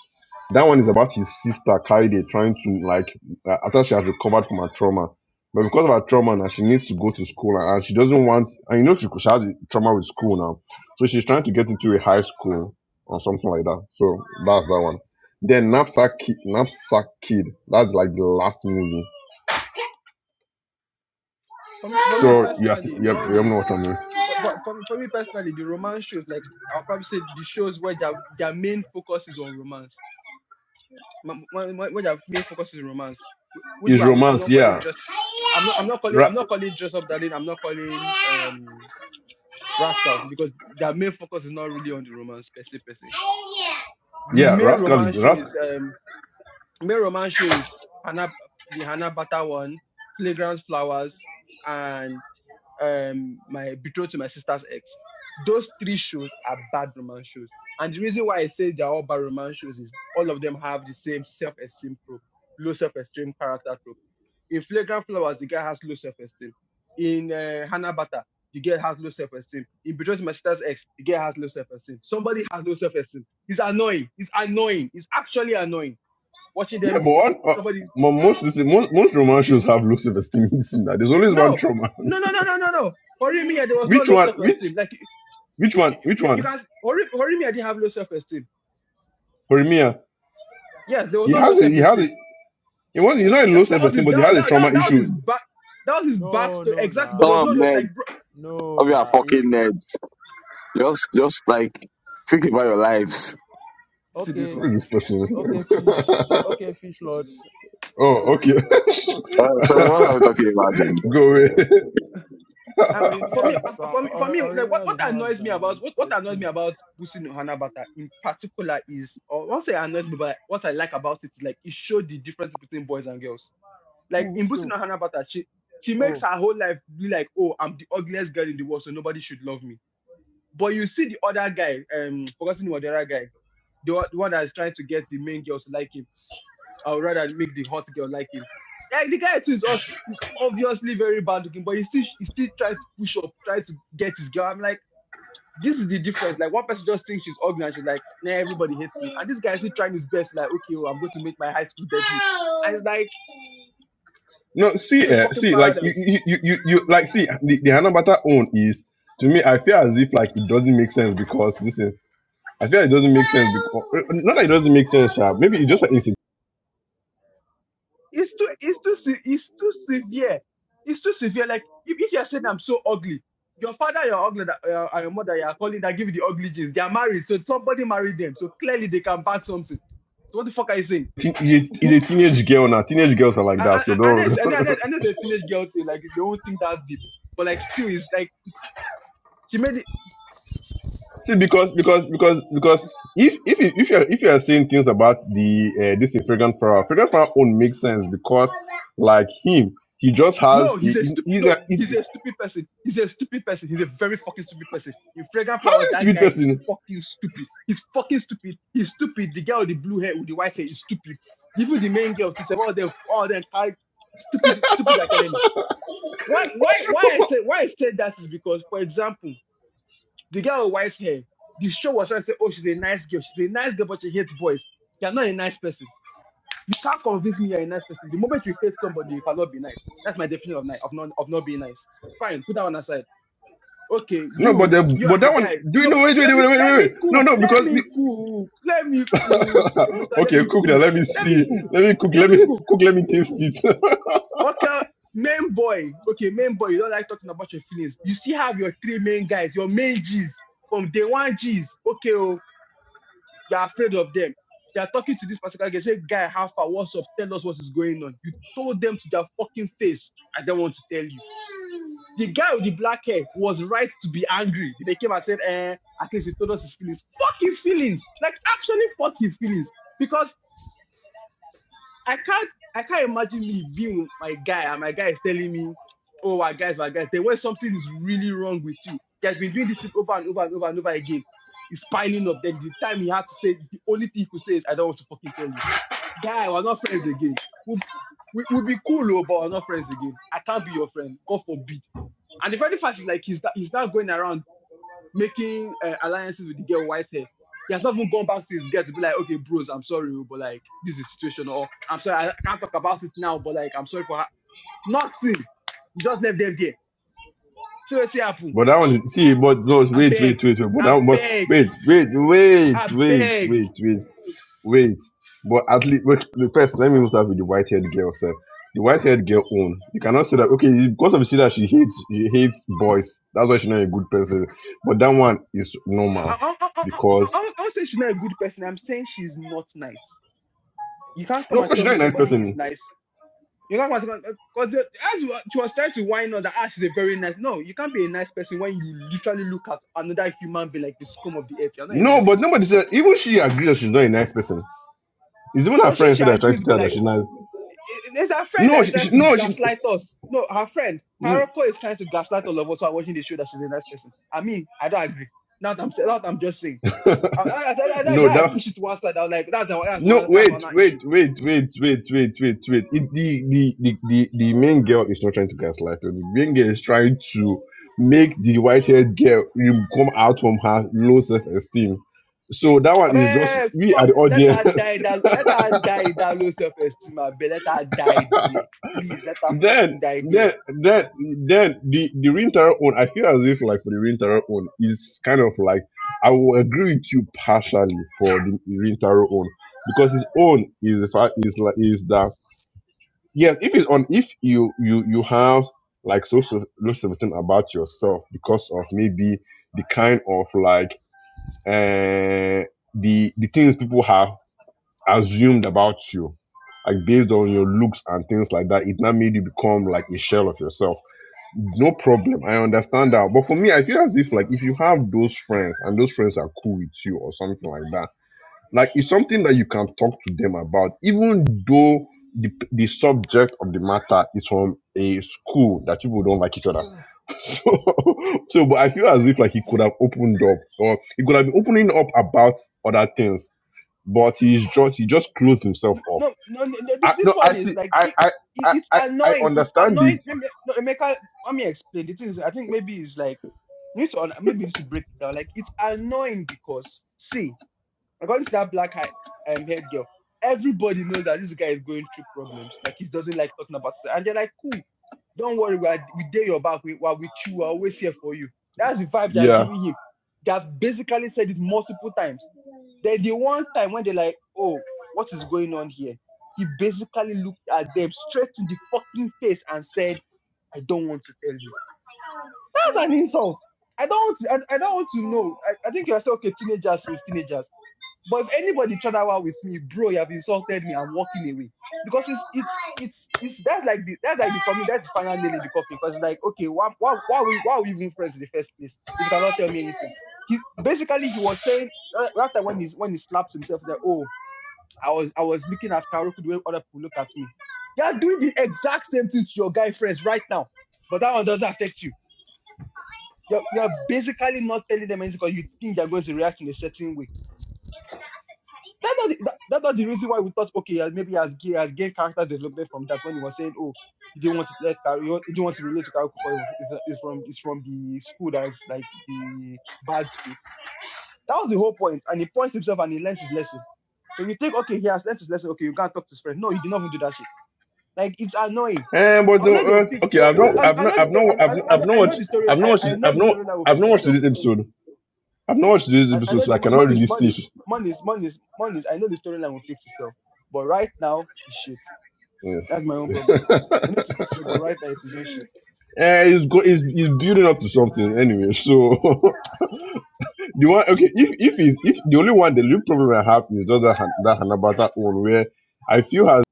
[SPEAKER 4] That one is about his sister Kaide trying to like uh, after she has recovered from her trauma, but because of her trauma now, she needs to go to school and and she doesn't want. And you know she, she has trauma with school now, so she's trying to get into a high school or something like that. So that's that one. Then knapsack kid, knapsack kid. That's like the last movie.
[SPEAKER 1] for me for me
[SPEAKER 4] So you have to,
[SPEAKER 1] personally
[SPEAKER 4] you
[SPEAKER 1] my
[SPEAKER 4] have,
[SPEAKER 1] own
[SPEAKER 4] you have know
[SPEAKER 1] is
[SPEAKER 4] what I mean.
[SPEAKER 1] for, for, for me for me personally the romance shows like I'll probably say the shows where their their main focus is on romance My m- m- when their main focus is romance, wh- which
[SPEAKER 4] Is
[SPEAKER 1] why I'm I'm
[SPEAKER 4] romance,
[SPEAKER 1] not calling
[SPEAKER 4] yeah,
[SPEAKER 1] dress. I'm not I'm not calling
[SPEAKER 4] Ra-
[SPEAKER 1] I'm not calling dress up darling. I'm not calling um rascal because their main focus is not really on the romance per se per se. The
[SPEAKER 4] yeah,
[SPEAKER 1] main
[SPEAKER 4] rascally,
[SPEAKER 1] romance show
[SPEAKER 4] rascal,
[SPEAKER 1] is um main romance show is Hannah the Hannah Butter one, Flagrant Flowers, um, my betrothed to my sister's ex. Those three shows are bad romance shows. And the reason why I say they're all bad romance shows is all of them have the same self-esteem trope, low self-esteem character trope. In Flagrant Flowers, the guy has low self-esteem. In uh, Hannah Butter, the girl has low self-esteem. In Betrothed to My Sister's Ex, the girl has low self-esteem. Somebody has low self-esteem. It's annoying. It's annoying. It's actually annoying. Watching
[SPEAKER 4] yeah.
[SPEAKER 1] them,
[SPEAKER 4] But one, uh,
[SPEAKER 1] somebody,
[SPEAKER 4] mo- most, this, most most romance shows have looks of a singing singer. There's always one
[SPEAKER 1] no,
[SPEAKER 4] trauma.
[SPEAKER 1] no, no, no, no, no, no. For me, yeah, there was no
[SPEAKER 4] which
[SPEAKER 1] low
[SPEAKER 4] one? Which
[SPEAKER 1] self-esteem. Like
[SPEAKER 4] which one?
[SPEAKER 1] you,
[SPEAKER 4] Which
[SPEAKER 1] you, you
[SPEAKER 4] one?
[SPEAKER 1] guys, Hori, Horimiya didn't have low self esteem.
[SPEAKER 4] Jeremiah.
[SPEAKER 1] Yes, there was
[SPEAKER 4] He
[SPEAKER 1] no low
[SPEAKER 4] has a
[SPEAKER 1] self
[SPEAKER 4] he has a
[SPEAKER 1] esteem.
[SPEAKER 4] he was he's not a
[SPEAKER 1] That,
[SPEAKER 4] low
[SPEAKER 1] that
[SPEAKER 4] self
[SPEAKER 1] was
[SPEAKER 4] esteem,
[SPEAKER 1] his
[SPEAKER 4] but he
[SPEAKER 1] that,
[SPEAKER 4] has a
[SPEAKER 1] that, that,
[SPEAKER 4] trauma
[SPEAKER 1] that was his
[SPEAKER 4] issue.
[SPEAKER 1] back that was his
[SPEAKER 3] No,
[SPEAKER 1] backstory
[SPEAKER 3] no,
[SPEAKER 1] exactly. But
[SPEAKER 5] Some
[SPEAKER 1] there
[SPEAKER 3] nah,
[SPEAKER 1] was
[SPEAKER 5] of
[SPEAKER 1] no low-
[SPEAKER 5] nerds,
[SPEAKER 1] like bro,
[SPEAKER 3] no,
[SPEAKER 5] of you are
[SPEAKER 3] nah. Eh, eh,
[SPEAKER 5] fucking nerds. Just, just like think about your lives.
[SPEAKER 1] see this
[SPEAKER 4] Who
[SPEAKER 3] Okay,
[SPEAKER 1] one.
[SPEAKER 4] is this person?
[SPEAKER 3] okay, fish. See, okay, fish lord.
[SPEAKER 4] Oh,
[SPEAKER 3] Okay,
[SPEAKER 4] okay.
[SPEAKER 3] fish lord.
[SPEAKER 5] Uh, so what are we talking about then?
[SPEAKER 4] Go away.
[SPEAKER 1] Um, um, for
[SPEAKER 3] Orimiya
[SPEAKER 1] me,
[SPEAKER 3] is
[SPEAKER 1] um,
[SPEAKER 3] strong.
[SPEAKER 1] for me, for
[SPEAKER 3] Or,
[SPEAKER 1] me, like what,
[SPEAKER 3] Orimiya
[SPEAKER 1] what
[SPEAKER 3] does not have
[SPEAKER 1] annoys me about
[SPEAKER 3] um,
[SPEAKER 1] what, what annoys me
[SPEAKER 3] esteem.
[SPEAKER 1] about Busi no Hanabata in particular is, or once say annoys me, but what I like about it is like it showed the difference between boys and girls. Like
[SPEAKER 3] Who?
[SPEAKER 1] in
[SPEAKER 3] Which
[SPEAKER 1] Busi
[SPEAKER 3] show?
[SPEAKER 1] no Hanabata, she she makes
[SPEAKER 3] Oh,
[SPEAKER 1] her whole life be like, oh, I'm the ugliest girl in the world, so nobody should love me. But you see the other guy, um, forgetting what the other guy. the, one- the one that's trying to get the main girls to like him, I would rather make the hot girl like him. Like the guy too is ob- is obviously very bad looking, but he still he still tries to push up, try to get his girl. I'm like, this is the difference. Like one person just thinks she's ugly and she's like, nah, everybody hates me. And this guy is still trying his best, like, okay, well, I'm going to make my high school debut. And it's like,
[SPEAKER 4] No, see,
[SPEAKER 1] see the
[SPEAKER 4] eh,
[SPEAKER 1] fucking
[SPEAKER 4] see, like you,
[SPEAKER 1] parallels.
[SPEAKER 4] you, you, you, you- like see the, the Hanabata own is to me. I feel as if like it doesn't make sense because listen, I feel like it doesn't make sense because not that it doesn't make sense, sha, Maybe it's just like it's a,
[SPEAKER 1] It's too, it's too, se- it's too severe. It's too severe. Like if, if you're saying I'm so ugly, your father, your ugly, that- uh, and your mother, you are calling that give you the ugly genes. They are married, so somebody married them. So clearly they can pass something. So what the fuck are you saying?
[SPEAKER 4] teen- it's it's a teenage girl now. Teenage girls are like
[SPEAKER 1] I, I,
[SPEAKER 4] that, so
[SPEAKER 1] I, I it's-
[SPEAKER 4] don't
[SPEAKER 1] I know, I know, I the teenage girl thing. Like they won't think that deep, but like still, it's like it's, she made it.
[SPEAKER 4] see because because because because if if you- if you're if you're saying things about the uh, this is fragrant flower, fragrant flower own makes sense because. like him. He just
[SPEAKER 1] No,
[SPEAKER 4] has he,
[SPEAKER 1] he's a
[SPEAKER 4] he-
[SPEAKER 1] stupid.
[SPEAKER 4] he's
[SPEAKER 1] No,
[SPEAKER 4] a he,
[SPEAKER 1] he's a stupid person. He's a stupid person. He's a very fucking stupid person. In Fragrant
[SPEAKER 4] how
[SPEAKER 1] Flowers,
[SPEAKER 4] is
[SPEAKER 1] that
[SPEAKER 4] stupid
[SPEAKER 1] guy is
[SPEAKER 4] person.
[SPEAKER 1] fucking stupid. He's fucking stupid. He's stupid. The girl with the blue hair with the white hair is stupid. Even the main girl to say all them, all them kind stupid, stupid academy. Why, why, why I said, why I said that is because, for example, the girl with white hair, the show was trying to say, oh, she's a nice girl. She's a nice girl, but she hates boys. You're not a nice person you can't convince me you're a nice person. The moment you hate somebody, you cannot be nice. That's my definition of nice of not of not being nice. Fine, put that one aside. Okay,
[SPEAKER 4] No, but
[SPEAKER 1] you
[SPEAKER 4] the
[SPEAKER 1] you are
[SPEAKER 4] but
[SPEAKER 1] the
[SPEAKER 4] that one
[SPEAKER 1] guy.
[SPEAKER 4] do you
[SPEAKER 1] No,
[SPEAKER 4] know wait wait
[SPEAKER 1] let
[SPEAKER 4] wait
[SPEAKER 1] me
[SPEAKER 4] wait
[SPEAKER 1] let
[SPEAKER 4] wait
[SPEAKER 1] me
[SPEAKER 4] wait. no
[SPEAKER 1] cook.
[SPEAKER 4] no
[SPEAKER 1] Let
[SPEAKER 4] because
[SPEAKER 1] me
[SPEAKER 4] be,
[SPEAKER 1] cook. Let me cook. Rebecca, let
[SPEAKER 4] okay
[SPEAKER 1] me
[SPEAKER 4] cook now
[SPEAKER 1] cook.
[SPEAKER 4] let me
[SPEAKER 1] Let me
[SPEAKER 4] see
[SPEAKER 1] cook.
[SPEAKER 4] let me cook
[SPEAKER 1] Let
[SPEAKER 4] let
[SPEAKER 1] me
[SPEAKER 4] me
[SPEAKER 1] cook.
[SPEAKER 4] cook let me taste it
[SPEAKER 1] Okay, main boy. Okay, main boy. You don't like talking about your feelings. You still have your three main guys, your main G's from day one G's. Okay, oh. You're afraid of them. You're talking to this particular guy, say, guy, how far? What's up? Tell us what is going on. You told them to their fucking face. I don't want to tell you. The guy with the black hair was right to be angry. They came and said, eh, at least he told us his feelings. Fuck his feelings. Like actually fuck his feelings. because. I can't I can't imagine me being with my guy and my guy is telling me, Oh my guys, my guys, then when something is really wrong with you, he has been doing this thing over and over and over and over again. It's piling up. Then the time he had to say the only thing he could say is, I don't want to fucking tell you. Guy, we're not friends again. We'll, we, we'll be cool, oh, but we're not friends again. I can't be your friend. God forbid. And the funny fact is like he's not, he's not going around making uh, alliances with the girl with white hair. He has not even gone back to his girl to be like, okay, bros, I'm sorry, oh, but like this is the situation, or I'm sorry, I can't talk about it now, but like I'm sorry for her. Nothing. He just left them there. So what happen?
[SPEAKER 4] but that one is- see but no
[SPEAKER 1] I
[SPEAKER 4] wait
[SPEAKER 1] beg,
[SPEAKER 4] wait wait wait but that
[SPEAKER 1] I
[SPEAKER 4] one but
[SPEAKER 1] beg,
[SPEAKER 4] wait wait wait
[SPEAKER 1] I
[SPEAKER 4] wait
[SPEAKER 1] beg.
[SPEAKER 4] wait wait Wait, but at least wait, the first let me even start with the white haired girl sir. The white haired girl own. You cannot say that okay, because of the that she hates she hates boys. That's why she's not a good person. But that one is normal
[SPEAKER 1] I, I, I, I, I, I,
[SPEAKER 4] because
[SPEAKER 1] I won't say she's not a good person. I'm saying she's not nice. You can't
[SPEAKER 4] no,
[SPEAKER 1] come
[SPEAKER 4] of
[SPEAKER 1] and
[SPEAKER 4] course she's
[SPEAKER 1] tell
[SPEAKER 4] not
[SPEAKER 1] me
[SPEAKER 4] a nice
[SPEAKER 1] somebody is
[SPEAKER 4] person.
[SPEAKER 1] nice You can't because as she was trying to whine on that ah, she's a very nice. No, you can't be a nice person when you literally look at another human being like the scum of the earth. You're not a
[SPEAKER 4] No,
[SPEAKER 1] nice
[SPEAKER 4] but
[SPEAKER 1] person.
[SPEAKER 4] nobody said even she agrees that she's not a nice person. It's even her
[SPEAKER 1] No, she
[SPEAKER 4] friends
[SPEAKER 1] she
[SPEAKER 4] that are trying to
[SPEAKER 1] agrees,
[SPEAKER 4] tell
[SPEAKER 1] but
[SPEAKER 4] her that
[SPEAKER 1] like
[SPEAKER 4] she's not.
[SPEAKER 1] it, it's her friend
[SPEAKER 4] No,
[SPEAKER 1] that's
[SPEAKER 4] she,
[SPEAKER 1] trying
[SPEAKER 4] she,
[SPEAKER 1] to
[SPEAKER 4] no, she,
[SPEAKER 1] gaslight us. No, her friend Karako is trying to gaslight all of us who are watching the show that she's a nice person. I mean, I don't agree. Now that I'm saying, now that I'm just saying, I, I, I, I, that,
[SPEAKER 4] no,
[SPEAKER 1] I
[SPEAKER 4] that
[SPEAKER 1] push it to one side. I was like, that's that's
[SPEAKER 4] No,
[SPEAKER 1] one that's
[SPEAKER 4] wait,
[SPEAKER 1] one issue
[SPEAKER 4] wait, wait, wait, wait, wait, wait, wait. It, the, the, the, the, the main girl is not trying to gaslight her. The main girl is trying to make the white haired girl um, come out from her low self esteem. So that
[SPEAKER 1] I
[SPEAKER 4] one is just
[SPEAKER 1] mean,
[SPEAKER 4] we are
[SPEAKER 1] fuck,
[SPEAKER 4] the
[SPEAKER 1] let her
[SPEAKER 4] audience.
[SPEAKER 1] die that, let her die in that low self-esteem, I beg. Let her die there. Please, let her fucking
[SPEAKER 4] then,
[SPEAKER 1] die there.
[SPEAKER 4] then, then, then the the Rintaro own. I feel as if like for the Rintaro own is kind of like I will agree with you partially for the Rintaro own because his own is the fact is like is that yes if it's on if you you you have like social low self-esteem about yourself because of maybe the kind of like uh the the things people have assumed about you like based on your looks and things like that it now made you become like a shell of yourself no problem i understand that but for me i feel as if like if you have those friends and those friends are cool with you or something like that like it's something that you can talk to them about even though the, the subject of the matter is from a school that people don't like each other so so but i feel as if like he could have opened up or he could have been opening up about other things but he's just he just closed himself
[SPEAKER 1] No,
[SPEAKER 4] off
[SPEAKER 1] no, no, no no, thi-
[SPEAKER 4] i
[SPEAKER 1] this
[SPEAKER 4] no
[SPEAKER 1] one
[SPEAKER 4] i
[SPEAKER 1] is
[SPEAKER 4] see
[SPEAKER 1] like,
[SPEAKER 4] i
[SPEAKER 1] it,
[SPEAKER 4] i
[SPEAKER 1] it,
[SPEAKER 4] i
[SPEAKER 1] it's
[SPEAKER 4] i, I
[SPEAKER 1] annoying. It's
[SPEAKER 4] understand it
[SPEAKER 1] annoying. Let me, no, Emeka, let me explain. It is, I think maybe it's like, you need to, un- maybe you need to break it down. Like, it's annoying because, see, According to that black hair, um, haired girl, everybody knows that this guy is going through problems. Like he doesn't like talking about it. And they're like, cool, don't worry, we are we dare your back. We we are with you. We're always here for you. That's the vibe they're
[SPEAKER 4] yeah
[SPEAKER 1] giving him. They have basically said it multiple times. Then the one time when they're like, oh, what is going on here? He basically looked at them straight in the fucking face and said, I don't want to tell you. That's an insult. I don't want to, I, I don't want to know. I, I think you're still okay, teenagers is teenagers but if anybody tried that hour with me, bro, you have insulted me. I'm walking away because it's it's it's it's that's like the that's like the for me that's the final nail in the coffin. Because it's like okay, why why why are we why are we even friends in the first place if you cannot tell me anything? He basically he was saying uh, after when he's when he slaps himself that oh I was I was looking at Karoku the way other people look at me. You're doing the exact same thing to your guy friends right now, but that one doesn't affect you. You're, you're basically not telling them anything because you think they're going to react in a certain way That's not, the, that, that's not the reason why we thought, okay, uh, maybe as gay, as gay character development from that when he was saying, oh, you didn't want to let Kar- you, didn't want to relate to Kari Koko is from is from the school that's like the bad school. That was the whole point, and he points himself and he learns his lesson. So you think, okay, he has learned his lesson. Okay, you can't talk to his friend. No, he did not even do that shit. Like it's annoying.
[SPEAKER 4] and but
[SPEAKER 1] I
[SPEAKER 4] no
[SPEAKER 1] know they'll
[SPEAKER 4] uh,
[SPEAKER 1] fix.
[SPEAKER 4] okay
[SPEAKER 1] Though
[SPEAKER 4] i've
[SPEAKER 1] I,
[SPEAKER 4] not
[SPEAKER 1] I,
[SPEAKER 4] i've
[SPEAKER 1] I
[SPEAKER 4] not
[SPEAKER 1] know the
[SPEAKER 4] i've
[SPEAKER 1] story.
[SPEAKER 4] not
[SPEAKER 1] I,
[SPEAKER 4] i've
[SPEAKER 1] I,
[SPEAKER 4] not
[SPEAKER 1] I
[SPEAKER 4] i've
[SPEAKER 1] know
[SPEAKER 4] not watched
[SPEAKER 1] the story.
[SPEAKER 4] i've not
[SPEAKER 1] I,
[SPEAKER 4] watched
[SPEAKER 1] I know
[SPEAKER 4] i've
[SPEAKER 1] the
[SPEAKER 4] not
[SPEAKER 1] story that will
[SPEAKER 4] i've
[SPEAKER 1] fix
[SPEAKER 4] not watched
[SPEAKER 1] itself.
[SPEAKER 4] this episode I've not watched this
[SPEAKER 1] I, I
[SPEAKER 4] episode,
[SPEAKER 1] know
[SPEAKER 4] so I
[SPEAKER 1] the
[SPEAKER 4] cannot
[SPEAKER 1] money is
[SPEAKER 4] really see.
[SPEAKER 1] money, money is money is money is. I know the storyline will fix itself, but right now it's shit.
[SPEAKER 4] Yes.
[SPEAKER 1] That's my own problem. I need to fix it, but right now it is just shit.
[SPEAKER 4] Eh, it's, go, it's, it's building up to something anyway. So the one okay, if if it's, if the only one the real problem I have is just that Han- that Hanabata one where I feel as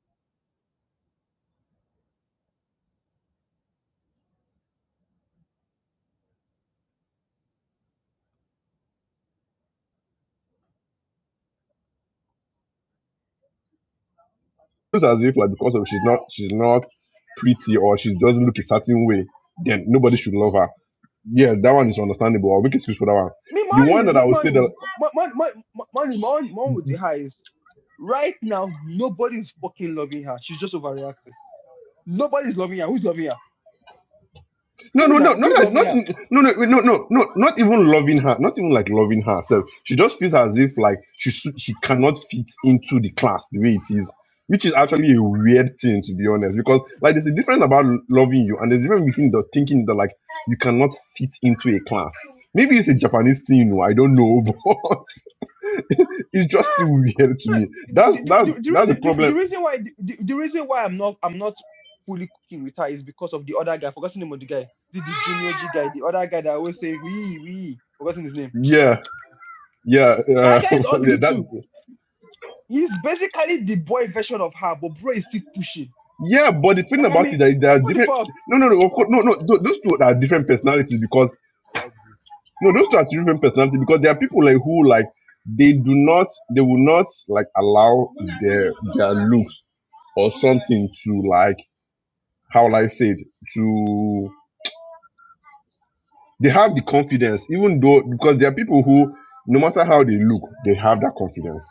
[SPEAKER 4] feels as if like because of she's not she's not pretty or she doesn't look a certain way, then nobody should love her. Yeah, that one is understandable. I'll make excuse for that one.
[SPEAKER 1] Me,
[SPEAKER 4] The
[SPEAKER 1] money
[SPEAKER 4] one
[SPEAKER 1] is
[SPEAKER 4] that I
[SPEAKER 1] me,
[SPEAKER 4] would say
[SPEAKER 1] money
[SPEAKER 4] that
[SPEAKER 1] is money, money, money is my own, my own with the highest. Right now, nobody is fucking loving her. She's just overreacting. Nobody's loving her. Who's loving her?
[SPEAKER 4] No,
[SPEAKER 1] Who
[SPEAKER 4] no, no,
[SPEAKER 1] now?
[SPEAKER 4] not
[SPEAKER 1] Who's
[SPEAKER 4] like,
[SPEAKER 1] loving
[SPEAKER 4] not
[SPEAKER 1] her?
[SPEAKER 4] no, no, no, no, no, not even loving her, not even like loving herself. She just feels as if like she su- she cannot fit into the class the way it is, which is actually a weird thing to be honest. Because like there's a difference about loving you, and there's a difference between the thinking that like you cannot fit into a class. Maybe it's a Japanese thing, you know, I don't know, but it's just still weird to
[SPEAKER 1] the,
[SPEAKER 4] me.
[SPEAKER 1] the,
[SPEAKER 4] That's that's
[SPEAKER 1] the, the
[SPEAKER 4] that's
[SPEAKER 1] reason
[SPEAKER 4] the
[SPEAKER 1] the, the
[SPEAKER 4] problem.
[SPEAKER 1] reason why the, the reason why I'm not I'm not fully cooking with her is because of the other guy. Forgotten the name of the guy. The, the junior G guy, the other guy that I always say we we forgotten his name.
[SPEAKER 4] Yeah, yeah,
[SPEAKER 1] That
[SPEAKER 4] uh,
[SPEAKER 1] guy is
[SPEAKER 4] yeah.
[SPEAKER 1] ugly
[SPEAKER 4] That
[SPEAKER 1] too. He's basically the boy version of her, but bro is still pushing.
[SPEAKER 4] Yeah, but the thing
[SPEAKER 1] Like I
[SPEAKER 4] about
[SPEAKER 1] mean,
[SPEAKER 4] it that there are
[SPEAKER 1] what the
[SPEAKER 4] different.
[SPEAKER 1] fuck?
[SPEAKER 4] No, no, no. Of course, no, no.
[SPEAKER 3] yeah,
[SPEAKER 4] tho-
[SPEAKER 3] nah.
[SPEAKER 4] Those two are different
[SPEAKER 3] Eh,
[SPEAKER 4] personalities
[SPEAKER 3] I
[SPEAKER 4] because
[SPEAKER 3] like this.
[SPEAKER 4] no, those two are different personalities because there are people like who like they do not, they will not like allow their their looks or something to like how will I say it to. They have the confidence, even though because there are people who, no matter how they look, they have that confidence.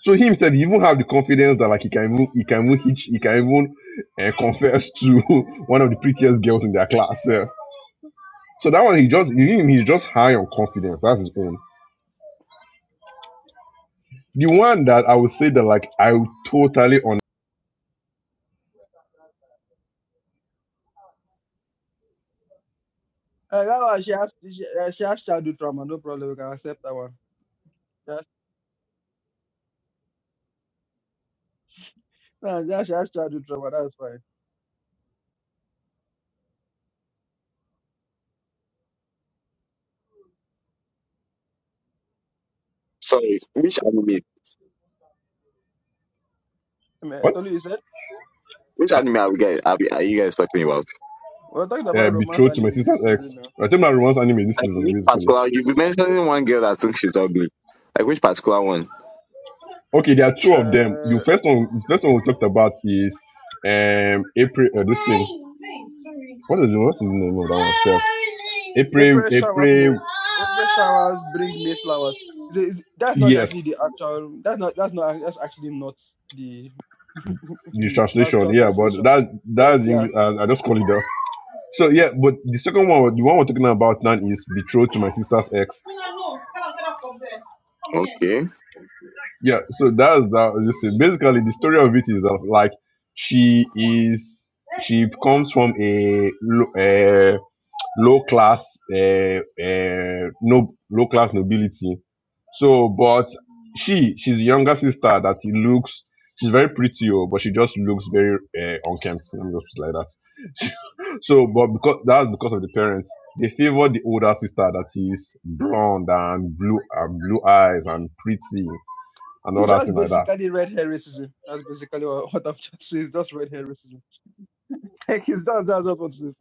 [SPEAKER 4] So he himself, he even have the confidence that like he can even he can even hitch, he can even uh, confess to one of the prettiest girls in their class. eh. So that one, he just he- he's just high on confidence. That's his own. The one that I would say that like I would totally on
[SPEAKER 1] Uh, that one, she has she, uh, she has childhood trauma. No problem, we can accept that one. Yeah, nah, yeah, she has childhood trauma. That's fine.
[SPEAKER 5] Sorry, which anime?
[SPEAKER 1] I mean,
[SPEAKER 4] what
[SPEAKER 1] Tolu, you said
[SPEAKER 5] Which
[SPEAKER 4] uh,
[SPEAKER 5] anime are we guys? Are, we, are you guys talking about?
[SPEAKER 1] we're talking
[SPEAKER 4] eh,
[SPEAKER 1] about romance
[SPEAKER 4] betrothed to my
[SPEAKER 1] anime
[SPEAKER 4] sister's
[SPEAKER 1] this
[SPEAKER 4] ex.
[SPEAKER 1] season now.
[SPEAKER 4] I think my romance anime this
[SPEAKER 5] Like
[SPEAKER 4] season
[SPEAKER 5] which
[SPEAKER 4] basically.
[SPEAKER 5] particular? You be mentioning one girl that thinks she's ugly. Like which particular one?
[SPEAKER 4] Okay, there are two of them. The
[SPEAKER 1] Uh,
[SPEAKER 4] first one, the first one we talked about is um April. Uh, this thing. What is the what's the name of that one? Self. April.
[SPEAKER 1] April showers may
[SPEAKER 4] April.
[SPEAKER 1] April showers bring May flowers. Is it- is- that's not
[SPEAKER 4] Yes,
[SPEAKER 1] actually the actual. That's not. That's not. That's actually not the
[SPEAKER 4] the
[SPEAKER 1] the
[SPEAKER 4] translation.
[SPEAKER 1] actual
[SPEAKER 4] Yeah, but
[SPEAKER 1] translation.
[SPEAKER 4] that's
[SPEAKER 1] But like,
[SPEAKER 4] that's
[SPEAKER 1] yeah,
[SPEAKER 4] English. I, I just call it that. So yeah, but the second one, the one we're talking about now is betrothed to my sister's ex.
[SPEAKER 5] Okay.
[SPEAKER 4] Yeah, so that's that. Listen, basically, the story of it is that like she is she comes from a low, uh, low class uh, uh, no low class nobility. So, but she she's the younger sister that he looks. She's very pretty, oh, but she just looks very uh, unkempt. Let me just put it like that. So, but because that's because of the parents, they favor the older sister that is blonde and blue and blue eyes and pretty and
[SPEAKER 1] it's
[SPEAKER 4] all that
[SPEAKER 1] just
[SPEAKER 4] thing like that.
[SPEAKER 1] basically red hair racism. That's basically what, what I'm just saying. It's just red hair racism. Like, it's just that's what I'm saying.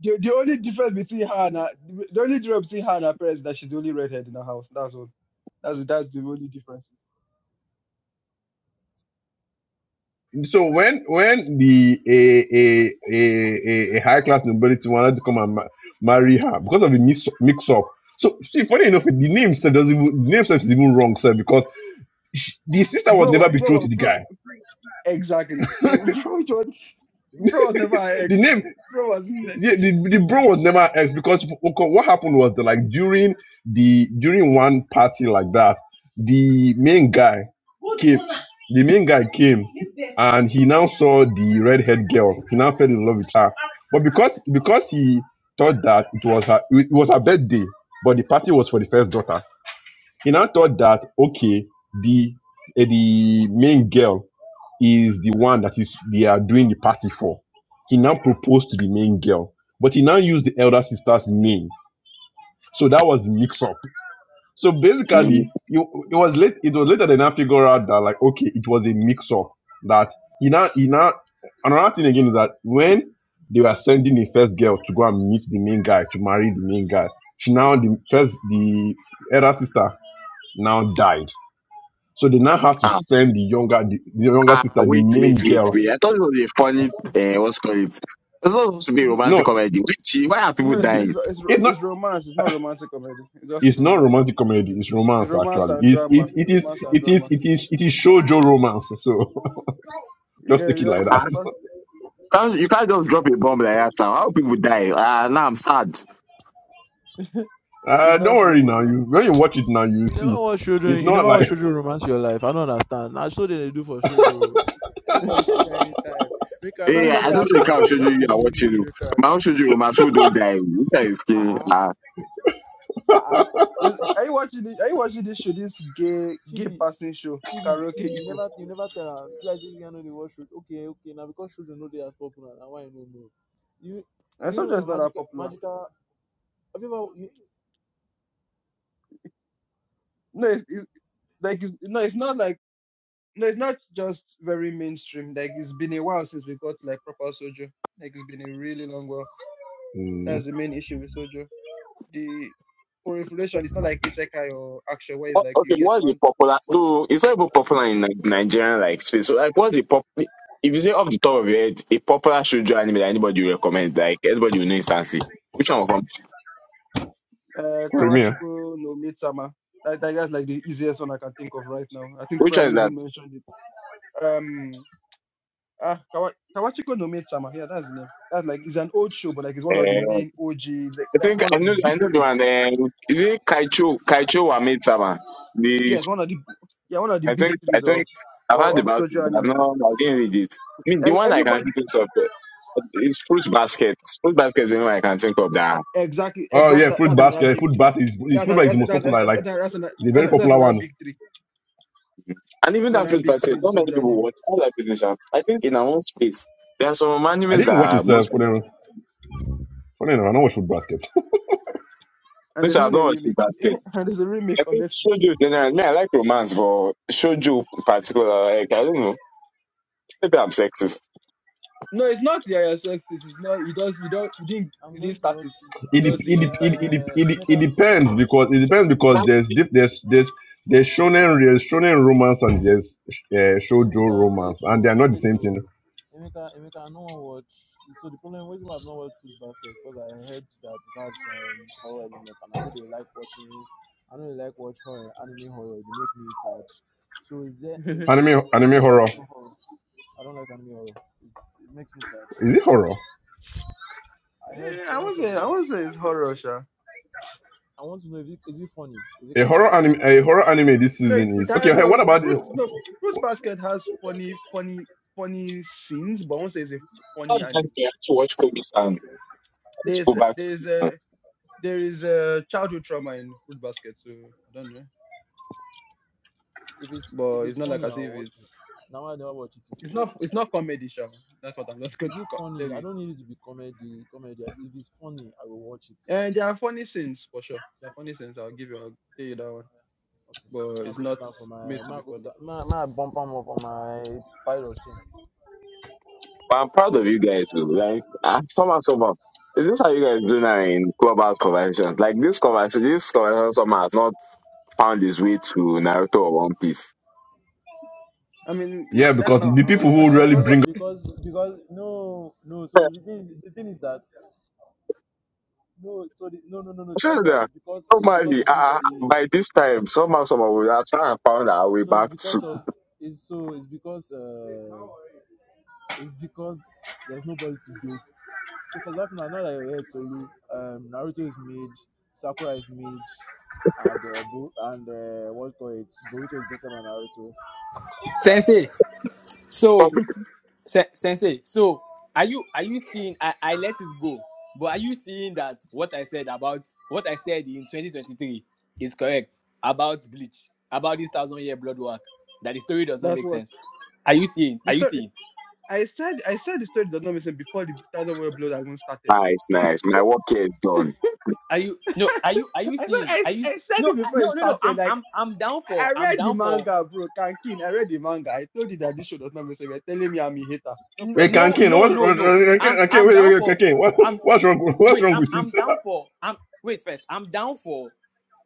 [SPEAKER 1] The, the only difference between her and her, the only difference between her and her parents is that she's the only redhead in her house. That's all. That's that's the only difference.
[SPEAKER 4] So when when the a a a, a, a high class nobility wanted to come and ma- marry her because of the mix, mix up. So see, funny enough, the name itself doesn't even the name itself is even wrong, sir, because she, the sister was
[SPEAKER 1] Bro,
[SPEAKER 4] never betrothed
[SPEAKER 1] bro,
[SPEAKER 4] to the
[SPEAKER 1] bro.
[SPEAKER 4] guy.
[SPEAKER 1] Exactly. Like, bro, Bro was never an
[SPEAKER 4] The
[SPEAKER 1] ex.
[SPEAKER 4] name
[SPEAKER 1] Bro was ne-
[SPEAKER 4] Yeah, the, the bro was never ex because w- okay, what happened was that like during the during one party like that, the main guy came. The main guy came and he now saw the redhead girl. He now fell in love with her, but because because he thought that it was her it was her birthday, but the party was for the first daughter. He now thought that okay, the eh, the main girl is the one that is they are doing the party for. He now proposed to the main girl, but he now used the elder sister's name. So that was the mix up. So
[SPEAKER 5] Mm.
[SPEAKER 4] basically, it, it was late. It was later they now figure out that like okay, it was a mix up. That he now he now another thing again is that when they were sending the first girl to go and meet the main guy to marry the main guy, she now the first the elder sister now died. So they now have to
[SPEAKER 5] Ah,
[SPEAKER 4] send the younger, the, the younger
[SPEAKER 5] ah,
[SPEAKER 4] sister, the
[SPEAKER 5] wait,
[SPEAKER 4] main
[SPEAKER 5] wait, wait,
[SPEAKER 4] girl.
[SPEAKER 5] wait. I thought it was a funny. Uh, what's called it? It's not supposed to be a
[SPEAKER 1] it's, n-
[SPEAKER 5] romantic
[SPEAKER 4] No,
[SPEAKER 5] comedy. Why she- why are people
[SPEAKER 1] no, it's,
[SPEAKER 4] it,
[SPEAKER 1] it's
[SPEAKER 5] dying?
[SPEAKER 1] it's
[SPEAKER 4] it's not.
[SPEAKER 1] it's romance. It's not romantic comedy. It's just
[SPEAKER 4] It's not
[SPEAKER 1] romance.
[SPEAKER 4] romantic comedy. It's
[SPEAKER 1] It's
[SPEAKER 4] romance
[SPEAKER 1] romance
[SPEAKER 4] actually.
[SPEAKER 1] and
[SPEAKER 4] It's
[SPEAKER 1] drama.
[SPEAKER 4] it it is
[SPEAKER 1] Romance and
[SPEAKER 4] it is
[SPEAKER 1] drama.
[SPEAKER 4] it is it is shoujo romance. So just
[SPEAKER 1] Yeah,
[SPEAKER 4] take it like
[SPEAKER 1] exactly.
[SPEAKER 4] that.
[SPEAKER 5] Ah,
[SPEAKER 1] Super.
[SPEAKER 5] can't- you can't just drop a bomb like that. Now. How people die? Ah, now I'm sad.
[SPEAKER 1] It's
[SPEAKER 4] Uh, don't
[SPEAKER 1] not
[SPEAKER 4] worry
[SPEAKER 1] romance.
[SPEAKER 4] now. You when you watch it now, you
[SPEAKER 3] You
[SPEAKER 4] see.
[SPEAKER 3] never watch
[SPEAKER 4] It's
[SPEAKER 3] Shoujo. You
[SPEAKER 4] not
[SPEAKER 3] never
[SPEAKER 4] like.
[SPEAKER 3] watch Shoujo romance your life. I don't understand. Nah, That's what they do for Shoujo.
[SPEAKER 1] Not.
[SPEAKER 3] Anybody fit die anytime. Make
[SPEAKER 5] Hey,
[SPEAKER 3] character fit
[SPEAKER 1] Somebody
[SPEAKER 5] I don't
[SPEAKER 1] has
[SPEAKER 3] just
[SPEAKER 1] to.
[SPEAKER 5] think
[SPEAKER 3] die.
[SPEAKER 5] I'll
[SPEAKER 3] Then they
[SPEAKER 5] show you
[SPEAKER 3] will
[SPEAKER 5] you
[SPEAKER 3] choose
[SPEAKER 5] are
[SPEAKER 3] new,
[SPEAKER 5] watching.
[SPEAKER 3] new,
[SPEAKER 5] you.
[SPEAKER 3] new
[SPEAKER 5] My
[SPEAKER 3] character.
[SPEAKER 5] own show you, my food don't die. Which are you
[SPEAKER 3] Ah
[SPEAKER 5] skin?
[SPEAKER 3] ah
[SPEAKER 5] Ah.
[SPEAKER 3] ah ah.
[SPEAKER 1] Yes, Are you watching? This, are you watching this show? This gay gay
[SPEAKER 3] Chibi,
[SPEAKER 1] passing show,
[SPEAKER 3] Chibi,
[SPEAKER 1] karaoke
[SPEAKER 3] Chibi. You
[SPEAKER 1] eco.
[SPEAKER 3] never, you never tell her. You guys say you know they watch Shoujo. Okay, okay. Now because Shoujo know they are popular. Now why you no know? You, do
[SPEAKER 1] And
[SPEAKER 3] you
[SPEAKER 1] so
[SPEAKER 3] know
[SPEAKER 1] just
[SPEAKER 3] that
[SPEAKER 1] not that
[SPEAKER 3] magical,
[SPEAKER 1] popular.
[SPEAKER 3] magical? Have you ever? You,
[SPEAKER 1] No, it's, it's like it's, no, it's not like no, it's not just very mainstream. Like it's been a while since we got like proper soju. Like it's been a really long while.
[SPEAKER 4] Mm,
[SPEAKER 1] That's the main issue with soju. the proliferation is not like isekai or action where it's
[SPEAKER 5] What-
[SPEAKER 1] like you
[SPEAKER 5] okay,
[SPEAKER 1] get
[SPEAKER 5] what's the
[SPEAKER 1] one
[SPEAKER 5] popular? No, it's not even popular in Ni- Nigerian like space. So, like, what's the pop? If you say off the top of your head, a popular shoujo anime that anybody will recommend, like everybody will know instantly. Which one will come?
[SPEAKER 1] uh
[SPEAKER 4] for eh?
[SPEAKER 1] kawachiko no midsummer that, that that's like the easiest one i can think of right now i think
[SPEAKER 5] Which one
[SPEAKER 1] Prime
[SPEAKER 5] is that?
[SPEAKER 1] even mentioned it um ah Kawa, kawachiko no midsummer yeah that's the name that's like it's an old show but like it's one of the
[SPEAKER 5] Uh,
[SPEAKER 1] main og like,
[SPEAKER 5] I
[SPEAKER 1] like
[SPEAKER 5] think
[SPEAKER 1] one
[SPEAKER 5] I
[SPEAKER 1] of the
[SPEAKER 5] know. I
[SPEAKER 1] big
[SPEAKER 5] know the
[SPEAKER 1] three
[SPEAKER 5] one. Uh, is it Kaicho? Kaicho Wametsama.
[SPEAKER 1] yes one of the yeah one of the
[SPEAKER 5] I
[SPEAKER 1] big
[SPEAKER 5] think I
[SPEAKER 1] threes of
[SPEAKER 5] think I've
[SPEAKER 1] of,
[SPEAKER 5] heard
[SPEAKER 1] of
[SPEAKER 5] about it,
[SPEAKER 1] sojo
[SPEAKER 5] but I've
[SPEAKER 1] anime
[SPEAKER 5] not I didn't read it. I mean, the
[SPEAKER 1] E-
[SPEAKER 5] one I can
[SPEAKER 1] everybody
[SPEAKER 5] think of uh, is fruit baskets. Fruit basket is the one I can think of
[SPEAKER 1] e-
[SPEAKER 5] that.
[SPEAKER 1] exactly
[SPEAKER 4] Oh yeah,
[SPEAKER 1] exactly that,
[SPEAKER 4] fruit
[SPEAKER 1] that's
[SPEAKER 5] that's-
[SPEAKER 1] another
[SPEAKER 4] basket.
[SPEAKER 1] big
[SPEAKER 4] Fruit
[SPEAKER 1] three
[SPEAKER 4] basket is, is
[SPEAKER 1] that's
[SPEAKER 4] fruit
[SPEAKER 1] an,
[SPEAKER 4] basket is
[SPEAKER 1] that,
[SPEAKER 4] the
[SPEAKER 1] that,
[SPEAKER 4] most
[SPEAKER 1] that,
[SPEAKER 4] popular. Like
[SPEAKER 1] that, that's, an,
[SPEAKER 4] the very
[SPEAKER 1] that's, that's
[SPEAKER 4] popular
[SPEAKER 1] another
[SPEAKER 4] one.
[SPEAKER 1] big three
[SPEAKER 5] And even
[SPEAKER 1] And then
[SPEAKER 5] that
[SPEAKER 1] I
[SPEAKER 5] fruit
[SPEAKER 1] Big
[SPEAKER 5] basket,
[SPEAKER 1] Three, the
[SPEAKER 5] not many
[SPEAKER 1] Soja
[SPEAKER 5] people
[SPEAKER 1] anime.
[SPEAKER 5] watch. All that business. have- I think in our own space, there are some
[SPEAKER 4] I
[SPEAKER 5] animes that
[SPEAKER 4] didn't watch it uh,
[SPEAKER 5] most
[SPEAKER 4] for
[SPEAKER 5] people
[SPEAKER 4] them. Funny enough, I know what food baskets.
[SPEAKER 1] And
[SPEAKER 5] which
[SPEAKER 1] there's
[SPEAKER 5] I've
[SPEAKER 1] even a
[SPEAKER 5] not watched fruit
[SPEAKER 1] remake.
[SPEAKER 5] basket.
[SPEAKER 1] and there's a
[SPEAKER 5] I
[SPEAKER 1] remake on
[SPEAKER 5] think
[SPEAKER 1] Netflix.
[SPEAKER 5] shoujo generally. I mean, I like romance, but shoujo in particular, like I don't know. Maybe I'm
[SPEAKER 1] Yeah.
[SPEAKER 5] sexist.
[SPEAKER 1] No, it's not Yaya Sexist. It's not. You does. You don't. You didn't.
[SPEAKER 3] I'm
[SPEAKER 1] You didn't
[SPEAKER 3] going to
[SPEAKER 1] start
[SPEAKER 3] watch.
[SPEAKER 1] it. You
[SPEAKER 4] it,
[SPEAKER 3] I'm
[SPEAKER 4] dep
[SPEAKER 3] going
[SPEAKER 1] does not
[SPEAKER 4] it, dep
[SPEAKER 3] to.
[SPEAKER 4] it,
[SPEAKER 1] enter
[SPEAKER 4] it, dep
[SPEAKER 3] Uh,
[SPEAKER 4] it, dep- it
[SPEAKER 3] Emeka.
[SPEAKER 4] depends because it depends
[SPEAKER 5] You
[SPEAKER 4] because
[SPEAKER 5] can't-
[SPEAKER 4] there's
[SPEAKER 5] you
[SPEAKER 4] dif- there's there's there's shonen there's shonen romance and there's uh, shoujo
[SPEAKER 3] Emeka,
[SPEAKER 4] romance
[SPEAKER 3] wait
[SPEAKER 4] and they
[SPEAKER 3] to
[SPEAKER 4] are not the
[SPEAKER 3] wait
[SPEAKER 4] same
[SPEAKER 3] to
[SPEAKER 4] thing.
[SPEAKER 3] Emeka, Emeka, no one watch. So the problem, reason why I've not watched Food Basket because I heard that it has some horror element, and I know they like watching. I know they like watch horror, anime horror. They make me sad. So is there is
[SPEAKER 1] it.
[SPEAKER 3] there?
[SPEAKER 4] Anime
[SPEAKER 3] I want to
[SPEAKER 4] anime
[SPEAKER 3] make sure
[SPEAKER 4] horror
[SPEAKER 3] there's no
[SPEAKER 4] is
[SPEAKER 3] horror. I don't like anime horror. It's, it makes me sad.
[SPEAKER 4] it horror?
[SPEAKER 3] I heard
[SPEAKER 1] Eh, I
[SPEAKER 3] someone
[SPEAKER 1] won't
[SPEAKER 3] said
[SPEAKER 1] say.
[SPEAKER 3] it
[SPEAKER 1] I won't
[SPEAKER 3] was.
[SPEAKER 1] say it's horror, sha.
[SPEAKER 3] I want to know is it is it funny? Is it
[SPEAKER 4] A horror
[SPEAKER 3] comedic?
[SPEAKER 4] anime a horror anime this
[SPEAKER 1] No, it,
[SPEAKER 4] season
[SPEAKER 1] it
[SPEAKER 4] is
[SPEAKER 1] has
[SPEAKER 4] okay. Hey,
[SPEAKER 1] no
[SPEAKER 4] what about
[SPEAKER 1] fruit.
[SPEAKER 4] the-
[SPEAKER 1] No fruit basket has funny, funny, funny scenes, but I won't say it's a funny
[SPEAKER 5] can't- I
[SPEAKER 1] anime.
[SPEAKER 5] have to watch Kobe San. I have to go
[SPEAKER 1] There's
[SPEAKER 5] back.
[SPEAKER 1] there's a there is a childhood trauma in fruit basket, so I don't know.
[SPEAKER 3] If it's if
[SPEAKER 1] But it's
[SPEAKER 3] it's
[SPEAKER 1] not like
[SPEAKER 3] funny,
[SPEAKER 1] as
[SPEAKER 3] I'll
[SPEAKER 1] if
[SPEAKER 3] watch it.
[SPEAKER 1] it's.
[SPEAKER 3] Now I never watch it till
[SPEAKER 1] It's
[SPEAKER 3] today.
[SPEAKER 1] not it's not comedy show. That's what I'm just going
[SPEAKER 3] Is
[SPEAKER 1] to
[SPEAKER 3] it
[SPEAKER 1] co- tell
[SPEAKER 3] funny? I
[SPEAKER 1] you.
[SPEAKER 3] don't need it to be comedy. Comedy. If it's funny, I will watch it.
[SPEAKER 1] And there are funny scenes for sure. There are funny
[SPEAKER 3] Okay,
[SPEAKER 1] scenes.
[SPEAKER 3] no
[SPEAKER 1] I'll give
[SPEAKER 3] problem.
[SPEAKER 1] you I'll tell you that one.
[SPEAKER 3] Okay.
[SPEAKER 1] But
[SPEAKER 3] May I
[SPEAKER 1] it's
[SPEAKER 3] go put
[SPEAKER 1] not
[SPEAKER 3] that for my?
[SPEAKER 1] made to
[SPEAKER 3] May I
[SPEAKER 1] be
[SPEAKER 3] go put
[SPEAKER 1] funny.
[SPEAKER 3] that? May, I- may I bump am up on my pile of shame?
[SPEAKER 5] But I'm proud of you guys too. Like I somehow somehow is this how you guys do now in clubhouse conversations? Like this conversation this conversation somehow has not found its way to Naruto or One Piece.
[SPEAKER 1] I mean, w-
[SPEAKER 4] yeah?
[SPEAKER 1] that's
[SPEAKER 4] Because
[SPEAKER 1] not our
[SPEAKER 4] the people
[SPEAKER 1] problem. That,
[SPEAKER 4] who
[SPEAKER 1] what,
[SPEAKER 4] really
[SPEAKER 1] what, what,
[SPEAKER 3] Uh,
[SPEAKER 4] bring
[SPEAKER 3] because because no no. So the thing the thing is that no. So the, no no no no. It's not
[SPEAKER 5] Sure
[SPEAKER 3] that
[SPEAKER 5] that
[SPEAKER 3] because it's because
[SPEAKER 5] normally
[SPEAKER 3] there's
[SPEAKER 5] uh,
[SPEAKER 3] nobody here.
[SPEAKER 5] by this time somehow somehow we are trying to find our way
[SPEAKER 3] So it's
[SPEAKER 5] back
[SPEAKER 3] because
[SPEAKER 5] to
[SPEAKER 3] of it's so it's because uh It's because there's nobody to beat. So for example, now, now that you're here, Tolu, um, Naruto is mage, Sakura is mage, and uh, Bo- and uh, what's called it, Boruto is better than Naruto.
[SPEAKER 6] Sensei, so
[SPEAKER 5] probably
[SPEAKER 6] se- Sensei, so are you are you seeing? I, I let it go, but are you seeing that what I said about what I said in 2023 is correct about bleach, about this thousand year blood work? That the story does not
[SPEAKER 1] that's
[SPEAKER 6] make
[SPEAKER 1] what
[SPEAKER 6] sense. Are you seeing?
[SPEAKER 1] the
[SPEAKER 6] Are you
[SPEAKER 1] story.
[SPEAKER 6] seeing?
[SPEAKER 1] I said I said the story does not make sense before the thousand world blood dragon started.
[SPEAKER 5] nice, nice. My work here is done.
[SPEAKER 6] Are you
[SPEAKER 1] I
[SPEAKER 6] no? Are
[SPEAKER 1] said
[SPEAKER 6] you are you seeing?
[SPEAKER 1] I,
[SPEAKER 6] Are
[SPEAKER 1] s-
[SPEAKER 6] you
[SPEAKER 1] I said
[SPEAKER 6] no
[SPEAKER 1] it
[SPEAKER 6] I-
[SPEAKER 1] before it
[SPEAKER 6] no no no?
[SPEAKER 1] started.
[SPEAKER 6] I'm
[SPEAKER 1] Like
[SPEAKER 6] I'm I'm down for
[SPEAKER 1] I
[SPEAKER 6] I'm
[SPEAKER 1] read the
[SPEAKER 6] down for
[SPEAKER 1] manga, bro. Kankin, I read the manga. I told you that this show does not make sense. You're telling me I'm a hater. No
[SPEAKER 6] n-
[SPEAKER 4] Wait,
[SPEAKER 1] problem.
[SPEAKER 6] no
[SPEAKER 4] Kankin,
[SPEAKER 6] no
[SPEAKER 4] what, what,
[SPEAKER 6] no
[SPEAKER 4] what,
[SPEAKER 6] no. I'm
[SPEAKER 4] Kankin,
[SPEAKER 6] I'm
[SPEAKER 4] wait,
[SPEAKER 6] down
[SPEAKER 4] wait, wait,
[SPEAKER 6] for.
[SPEAKER 4] Kankin, what, what's wrong? What's
[SPEAKER 6] wait,
[SPEAKER 4] wrong
[SPEAKER 6] I'm
[SPEAKER 4] with it?
[SPEAKER 6] I'm down for I'm wait first. I'm down for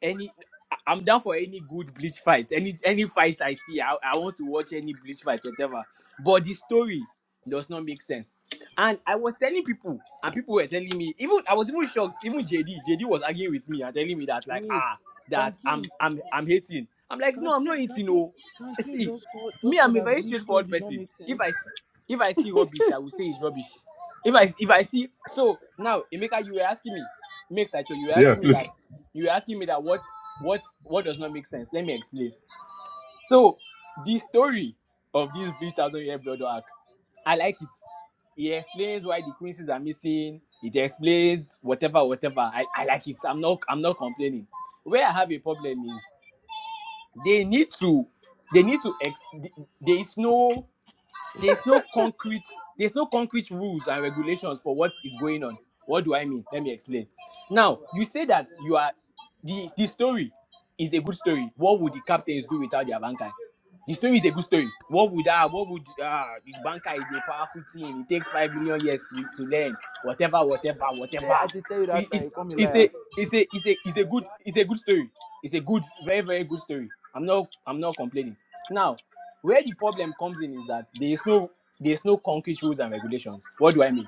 [SPEAKER 6] any I- am down for any good bleach fight. Any any fight I see, I, I want to watch any bleach fight, whatever. But the story does not make sense. And I was telling people, and people were telling me, even I was even shocked. Even JD, JD was arguing with me and telling me that like
[SPEAKER 3] Wait,
[SPEAKER 6] ah that I'm
[SPEAKER 3] Kankin,
[SPEAKER 6] I'm I'm hating. I'm like no, I'm not
[SPEAKER 3] Kankin,
[SPEAKER 6] hating.
[SPEAKER 3] Kankin,
[SPEAKER 6] Oh,
[SPEAKER 3] Kankin
[SPEAKER 6] see,
[SPEAKER 3] just called,
[SPEAKER 6] me,
[SPEAKER 3] just said
[SPEAKER 6] I'm a
[SPEAKER 3] that
[SPEAKER 6] very
[SPEAKER 3] Bleach story
[SPEAKER 6] straightforward
[SPEAKER 3] did not
[SPEAKER 6] person.
[SPEAKER 3] make
[SPEAKER 6] If I
[SPEAKER 3] sense.
[SPEAKER 6] see if I see rubbish, I will say it's rubbish if I if I see so now Emeka, you were asking me, make Sacho, you were
[SPEAKER 4] Yeah,
[SPEAKER 6] asking me
[SPEAKER 4] please.
[SPEAKER 6] that you were asking me that what what what does not make sense. Let me explain. So the story of this Bleach Thousand Year Blood arc, I like it. It explains why the quinces are missing. It explains whatever, whatever. I, I like it. I'm not I'm not complaining. Where I have a problem is they need to they need to ex there is no there's no concrete there's no concrete rules and regulations for what is going on what do i mean let me explain now you say that you are the the story is a good story what would the captains do without their banker the story is a good story. What would ah what would ah the banker is a powerful thing. It takes five million years to to learn. Whatever, whatever,
[SPEAKER 3] Say I
[SPEAKER 6] whatever.
[SPEAKER 3] did tell you
[SPEAKER 6] It-
[SPEAKER 3] that time, you
[SPEAKER 6] it's
[SPEAKER 3] call me
[SPEAKER 6] it's
[SPEAKER 3] liar.
[SPEAKER 6] a it's a it's a it's a good it's a good story. It's a good very very good story. I'm not I'm not complaining. Now, where the problem comes in is that there is no there is no concrete rules and regulations. What do I mean?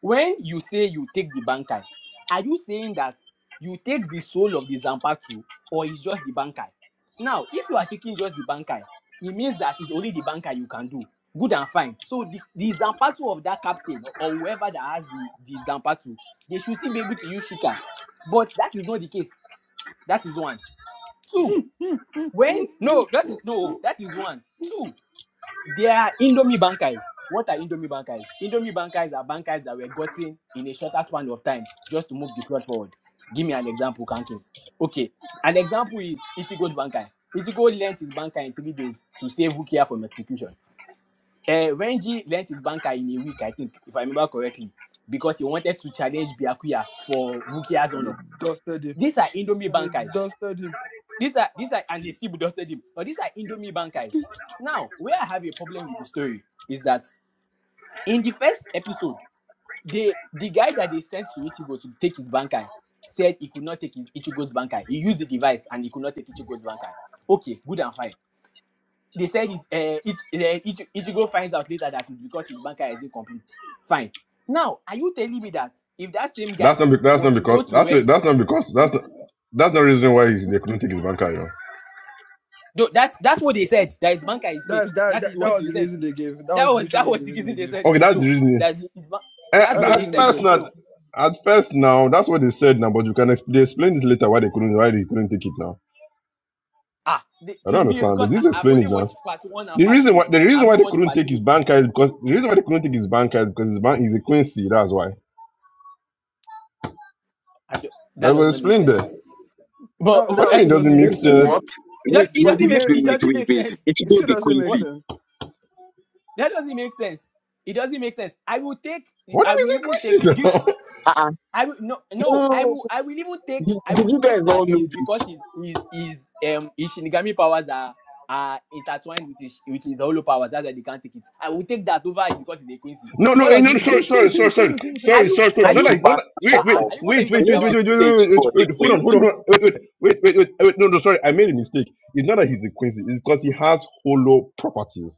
[SPEAKER 6] when you say you take the bankai are you saying that you take the soul of the zampatu or it's just the bankai now if you are taking just the bankai it means that it's only the bankai you can do good and fine so the, the zampatu of that captain or whoever that has the the zampatu they should still be able to use shikai but that is not the case that is one two when no that is no that is one two they are Indomie bankers. What are Indomie bankers? Indomie bankers are bankers that were gotten in a shorter span of time just to move the plot forward. Give me an example, Kankin. Okay, an example is Ichigo Bankai. Ichigo lent his banker in three days to save Wukia from execution. Uh, Renji lent his banker in a week, I think, if I remember correctly, because he wanted to challenge Byakuya for Wukia's
[SPEAKER 1] and they
[SPEAKER 6] honor.
[SPEAKER 1] dusted him
[SPEAKER 6] These are Indomie
[SPEAKER 1] and they
[SPEAKER 6] bankers.
[SPEAKER 1] dusted him.
[SPEAKER 6] These are these are and they still dusted him. But these are Indomie bankers. Now, where I have a problem with the story is that in the first episode, they the guy that they sent to Ichigo to take his bankai said he could not take his Ichigo's bankai. He used the device and he could not take Ichigo's bankai. Okay, good and fine. They said it, uh, it, uh, Ichi- Ichigo finds out later that it's because his bankai is incomplete. Fine. Now, are you telling me that if that same
[SPEAKER 4] That's
[SPEAKER 6] guy
[SPEAKER 4] not. Be- that's
[SPEAKER 6] was
[SPEAKER 4] not
[SPEAKER 6] to
[SPEAKER 4] because.
[SPEAKER 6] go to
[SPEAKER 4] Actually,
[SPEAKER 6] Ren,
[SPEAKER 4] that's not because. That's not, that's not the reason why they couldn't take his bank account.
[SPEAKER 6] no, that's that's what they said. That his bankai is fake.
[SPEAKER 1] That's that,
[SPEAKER 6] That is
[SPEAKER 1] that that
[SPEAKER 6] what
[SPEAKER 1] was
[SPEAKER 6] they
[SPEAKER 1] the
[SPEAKER 6] said.
[SPEAKER 1] reason they gave. That
[SPEAKER 6] That
[SPEAKER 1] was
[SPEAKER 6] was that
[SPEAKER 1] literally
[SPEAKER 6] was
[SPEAKER 1] the
[SPEAKER 6] the
[SPEAKER 1] reason
[SPEAKER 6] reason
[SPEAKER 1] they
[SPEAKER 6] they
[SPEAKER 1] gave.
[SPEAKER 6] said in
[SPEAKER 4] Okay,
[SPEAKER 6] the
[SPEAKER 4] that's the
[SPEAKER 6] show.
[SPEAKER 4] reason.
[SPEAKER 6] That his, ban-
[SPEAKER 4] Eh,
[SPEAKER 6] that's
[SPEAKER 1] That's the
[SPEAKER 6] what
[SPEAKER 4] at
[SPEAKER 6] they
[SPEAKER 1] reason they
[SPEAKER 6] said in
[SPEAKER 4] first,
[SPEAKER 6] the
[SPEAKER 1] gave.
[SPEAKER 6] show
[SPEAKER 4] not at first now. That's what they said now. But you can explain, explain it later why they couldn't why they couldn't take it now.
[SPEAKER 6] Ah, the,
[SPEAKER 4] I don't
[SPEAKER 6] to me,
[SPEAKER 4] understand.
[SPEAKER 6] because
[SPEAKER 4] They just
[SPEAKER 6] I, I've
[SPEAKER 4] explain it
[SPEAKER 6] only
[SPEAKER 4] now.
[SPEAKER 6] watched part one and
[SPEAKER 4] The
[SPEAKER 6] part
[SPEAKER 4] reason
[SPEAKER 6] two.
[SPEAKER 4] why the reason
[SPEAKER 6] I've
[SPEAKER 4] why
[SPEAKER 6] not
[SPEAKER 4] they
[SPEAKER 6] watched
[SPEAKER 4] couldn't
[SPEAKER 6] part
[SPEAKER 4] take his
[SPEAKER 6] three.
[SPEAKER 4] bank account is because the reason why they couldn't take his bank account is because his bank is a Quincy. That's why.
[SPEAKER 6] I do, that
[SPEAKER 4] But it
[SPEAKER 6] does
[SPEAKER 4] was
[SPEAKER 6] not make
[SPEAKER 4] explained
[SPEAKER 6] sense.
[SPEAKER 4] there.
[SPEAKER 6] But
[SPEAKER 1] That
[SPEAKER 4] What
[SPEAKER 1] that
[SPEAKER 6] but,
[SPEAKER 4] do you
[SPEAKER 6] eh,
[SPEAKER 4] mean?
[SPEAKER 1] also
[SPEAKER 4] Doesn't
[SPEAKER 1] doesn't
[SPEAKER 4] make
[SPEAKER 1] make
[SPEAKER 5] Wait,
[SPEAKER 1] sense,
[SPEAKER 4] sense.
[SPEAKER 1] but
[SPEAKER 5] what?
[SPEAKER 6] it
[SPEAKER 5] Wait,
[SPEAKER 6] does. It
[SPEAKER 1] but
[SPEAKER 5] wait,
[SPEAKER 1] the
[SPEAKER 6] doesn't
[SPEAKER 5] wait,
[SPEAKER 6] make.
[SPEAKER 1] mayor
[SPEAKER 5] wait,
[SPEAKER 6] It
[SPEAKER 5] wait,
[SPEAKER 6] doesn't
[SPEAKER 5] wait,
[SPEAKER 6] make
[SPEAKER 5] wait.
[SPEAKER 6] sense.
[SPEAKER 5] It's
[SPEAKER 1] it still
[SPEAKER 5] David
[SPEAKER 1] doesn't make
[SPEAKER 6] What?
[SPEAKER 5] Quincy.
[SPEAKER 1] sense.
[SPEAKER 6] That doesn't make sense. It doesn't make sense. I will take.
[SPEAKER 4] What do
[SPEAKER 6] I
[SPEAKER 4] you
[SPEAKER 6] will
[SPEAKER 4] think
[SPEAKER 6] even take.
[SPEAKER 4] Christian
[SPEAKER 6] Do you-
[SPEAKER 4] now?
[SPEAKER 5] Uh-uh.
[SPEAKER 6] I will no no. I
[SPEAKER 5] No,
[SPEAKER 6] will. I will even take.
[SPEAKER 5] did,
[SPEAKER 6] I will
[SPEAKER 5] did you guys
[SPEAKER 6] take
[SPEAKER 5] all
[SPEAKER 6] that
[SPEAKER 5] know
[SPEAKER 6] is
[SPEAKER 5] this?
[SPEAKER 6] because his his his um his Shinigami powers are are intertwined with his with his Hollow powers. That's why they can't take it. I will take that over it because it's a Quincy.
[SPEAKER 4] No, no,
[SPEAKER 6] What
[SPEAKER 4] eh,
[SPEAKER 6] does
[SPEAKER 4] no, no,
[SPEAKER 6] it
[SPEAKER 1] they
[SPEAKER 4] sorry,
[SPEAKER 6] mean, a
[SPEAKER 4] sorry,
[SPEAKER 6] Quincy?
[SPEAKER 4] sorry, sorry,
[SPEAKER 6] Are
[SPEAKER 4] sorry,
[SPEAKER 6] you
[SPEAKER 4] sorry, sorry.
[SPEAKER 6] are
[SPEAKER 5] send
[SPEAKER 4] Not
[SPEAKER 6] you
[SPEAKER 5] you
[SPEAKER 4] like, not
[SPEAKER 5] back
[SPEAKER 4] like,
[SPEAKER 5] for
[SPEAKER 4] wait, wait,
[SPEAKER 6] uh-uh,
[SPEAKER 5] more.
[SPEAKER 6] are you what are
[SPEAKER 4] wait,
[SPEAKER 6] you
[SPEAKER 4] wait,
[SPEAKER 6] talking
[SPEAKER 4] wait,
[SPEAKER 5] What
[SPEAKER 4] wait,
[SPEAKER 5] the
[SPEAKER 6] about?
[SPEAKER 4] wait, wait,
[SPEAKER 5] sage
[SPEAKER 4] wait,
[SPEAKER 5] God dey
[SPEAKER 4] wait, wait, hold
[SPEAKER 5] going
[SPEAKER 4] on, hold on,
[SPEAKER 5] through?
[SPEAKER 4] hold on, wait, wait, wait, wait, wait, wait, no, no, sorry, I made a mistake. It's not that he's a quincy, it's because he has hollow properties.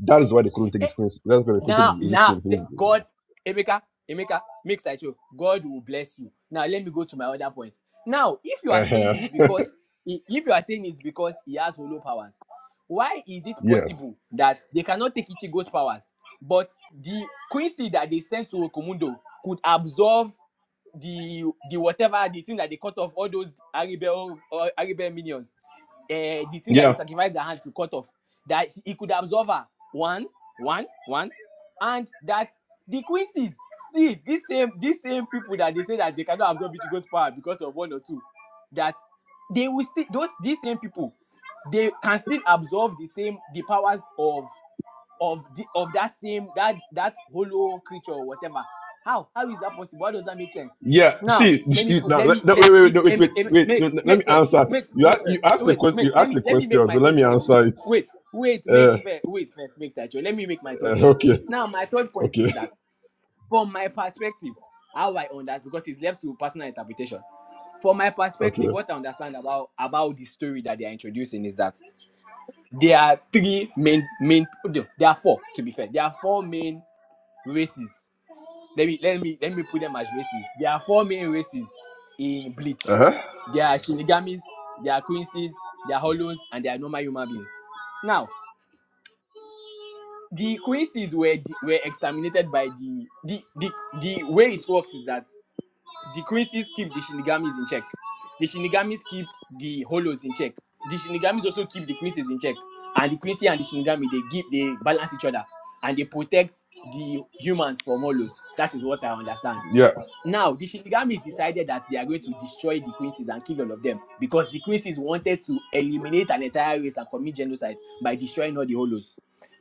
[SPEAKER 4] That is why they couldn't take his quincy. That's why they couldn't take
[SPEAKER 6] now
[SPEAKER 4] his his,
[SPEAKER 6] now th-
[SPEAKER 4] sin. his
[SPEAKER 6] God Emeka Emeka mix that show. God will bless you. Now let me go to my other point. Now if you are saying it's
[SPEAKER 4] uh-huh.
[SPEAKER 6] because i- if you are saying it's because he has hollow powers, why is it
[SPEAKER 4] yes,
[SPEAKER 6] possible that they cannot take Ichigo's powers, but the Quincy that they sent to Okumundo could absorb the the whatever the thing that they cut off all those Aribel or Aribel minions, uh, the thing that they
[SPEAKER 4] yeah,
[SPEAKER 6] sacrificed their hand to cut off, that he could absorb her one, one, one, and that the Quincy's still these same these same people that they say that they cannot absorb Ichigo's power because of one or two, that they will still those these same people they can still absorb the same the powers of of the of that same that that hollow creature or whatever how how is that possible how does that make sense
[SPEAKER 4] yeah.
[SPEAKER 6] now
[SPEAKER 4] See,
[SPEAKER 6] let me
[SPEAKER 4] you-
[SPEAKER 6] put
[SPEAKER 4] now,
[SPEAKER 6] let
[SPEAKER 4] let-
[SPEAKER 6] me
[SPEAKER 4] no,
[SPEAKER 6] let
[SPEAKER 4] wait, wait, wait,
[SPEAKER 6] it,
[SPEAKER 4] no, wait,
[SPEAKER 6] it, ma-
[SPEAKER 4] wait,
[SPEAKER 6] it
[SPEAKER 4] wait. No,
[SPEAKER 6] makes
[SPEAKER 4] no, let me
[SPEAKER 6] makes sense
[SPEAKER 4] answer.
[SPEAKER 6] makes
[SPEAKER 4] You, a-
[SPEAKER 6] wait
[SPEAKER 4] you
[SPEAKER 6] first
[SPEAKER 4] ask the
[SPEAKER 6] wait
[SPEAKER 4] question. You
[SPEAKER 6] makes let
[SPEAKER 4] ask
[SPEAKER 6] me
[SPEAKER 4] the
[SPEAKER 6] let me make
[SPEAKER 4] question,
[SPEAKER 6] my
[SPEAKER 4] so let
[SPEAKER 6] third
[SPEAKER 4] me
[SPEAKER 6] point
[SPEAKER 4] answer it.
[SPEAKER 6] wait wait
[SPEAKER 4] Uh,
[SPEAKER 6] makes fair wait first makes that joy. let me make my third
[SPEAKER 4] uh,
[SPEAKER 6] point
[SPEAKER 4] okay,
[SPEAKER 6] now my third point is
[SPEAKER 4] okay.
[SPEAKER 6] that from my perspective how i understand because it's left to personal interpretation from my
[SPEAKER 4] Okay.
[SPEAKER 6] perspective what i understand about about the story that they are introducing is that there are three main main oh, no, there are four to be fair there are four main races let me let me let me put them as races there are four main races in
[SPEAKER 4] Uh
[SPEAKER 6] bleach
[SPEAKER 4] huh.
[SPEAKER 6] there are shinigamis there are quincies there are hollows and there are normal human beings now the quincies were de- were exterminated by the the the the way it works is that The Quincy's keep the Shinigamis in check. The Shinigamis keep the Hollows in check. The Shinigamis also keep the Quincy's in check. And the Quincy and the Shinigami, they give, they balance each other, and they protect the humans from Hollows. That is what I understand.
[SPEAKER 4] Yeah.
[SPEAKER 6] Now, the Shinigamis decided that they are going to destroy the Quincy's and kill all of them because the Quincy's wanted to eliminate an entire race and commit genocide by destroying all the Hollows.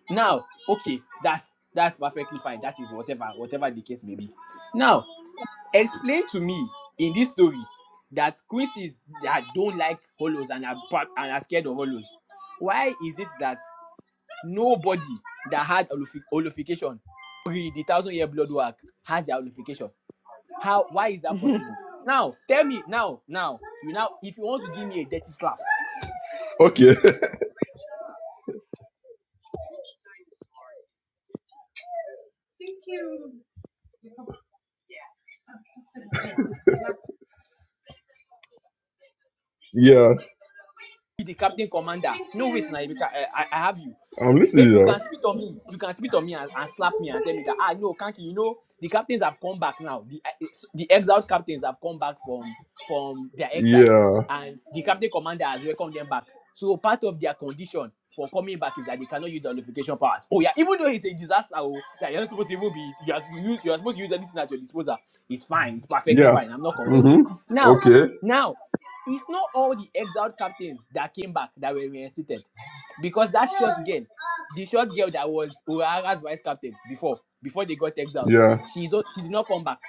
[SPEAKER 6] Now, okay, that's that's perfectly fine. That is whatever, whatever the case may be. Now, explain to me in this story that quizzes that don't like hollows and are bad and are scared of hollows why is it that nobody that had holifi- holification pre the thousand year blood work has their holification how why is that possible now tell me now now you now if you want to give me a dirty slap
[SPEAKER 4] Okay. yeah.
[SPEAKER 6] be the captain commander. No, wait, now, Ibeka, I, I I have you.
[SPEAKER 4] I'm
[SPEAKER 6] Eh, be- be-
[SPEAKER 4] listening.
[SPEAKER 6] You
[SPEAKER 4] Now.
[SPEAKER 6] can spit on me. You can spit on me and, and slap me and tell me that ah no, Kanki, you know the captains have come back now. The eh, eh, s- the exiled captains have come back from from their exile,
[SPEAKER 4] Yeah.
[SPEAKER 6] and the captain commander has welcomed them back. So part of their condition for coming back is that they cannot use the nullification powers. Oh yeah, even though it's a disaster, oh, that you're not supposed to even be you are, you use, you are supposed to use anything at your disposal. It's fine. It's perfectly
[SPEAKER 4] Yeah.
[SPEAKER 6] fine. I'm not complaining.
[SPEAKER 4] Mhm.
[SPEAKER 6] Now,
[SPEAKER 4] Okay.
[SPEAKER 6] now it's not all the exiled captains that came back that were reinstated because that short girl the short girl that was Urara's vice captain before before they got exiled
[SPEAKER 4] Yeah.
[SPEAKER 6] she's o- she did not come back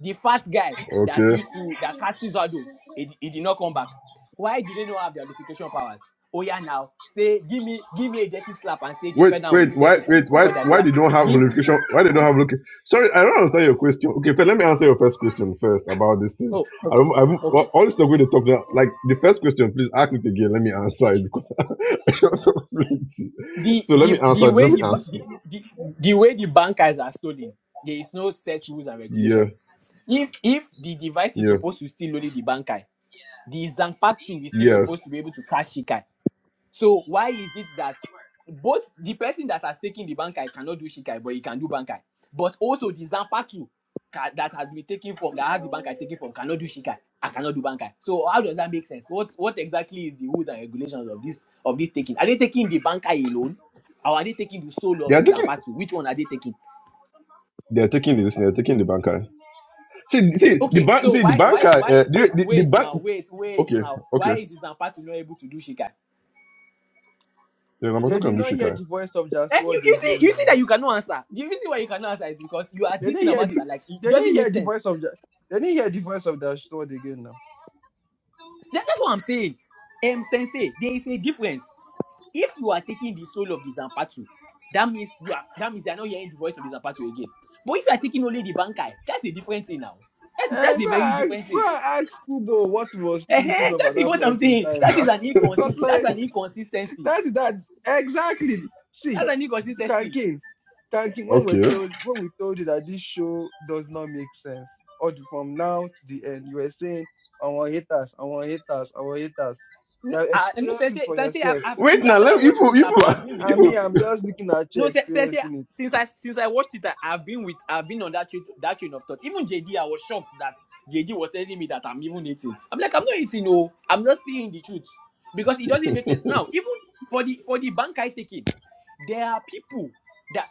[SPEAKER 6] the fat guy that
[SPEAKER 4] Okay.
[SPEAKER 6] used to that cast his shadow he, di- he did not come back why do they not have their unification powers oh yeah now say give me give me a dirty slap and say they
[SPEAKER 4] Wait,
[SPEAKER 6] fell down on the
[SPEAKER 4] wait, why,
[SPEAKER 6] staircase and
[SPEAKER 4] wait,
[SPEAKER 6] they
[SPEAKER 4] why,
[SPEAKER 6] forgot that they
[SPEAKER 4] why
[SPEAKER 6] are
[SPEAKER 4] they don't have
[SPEAKER 6] give
[SPEAKER 4] verification? Why they don't have looking? Sorry, I don't understand your question. Okay, first, let me answer your first question first about this thing.
[SPEAKER 6] oh okay
[SPEAKER 4] I'm, I'm
[SPEAKER 6] okay
[SPEAKER 4] all this stuff going to talk now. Like the first question, please ask it again. Let me answer it because I don't have plenty.
[SPEAKER 6] the
[SPEAKER 4] So let me
[SPEAKER 6] the
[SPEAKER 4] answer.
[SPEAKER 6] the
[SPEAKER 4] it,
[SPEAKER 6] way
[SPEAKER 4] Let me
[SPEAKER 6] the ba-
[SPEAKER 4] answer.
[SPEAKER 6] the, the, the way the bankers are stolen there is no set rules and
[SPEAKER 4] Yeah,
[SPEAKER 6] regulations if if the device is
[SPEAKER 4] yeah,
[SPEAKER 6] supposed to still only the banker the zanpack 2 is still
[SPEAKER 4] yes.
[SPEAKER 6] supposed to be able to cash shikai so why is it that both the person that has taken the bankai cannot do shikai, but he can do bankai, but also the zampatu ca- that has been taken from that has the bankai taken from cannot do shikai. I cannot do bankai. So how does that make sense? What what exactly is the rules and regulations of this of this taking? Are they taking the bankai alone, or are they taking the soul
[SPEAKER 4] They
[SPEAKER 6] of
[SPEAKER 4] are
[SPEAKER 6] the
[SPEAKER 4] taking,
[SPEAKER 6] zampatu? Which one are they taking?
[SPEAKER 4] they are taking this. They are taking the banker. See, see the
[SPEAKER 6] Okay,
[SPEAKER 4] bank.
[SPEAKER 6] so
[SPEAKER 4] See the
[SPEAKER 6] why
[SPEAKER 4] banker.
[SPEAKER 6] why why
[SPEAKER 4] Uh, the,
[SPEAKER 6] wait
[SPEAKER 4] the the
[SPEAKER 6] wait
[SPEAKER 4] bank.
[SPEAKER 6] now wait wait
[SPEAKER 4] Okay,
[SPEAKER 6] now why
[SPEAKER 4] okay.
[SPEAKER 6] is the zampatu not able to do shikai?
[SPEAKER 4] Yeah, Ramato
[SPEAKER 1] did
[SPEAKER 4] can do
[SPEAKER 1] not hear
[SPEAKER 4] shikai.
[SPEAKER 1] the voice of
[SPEAKER 6] Eh, you,
[SPEAKER 1] Jasword
[SPEAKER 6] you see
[SPEAKER 1] again
[SPEAKER 6] you see
[SPEAKER 1] now.
[SPEAKER 6] that you cannot answer. The reason why you cannot answer is because you are
[SPEAKER 1] They didn't
[SPEAKER 6] thinking
[SPEAKER 1] hear
[SPEAKER 6] about it
[SPEAKER 1] the
[SPEAKER 6] that, like it it
[SPEAKER 1] they didn't
[SPEAKER 6] doesn't
[SPEAKER 1] hear
[SPEAKER 6] make
[SPEAKER 1] the
[SPEAKER 6] sense.
[SPEAKER 1] voice of Ja- they didn't hear the voice of Jasword again now.
[SPEAKER 6] That- that's what I'm saying. Um, sensei, there is a difference. If you are taking the soul of the Zampatu, that means you are that means they are not hearing the voice of the Zampatu again. But if you are taking only the Bankai, that's a different thing now. That's that's
[SPEAKER 1] And
[SPEAKER 6] a
[SPEAKER 1] go and
[SPEAKER 6] very
[SPEAKER 1] ask,
[SPEAKER 6] different
[SPEAKER 1] go
[SPEAKER 6] thing.
[SPEAKER 1] and ask Kubo what he was thinking
[SPEAKER 6] Eh-heh,
[SPEAKER 1] of at
[SPEAKER 6] that's
[SPEAKER 1] that
[SPEAKER 6] what I'm
[SPEAKER 1] point in
[SPEAKER 6] saying.
[SPEAKER 1] time
[SPEAKER 6] That
[SPEAKER 1] now.
[SPEAKER 6] is an
[SPEAKER 1] because
[SPEAKER 6] inconsist that's
[SPEAKER 1] like
[SPEAKER 6] an inconsistency.
[SPEAKER 1] That is that exactly.
[SPEAKER 6] That's
[SPEAKER 1] See,
[SPEAKER 6] an inconsistency.
[SPEAKER 1] Kankin, Kankin, when we
[SPEAKER 4] Okay.
[SPEAKER 1] told when we told you that this show does not make sense, or from now to the end, you were saying, "I want haters, I want haters, I want haters." You
[SPEAKER 6] No,
[SPEAKER 1] have
[SPEAKER 6] uh, no,
[SPEAKER 1] experienced this
[SPEAKER 6] sensei,
[SPEAKER 1] for
[SPEAKER 6] sensei. I've,
[SPEAKER 1] yourself.
[SPEAKER 6] I've,
[SPEAKER 4] Wait
[SPEAKER 6] since I
[SPEAKER 4] now, let
[SPEAKER 6] started
[SPEAKER 4] me, you
[SPEAKER 6] watching
[SPEAKER 4] people,
[SPEAKER 6] it,
[SPEAKER 4] you
[SPEAKER 6] I've,
[SPEAKER 4] people,
[SPEAKER 6] I've
[SPEAKER 4] are-
[SPEAKER 6] been with you
[SPEAKER 1] And
[SPEAKER 6] now.
[SPEAKER 1] me,
[SPEAKER 4] you
[SPEAKER 1] I'm
[SPEAKER 4] people.
[SPEAKER 1] just looking at you
[SPEAKER 6] No, say, say, say,
[SPEAKER 1] experiencing
[SPEAKER 6] since I since I watched it, I, I've been with I've been on that train, that train of thought. Even JD, I was shocked that JD was telling me that I'm even eating. I'm like, I'm not eating, oh, I'm just seeing the truth because it doesn't make sense. Now, even for the for the bank I taking, there are people that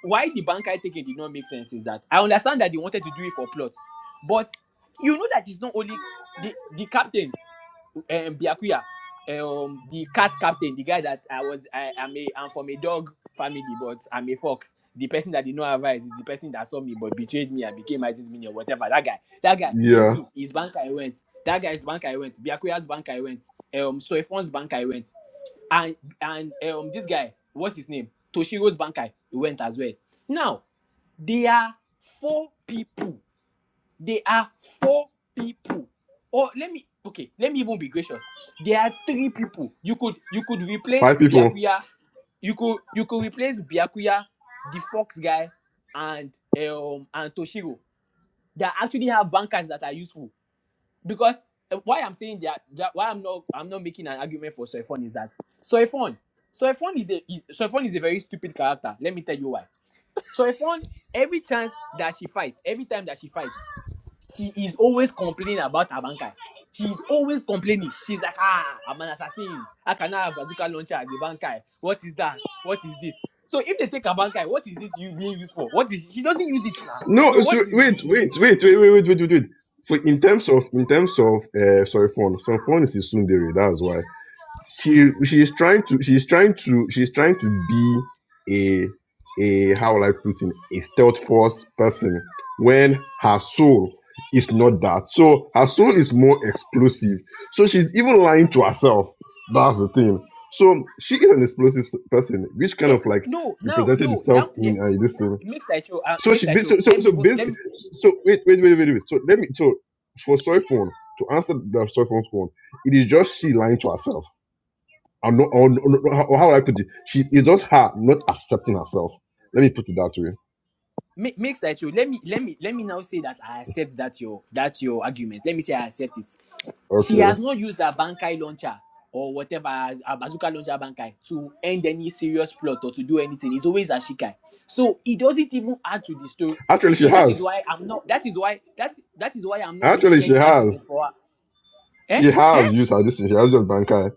[SPEAKER 6] why the bank I taking did not make sense is that I understand that they wanted to do it for plots, but you know that it's not only the the captains um Biakuya, um the cat captain, the guy that I was I am a I'm from a dog family, but I'm a fox. The person that did not have eyes is the person that saw me but betrayed me and became ISIS minion, or whatever. That guy, that guy, him
[SPEAKER 4] Yeah,
[SPEAKER 6] too. His bank I went. That guy's bank I went. Biakuya's bank I went. Eh, Um Soifon's bank I went. And and eh, um this guy, what's his name? Toshiro's bank I went as well. Now, there are four people there are four people. Or let me okay, let me even be gracious. There are three people. You could you could replace
[SPEAKER 4] five people.
[SPEAKER 6] Biakuya. You could you could replace Biakuya, the Fox guy, and um and Toshiro that actually have bankers that are useful. Because uh, why I'm saying that, that why I'm not I'm not making an argument for Soifon is that Soifon Soifon is a is, Soifon is a very stupid character. Let me tell you why. Soifon every chance that she fights, every time that she fights, she is always complaining about Abankai. She's always complaining. She's like, ah, I'm an assassin. I cannot have bazooka launcher as a bankai. What is that? What is this? So if they take a bankai, what is it you being used for? What is she doesn't use it now?
[SPEAKER 4] No,
[SPEAKER 6] So what
[SPEAKER 4] so
[SPEAKER 6] is
[SPEAKER 4] wait,
[SPEAKER 6] the
[SPEAKER 4] wait, wait, wait, wait, wait, wait, wait, wait. For in terms of in terms of uh sorry phone, some phone is in Sundari, that's why. she she is trying to she's trying to she's trying to be a a how will I put it a stealth force person when her soul is not that. So her soul is more explosive. So she's even lying to herself. That's the thing. So she is an explosive s- person, which kind
[SPEAKER 6] eh,
[SPEAKER 4] of like
[SPEAKER 6] no now
[SPEAKER 4] represented
[SPEAKER 6] no
[SPEAKER 4] itself
[SPEAKER 6] that eh,
[SPEAKER 4] in uh, this thing.
[SPEAKER 6] makes that show uh,
[SPEAKER 4] So
[SPEAKER 6] makes
[SPEAKER 4] she
[SPEAKER 6] that
[SPEAKER 4] ba- so
[SPEAKER 6] show.
[SPEAKER 4] so
[SPEAKER 6] Let me
[SPEAKER 4] so
[SPEAKER 6] let
[SPEAKER 4] basically
[SPEAKER 6] me
[SPEAKER 4] so wait wait wait wait wait. So let me so for soy phone to answer the soy phone's one, it is just she lying to herself or, no, or, no- no- how- how would I put it? She is just her not accepting herself. Let me put it that way.
[SPEAKER 6] Make makes that show. Let me let me let me now say that I accept that your that your argument. Let me say I accept it She has
[SPEAKER 4] Okay.
[SPEAKER 6] not used her Bankai launcher or whatever, as- her bazooka launcher Bankai to end any serious plot or to do anything. It's always Ashikai. So it doesn't even add to the story.
[SPEAKER 4] Actually, she
[SPEAKER 6] So that is
[SPEAKER 4] has.
[SPEAKER 6] why I'm not, that is why, that, that is why I'm not
[SPEAKER 4] Actually,
[SPEAKER 6] making
[SPEAKER 4] she
[SPEAKER 6] any argument
[SPEAKER 4] has.
[SPEAKER 6] for her. Eh?
[SPEAKER 4] She
[SPEAKER 6] Eh?
[SPEAKER 4] has used her this thing. She has just Bankai.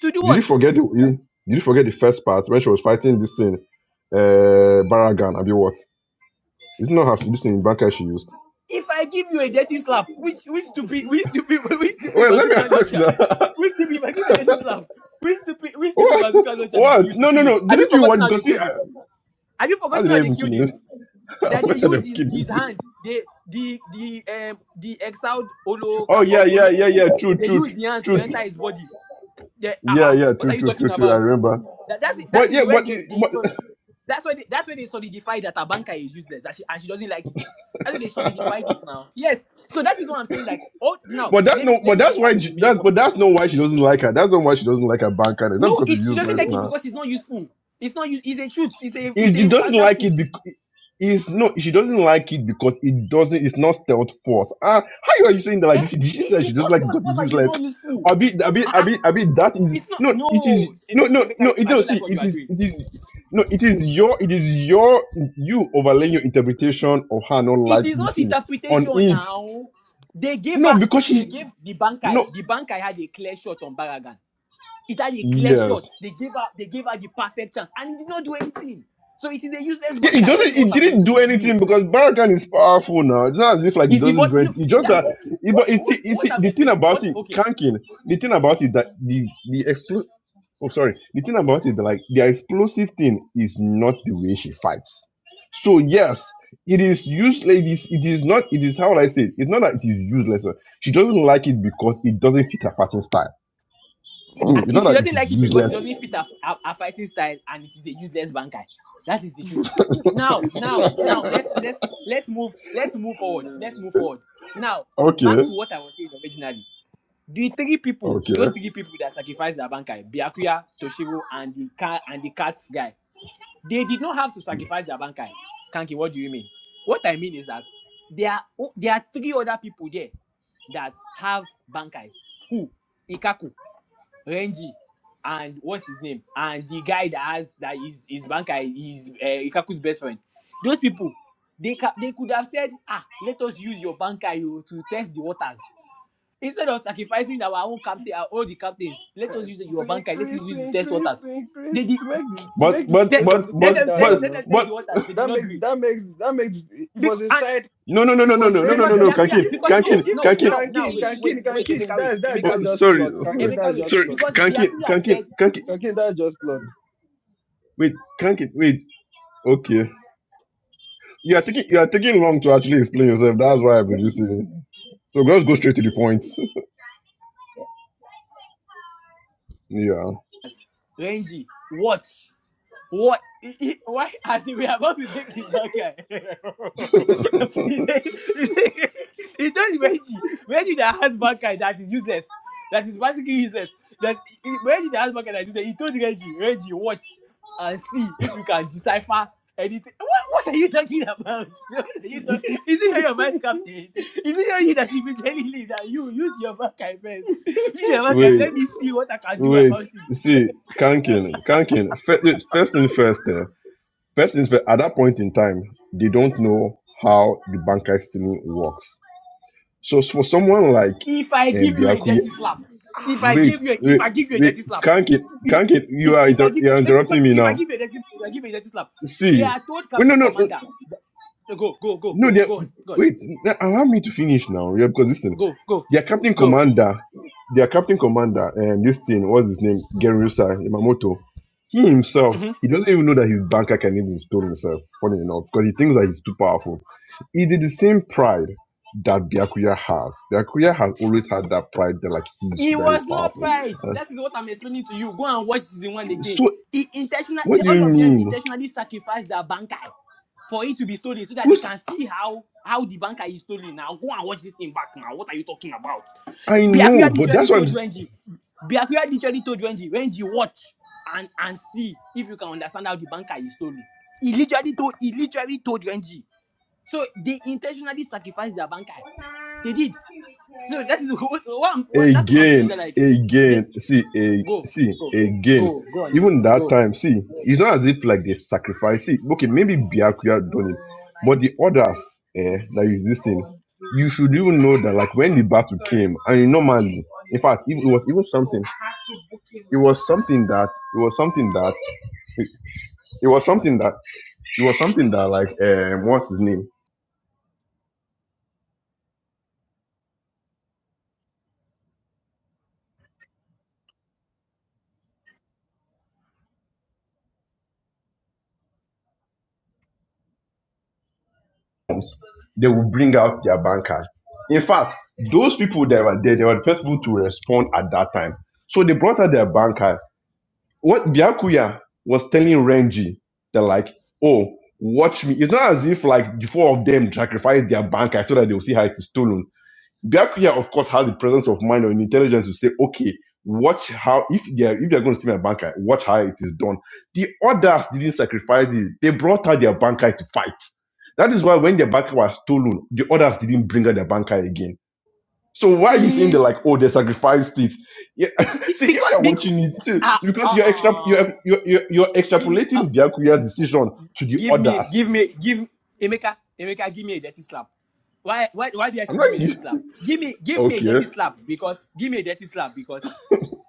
[SPEAKER 6] To do
[SPEAKER 4] Did you
[SPEAKER 6] what?
[SPEAKER 4] forget the you, Did you forget the first part when she was fighting this thing? Uh, Baragan. I be what? It's not her this thing Bankai she used.
[SPEAKER 6] If I give you a dirty slap, which, which stupid,
[SPEAKER 1] it.
[SPEAKER 6] which stupid, which stupid
[SPEAKER 4] Well, let me
[SPEAKER 6] bazooka
[SPEAKER 4] ask
[SPEAKER 6] launcher?
[SPEAKER 4] now.
[SPEAKER 6] Which stupid, if I give a dirty slap, which stupid, which stupid
[SPEAKER 4] what?
[SPEAKER 6] bazooka launcher did they
[SPEAKER 4] What?
[SPEAKER 6] use to
[SPEAKER 4] No, no,
[SPEAKER 6] kill him?
[SPEAKER 4] no.
[SPEAKER 6] Have you
[SPEAKER 4] Didn't you
[SPEAKER 6] forgotten
[SPEAKER 4] want?
[SPEAKER 6] how they
[SPEAKER 4] Because see,
[SPEAKER 6] killed
[SPEAKER 4] I,
[SPEAKER 6] him? Have you
[SPEAKER 4] how
[SPEAKER 6] forgotten
[SPEAKER 4] did I
[SPEAKER 6] how they
[SPEAKER 4] even kill
[SPEAKER 6] killed him?
[SPEAKER 4] him? I
[SPEAKER 6] that they
[SPEAKER 4] better than
[SPEAKER 6] used his,
[SPEAKER 4] kill him.
[SPEAKER 6] his hand. They the the um the exiled Olo
[SPEAKER 4] Oh
[SPEAKER 6] Ka-
[SPEAKER 4] yeah,
[SPEAKER 6] Ol-
[SPEAKER 4] yeah,
[SPEAKER 6] Olo
[SPEAKER 4] yeah,
[SPEAKER 6] people.
[SPEAKER 4] yeah. True,
[SPEAKER 6] They
[SPEAKER 4] true,
[SPEAKER 6] used the hand to
[SPEAKER 4] true.
[SPEAKER 6] enter his body. They
[SPEAKER 4] Yeah,
[SPEAKER 6] ah uh
[SPEAKER 4] yeah,
[SPEAKER 6] what
[SPEAKER 4] true,
[SPEAKER 6] are you
[SPEAKER 4] true,
[SPEAKER 6] talking
[SPEAKER 4] true, true. I
[SPEAKER 6] about?
[SPEAKER 4] remember.
[SPEAKER 6] That that's it- that
[SPEAKER 4] But
[SPEAKER 6] is
[SPEAKER 4] yeah,
[SPEAKER 6] where
[SPEAKER 4] but
[SPEAKER 6] they they
[SPEAKER 4] but
[SPEAKER 6] so that's why they, that's where they solidify that Abanka is useless that she, and she doesn't like it. That's why they solidified it now. Yes, so that is what I'm saying. Like oh now
[SPEAKER 4] but that's
[SPEAKER 6] let me
[SPEAKER 4] no,
[SPEAKER 6] let
[SPEAKER 4] but
[SPEAKER 6] me
[SPEAKER 4] that's
[SPEAKER 6] get back
[SPEAKER 4] why
[SPEAKER 6] to
[SPEAKER 4] she,
[SPEAKER 6] the main
[SPEAKER 4] that but
[SPEAKER 6] point.
[SPEAKER 4] that's not why she doesn't like her. That's not why she doesn't like her bank card. It's not
[SPEAKER 6] No,
[SPEAKER 4] because it's
[SPEAKER 6] it, she doesn't
[SPEAKER 4] useless
[SPEAKER 6] like it
[SPEAKER 4] now.
[SPEAKER 6] because it's not useful. It's not use. It's a truth. It's a it's
[SPEAKER 4] It, she
[SPEAKER 6] a
[SPEAKER 4] doesn't
[SPEAKER 6] standard
[SPEAKER 4] like
[SPEAKER 6] truth.
[SPEAKER 4] it because it's no. She doesn't like it because it doesn't. It's not stealth force. Ah, how are you saying that like
[SPEAKER 6] Eh?
[SPEAKER 4] this? Did she
[SPEAKER 6] It,
[SPEAKER 4] say she
[SPEAKER 6] it's
[SPEAKER 4] doesn't like it
[SPEAKER 6] not
[SPEAKER 4] because
[SPEAKER 6] self
[SPEAKER 4] it's
[SPEAKER 6] and it's
[SPEAKER 4] useless?
[SPEAKER 6] not useful.
[SPEAKER 4] I be, I be,
[SPEAKER 6] Ah, ah.
[SPEAKER 4] I be, I be. That is
[SPEAKER 6] It's not
[SPEAKER 4] no. It is
[SPEAKER 6] no Eme-
[SPEAKER 4] no, no,
[SPEAKER 6] Emeka.
[SPEAKER 4] no.
[SPEAKER 6] I
[SPEAKER 4] It no.
[SPEAKER 6] don't like
[SPEAKER 4] See,
[SPEAKER 6] what you
[SPEAKER 4] it
[SPEAKER 6] are
[SPEAKER 4] is,
[SPEAKER 6] doing.
[SPEAKER 4] it is. No, it is your, it is your, you overlaying your interpretation of her not
[SPEAKER 6] It
[SPEAKER 4] like
[SPEAKER 6] is
[SPEAKER 4] this
[SPEAKER 6] not
[SPEAKER 4] thing on
[SPEAKER 6] interpretation
[SPEAKER 4] it
[SPEAKER 6] now. They gave
[SPEAKER 4] No,
[SPEAKER 6] her
[SPEAKER 4] because
[SPEAKER 6] they
[SPEAKER 4] she
[SPEAKER 6] gave the bankai.
[SPEAKER 4] no
[SPEAKER 6] The bankai had a clear shot on Baragan. It had a clear
[SPEAKER 4] yes.
[SPEAKER 6] shot. They gave her they gave her the perfect chance and he did not do anything. So it is a useless
[SPEAKER 4] Yeah, it
[SPEAKER 6] bankai. That
[SPEAKER 4] doesn't
[SPEAKER 6] is what
[SPEAKER 4] it
[SPEAKER 6] I'm
[SPEAKER 4] didn't do
[SPEAKER 6] explaining to you.
[SPEAKER 4] anything because Barragan is powerful now. It's not as if like it
[SPEAKER 6] Is the
[SPEAKER 4] doesn't do
[SPEAKER 6] but no
[SPEAKER 4] anything. It's just
[SPEAKER 6] that's
[SPEAKER 4] that it,
[SPEAKER 6] what
[SPEAKER 4] but it's,
[SPEAKER 6] what what
[SPEAKER 4] it's
[SPEAKER 6] I'm
[SPEAKER 4] the thing
[SPEAKER 6] explaining
[SPEAKER 4] about
[SPEAKER 6] what
[SPEAKER 4] it,
[SPEAKER 6] okay.
[SPEAKER 4] Kankin, the thing about it that the the expl oh sorry, the thing about it like the explosive thing is not the way she fights. So yes, it is useless. It is, it is not it is how would I say it? It's not that it is useless. uh, She doesn't like it because it doesn't fit her fighting style.
[SPEAKER 6] He
[SPEAKER 4] Hmm,
[SPEAKER 6] I-
[SPEAKER 4] It's not
[SPEAKER 6] she
[SPEAKER 4] that it
[SPEAKER 6] doesn't
[SPEAKER 4] is
[SPEAKER 6] like it because it
[SPEAKER 4] useless.
[SPEAKER 6] doesn't fit her, her, her fighting style and it is a useless bankai. That is the truth. Now, now, now let's let's let's move let's move forward. Let's move forward. Now,
[SPEAKER 4] Okay.
[SPEAKER 6] back to what I was saying originally. The three people,
[SPEAKER 4] Okay.
[SPEAKER 6] those three people that sacrificed their bankai, Byakuya, Toshiro, and the cat and the cat guy, they did not have to sacrifice their bankai. Kanki, what do you mean? What I mean is that there are o- there are three other people there that have bankais. Who? Ikaku. Renji, and what's his name? And the guy that has that is his banker is uh, Ikaku's best friend. Those people, they ca- they could have said, ah, let us use your banker you to test the waters. Instead of sacrificing our own captain, our all the captains, let
[SPEAKER 1] Uh,
[SPEAKER 6] us use
[SPEAKER 1] to
[SPEAKER 6] your banker, let us
[SPEAKER 1] increase, to
[SPEAKER 6] use to test
[SPEAKER 1] increase,
[SPEAKER 6] waters.
[SPEAKER 1] to increase,
[SPEAKER 6] They did
[SPEAKER 1] to make the to make
[SPEAKER 4] But
[SPEAKER 1] the
[SPEAKER 4] but
[SPEAKER 6] they,
[SPEAKER 1] situation
[SPEAKER 4] but
[SPEAKER 1] look
[SPEAKER 6] let
[SPEAKER 1] more
[SPEAKER 4] but
[SPEAKER 6] them test
[SPEAKER 1] dire
[SPEAKER 4] but
[SPEAKER 6] let
[SPEAKER 1] now.
[SPEAKER 6] them test the
[SPEAKER 4] but
[SPEAKER 6] waters. They did
[SPEAKER 1] That
[SPEAKER 6] not
[SPEAKER 1] makes
[SPEAKER 6] agree.
[SPEAKER 1] that makes that makes it was
[SPEAKER 6] Because and
[SPEAKER 1] inside
[SPEAKER 4] no no no
[SPEAKER 1] it
[SPEAKER 4] no no
[SPEAKER 1] was
[SPEAKER 4] no no no
[SPEAKER 1] range
[SPEAKER 6] because
[SPEAKER 4] no
[SPEAKER 1] that
[SPEAKER 4] no
[SPEAKER 6] Biakuya,
[SPEAKER 4] Kankin
[SPEAKER 1] if
[SPEAKER 6] because
[SPEAKER 1] if if
[SPEAKER 4] Kankin
[SPEAKER 6] no,
[SPEAKER 1] if
[SPEAKER 6] no,
[SPEAKER 1] if
[SPEAKER 4] Kankin
[SPEAKER 6] now, now,
[SPEAKER 1] Kankin
[SPEAKER 6] wait, wait,
[SPEAKER 1] Kankin
[SPEAKER 6] wait,
[SPEAKER 1] Kankin
[SPEAKER 6] Emeka, wait,
[SPEAKER 1] that's that
[SPEAKER 4] oh
[SPEAKER 6] Emeka,
[SPEAKER 1] that's
[SPEAKER 6] wait,
[SPEAKER 1] just
[SPEAKER 4] sorry
[SPEAKER 1] plots
[SPEAKER 4] sorry
[SPEAKER 1] Kankin
[SPEAKER 6] Emeka,
[SPEAKER 1] that's
[SPEAKER 6] wait.
[SPEAKER 1] just
[SPEAKER 4] Sorry,
[SPEAKER 1] plots
[SPEAKER 6] Because
[SPEAKER 4] Kankin
[SPEAKER 6] Biakuya
[SPEAKER 4] Kankin
[SPEAKER 6] said
[SPEAKER 4] Kankin
[SPEAKER 1] Kankin that's just plots.
[SPEAKER 4] wait Kankin wait okay you are taking you are taking long to actually explain yourself that's why I've been listening so just go straight to the point
[SPEAKER 6] that Renji, watch. What? He, he, why? I think we are about to take his marker.
[SPEAKER 4] yeah
[SPEAKER 6] he said, he said, he told Reggie, Reggie that has marker that is useless, that is basically useless. That he, he- Reggie that has marker that is useless. He told Reggie, Reggie, watch and see if you can decipher anything. What? What are you talking about? What are you talking? Is it not your vice captain? Is it not you that should be telling me that you use your marker first? Use your marker.
[SPEAKER 4] Wait,
[SPEAKER 6] Let me see what I can do
[SPEAKER 4] wait.
[SPEAKER 6] about it.
[SPEAKER 4] See, Kankin, Kankin. First, first thing first. eh, first things first. At that point in time, they don't know how the banker stealing works. So for someone like
[SPEAKER 6] If I
[SPEAKER 4] um,
[SPEAKER 6] give you a
[SPEAKER 4] Biaku,
[SPEAKER 6] dirty slap, if I
[SPEAKER 4] wait,
[SPEAKER 6] give you, a, if
[SPEAKER 4] wait,
[SPEAKER 6] I give you a
[SPEAKER 4] wait.
[SPEAKER 6] dirty slap,
[SPEAKER 4] Kankin,
[SPEAKER 6] if
[SPEAKER 4] Kankin. You are
[SPEAKER 6] if I
[SPEAKER 4] inter-
[SPEAKER 6] give
[SPEAKER 4] you are
[SPEAKER 6] if,
[SPEAKER 4] interrupting me
[SPEAKER 6] if I
[SPEAKER 4] now.
[SPEAKER 6] give you a dirty, if I give you a dirty slap, they
[SPEAKER 4] See,
[SPEAKER 6] are told
[SPEAKER 4] wait, no,
[SPEAKER 6] Captain
[SPEAKER 4] no. no,
[SPEAKER 6] Commander, go go go
[SPEAKER 4] No,
[SPEAKER 6] go
[SPEAKER 4] they
[SPEAKER 6] go on go on,
[SPEAKER 4] wait. n- Allow me to finish now. Yeah, because listen,
[SPEAKER 6] go go
[SPEAKER 4] their captain
[SPEAKER 6] go.
[SPEAKER 4] commander, their captain commander, and this thing, what's his name, Genryusa Yamamoto. He himself,
[SPEAKER 6] Mhm.
[SPEAKER 4] he doesn't even know that his banker can even stone himself. Funny enough, because he thinks that he's too powerful. He did the same pride that Byakuya has. Byakuya has always had that pride that like he's
[SPEAKER 6] He
[SPEAKER 4] very
[SPEAKER 6] was not
[SPEAKER 4] powerful.
[SPEAKER 6] pride.
[SPEAKER 4] Uh,
[SPEAKER 6] That is what I'm explaining to you. Go and watch season one again.
[SPEAKER 4] so
[SPEAKER 6] He intentional,
[SPEAKER 4] what
[SPEAKER 6] they,
[SPEAKER 4] do you
[SPEAKER 6] all of them
[SPEAKER 4] mean?
[SPEAKER 6] intentionally sacrificed their bankai for it to be stolen so that they
[SPEAKER 4] Who's
[SPEAKER 6] can see how how the bankai is stolen. Now go and watch this thing back. Now what are you talking about?
[SPEAKER 4] I know,
[SPEAKER 6] Biakuya
[SPEAKER 4] but
[SPEAKER 6] literally
[SPEAKER 4] that's what
[SPEAKER 6] told
[SPEAKER 4] I'm.
[SPEAKER 6] Wenji. Biakuya literally told Wenji. Wenji watch and and see if you can understand how the bankai is stolen. He literally told he literally told Wenji. So they intentionally sacrificed their bankai. They did. So that is what, what, I'm, what that's what I'm saying.
[SPEAKER 4] again,
[SPEAKER 6] That like they
[SPEAKER 4] again. See, a,
[SPEAKER 6] go
[SPEAKER 4] see,
[SPEAKER 6] go
[SPEAKER 4] again.
[SPEAKER 6] go go on it
[SPEAKER 4] Even that
[SPEAKER 6] go
[SPEAKER 4] time, see, it's not as if like they sacrifice. See, okay, maybe Biakuya done it, but the others eh, that you listening, you should even know that like when the battle came, I mean, normally, in fact, it, it was even something. It was something that it was something that it, it was something that it was something that like um, what's his name? comes, they will bring out their bankers. In fact, those people that were there, they were the first people to respond at that time. So they brought out their banker. What Biakuya was telling Renji, they're like, oh, watch me. It's not as if like the four of them sacrificed their banker so that they'll see how it's stolen that Kuya, of course, has the presence of mind or intelligence to say, okay, watch how if they're if they're going to steal my bankai, watch how it is done. The others didn't sacrifice it. They brought out their bankai to fight. That is why when their bankai was stolen, the others didn't bring out their bankai again. So why are you saying
[SPEAKER 6] Eh,
[SPEAKER 4] they're like, oh, they sacrificed it? Yeah.
[SPEAKER 6] be-
[SPEAKER 4] See, if
[SPEAKER 6] because
[SPEAKER 4] you're
[SPEAKER 6] because
[SPEAKER 4] watching it, too,
[SPEAKER 6] ah uh,
[SPEAKER 4] because
[SPEAKER 6] uh,
[SPEAKER 4] you're extra,
[SPEAKER 6] uh
[SPEAKER 4] you're, you're, you're, you're
[SPEAKER 6] give me uh,
[SPEAKER 4] extrapolating Byakuya's decision to the
[SPEAKER 6] give me
[SPEAKER 4] others.
[SPEAKER 6] give me give Emeka Emeka give me a dirty slap. Why why why did I
[SPEAKER 4] I'm
[SPEAKER 6] say
[SPEAKER 4] not.
[SPEAKER 6] give me a dirty slap? Give me give me a
[SPEAKER 4] Okay.
[SPEAKER 6] dirty slap because give me a dirty slap because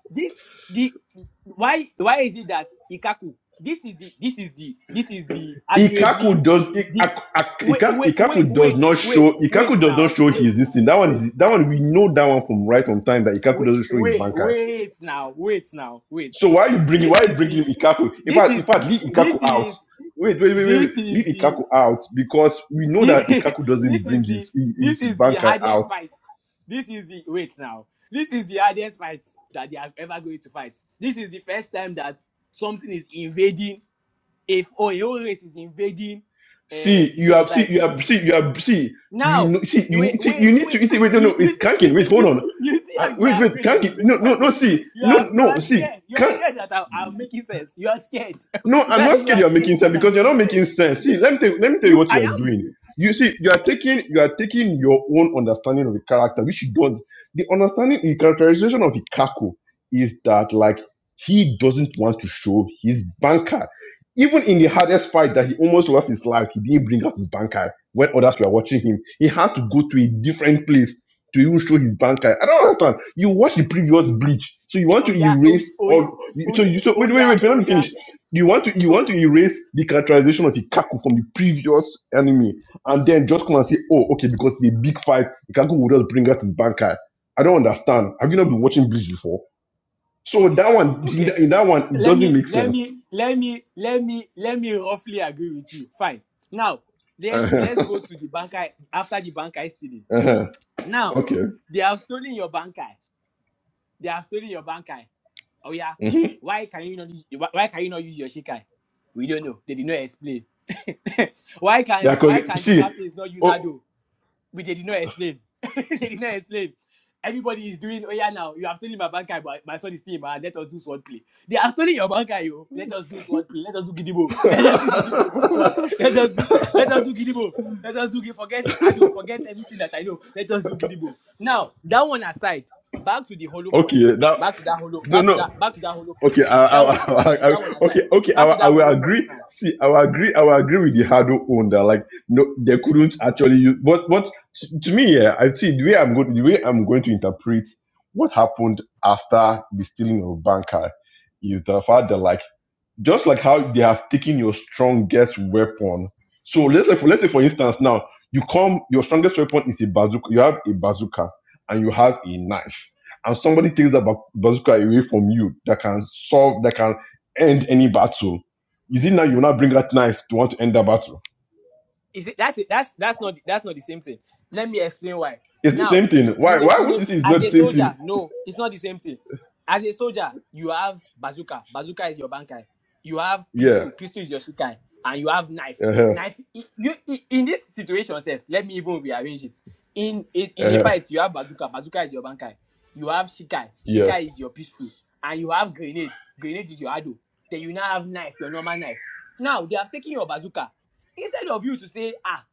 [SPEAKER 6] this the why why is it that Ikaku this is the this is the this is the arguably
[SPEAKER 4] Ikaku does I-
[SPEAKER 6] the
[SPEAKER 4] I-
[SPEAKER 6] wait
[SPEAKER 4] Ika-
[SPEAKER 6] wait wait
[SPEAKER 4] Ikaku does
[SPEAKER 6] wait
[SPEAKER 4] not
[SPEAKER 6] wait
[SPEAKER 4] show Ikaku
[SPEAKER 6] wait
[SPEAKER 4] does not
[SPEAKER 6] now
[SPEAKER 4] show
[SPEAKER 6] wait
[SPEAKER 4] his this thing. That one is that one we know that one from right on time that Ikaku
[SPEAKER 6] wait
[SPEAKER 4] doesn't show his
[SPEAKER 6] wait
[SPEAKER 4] bankai.
[SPEAKER 6] wait now wait now wait
[SPEAKER 4] So why you bringing why
[SPEAKER 6] this
[SPEAKER 4] you
[SPEAKER 6] is
[SPEAKER 4] bringing
[SPEAKER 6] the
[SPEAKER 4] Ikaku? In
[SPEAKER 6] this
[SPEAKER 4] fact, in
[SPEAKER 6] is
[SPEAKER 4] fact, leave
[SPEAKER 6] this
[SPEAKER 4] Ikaku out.
[SPEAKER 6] is
[SPEAKER 4] Wait, wait, wait, wait,
[SPEAKER 6] this
[SPEAKER 4] wait.
[SPEAKER 6] is
[SPEAKER 4] Leave
[SPEAKER 6] the
[SPEAKER 4] Ikaku out because we know that
[SPEAKER 6] this,
[SPEAKER 4] Ikaku doesn't
[SPEAKER 6] this
[SPEAKER 4] bring
[SPEAKER 6] is the
[SPEAKER 4] his
[SPEAKER 6] this
[SPEAKER 4] his
[SPEAKER 6] is the
[SPEAKER 4] bankai
[SPEAKER 6] hardest
[SPEAKER 4] out.
[SPEAKER 6] fight this is the wait now this is the hardest fight that they are ever going to fight this is the first time that something is invading if oh, your own race is invading uh,
[SPEAKER 4] See,
[SPEAKER 6] the
[SPEAKER 4] you
[SPEAKER 6] social
[SPEAKER 4] have see you
[SPEAKER 6] society.
[SPEAKER 4] have see you have see we
[SPEAKER 6] Now,
[SPEAKER 4] know, see you
[SPEAKER 6] wait,
[SPEAKER 4] need see, you
[SPEAKER 6] wait,
[SPEAKER 4] need
[SPEAKER 6] wait.
[SPEAKER 4] to see, wait no no
[SPEAKER 6] You,
[SPEAKER 4] it's
[SPEAKER 6] you see, you
[SPEAKER 4] Kankin
[SPEAKER 6] see,
[SPEAKER 4] wait hold
[SPEAKER 6] you
[SPEAKER 4] on
[SPEAKER 6] see, you see how
[SPEAKER 4] uh,
[SPEAKER 6] you
[SPEAKER 4] wait
[SPEAKER 6] are
[SPEAKER 4] wait
[SPEAKER 6] afraid of me
[SPEAKER 4] Kankin
[SPEAKER 6] making
[SPEAKER 4] no no
[SPEAKER 6] my
[SPEAKER 4] no
[SPEAKER 6] point.
[SPEAKER 4] see
[SPEAKER 6] You
[SPEAKER 4] no
[SPEAKER 6] are, you
[SPEAKER 4] no
[SPEAKER 6] are
[SPEAKER 4] see.
[SPEAKER 6] scared. You are scared that I, I'm making sense. You are scared.
[SPEAKER 4] No, I'm
[SPEAKER 6] That
[SPEAKER 4] not
[SPEAKER 6] you
[SPEAKER 4] scared
[SPEAKER 6] are
[SPEAKER 4] you are making
[SPEAKER 6] scared
[SPEAKER 4] sense
[SPEAKER 6] that I'm
[SPEAKER 4] because you're not
[SPEAKER 6] making
[SPEAKER 4] making
[SPEAKER 6] sense.
[SPEAKER 4] sense. See, let me tell you, let me tell you
[SPEAKER 6] You,
[SPEAKER 4] what you
[SPEAKER 6] I
[SPEAKER 4] are
[SPEAKER 6] am.
[SPEAKER 4] doing. You see, you are taking you are taking your own understanding of the character, which you don't. The understanding, the characterization of Ikaku is that like he doesn't want to show his banker. Even in the hardest fight that he almost lost his life, he didn't bring out his banker when others were watching him. He had to go to a different place to even show his banker. I don't understand. You watched the previous bleach, so you want
[SPEAKER 6] Oh
[SPEAKER 4] to
[SPEAKER 6] yeah, oh,
[SPEAKER 4] erase
[SPEAKER 6] oh yeah,
[SPEAKER 4] all. you-
[SPEAKER 6] oh
[SPEAKER 4] So
[SPEAKER 6] yeah,
[SPEAKER 4] you so
[SPEAKER 6] oh
[SPEAKER 4] wait, wait,
[SPEAKER 6] yeah,
[SPEAKER 4] wait. We're
[SPEAKER 6] oh
[SPEAKER 4] not
[SPEAKER 6] yeah.
[SPEAKER 4] finished you want to you want
[SPEAKER 6] Go.
[SPEAKER 4] to erase the characterization of Ikaku from the previous anime, and then just come and say, oh, okay, because the big fight, Ikaku will just bring out his bankai. I don't understand. Have you not been watching Bleach before? So
[SPEAKER 6] Okay,
[SPEAKER 4] that one, in
[SPEAKER 6] okay.
[SPEAKER 4] that, in that one, it
[SPEAKER 6] Let
[SPEAKER 4] doesn't
[SPEAKER 6] me,
[SPEAKER 4] make
[SPEAKER 6] let
[SPEAKER 4] sense.
[SPEAKER 6] me, let me, let me, let me roughly agree with you. Fine. Now, let's
[SPEAKER 4] Uh-huh.
[SPEAKER 6] let's go to the banker after the banker stealing.
[SPEAKER 4] Uh-huh.
[SPEAKER 6] Now,
[SPEAKER 4] Okay.
[SPEAKER 6] they have stolen your bankai. They have stolen your bankai. Oh yeah,
[SPEAKER 4] hmm
[SPEAKER 6] why can you not use, why why can you not use your shikai? We don't know. They did not explain. why
[SPEAKER 4] They are
[SPEAKER 6] can why
[SPEAKER 4] correct.
[SPEAKER 6] can the
[SPEAKER 4] See.
[SPEAKER 6] captains not use
[SPEAKER 4] Oh.
[SPEAKER 6] Hado? But they did not explain. they did not explain. Everybody is doing, oh yeah, now you have stolen my bank card, but my son is still in my hand. Let us do swordplay. They have stolen your bank card, yo. Let us do swordplay. Let us do gidimo. Let us do gidimo with the sword. Let us do. Let us do gidimo. Let us do. gi- Forget Ado. Forget everything that I know. Let us do gidimo. Now that one aside, back to the hollow point.
[SPEAKER 4] okay. That
[SPEAKER 6] Back to that hollow.
[SPEAKER 4] no
[SPEAKER 6] Back to
[SPEAKER 4] no.
[SPEAKER 6] that. Back to that hollow point.
[SPEAKER 4] Okay, I,
[SPEAKER 6] That
[SPEAKER 4] I, I,
[SPEAKER 6] one aside.
[SPEAKER 4] I, I-
[SPEAKER 6] That one
[SPEAKER 4] okay,
[SPEAKER 6] aside.
[SPEAKER 4] okay. I,
[SPEAKER 6] Back
[SPEAKER 4] will-
[SPEAKER 6] to
[SPEAKER 4] I
[SPEAKER 6] that
[SPEAKER 4] will
[SPEAKER 6] hollow point
[SPEAKER 4] agree.
[SPEAKER 6] now.
[SPEAKER 4] See, I will agree. I will agree with the hurdle owner. Like, no, they couldn't actually use. But, but to to me, yeah, I see the way I'm going. The way I'm going to interpret what happened after the stealing of Banker is the fact that like just like how they have taken your strongest weapon. So let's say, for, let's say for instance, now you come, your strongest weapon is a bazooka. You have a bazooka and you have a knife, and somebody takes the ba- bazooka away from you that can solve, that can end any battle. Is it now you will not bring that knife to want to end the battle?
[SPEAKER 6] Is it that's it. That's that's not that's not the same thing. Let me explain why.
[SPEAKER 4] It's the
[SPEAKER 6] Now,
[SPEAKER 4] same thing.
[SPEAKER 6] you
[SPEAKER 4] Why?
[SPEAKER 6] in a,
[SPEAKER 4] Why
[SPEAKER 6] in
[SPEAKER 4] would
[SPEAKER 6] a,
[SPEAKER 4] this is
[SPEAKER 6] as
[SPEAKER 4] not the
[SPEAKER 6] a
[SPEAKER 4] same
[SPEAKER 6] soldier,
[SPEAKER 4] thing?
[SPEAKER 6] no, it's not the same thing. As a soldier, you have bazooka. Bazooka is your bankai. You have
[SPEAKER 4] Yeah.
[SPEAKER 6] pistol. Pistol is your shikai, and you have knife.
[SPEAKER 4] Uh-huh.
[SPEAKER 6] Knife. i- You i- in this situation, self. Let me even rearrange it. In in in a
[SPEAKER 4] Uh-huh.
[SPEAKER 6] fight, you have bazooka. Bazooka is your bankai. You have shikai.
[SPEAKER 4] Yes.
[SPEAKER 6] Shikai is your pistol, and you have grenade. Grenade is your ado. Then you now have knife. Your normal knife. Now they have taken your bazooka instead of you to say ah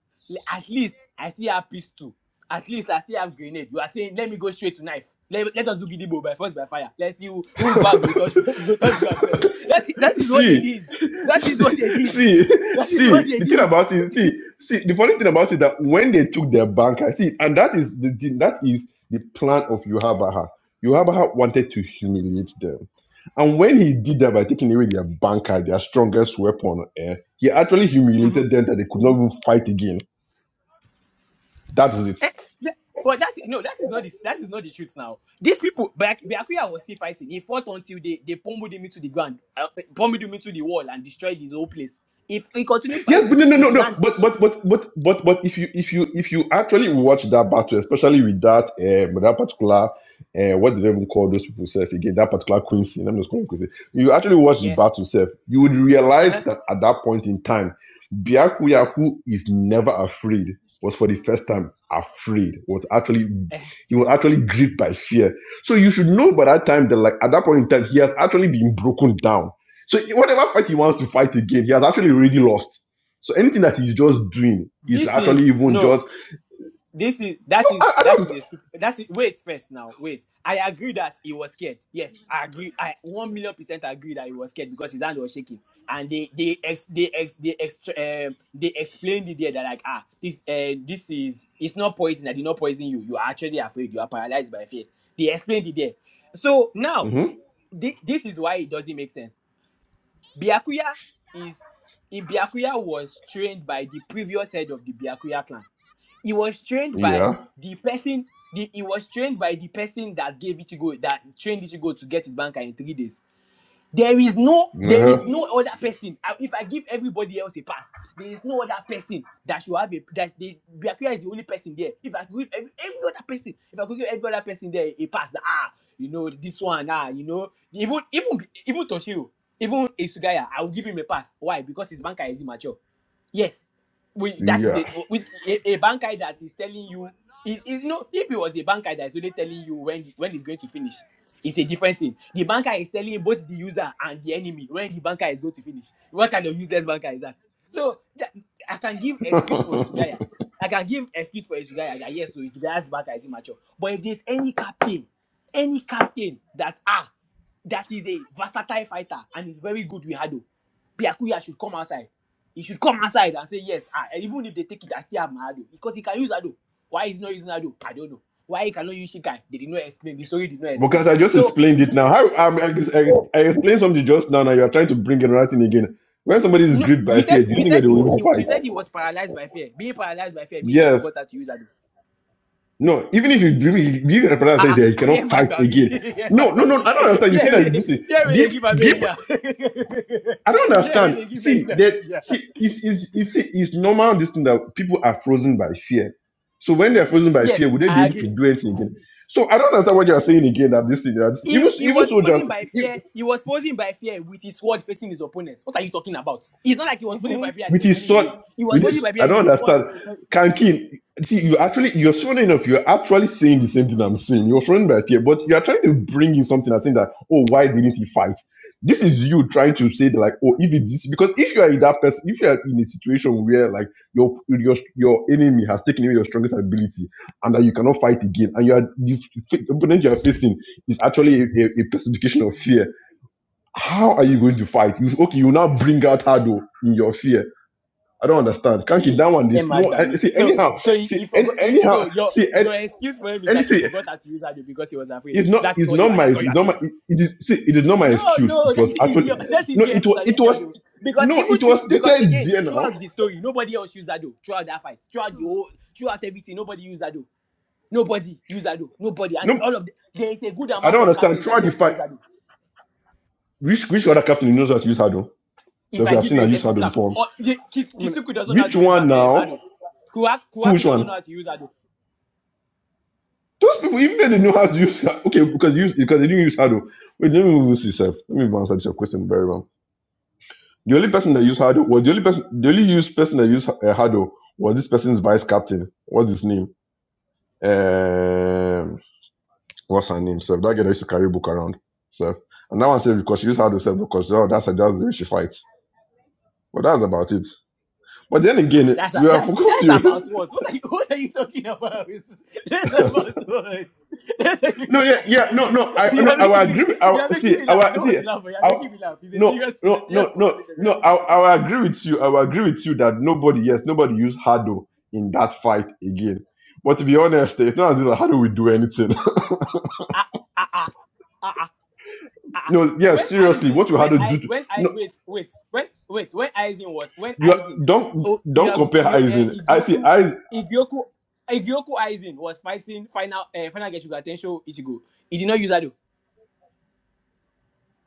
[SPEAKER 6] at least i still have pistol at least i still have grenade you are saying let me go straight to knife let, let us do gidigbo by force by fire let's see who who bag will touch will touch ground first that is that is what they
[SPEAKER 4] see,
[SPEAKER 6] did that is what they
[SPEAKER 4] see,
[SPEAKER 6] did
[SPEAKER 4] see,
[SPEAKER 6] that is what
[SPEAKER 4] see,
[SPEAKER 6] they
[SPEAKER 4] the thing
[SPEAKER 6] did
[SPEAKER 4] about it, see, see, the funny thing about it that when they took their bank, I see, and that is the thing, that is the plan of Yohabaha. Yohabaha wanted to humiliate them. And when he did that by taking away their banker, their strongest weapon, eh, he actually
[SPEAKER 6] Mhm.
[SPEAKER 4] humiliated them that they could not even fight again. That is it.
[SPEAKER 6] Eh, that- but that no that is not the that is not the truth now these people Bak- Bakuya was still fighting he fought until they they pummeled him into the ground uh, eh, pummeled him into the wall and destroyed his whole place if he continued
[SPEAKER 4] Yes, but
[SPEAKER 6] fighting
[SPEAKER 4] no, no,
[SPEAKER 6] with
[SPEAKER 4] no,
[SPEAKER 6] his
[SPEAKER 4] no.
[SPEAKER 6] hand
[SPEAKER 4] But
[SPEAKER 6] shaking
[SPEAKER 4] but but but but but if you if you if you actually watch that battle, especially with that um, that particular uh, what did they even call those people self again? That particular queen scene. I'm just calling it You actually watch the
[SPEAKER 6] yeah
[SPEAKER 4] battle self, you would realize
[SPEAKER 6] uh-huh.
[SPEAKER 4] that at that point in time, Byakuya, who is never afraid, was for the first time afraid. Was actually he was actually gripped by fear. So you should know by that time that like at that point in time, he has actually been broken down. So whatever fight he wants to fight again, he has actually already lost. So anything that he's just doing is
[SPEAKER 6] this
[SPEAKER 4] actually
[SPEAKER 6] is
[SPEAKER 4] even
[SPEAKER 6] no
[SPEAKER 4] just. No,
[SPEAKER 6] this is that is
[SPEAKER 4] I, I
[SPEAKER 6] that
[SPEAKER 4] don't.
[SPEAKER 6] is a stup- that is wait first now wait i agree that he was scared yes i agree i one million percent agree that he was scared because his hand was shaking and they they ex, they ex, they extra um, they explained it there that like ah this uh, this is it's not poison i did not poison you you are actually afraid you are paralyzed by fear they explained it there so now
[SPEAKER 4] Mm-hmm.
[SPEAKER 6] thi- this is why it doesn't make sense Biakuya is Ibiakuya was trained by the previous head of the Biakuya clan. He was trained by
[SPEAKER 4] Yeah.
[SPEAKER 6] the person. The, he was trained by the person that gave Ichigo that trained Ichigo to get his banker in three days. There is no, there is
[SPEAKER 4] Uh-huh.
[SPEAKER 6] no other person. I- If I give everybody else a pass, there is no other person that should have a that the Biakuya is the only person there. If I could give every, every other person, if I could give every other person there a pass, that, ah, you know this one, ah, you know even even even Toshiro, even Isugaya, I will give him a pass. Why? Because his banker is immature. Yes, we that is a
[SPEAKER 4] Yeah.
[SPEAKER 6] which a, a banker that is telling you. Is, is, no, if it was a banker that is only telling you when when it's going to finish, it's a different thing. The banker is telling both the user and the enemy when the banker is going to finish. What kind of useless banker is that? So that, I can give excuse for Isugaya. I can give excuse for Isugaya that yes, so Isugaya's banker is immature. But if there's any captain, any captain that ah that is a versatile fighter and is very good with Hado, Biakuya should come outside. He should come outside and say, Yes, ah, and even if they take it, I still have my Ado. Because he can use Ado. Why he's not using Ado? I don't know. Why he cannot use Shikai? They did not explain. The story did not explain.
[SPEAKER 4] because I just
[SPEAKER 6] So
[SPEAKER 4] explained it now. How um, I, I, I explained something just now, and you are trying to bring another thing again. When somebody is
[SPEAKER 6] no,
[SPEAKER 4] gripped by
[SPEAKER 6] you said
[SPEAKER 4] fear, do you
[SPEAKER 6] you
[SPEAKER 4] think
[SPEAKER 6] said
[SPEAKER 4] that they
[SPEAKER 6] you
[SPEAKER 4] will even
[SPEAKER 6] you, you said
[SPEAKER 4] fight?
[SPEAKER 6] he was paralyzed by fear. Being paralyzed by fear means he
[SPEAKER 4] Yes.
[SPEAKER 6] forgot how to use Ado.
[SPEAKER 4] No. Even if you you get a person that says
[SPEAKER 6] Ah,
[SPEAKER 4] that he
[SPEAKER 6] ah, yeah,
[SPEAKER 4] cannot
[SPEAKER 6] mad
[SPEAKER 4] fight
[SPEAKER 6] by me.
[SPEAKER 4] again.
[SPEAKER 6] Yeah,
[SPEAKER 4] No.
[SPEAKER 6] mad
[SPEAKER 4] No.
[SPEAKER 6] by
[SPEAKER 4] No.
[SPEAKER 6] me.
[SPEAKER 4] I don't understand. You
[SPEAKER 6] Fear
[SPEAKER 4] see
[SPEAKER 6] will
[SPEAKER 4] that
[SPEAKER 6] they
[SPEAKER 4] this thing.
[SPEAKER 6] fear will
[SPEAKER 4] Be,
[SPEAKER 6] they give
[SPEAKER 4] be
[SPEAKER 6] amnesia.
[SPEAKER 4] I don't
[SPEAKER 6] fear will
[SPEAKER 4] understand.
[SPEAKER 6] they give
[SPEAKER 4] See,
[SPEAKER 6] person
[SPEAKER 4] that
[SPEAKER 6] amnesia.
[SPEAKER 4] see, it's it's it's it's normal this thing that people are frozen by fear. So when they are frozen by
[SPEAKER 6] Yes,
[SPEAKER 4] fear, would they be
[SPEAKER 6] I
[SPEAKER 4] able to
[SPEAKER 6] agree.
[SPEAKER 4] do anything again? So I don't understand what you are saying again. That this thing, that this,
[SPEAKER 6] He, he
[SPEAKER 4] even even
[SPEAKER 6] was
[SPEAKER 4] soldiers.
[SPEAKER 6] posing by fear. He was posing by fear with his sword facing his opponents. What are you talking about? It's not like he was posing by fear and he
[SPEAKER 4] with
[SPEAKER 6] was
[SPEAKER 4] his
[SPEAKER 6] running
[SPEAKER 4] sword
[SPEAKER 6] away. He was
[SPEAKER 4] with this
[SPEAKER 6] posing by
[SPEAKER 4] i
[SPEAKER 6] fear with
[SPEAKER 4] don't
[SPEAKER 6] his sword.
[SPEAKER 4] understand kankin see you actually you're showing enough you're actually saying the same thing i'm saying you're showing by fear but you're trying to bring in something and saying that oh why didn't he fight this is you trying to say that, like oh if it is because if you are in that person if you are in a situation where like your your your enemy has taken away your strongest ability and that you cannot fight again and you are the f- opponent you are facing is actually a, a, a personification of fear how are you going to fight you okay you now bring out hado in your fear I don't understand. Can't keep
[SPEAKER 6] Hey,
[SPEAKER 4] that one. This no.
[SPEAKER 6] Emma
[SPEAKER 4] I,
[SPEAKER 6] Dami.
[SPEAKER 4] see
[SPEAKER 6] So
[SPEAKER 4] anyhow.
[SPEAKER 6] so he, he
[SPEAKER 4] See any,
[SPEAKER 6] forgot. He,
[SPEAKER 4] anyhow.
[SPEAKER 6] so your
[SPEAKER 4] See any,
[SPEAKER 6] your excuse for him is
[SPEAKER 4] any.
[SPEAKER 6] that he
[SPEAKER 4] See
[SPEAKER 6] forgot how to use Ado because he was afraid.
[SPEAKER 4] it's not.
[SPEAKER 6] That is
[SPEAKER 4] It's
[SPEAKER 6] what
[SPEAKER 4] not
[SPEAKER 6] you are.
[SPEAKER 4] my.
[SPEAKER 6] That's
[SPEAKER 4] It's
[SPEAKER 6] what you are
[SPEAKER 4] not my.
[SPEAKER 6] saying.
[SPEAKER 4] It, it is. See it is not my
[SPEAKER 6] No,
[SPEAKER 4] excuse.
[SPEAKER 6] no,
[SPEAKER 4] It
[SPEAKER 6] that
[SPEAKER 4] was
[SPEAKER 6] is
[SPEAKER 4] actually
[SPEAKER 6] your that is
[SPEAKER 4] no.
[SPEAKER 6] your
[SPEAKER 4] It was. It
[SPEAKER 6] explanation
[SPEAKER 4] was
[SPEAKER 6] though. Because
[SPEAKER 4] no.
[SPEAKER 6] even
[SPEAKER 4] It
[SPEAKER 6] through,
[SPEAKER 4] was
[SPEAKER 6] because
[SPEAKER 4] stated
[SPEAKER 6] again
[SPEAKER 4] there now.
[SPEAKER 6] throughout the story, nobody else used Ado throughout that fight, throughout the whole throughout everything, nobody used Ado. Nobody use Ado. Nobody. And
[SPEAKER 4] No.
[SPEAKER 6] all of the, there is a good
[SPEAKER 4] I
[SPEAKER 6] amount
[SPEAKER 4] don't
[SPEAKER 6] of
[SPEAKER 4] understand.
[SPEAKER 6] captains that
[SPEAKER 4] Try
[SPEAKER 6] know
[SPEAKER 4] the
[SPEAKER 6] how to
[SPEAKER 4] fight.
[SPEAKER 6] use Ado.
[SPEAKER 4] Which which other captain knows how to use Hado? That
[SPEAKER 6] If
[SPEAKER 4] we
[SPEAKER 6] I
[SPEAKER 4] have
[SPEAKER 6] give
[SPEAKER 4] seen
[SPEAKER 6] you
[SPEAKER 4] her
[SPEAKER 6] a
[SPEAKER 4] use
[SPEAKER 6] dirty
[SPEAKER 4] Hado
[SPEAKER 6] slap,
[SPEAKER 4] before.
[SPEAKER 6] or the, Kis,
[SPEAKER 1] I mean,
[SPEAKER 6] Kisuku doesn't know how
[SPEAKER 4] Which
[SPEAKER 6] to use
[SPEAKER 4] one
[SPEAKER 6] ba- um,
[SPEAKER 4] now?
[SPEAKER 6] Ado. Kuwaku,
[SPEAKER 4] Who
[SPEAKER 6] Kuwaku
[SPEAKER 4] Which
[SPEAKER 6] doesn't know
[SPEAKER 4] one?
[SPEAKER 6] how to use Ado.
[SPEAKER 4] Those people even though they know how to use. Okay, because use because they didn't use Hado. Wait, let me move this yourself. Let me answer this your question very well. The only person that used Hado was the only person the only used person that used uh, Hado was this person's vice captain. What's his name? Um, what's her name? Self. That girl that used to carry book around. Self. And that one said because she used Hado self because oh, that's that's the way she fights. But that's about it. But then
[SPEAKER 6] Ah,
[SPEAKER 4] again,
[SPEAKER 6] That's a,
[SPEAKER 4] we have
[SPEAKER 6] that, that's about
[SPEAKER 4] forgotten.
[SPEAKER 6] what? What are you, what are you talking about? That's about what? That's like,
[SPEAKER 4] No, yeah,
[SPEAKER 6] you
[SPEAKER 4] yeah,
[SPEAKER 6] don't
[SPEAKER 4] no,
[SPEAKER 6] get,
[SPEAKER 4] no, I
[SPEAKER 6] you
[SPEAKER 4] no,
[SPEAKER 6] are
[SPEAKER 4] I will
[SPEAKER 6] making
[SPEAKER 4] agree.
[SPEAKER 6] me
[SPEAKER 4] with- I
[SPEAKER 6] you
[SPEAKER 4] will,
[SPEAKER 6] are making
[SPEAKER 4] see,
[SPEAKER 6] me
[SPEAKER 4] I will,
[SPEAKER 6] laugh. I don't
[SPEAKER 4] see,
[SPEAKER 6] want to laugh, but you are
[SPEAKER 4] I will-
[SPEAKER 6] making me laugh. It's a
[SPEAKER 4] no,
[SPEAKER 6] serious it's a
[SPEAKER 4] no,
[SPEAKER 6] serious
[SPEAKER 4] no, no,
[SPEAKER 6] conversation. You
[SPEAKER 4] no.
[SPEAKER 6] are
[SPEAKER 4] I,
[SPEAKER 6] making me
[SPEAKER 4] I
[SPEAKER 6] laugh.
[SPEAKER 4] will agree with you. I will agree with you that nobody, yes, nobody used Hado in that fight again. But to be honest, eh, it's not as if Hado will do anything.
[SPEAKER 6] Ah Ah ah ah. ah. Ah, ah.
[SPEAKER 4] no, yeah,
[SPEAKER 6] when
[SPEAKER 4] seriously,
[SPEAKER 6] Aizen,
[SPEAKER 4] what will
[SPEAKER 6] when
[SPEAKER 4] Hado do?
[SPEAKER 6] I,
[SPEAKER 4] To,
[SPEAKER 6] when I,
[SPEAKER 4] no,
[SPEAKER 6] wait, wait, when, wait, when Aizen was, when
[SPEAKER 4] you are,
[SPEAKER 6] Aizen,
[SPEAKER 4] don't
[SPEAKER 6] oh,
[SPEAKER 4] don't
[SPEAKER 6] Iago-
[SPEAKER 4] compare
[SPEAKER 6] I- eh,
[SPEAKER 4] Aizen. I see,
[SPEAKER 6] Igyoku,
[SPEAKER 4] Aizen.
[SPEAKER 6] Igyoku, Igyoku Aizen was fighting final, uh, final Geshuga Tensho Ichigo. He did not use Ado.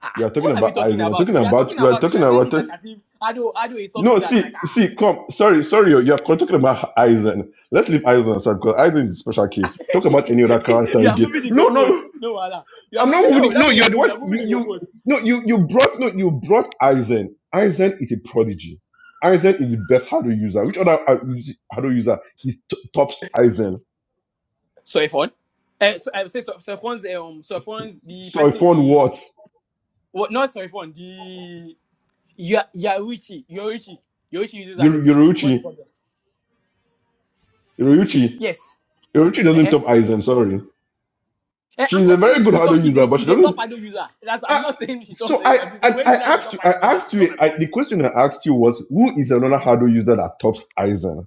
[SPEAKER 6] Ah,
[SPEAKER 4] You
[SPEAKER 6] ah.
[SPEAKER 4] are talking
[SPEAKER 6] what are we
[SPEAKER 4] about
[SPEAKER 6] talking
[SPEAKER 4] Aizen. We're
[SPEAKER 6] about?
[SPEAKER 4] talking
[SPEAKER 6] You are
[SPEAKER 4] about.
[SPEAKER 6] talking
[SPEAKER 4] We are
[SPEAKER 6] about, you
[SPEAKER 4] talking
[SPEAKER 6] are saying
[SPEAKER 4] about.
[SPEAKER 6] it like as if Ado, Ado is
[SPEAKER 4] No,
[SPEAKER 6] something that like,
[SPEAKER 4] see,
[SPEAKER 6] ah,
[SPEAKER 4] see, come. Sorry, sorry, you're, you're talking about Eisen. Let's leave Eisen aside because Eisen is a special case. Talk about any other character
[SPEAKER 6] you are
[SPEAKER 4] again.
[SPEAKER 6] moving the
[SPEAKER 4] No,
[SPEAKER 6] goalpost.
[SPEAKER 4] no,
[SPEAKER 6] No, Allah. You are
[SPEAKER 4] I'm
[SPEAKER 6] moving,
[SPEAKER 4] not moving.
[SPEAKER 6] no, that's
[SPEAKER 4] No,
[SPEAKER 6] what you
[SPEAKER 4] you're
[SPEAKER 6] are
[SPEAKER 4] the
[SPEAKER 6] doing. You
[SPEAKER 4] one.
[SPEAKER 6] are moving
[SPEAKER 4] You,
[SPEAKER 6] the
[SPEAKER 4] you,
[SPEAKER 6] goalpost.
[SPEAKER 4] no, you, you brought, no, you brought Eisen. Eisen is a prodigy. Eisen is the best Hado user. Which other uh, us- Hado user is t- tops Eisen?
[SPEAKER 6] Sorry, phone. Uh, so I would say so, so um, so the
[SPEAKER 4] So if
[SPEAKER 6] person,
[SPEAKER 4] one
[SPEAKER 6] the
[SPEAKER 4] words,
[SPEAKER 6] What? Not sorry phone. The Ya Yaruchi Yoruchi Yoruchi uses Ado.
[SPEAKER 4] Yoru-
[SPEAKER 6] What's
[SPEAKER 4] Yoruichi,
[SPEAKER 6] the problem?
[SPEAKER 4] Yoruichi,
[SPEAKER 6] Yes.
[SPEAKER 4] Yoruichi doesn't
[SPEAKER 6] Uh-huh.
[SPEAKER 4] top Eisen. Sorry,
[SPEAKER 6] Eh, I'm
[SPEAKER 4] she's a
[SPEAKER 6] not
[SPEAKER 4] very
[SPEAKER 6] saying
[SPEAKER 4] good
[SPEAKER 6] she top.
[SPEAKER 4] Hado
[SPEAKER 6] She's
[SPEAKER 4] user,
[SPEAKER 6] a
[SPEAKER 4] but she
[SPEAKER 6] she's a top
[SPEAKER 4] doesn't.
[SPEAKER 6] Ado user. That's
[SPEAKER 4] ah,
[SPEAKER 6] I'm not saying she top.
[SPEAKER 4] So I,
[SPEAKER 6] I'm just
[SPEAKER 4] I,
[SPEAKER 6] saying when
[SPEAKER 4] I
[SPEAKER 6] she likes she
[SPEAKER 4] asked
[SPEAKER 6] top
[SPEAKER 4] you, I
[SPEAKER 6] fighting or not,
[SPEAKER 4] asked
[SPEAKER 6] it's not
[SPEAKER 4] you,
[SPEAKER 6] my
[SPEAKER 4] I,
[SPEAKER 6] problem.
[SPEAKER 4] the question I asked you was, who is another hardware user that tops Eisen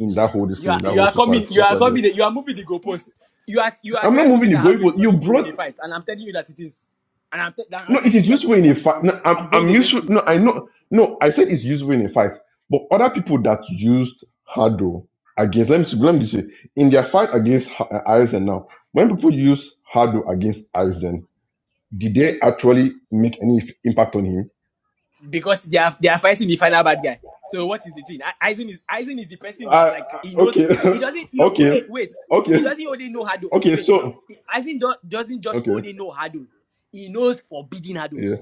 [SPEAKER 4] in that whole this
[SPEAKER 6] You
[SPEAKER 4] thing, in
[SPEAKER 6] are
[SPEAKER 4] that
[SPEAKER 6] you
[SPEAKER 4] whole
[SPEAKER 6] are
[SPEAKER 4] society?
[SPEAKER 6] coming. You are
[SPEAKER 4] society?
[SPEAKER 6] coming. You are moving the goalpost. You are you are
[SPEAKER 4] I'm not
[SPEAKER 6] trying to say
[SPEAKER 4] moving the
[SPEAKER 6] that Ado
[SPEAKER 4] goalpost.
[SPEAKER 6] is not
[SPEAKER 4] You
[SPEAKER 6] useful in
[SPEAKER 4] brought
[SPEAKER 6] a fight, and I'm telling you that it is. And I'm, te-
[SPEAKER 4] no.
[SPEAKER 6] I'm
[SPEAKER 4] It
[SPEAKER 6] telling
[SPEAKER 4] is
[SPEAKER 6] you that
[SPEAKER 4] useful
[SPEAKER 6] it
[SPEAKER 4] in
[SPEAKER 6] is.
[SPEAKER 4] a
[SPEAKER 6] I'm
[SPEAKER 4] fight.
[SPEAKER 6] I'm
[SPEAKER 4] No, I'm,
[SPEAKER 6] I'm going
[SPEAKER 4] I'm
[SPEAKER 6] against
[SPEAKER 4] useful.
[SPEAKER 6] you.
[SPEAKER 4] No, I know. No, I said it's useful in a fight. But other people that used hardware against, let me see- let me say, in their fight against Ha- uh, Eisen now, when people use hardware against Eisen, did they
[SPEAKER 6] Yes.
[SPEAKER 4] actually make any impact on him?
[SPEAKER 6] because they are they are fighting the final bad guy. So what is the thing? I- Aizen is Aizen is the person that
[SPEAKER 4] I, I-
[SPEAKER 6] like he knows
[SPEAKER 4] okay,
[SPEAKER 6] he doesn't he,
[SPEAKER 4] okay.
[SPEAKER 6] wait wait he,
[SPEAKER 4] Okay,
[SPEAKER 6] he doesn't only know hurdles
[SPEAKER 4] Okay,
[SPEAKER 6] wait now
[SPEAKER 4] so
[SPEAKER 6] He- Aizen do, doesn't just
[SPEAKER 4] okay,
[SPEAKER 6] only know hurdles he knows forbidden
[SPEAKER 4] yeah,
[SPEAKER 6] hurdles.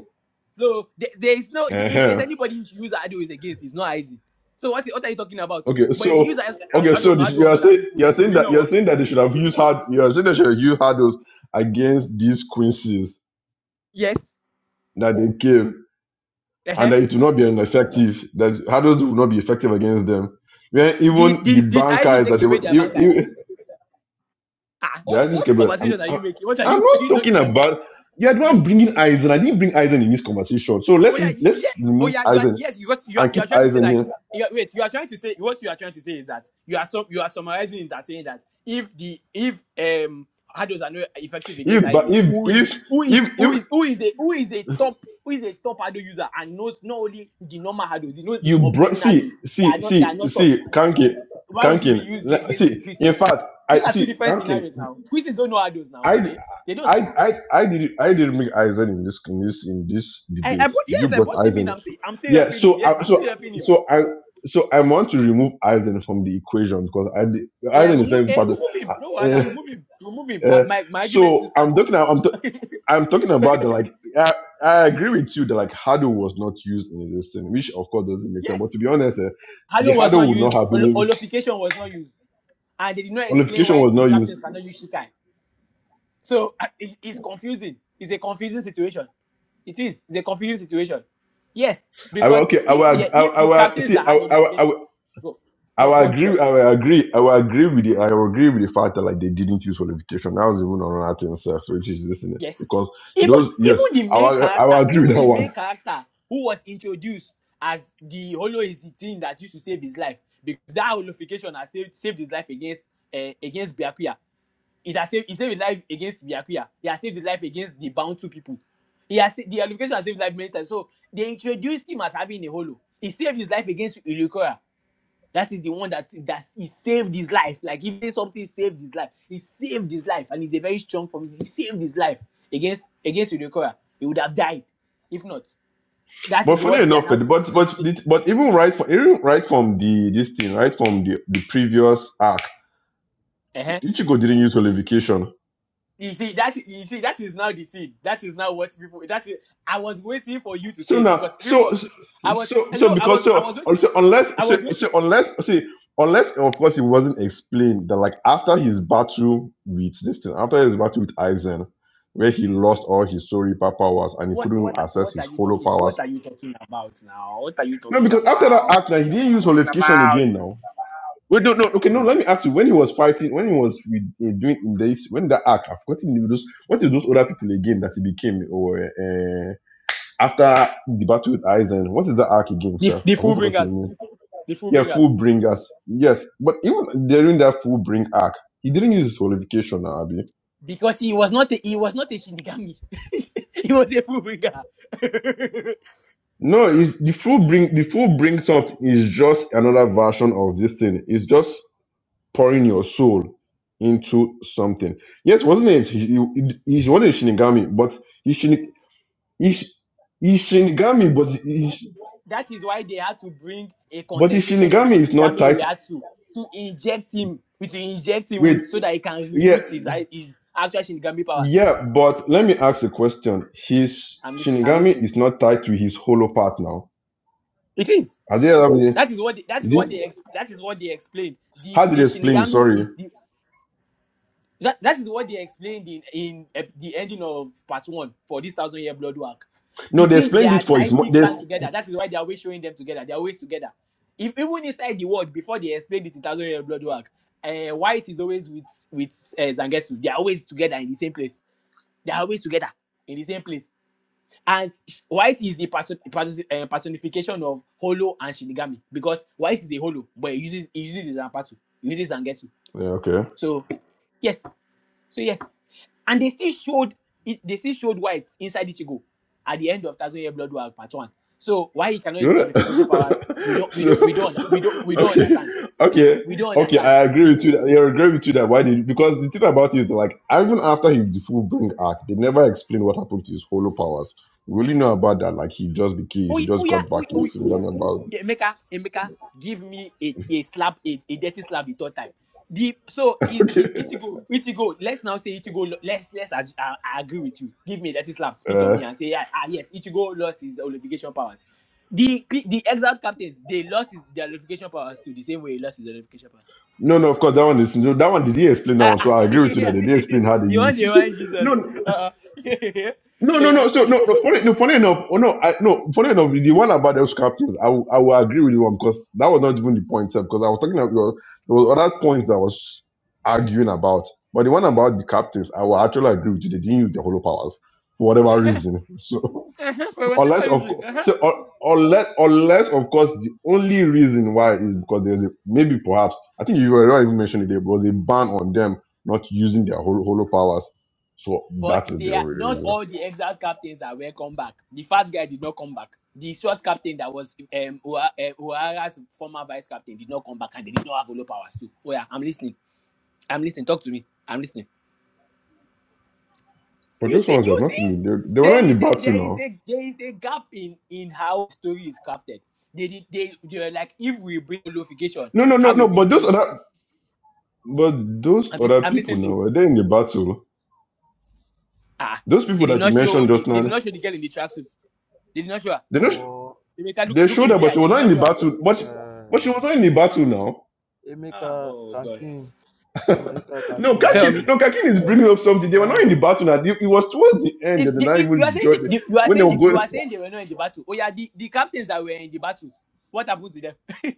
[SPEAKER 6] So there, there is no if there's
[SPEAKER 4] uh-huh.
[SPEAKER 6] anybody who use hurdles against it's not Aizen. So what what are you talking about?
[SPEAKER 4] okay,
[SPEAKER 6] But if they
[SPEAKER 4] so
[SPEAKER 6] use
[SPEAKER 4] okay,
[SPEAKER 6] hurdle
[SPEAKER 4] so the- you
[SPEAKER 6] hurdle on
[SPEAKER 4] are
[SPEAKER 6] other
[SPEAKER 4] saying
[SPEAKER 6] people,
[SPEAKER 4] you are
[SPEAKER 6] it
[SPEAKER 4] saying
[SPEAKER 6] would it
[SPEAKER 4] that
[SPEAKER 6] not
[SPEAKER 4] you are
[SPEAKER 6] work?
[SPEAKER 4] saying that they should have used hard you are saying they should have used hurdles against these quinces
[SPEAKER 6] Yes.
[SPEAKER 4] that they gave, and
[SPEAKER 6] Uh-huh.
[SPEAKER 4] that it will not be ineffective. That hurdles will not be effective against them. When
[SPEAKER 6] Did
[SPEAKER 4] even the
[SPEAKER 6] did did Aizen
[SPEAKER 4] bankers
[SPEAKER 6] take
[SPEAKER 4] that they
[SPEAKER 6] away
[SPEAKER 4] were,
[SPEAKER 6] their
[SPEAKER 4] even,
[SPEAKER 6] bankai?
[SPEAKER 4] even,
[SPEAKER 6] Ah,
[SPEAKER 4] they are
[SPEAKER 6] what
[SPEAKER 4] asking
[SPEAKER 6] what
[SPEAKER 4] Gabriel,
[SPEAKER 6] conversation
[SPEAKER 4] I'm,
[SPEAKER 6] are
[SPEAKER 4] I'm
[SPEAKER 6] you making? What are
[SPEAKER 4] I'm
[SPEAKER 6] you, what
[SPEAKER 4] not
[SPEAKER 6] are you
[SPEAKER 4] talking
[SPEAKER 6] talking about?
[SPEAKER 4] about. You're the one bringing Eisen. I didn't bring Eisen in this conversation. So
[SPEAKER 6] Oh
[SPEAKER 4] let's
[SPEAKER 6] yeah,
[SPEAKER 4] le-
[SPEAKER 6] y-
[SPEAKER 4] let's
[SPEAKER 6] yeah. Oh
[SPEAKER 4] remove
[SPEAKER 6] yeah, you are
[SPEAKER 4] Eisen
[SPEAKER 6] yes, because you are
[SPEAKER 4] and
[SPEAKER 6] you
[SPEAKER 4] keep
[SPEAKER 6] are trying to say
[SPEAKER 4] Eisen
[SPEAKER 6] like
[SPEAKER 4] here
[SPEAKER 6] you are- wait, you are trying to say what you are trying to say is that you are so you are summarizing that saying that if the if um Hados are not effective against
[SPEAKER 4] if but
[SPEAKER 6] Isaac,
[SPEAKER 4] if
[SPEAKER 6] who is
[SPEAKER 4] if
[SPEAKER 6] who is
[SPEAKER 4] if if
[SPEAKER 6] who is who is a who is a top who is a top Hado user and knows not only the normal Hados, he knows the
[SPEAKER 4] You bro-
[SPEAKER 6] forbidden Hados
[SPEAKER 4] see,
[SPEAKER 6] that are
[SPEAKER 4] see,
[SPEAKER 6] not that are
[SPEAKER 4] see,
[SPEAKER 6] not taught.
[SPEAKER 4] see, Kankin,
[SPEAKER 6] Why would he be
[SPEAKER 4] Kankin.
[SPEAKER 6] used
[SPEAKER 4] le-
[SPEAKER 6] against
[SPEAKER 4] See, in
[SPEAKER 6] Christians?
[SPEAKER 4] fact,
[SPEAKER 6] Those
[SPEAKER 4] I
[SPEAKER 6] are two
[SPEAKER 4] see
[SPEAKER 6] different
[SPEAKER 4] Kankin.
[SPEAKER 6] scenarios now. Christians don't know Hados now, do
[SPEAKER 4] I,
[SPEAKER 6] they? They don't
[SPEAKER 4] I,
[SPEAKER 6] now.
[SPEAKER 4] I, I did, I didn't make Eisen in this, in this, in this
[SPEAKER 6] I, I
[SPEAKER 4] debate.
[SPEAKER 6] bought
[SPEAKER 4] You
[SPEAKER 6] yes, I
[SPEAKER 4] brought
[SPEAKER 6] bought him in.
[SPEAKER 4] Eisen.
[SPEAKER 6] I'm still I'm still
[SPEAKER 4] Yeah.
[SPEAKER 6] helping him.
[SPEAKER 4] So, I,
[SPEAKER 6] Yes, I'm
[SPEAKER 4] so,
[SPEAKER 6] still helping him.
[SPEAKER 4] so I. So I want to remove Eisen from the equation because I,
[SPEAKER 6] Oh yeah,
[SPEAKER 4] Eisen is not
[SPEAKER 6] remove
[SPEAKER 4] even
[SPEAKER 6] eh,
[SPEAKER 4] part of.
[SPEAKER 6] remove him. No wahala,
[SPEAKER 4] Uh,
[SPEAKER 6] remove him. Remove him. Uh,
[SPEAKER 4] uh,
[SPEAKER 6] my my argument still
[SPEAKER 4] so I'm
[SPEAKER 6] stands.
[SPEAKER 4] talking. I'm, I'm talking about the like. I, I agree with you that like Hado was not used in this thing, which of course doesn't make sense. But
[SPEAKER 6] Yes.
[SPEAKER 4] to be honest, eh, the
[SPEAKER 6] Halo was
[SPEAKER 4] Hado
[SPEAKER 6] not
[SPEAKER 4] would not
[SPEAKER 6] used,
[SPEAKER 4] have been
[SPEAKER 6] hol-
[SPEAKER 4] used.
[SPEAKER 6] holification was not used. And they did not explain
[SPEAKER 4] qualification
[SPEAKER 6] why
[SPEAKER 4] was not
[SPEAKER 6] the
[SPEAKER 4] used.
[SPEAKER 6] captains cannot use Shikai. So uh, it- it's confusing. It's a confusing situation. It is. It's a confusing situation. Yes.
[SPEAKER 4] I will
[SPEAKER 6] Because
[SPEAKER 4] okay. I will.
[SPEAKER 6] if the
[SPEAKER 4] ag- I, will-
[SPEAKER 6] if
[SPEAKER 4] I
[SPEAKER 6] the
[SPEAKER 4] will
[SPEAKER 6] captains that
[SPEAKER 4] see. I
[SPEAKER 6] had
[SPEAKER 4] will, I will, I
[SPEAKER 6] holification
[SPEAKER 4] will,
[SPEAKER 6] go,
[SPEAKER 4] I
[SPEAKER 6] go,
[SPEAKER 4] will
[SPEAKER 6] go on, go
[SPEAKER 4] agree.
[SPEAKER 6] on.
[SPEAKER 4] I will agree. I will agree with the. I will agree with the fact that like they didn't use qualification. That was even another thing, sir, which is this thing
[SPEAKER 6] Yes.
[SPEAKER 4] because
[SPEAKER 6] Even
[SPEAKER 4] those.
[SPEAKER 6] even
[SPEAKER 4] Yes,
[SPEAKER 6] the
[SPEAKER 4] I
[SPEAKER 6] main
[SPEAKER 4] will, I will
[SPEAKER 6] character,
[SPEAKER 4] agree with
[SPEAKER 6] even
[SPEAKER 4] that
[SPEAKER 6] the main
[SPEAKER 4] one.
[SPEAKER 6] character who was introduced as the holo is the thing that used to save his life because that holification has saved, saved his life against uh, against Byakuya. It has saved, he saved his life against Byakuya. He has saved his life against the bound two people. He has sa- the holification has saved his life many times. So they introduced him as having a holo. He saved his life against Urukora. That is the one that that he saved his life. Like if there's something saved his life, he saved his life, and he's a very strong form. He saved his life against against Udekora. He would have died if not. That
[SPEAKER 4] But
[SPEAKER 6] is
[SPEAKER 4] funny
[SPEAKER 6] what they are
[SPEAKER 4] enough,
[SPEAKER 6] now.
[SPEAKER 4] but
[SPEAKER 6] saying.
[SPEAKER 4] but
[SPEAKER 6] They-
[SPEAKER 4] but,
[SPEAKER 6] they-
[SPEAKER 4] but even right from even right from the this thing, right from the, the previous act,
[SPEAKER 6] uh-huh.
[SPEAKER 4] Ichigo didn't use holification.
[SPEAKER 6] You see that. You see that is now the thing. That is now what people. That is. I was waiting for you to
[SPEAKER 4] So
[SPEAKER 6] say it
[SPEAKER 4] now,
[SPEAKER 6] because people.
[SPEAKER 4] so
[SPEAKER 6] I was.
[SPEAKER 4] so so
[SPEAKER 6] No, I
[SPEAKER 4] because
[SPEAKER 6] was. I
[SPEAKER 4] so,
[SPEAKER 6] was
[SPEAKER 4] uh,
[SPEAKER 6] waiting.
[SPEAKER 4] so unless
[SPEAKER 6] I
[SPEAKER 4] so,
[SPEAKER 6] was waiting.
[SPEAKER 4] so unless see unless of course it wasn't explained that like after his battle with this thing, after his battle with Aizen, where he lost all his Soripa powers and he
[SPEAKER 6] What? What?
[SPEAKER 4] couldn't access
[SPEAKER 6] What are
[SPEAKER 4] his
[SPEAKER 6] you
[SPEAKER 4] holo
[SPEAKER 6] talking?
[SPEAKER 4] powers.
[SPEAKER 6] What are you talking about now? What are you
[SPEAKER 4] No,
[SPEAKER 6] talking
[SPEAKER 4] because after that
[SPEAKER 6] about?
[SPEAKER 4] act, now he
[SPEAKER 6] What
[SPEAKER 4] didn't use holification
[SPEAKER 6] are you
[SPEAKER 4] again.
[SPEAKER 6] talking
[SPEAKER 4] Now Wait, no, no, okay, no.
[SPEAKER 6] about?
[SPEAKER 4] Let me ask you. When he was fighting, when he was with, uh, doing in this, when that arc, I've forgotten the- those. What is those other people again that he became, or uh, after the battle with Aizen? What is that arc again,
[SPEAKER 6] the,
[SPEAKER 4] sir?
[SPEAKER 6] the
[SPEAKER 4] I've
[SPEAKER 6] full
[SPEAKER 4] forgotten the
[SPEAKER 6] bringers,
[SPEAKER 4] name.
[SPEAKER 6] the full
[SPEAKER 4] Yeah, full
[SPEAKER 6] bringers,
[SPEAKER 4] bringers. Yes, but even during that full bring arc, he didn't use his qualification, now, Abi.
[SPEAKER 6] because he was not a, he was not a shinigami, he was a full bringer.
[SPEAKER 4] No, it's the full bring. The full bring something is just another version of this thing. It's just pouring your soul into something. Yes, wasn't it? He, he, he was Shinigami, but he Shin, he's, he's Shinigami, but he's,
[SPEAKER 6] that is why they had to bring a
[SPEAKER 4] but his
[SPEAKER 6] concentration of
[SPEAKER 4] Shinigami is not
[SPEAKER 6] shinigami
[SPEAKER 4] tied.
[SPEAKER 6] Ryatsu to inject him, to inject him
[SPEAKER 4] Wait,
[SPEAKER 6] with, so that he can
[SPEAKER 4] yeah,
[SPEAKER 6] reboot his his actual shinigami powers.
[SPEAKER 4] yeah, but let me ask a question. His
[SPEAKER 6] I'm listening. I'm
[SPEAKER 4] Shinigami
[SPEAKER 6] listening.
[SPEAKER 4] is not tied to his holo part now.
[SPEAKER 6] It is.
[SPEAKER 4] Are they? Are they-
[SPEAKER 6] That is what they, that is
[SPEAKER 4] Is
[SPEAKER 6] what
[SPEAKER 4] it?
[SPEAKER 6] they ex- that is what they explained. The
[SPEAKER 4] How did
[SPEAKER 6] the
[SPEAKER 4] they explain? it?
[SPEAKER 6] shinigami
[SPEAKER 4] Sorry,
[SPEAKER 6] is the That that is what they explained in in ep- the ending of part one for this thousand year blood work. The
[SPEAKER 4] no, they
[SPEAKER 6] thing they
[SPEAKER 4] explained
[SPEAKER 6] are
[SPEAKER 4] it for his. mo-
[SPEAKER 6] tightly
[SPEAKER 4] They,
[SPEAKER 6] clamped together. That is why they are always showing them together. They are always together. If even inside the world before they explained it in thousand year blood work, uh, White is always with with uh, Zangetsu. They are always together in the same place. They are always together in the same place. And White is the person, person, uh, personification of Holo and Shinigami because White is a Holo, but he uses he uses his Zanpatu, he uses Zangetsu.
[SPEAKER 4] yeah, okay.
[SPEAKER 6] So yes. So yes, and they still showed it- they still showed white inside Ichigo at the end of Thousand Year Blood War Part One. So why he cannot use his
[SPEAKER 4] You Good.
[SPEAKER 6] amplification powers? We don't we don't we
[SPEAKER 4] so
[SPEAKER 6] don't under- we don't we don't
[SPEAKER 4] okay,
[SPEAKER 6] understand.
[SPEAKER 4] okay,
[SPEAKER 6] We don't
[SPEAKER 4] okay.
[SPEAKER 6] understand.
[SPEAKER 4] I agree with you. That, yeah, I agree with you that why did because the thing about it is like even after his full bring arc, they never explain what happened to his hollow powers. We only know about that. Like he just became,
[SPEAKER 6] Oh,
[SPEAKER 4] he
[SPEAKER 6] yeah, oh
[SPEAKER 4] just
[SPEAKER 6] yeah,
[SPEAKER 4] got back.
[SPEAKER 6] oh, oh,
[SPEAKER 4] He don't know about.
[SPEAKER 6] Yeah, Emeka, Emeka, give me a, a slap, a, a dirty slap the third time. The so is
[SPEAKER 4] Okay.
[SPEAKER 6] the Ichigo, Ichigo. Let's now say Ichigo. lo- Let's let's ag- I, I agree with you. Give me a dirty slap, spit on
[SPEAKER 4] Uh,
[SPEAKER 6] me, and say yeah, ah yes, Ichigo lost his olification powers. The pe- the exiled captains they lost his their olification powers too, the same way he lost his olification power.
[SPEAKER 4] no, no. Of course, that one is no, that one. Did he explain that
[SPEAKER 6] Ah,
[SPEAKER 4] one? So
[SPEAKER 6] ah,
[SPEAKER 4] I
[SPEAKER 6] I
[SPEAKER 4] agree with you that they didn't
[SPEAKER 6] mean,
[SPEAKER 4] explain how they
[SPEAKER 6] the one
[SPEAKER 4] use.
[SPEAKER 6] they want Jesus.
[SPEAKER 4] no.
[SPEAKER 6] Uh-uh.
[SPEAKER 4] No, no,
[SPEAKER 6] yeah. uh
[SPEAKER 4] no. So no, no. Funny, no. Funny enough. Oh no, I, no. Funny enough. The one about those captains, I, will- I will agree with you on because that was not even the point. Because I was talking about there was other points that I was arguing about, but the one about the captains, I will actually agree with you. They didn't use their hollow powers for whatever
[SPEAKER 6] Uh-huh.
[SPEAKER 4] reason.
[SPEAKER 6] Uh-huh, For
[SPEAKER 4] So
[SPEAKER 6] whatever
[SPEAKER 4] unless of
[SPEAKER 6] reason.
[SPEAKER 4] course, so, un- unless unless of course the only reason why is because there's a, maybe perhaps I think you were not even mentioning it. There was a ban on them not using their hollow, hollow powers. So
[SPEAKER 6] But
[SPEAKER 4] that is the
[SPEAKER 6] they are
[SPEAKER 4] only
[SPEAKER 6] not
[SPEAKER 4] reason.
[SPEAKER 6] all the exiled captains are welcome back. The fat guy did not come back. The short captain that was um O'Hara- eh, O'Hara's former vice captain did not come back, and they did not have Olo powers too. Oh yeah, I'm listening. I'm listening. Talk to me. I'm listening.
[SPEAKER 4] But
[SPEAKER 6] You
[SPEAKER 4] those
[SPEAKER 6] see,
[SPEAKER 4] ones they're
[SPEAKER 6] you
[SPEAKER 4] not
[SPEAKER 6] see,
[SPEAKER 4] in the they, they were
[SPEAKER 6] there
[SPEAKER 4] not in the
[SPEAKER 6] is a
[SPEAKER 4] battle
[SPEAKER 6] there is
[SPEAKER 4] now.
[SPEAKER 6] a there is a gap in in how story is crafted. They did they they were like if we bring glorification,
[SPEAKER 4] No, no, no,
[SPEAKER 6] how will
[SPEAKER 4] no.
[SPEAKER 6] we
[SPEAKER 4] But those
[SPEAKER 6] scale it?
[SPEAKER 4] other but those
[SPEAKER 6] I'm, lis-
[SPEAKER 4] other
[SPEAKER 6] I'm
[SPEAKER 4] people
[SPEAKER 6] listening to
[SPEAKER 4] now
[SPEAKER 6] you.
[SPEAKER 4] were they in the battle?
[SPEAKER 6] Ah,
[SPEAKER 4] Those
[SPEAKER 6] they
[SPEAKER 4] people
[SPEAKER 6] did
[SPEAKER 4] that you
[SPEAKER 6] not show
[SPEAKER 4] mentioned
[SPEAKER 6] the
[SPEAKER 4] just
[SPEAKER 6] they did
[SPEAKER 4] now,
[SPEAKER 6] not show the girl in the tracksuit. They did not show her.
[SPEAKER 4] they not
[SPEAKER 3] Omo,
[SPEAKER 6] Emeka, look
[SPEAKER 4] they
[SPEAKER 6] look
[SPEAKER 4] showed
[SPEAKER 6] me in
[SPEAKER 4] her,
[SPEAKER 6] the
[SPEAKER 4] but
[SPEAKER 6] eye.
[SPEAKER 4] she
[SPEAKER 6] They
[SPEAKER 4] was
[SPEAKER 3] omo,
[SPEAKER 6] did
[SPEAKER 4] not in
[SPEAKER 6] not
[SPEAKER 4] the
[SPEAKER 6] show her.
[SPEAKER 4] battle. But
[SPEAKER 3] uh,
[SPEAKER 4] she, but she was not in the battle now.
[SPEAKER 6] Ah,
[SPEAKER 3] Emeka
[SPEAKER 6] oh God.
[SPEAKER 3] Kankin, Emeka
[SPEAKER 4] no,
[SPEAKER 3] Kankin,
[SPEAKER 6] Tell
[SPEAKER 3] don't
[SPEAKER 4] Kakin,
[SPEAKER 6] me.
[SPEAKER 3] do,
[SPEAKER 4] no, Kakin is bringing up something.
[SPEAKER 3] he
[SPEAKER 4] They were
[SPEAKER 3] don't
[SPEAKER 4] not in the
[SPEAKER 3] do.
[SPEAKER 4] battle now. It, it was towards the end that
[SPEAKER 6] It,
[SPEAKER 4] they
[SPEAKER 6] the,
[SPEAKER 4] not
[SPEAKER 6] it, you are
[SPEAKER 4] even
[SPEAKER 6] saying the,
[SPEAKER 4] joined.
[SPEAKER 6] you are
[SPEAKER 4] When they
[SPEAKER 6] saying
[SPEAKER 4] were
[SPEAKER 6] the, you
[SPEAKER 4] going,
[SPEAKER 6] are saying they were not in the battle. Oh yeah, the, the captains that were in the battle. What happened to them?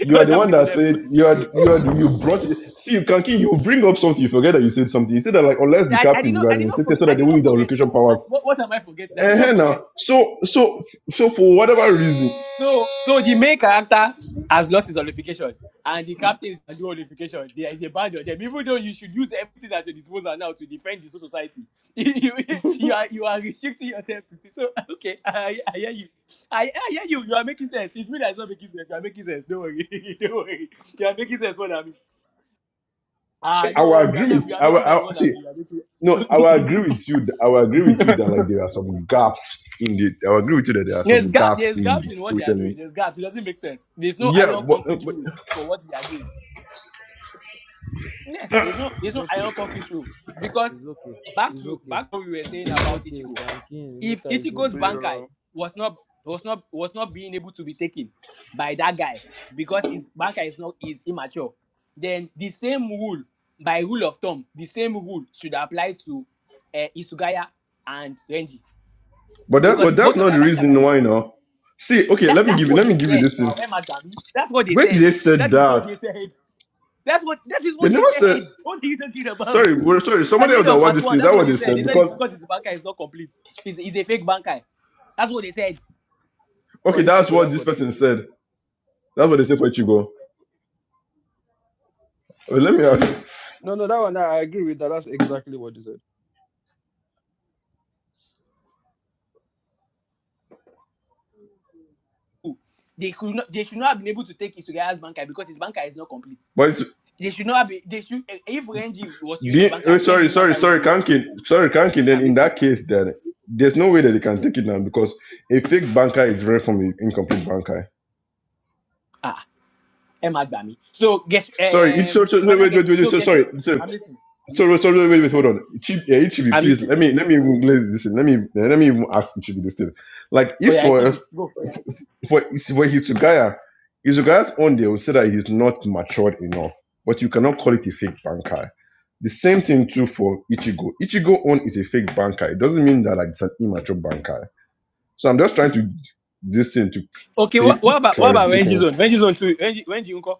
[SPEAKER 4] you are
[SPEAKER 6] what
[SPEAKER 4] the one
[SPEAKER 6] happened to
[SPEAKER 4] that
[SPEAKER 6] them?
[SPEAKER 4] said you had you had you brought. It. See, Kakin, you bring up something, you forget that you said something. You said that like unless the
[SPEAKER 6] I, I did
[SPEAKER 4] captain the
[SPEAKER 6] not I did not
[SPEAKER 4] reinstated
[SPEAKER 6] forget
[SPEAKER 4] so
[SPEAKER 6] I
[SPEAKER 4] that they
[SPEAKER 6] did
[SPEAKER 4] will
[SPEAKER 6] not
[SPEAKER 4] use their
[SPEAKER 6] forget
[SPEAKER 4] location
[SPEAKER 6] now. I,
[SPEAKER 4] powers
[SPEAKER 6] what, what am I forgetting? I did not
[SPEAKER 4] Uh, now,
[SPEAKER 6] forget.
[SPEAKER 4] so so so for whatever reason,
[SPEAKER 6] So, so the main character has lost his olification, and the captain is under olification. There is a band on them, even though you should use everything at your disposal now to defend the whole society. you, you are you are restricting yourself to see. So, okay, I, I hear you. I, I hear you. You are making sense. It's me that's not making sense. You are making sense. Don't worry. Don't worry. You are making sense. What I mean. Ah,
[SPEAKER 4] I will
[SPEAKER 6] no, you are
[SPEAKER 4] agree
[SPEAKER 6] not.
[SPEAKER 4] with
[SPEAKER 6] You are
[SPEAKER 4] I will,
[SPEAKER 6] making
[SPEAKER 4] I
[SPEAKER 6] sense.
[SPEAKER 4] will-
[SPEAKER 6] What I
[SPEAKER 4] see
[SPEAKER 6] mean. You are making.
[SPEAKER 4] no, I will agree with you. th- I will agree with you that like there are some gaps in the. I will agree with you that there are
[SPEAKER 6] There's
[SPEAKER 4] some
[SPEAKER 6] gap.
[SPEAKER 4] gaps
[SPEAKER 6] There's
[SPEAKER 4] in the
[SPEAKER 6] gaps in what they are
[SPEAKER 4] storytelling.
[SPEAKER 6] doing. There's gaps. It doesn't make sense. There's no
[SPEAKER 4] Yeah,
[SPEAKER 6] iron
[SPEAKER 4] but uh,
[SPEAKER 6] concrete
[SPEAKER 4] but
[SPEAKER 6] rule for what they are doing. Yes, it's not it's
[SPEAKER 3] It's
[SPEAKER 6] not
[SPEAKER 3] okay,
[SPEAKER 6] iron concrete rule. Because
[SPEAKER 3] it's okay,
[SPEAKER 6] back
[SPEAKER 3] it's
[SPEAKER 6] to
[SPEAKER 3] okay.
[SPEAKER 6] back to what we were saying
[SPEAKER 3] It's
[SPEAKER 6] about
[SPEAKER 3] okay,
[SPEAKER 6] Ichigo.
[SPEAKER 3] Kankin,
[SPEAKER 6] If
[SPEAKER 3] Emeka is
[SPEAKER 6] Ichigo's
[SPEAKER 3] okay.
[SPEAKER 6] Bankai
[SPEAKER 1] bro.
[SPEAKER 6] was not was not was not being able to be taken by that guy because his Bankai is not is immature, then the same rule by rule of thumb, the same rule should apply to uh, Isugaya and Renji
[SPEAKER 4] but that
[SPEAKER 6] because
[SPEAKER 4] but that's
[SPEAKER 6] both of
[SPEAKER 4] not
[SPEAKER 6] their
[SPEAKER 4] the
[SPEAKER 6] bankers are
[SPEAKER 4] reason why.
[SPEAKER 6] incomplete.
[SPEAKER 4] Now, see, okay,
[SPEAKER 6] That
[SPEAKER 4] let me
[SPEAKER 6] that's
[SPEAKER 4] give you
[SPEAKER 6] what
[SPEAKER 4] let
[SPEAKER 6] they
[SPEAKER 4] me give you
[SPEAKER 6] said
[SPEAKER 4] this thing.
[SPEAKER 6] now, Emma Dami. That's what they
[SPEAKER 4] Where did
[SPEAKER 6] said.
[SPEAKER 4] they said
[SPEAKER 6] That is what
[SPEAKER 4] that?
[SPEAKER 6] they said. That's what that is
[SPEAKER 4] They
[SPEAKER 6] what they
[SPEAKER 4] never said.
[SPEAKER 6] said. What are you talking about?
[SPEAKER 4] Sorry, we're sorry.
[SPEAKER 6] At
[SPEAKER 4] Somebody
[SPEAKER 6] the
[SPEAKER 4] else
[SPEAKER 6] end
[SPEAKER 4] that
[SPEAKER 6] of
[SPEAKER 4] watched
[SPEAKER 6] part
[SPEAKER 4] this
[SPEAKER 6] one,
[SPEAKER 4] thing.
[SPEAKER 6] that's
[SPEAKER 4] That's
[SPEAKER 6] what
[SPEAKER 4] what
[SPEAKER 6] they
[SPEAKER 4] they
[SPEAKER 6] said. They
[SPEAKER 4] said
[SPEAKER 6] said it's
[SPEAKER 4] because
[SPEAKER 6] because his bankai is not complete. He's, he's a fake bankai. That's what they said.
[SPEAKER 1] For
[SPEAKER 4] okay, that's
[SPEAKER 1] Ichigo,
[SPEAKER 4] what
[SPEAKER 1] that's
[SPEAKER 4] this
[SPEAKER 1] what they
[SPEAKER 4] person
[SPEAKER 1] said.
[SPEAKER 4] said. That's what they said for Chigo. Let me ask.
[SPEAKER 1] No, no, that one I agree with that. That's exactly what they said.
[SPEAKER 6] Oh, They could not they should not have been able to take Isugaya's bankai because his bankai is not complete.
[SPEAKER 4] But it's-
[SPEAKER 6] They should not have been, they should eh, if Renji was to use his
[SPEAKER 4] Being, oh,
[SPEAKER 6] bankai,
[SPEAKER 4] sorry,
[SPEAKER 6] Renji's
[SPEAKER 4] sorry,
[SPEAKER 6] bankai would
[SPEAKER 4] sorry,
[SPEAKER 6] be
[SPEAKER 4] Kankin, sorry, Kankin. Then
[SPEAKER 6] I'm
[SPEAKER 4] in
[SPEAKER 6] listening.
[SPEAKER 4] that case, then there's no way that they can
[SPEAKER 6] Listening.
[SPEAKER 4] take it now because a fake banker is very from an incomplete banker.
[SPEAKER 6] Ah, Emma Bami. So guess
[SPEAKER 4] Sorry, it's so,
[SPEAKER 6] um
[SPEAKER 4] so
[SPEAKER 6] final
[SPEAKER 4] wait,
[SPEAKER 6] guess
[SPEAKER 4] wait, wait, wait,
[SPEAKER 6] so
[SPEAKER 4] so,
[SPEAKER 6] guess
[SPEAKER 4] sorry, so,
[SPEAKER 6] I'm listening. I'm
[SPEAKER 4] sorry,
[SPEAKER 6] listening.
[SPEAKER 4] sorry, wait, wait, wait,
[SPEAKER 6] I'm
[SPEAKER 4] hold on.
[SPEAKER 6] listening.
[SPEAKER 4] Chib, yeah, Ichibi,
[SPEAKER 6] I'm
[SPEAKER 4] please
[SPEAKER 6] listening.
[SPEAKER 4] let me let me even let this in. Let me eh, let me even ask Ichibi this thing. Like
[SPEAKER 6] Oh
[SPEAKER 4] if
[SPEAKER 6] yeah,
[SPEAKER 4] for us-
[SPEAKER 6] Chibi, go.
[SPEAKER 4] for for Hitsugaya, Hitsugaya's own they will say that he's not matured enough, but you cannot call it a fake banker The same thing too for Ichigo. Ichigo own is a fake banker. It doesn't mean that like it's an immature banker. So I'm just trying to this thing to
[SPEAKER 6] Okay,
[SPEAKER 4] state
[SPEAKER 6] what,
[SPEAKER 4] the
[SPEAKER 6] what about what about Renji's
[SPEAKER 4] clarification.
[SPEAKER 6] own? Renji's own too. Renji Renji Unko.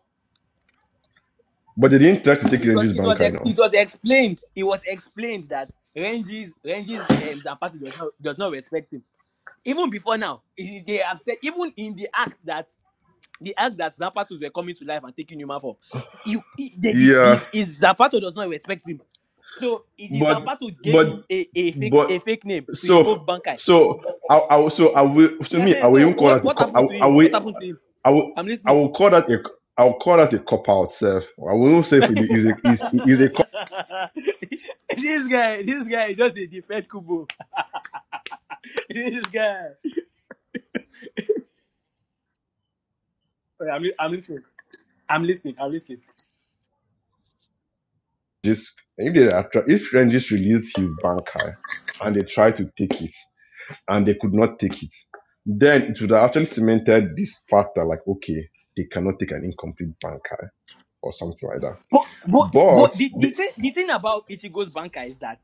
[SPEAKER 4] But they didn't try to take
[SPEAKER 6] because
[SPEAKER 4] Renji's
[SPEAKER 6] it was
[SPEAKER 4] banker,
[SPEAKER 6] ex-
[SPEAKER 4] now.
[SPEAKER 6] it was explained it was explained that Ranges Ranges um, Zapata does not does not respect him even before now i- they have said even in the act that the act that Zapatos were coming to life and taking human form you i- they did
[SPEAKER 4] Yeah,
[SPEAKER 6] this is Zapato does not respect him so it is
[SPEAKER 4] but
[SPEAKER 6] Zapato gave
[SPEAKER 4] but
[SPEAKER 6] him a, a fake
[SPEAKER 4] but
[SPEAKER 6] a fake name to
[SPEAKER 4] so
[SPEAKER 6] invoke Bankai
[SPEAKER 4] so I I so I will to me I
[SPEAKER 6] Ehen,
[SPEAKER 4] will
[SPEAKER 6] so
[SPEAKER 4] even call
[SPEAKER 6] what
[SPEAKER 4] that a
[SPEAKER 6] what
[SPEAKER 4] co- I
[SPEAKER 6] happened to
[SPEAKER 4] I
[SPEAKER 6] him what
[SPEAKER 4] will
[SPEAKER 6] happened to him
[SPEAKER 4] I will
[SPEAKER 6] I'm
[SPEAKER 4] I
[SPEAKER 6] listening.
[SPEAKER 4] will call that a I will call that a cop out self. I will not say if
[SPEAKER 6] this
[SPEAKER 4] it is a is is a
[SPEAKER 6] guy, this guy is just a defend Kubo. this guy. Wait, I'm, li- I'm listening. I'm listening. I'm listening.
[SPEAKER 4] just if they are try- if Rangers released his banker and they tried to take it and they could not take it, then it would have actually cemented this factor like okay they cannot take an incomplete banker or something like that.
[SPEAKER 6] But but but
[SPEAKER 4] But
[SPEAKER 6] the, the
[SPEAKER 4] the,
[SPEAKER 6] thing the thing about Ichigo's banker is that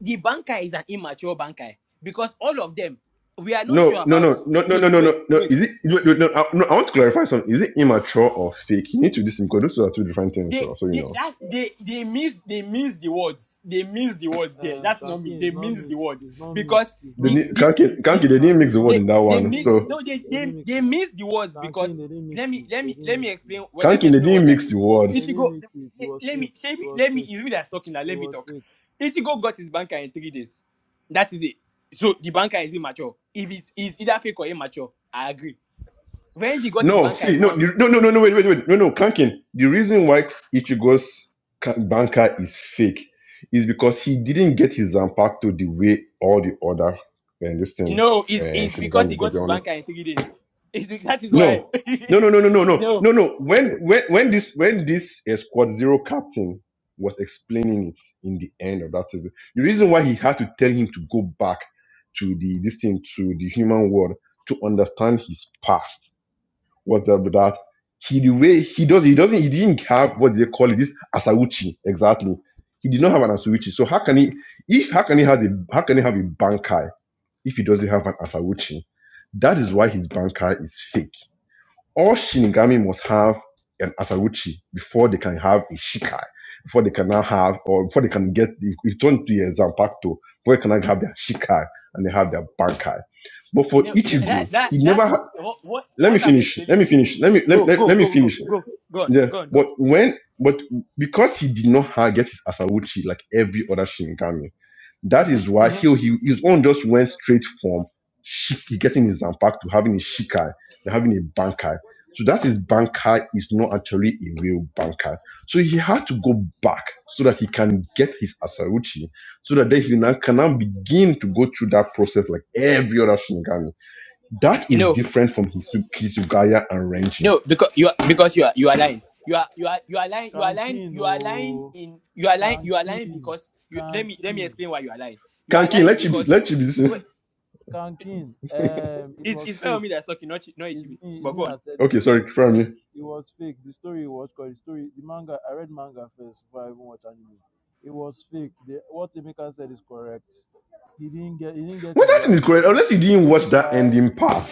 [SPEAKER 6] the banker is an immature banker because all of them we are not
[SPEAKER 4] no
[SPEAKER 6] sure
[SPEAKER 4] no
[SPEAKER 6] about
[SPEAKER 4] no no no no
[SPEAKER 6] Toshi.
[SPEAKER 4] no
[SPEAKER 6] Wait,
[SPEAKER 4] no no
[SPEAKER 6] wait.
[SPEAKER 4] is it wait, wait, no, I, no I want to clarify something is it immature or fake you need to listen because those are two different things so,
[SPEAKER 6] they
[SPEAKER 4] so you
[SPEAKER 6] they
[SPEAKER 4] know
[SPEAKER 6] that they they miss they miss the words they miss the words there
[SPEAKER 3] Um,
[SPEAKER 6] that's not me
[SPEAKER 3] Kankin
[SPEAKER 6] they
[SPEAKER 3] is not
[SPEAKER 6] miss the
[SPEAKER 3] mixed,
[SPEAKER 6] word
[SPEAKER 3] it's not
[SPEAKER 6] because
[SPEAKER 3] mixed, it's
[SPEAKER 4] they
[SPEAKER 3] not
[SPEAKER 6] the
[SPEAKER 4] didn't-
[SPEAKER 6] the,
[SPEAKER 3] mixed.
[SPEAKER 4] Kanki Kanki
[SPEAKER 6] the
[SPEAKER 4] they didn't
[SPEAKER 3] Kankin
[SPEAKER 4] mix
[SPEAKER 3] is
[SPEAKER 4] the
[SPEAKER 3] not
[SPEAKER 4] word
[SPEAKER 6] they
[SPEAKER 4] in that
[SPEAKER 3] mixed,
[SPEAKER 6] they
[SPEAKER 3] they
[SPEAKER 4] one
[SPEAKER 6] miss
[SPEAKER 3] didn't mix
[SPEAKER 4] so
[SPEAKER 3] it,
[SPEAKER 6] no they,
[SPEAKER 3] they
[SPEAKER 6] they
[SPEAKER 3] didn't mix
[SPEAKER 6] they
[SPEAKER 3] it.
[SPEAKER 6] miss the words
[SPEAKER 3] Kankin,
[SPEAKER 6] because
[SPEAKER 3] they didn't
[SPEAKER 6] let
[SPEAKER 3] mix
[SPEAKER 6] me
[SPEAKER 3] it,
[SPEAKER 6] let
[SPEAKER 3] they
[SPEAKER 6] me
[SPEAKER 3] didn't
[SPEAKER 6] let me
[SPEAKER 3] mix
[SPEAKER 6] explain well,
[SPEAKER 3] it.
[SPEAKER 6] let me
[SPEAKER 4] Kanki they
[SPEAKER 6] explain
[SPEAKER 4] didn't
[SPEAKER 6] what I
[SPEAKER 4] mix
[SPEAKER 6] mean.
[SPEAKER 4] the
[SPEAKER 3] They
[SPEAKER 4] words
[SPEAKER 6] Ichigo
[SPEAKER 3] didn't mix it, it
[SPEAKER 6] let,
[SPEAKER 3] was
[SPEAKER 6] let
[SPEAKER 3] fake,
[SPEAKER 6] me let
[SPEAKER 3] it
[SPEAKER 6] me
[SPEAKER 3] was
[SPEAKER 6] let me
[SPEAKER 3] fake,
[SPEAKER 6] it's me that's talking now
[SPEAKER 3] it
[SPEAKER 6] let me
[SPEAKER 3] was
[SPEAKER 6] talk.
[SPEAKER 3] fake.
[SPEAKER 6] Ichigo got his banker in three days. That is it. So the banker is immature. If it's, it's either fake or immature, I agree. Renji got his
[SPEAKER 4] No,
[SPEAKER 6] banker
[SPEAKER 4] see,
[SPEAKER 6] in
[SPEAKER 4] no,
[SPEAKER 6] one
[SPEAKER 4] the-
[SPEAKER 6] week.
[SPEAKER 4] no, no, no, no, wait, wait, wait, no, no, Clanking. The reason why Ichigo's ca- banker is fake is because he didn't get his Zanpakuto the way all the other and listen,
[SPEAKER 6] No,
[SPEAKER 4] uh,
[SPEAKER 6] it's, it's because
[SPEAKER 4] Shinigami
[SPEAKER 6] he
[SPEAKER 4] got
[SPEAKER 6] got
[SPEAKER 4] the
[SPEAKER 6] his
[SPEAKER 4] honor.
[SPEAKER 6] banker in three days. It's, be- that is why.
[SPEAKER 4] No, no, no, no, no, no, no,
[SPEAKER 6] no,
[SPEAKER 4] no, no. When, when, when this, when this uh, Squad Zero captain was explaining it in the end of that, season, the reason why he had to tell him to go back to the this thing to the human world to understand his past what's that with that? He the way he does he doesn't he didn't have what they call it this Asauchi exactly. He did not have an Asauchi. So how can he if how can he have a how can he have a Bankai if he doesn't have an Asauchi? That is why his Bankai is fake. All Shinigami must have an Asauchi before they can have a Shikai. Before they can now have or before they can get if you turn to your Zanpakuto, before they can now have their Shikai and they have their Bankai. But for
[SPEAKER 6] no, that,
[SPEAKER 4] Ichigo,
[SPEAKER 6] that,
[SPEAKER 4] he never
[SPEAKER 6] that's
[SPEAKER 4] had
[SPEAKER 6] what, what,
[SPEAKER 4] let me
[SPEAKER 6] what I'm
[SPEAKER 4] finish. Let
[SPEAKER 6] explaining
[SPEAKER 4] me
[SPEAKER 6] to
[SPEAKER 4] finish.
[SPEAKER 6] you.
[SPEAKER 4] Let me
[SPEAKER 6] Go,
[SPEAKER 4] let, let,
[SPEAKER 6] go,
[SPEAKER 4] let me
[SPEAKER 6] go, go,
[SPEAKER 4] finish.
[SPEAKER 6] go, go on,
[SPEAKER 4] Yeah.
[SPEAKER 6] go on, go
[SPEAKER 4] But
[SPEAKER 6] on. Go on.
[SPEAKER 4] when but because he did not have get his Asawuchi like every other Shinigami, that is
[SPEAKER 6] Mm-hmm,
[SPEAKER 4] why he,
[SPEAKER 6] mm-hmm.
[SPEAKER 4] he his own just went straight from Shiki, getting his Zanpaku to having a Shikai, to having a Bankai. So that is Bankai is not actually a real Bankai. So he had to go back so that he can get his Asauchi, so that then he now can now begin to go through that process like every other Shinigami. That is
[SPEAKER 6] No,
[SPEAKER 4] different from Hisu- Hisugaya and Renji.
[SPEAKER 6] no, because you are, because you are, you are lying. You are, you are, you are lying. You are lying.
[SPEAKER 3] Kankin,
[SPEAKER 6] You are lying
[SPEAKER 3] oh,
[SPEAKER 6] in. You are lying. You are lying
[SPEAKER 3] Kankin,
[SPEAKER 6] because you. Let me, let me
[SPEAKER 3] Kankin,
[SPEAKER 6] explain why you are lying. You are
[SPEAKER 4] Kanki,
[SPEAKER 6] lying
[SPEAKER 4] let you be,
[SPEAKER 6] because.
[SPEAKER 4] let you
[SPEAKER 6] Wait,
[SPEAKER 4] be.
[SPEAKER 3] Kankin, um, it
[SPEAKER 6] it's it's
[SPEAKER 3] was
[SPEAKER 6] fair on me that's
[SPEAKER 3] fake.
[SPEAKER 6] talking, not Chi- not
[SPEAKER 3] It's
[SPEAKER 6] Ichibi.
[SPEAKER 3] me.
[SPEAKER 6] But
[SPEAKER 3] It's me
[SPEAKER 6] go on.
[SPEAKER 3] that said it.
[SPEAKER 4] Okay,
[SPEAKER 3] It
[SPEAKER 4] sorry,
[SPEAKER 3] is
[SPEAKER 4] from
[SPEAKER 3] fake.
[SPEAKER 4] you.
[SPEAKER 3] It was fake. The story was called the story. The manga. I read manga first before I even watch anime. It was fake. The, what Emeka said is correct. He didn't get. He didn't get
[SPEAKER 4] Well,
[SPEAKER 3] it the
[SPEAKER 4] that thing
[SPEAKER 3] right
[SPEAKER 4] is correct.
[SPEAKER 3] way,
[SPEAKER 4] Unless you didn't
[SPEAKER 3] which
[SPEAKER 4] watch
[SPEAKER 3] is
[SPEAKER 4] that
[SPEAKER 3] why.
[SPEAKER 4] ending part.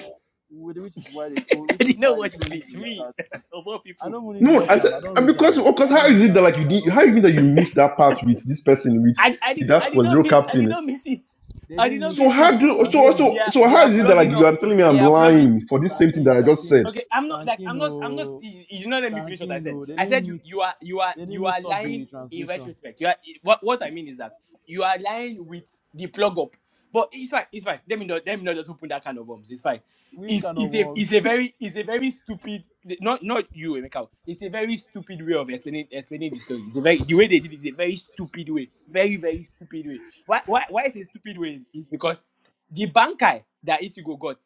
[SPEAKER 3] wh- Which is why they
[SPEAKER 6] I
[SPEAKER 3] told. Which
[SPEAKER 6] didn't
[SPEAKER 3] is
[SPEAKER 6] know
[SPEAKER 3] why they
[SPEAKER 6] what you
[SPEAKER 3] told him
[SPEAKER 6] believe.
[SPEAKER 3] to
[SPEAKER 6] Me
[SPEAKER 3] restart.
[SPEAKER 6] of all
[SPEAKER 3] I
[SPEAKER 6] people.
[SPEAKER 3] don't even need to
[SPEAKER 4] No,
[SPEAKER 3] watch
[SPEAKER 4] I th-
[SPEAKER 3] them. I don't
[SPEAKER 4] and
[SPEAKER 3] read
[SPEAKER 4] because
[SPEAKER 3] them.
[SPEAKER 4] of course,
[SPEAKER 3] I
[SPEAKER 4] how
[SPEAKER 3] don't
[SPEAKER 4] is
[SPEAKER 3] read
[SPEAKER 4] it that
[SPEAKER 3] them,
[SPEAKER 4] like you
[SPEAKER 3] so I
[SPEAKER 4] did?
[SPEAKER 3] don't
[SPEAKER 4] How is it
[SPEAKER 3] care.
[SPEAKER 4] that you missed that part with this person with,
[SPEAKER 6] I, I
[SPEAKER 4] with
[SPEAKER 6] did
[SPEAKER 4] that
[SPEAKER 6] I did
[SPEAKER 4] squad
[SPEAKER 6] not
[SPEAKER 4] zero
[SPEAKER 6] miss I did
[SPEAKER 4] captain?
[SPEAKER 6] not miss it.
[SPEAKER 3] They
[SPEAKER 6] I did
[SPEAKER 3] didn't
[SPEAKER 6] not
[SPEAKER 4] So
[SPEAKER 6] miss
[SPEAKER 3] mix
[SPEAKER 6] it.
[SPEAKER 4] how do
[SPEAKER 6] They
[SPEAKER 4] so
[SPEAKER 3] Kankin,
[SPEAKER 6] they
[SPEAKER 4] so
[SPEAKER 6] are
[SPEAKER 4] so
[SPEAKER 6] they
[SPEAKER 4] how
[SPEAKER 6] are
[SPEAKER 4] is it that like
[SPEAKER 6] plugging
[SPEAKER 3] Kankin,
[SPEAKER 4] you
[SPEAKER 6] up
[SPEAKER 4] are telling me I'm
[SPEAKER 6] they are
[SPEAKER 3] Kankin,
[SPEAKER 6] plugging
[SPEAKER 4] lying for this same thing
[SPEAKER 3] Kankin,
[SPEAKER 4] that I just
[SPEAKER 3] Kankin,
[SPEAKER 4] said?
[SPEAKER 6] Okay, I'm not like I'm
[SPEAKER 3] Kankin.
[SPEAKER 6] not I'm not.
[SPEAKER 3] Oh.
[SPEAKER 6] You, you did not let me finish what I
[SPEAKER 3] Kankin,
[SPEAKER 6] said.
[SPEAKER 3] no, they
[SPEAKER 6] I said
[SPEAKER 3] didn't
[SPEAKER 6] you you are
[SPEAKER 3] mix,
[SPEAKER 6] you are
[SPEAKER 3] they didn't
[SPEAKER 6] you are
[SPEAKER 3] mix up
[SPEAKER 6] lying
[SPEAKER 3] the
[SPEAKER 6] in
[SPEAKER 3] translation.
[SPEAKER 6] retrospect. You are what what I mean is that you are lying with the plug up. But it's fine. It's fine. Let me not let me not just open that kind of worms. It's fine.
[SPEAKER 3] Which
[SPEAKER 6] It's
[SPEAKER 3] kind of
[SPEAKER 6] it's a it's a
[SPEAKER 3] worms?
[SPEAKER 6] very it's a very stupid not not you Emeka. It's a very stupid way of explaining explaining the story. The very the way they did it is a very stupid way. Very very stupid way. Why why why is it a stupid way? Is because the bankai that Ichigo got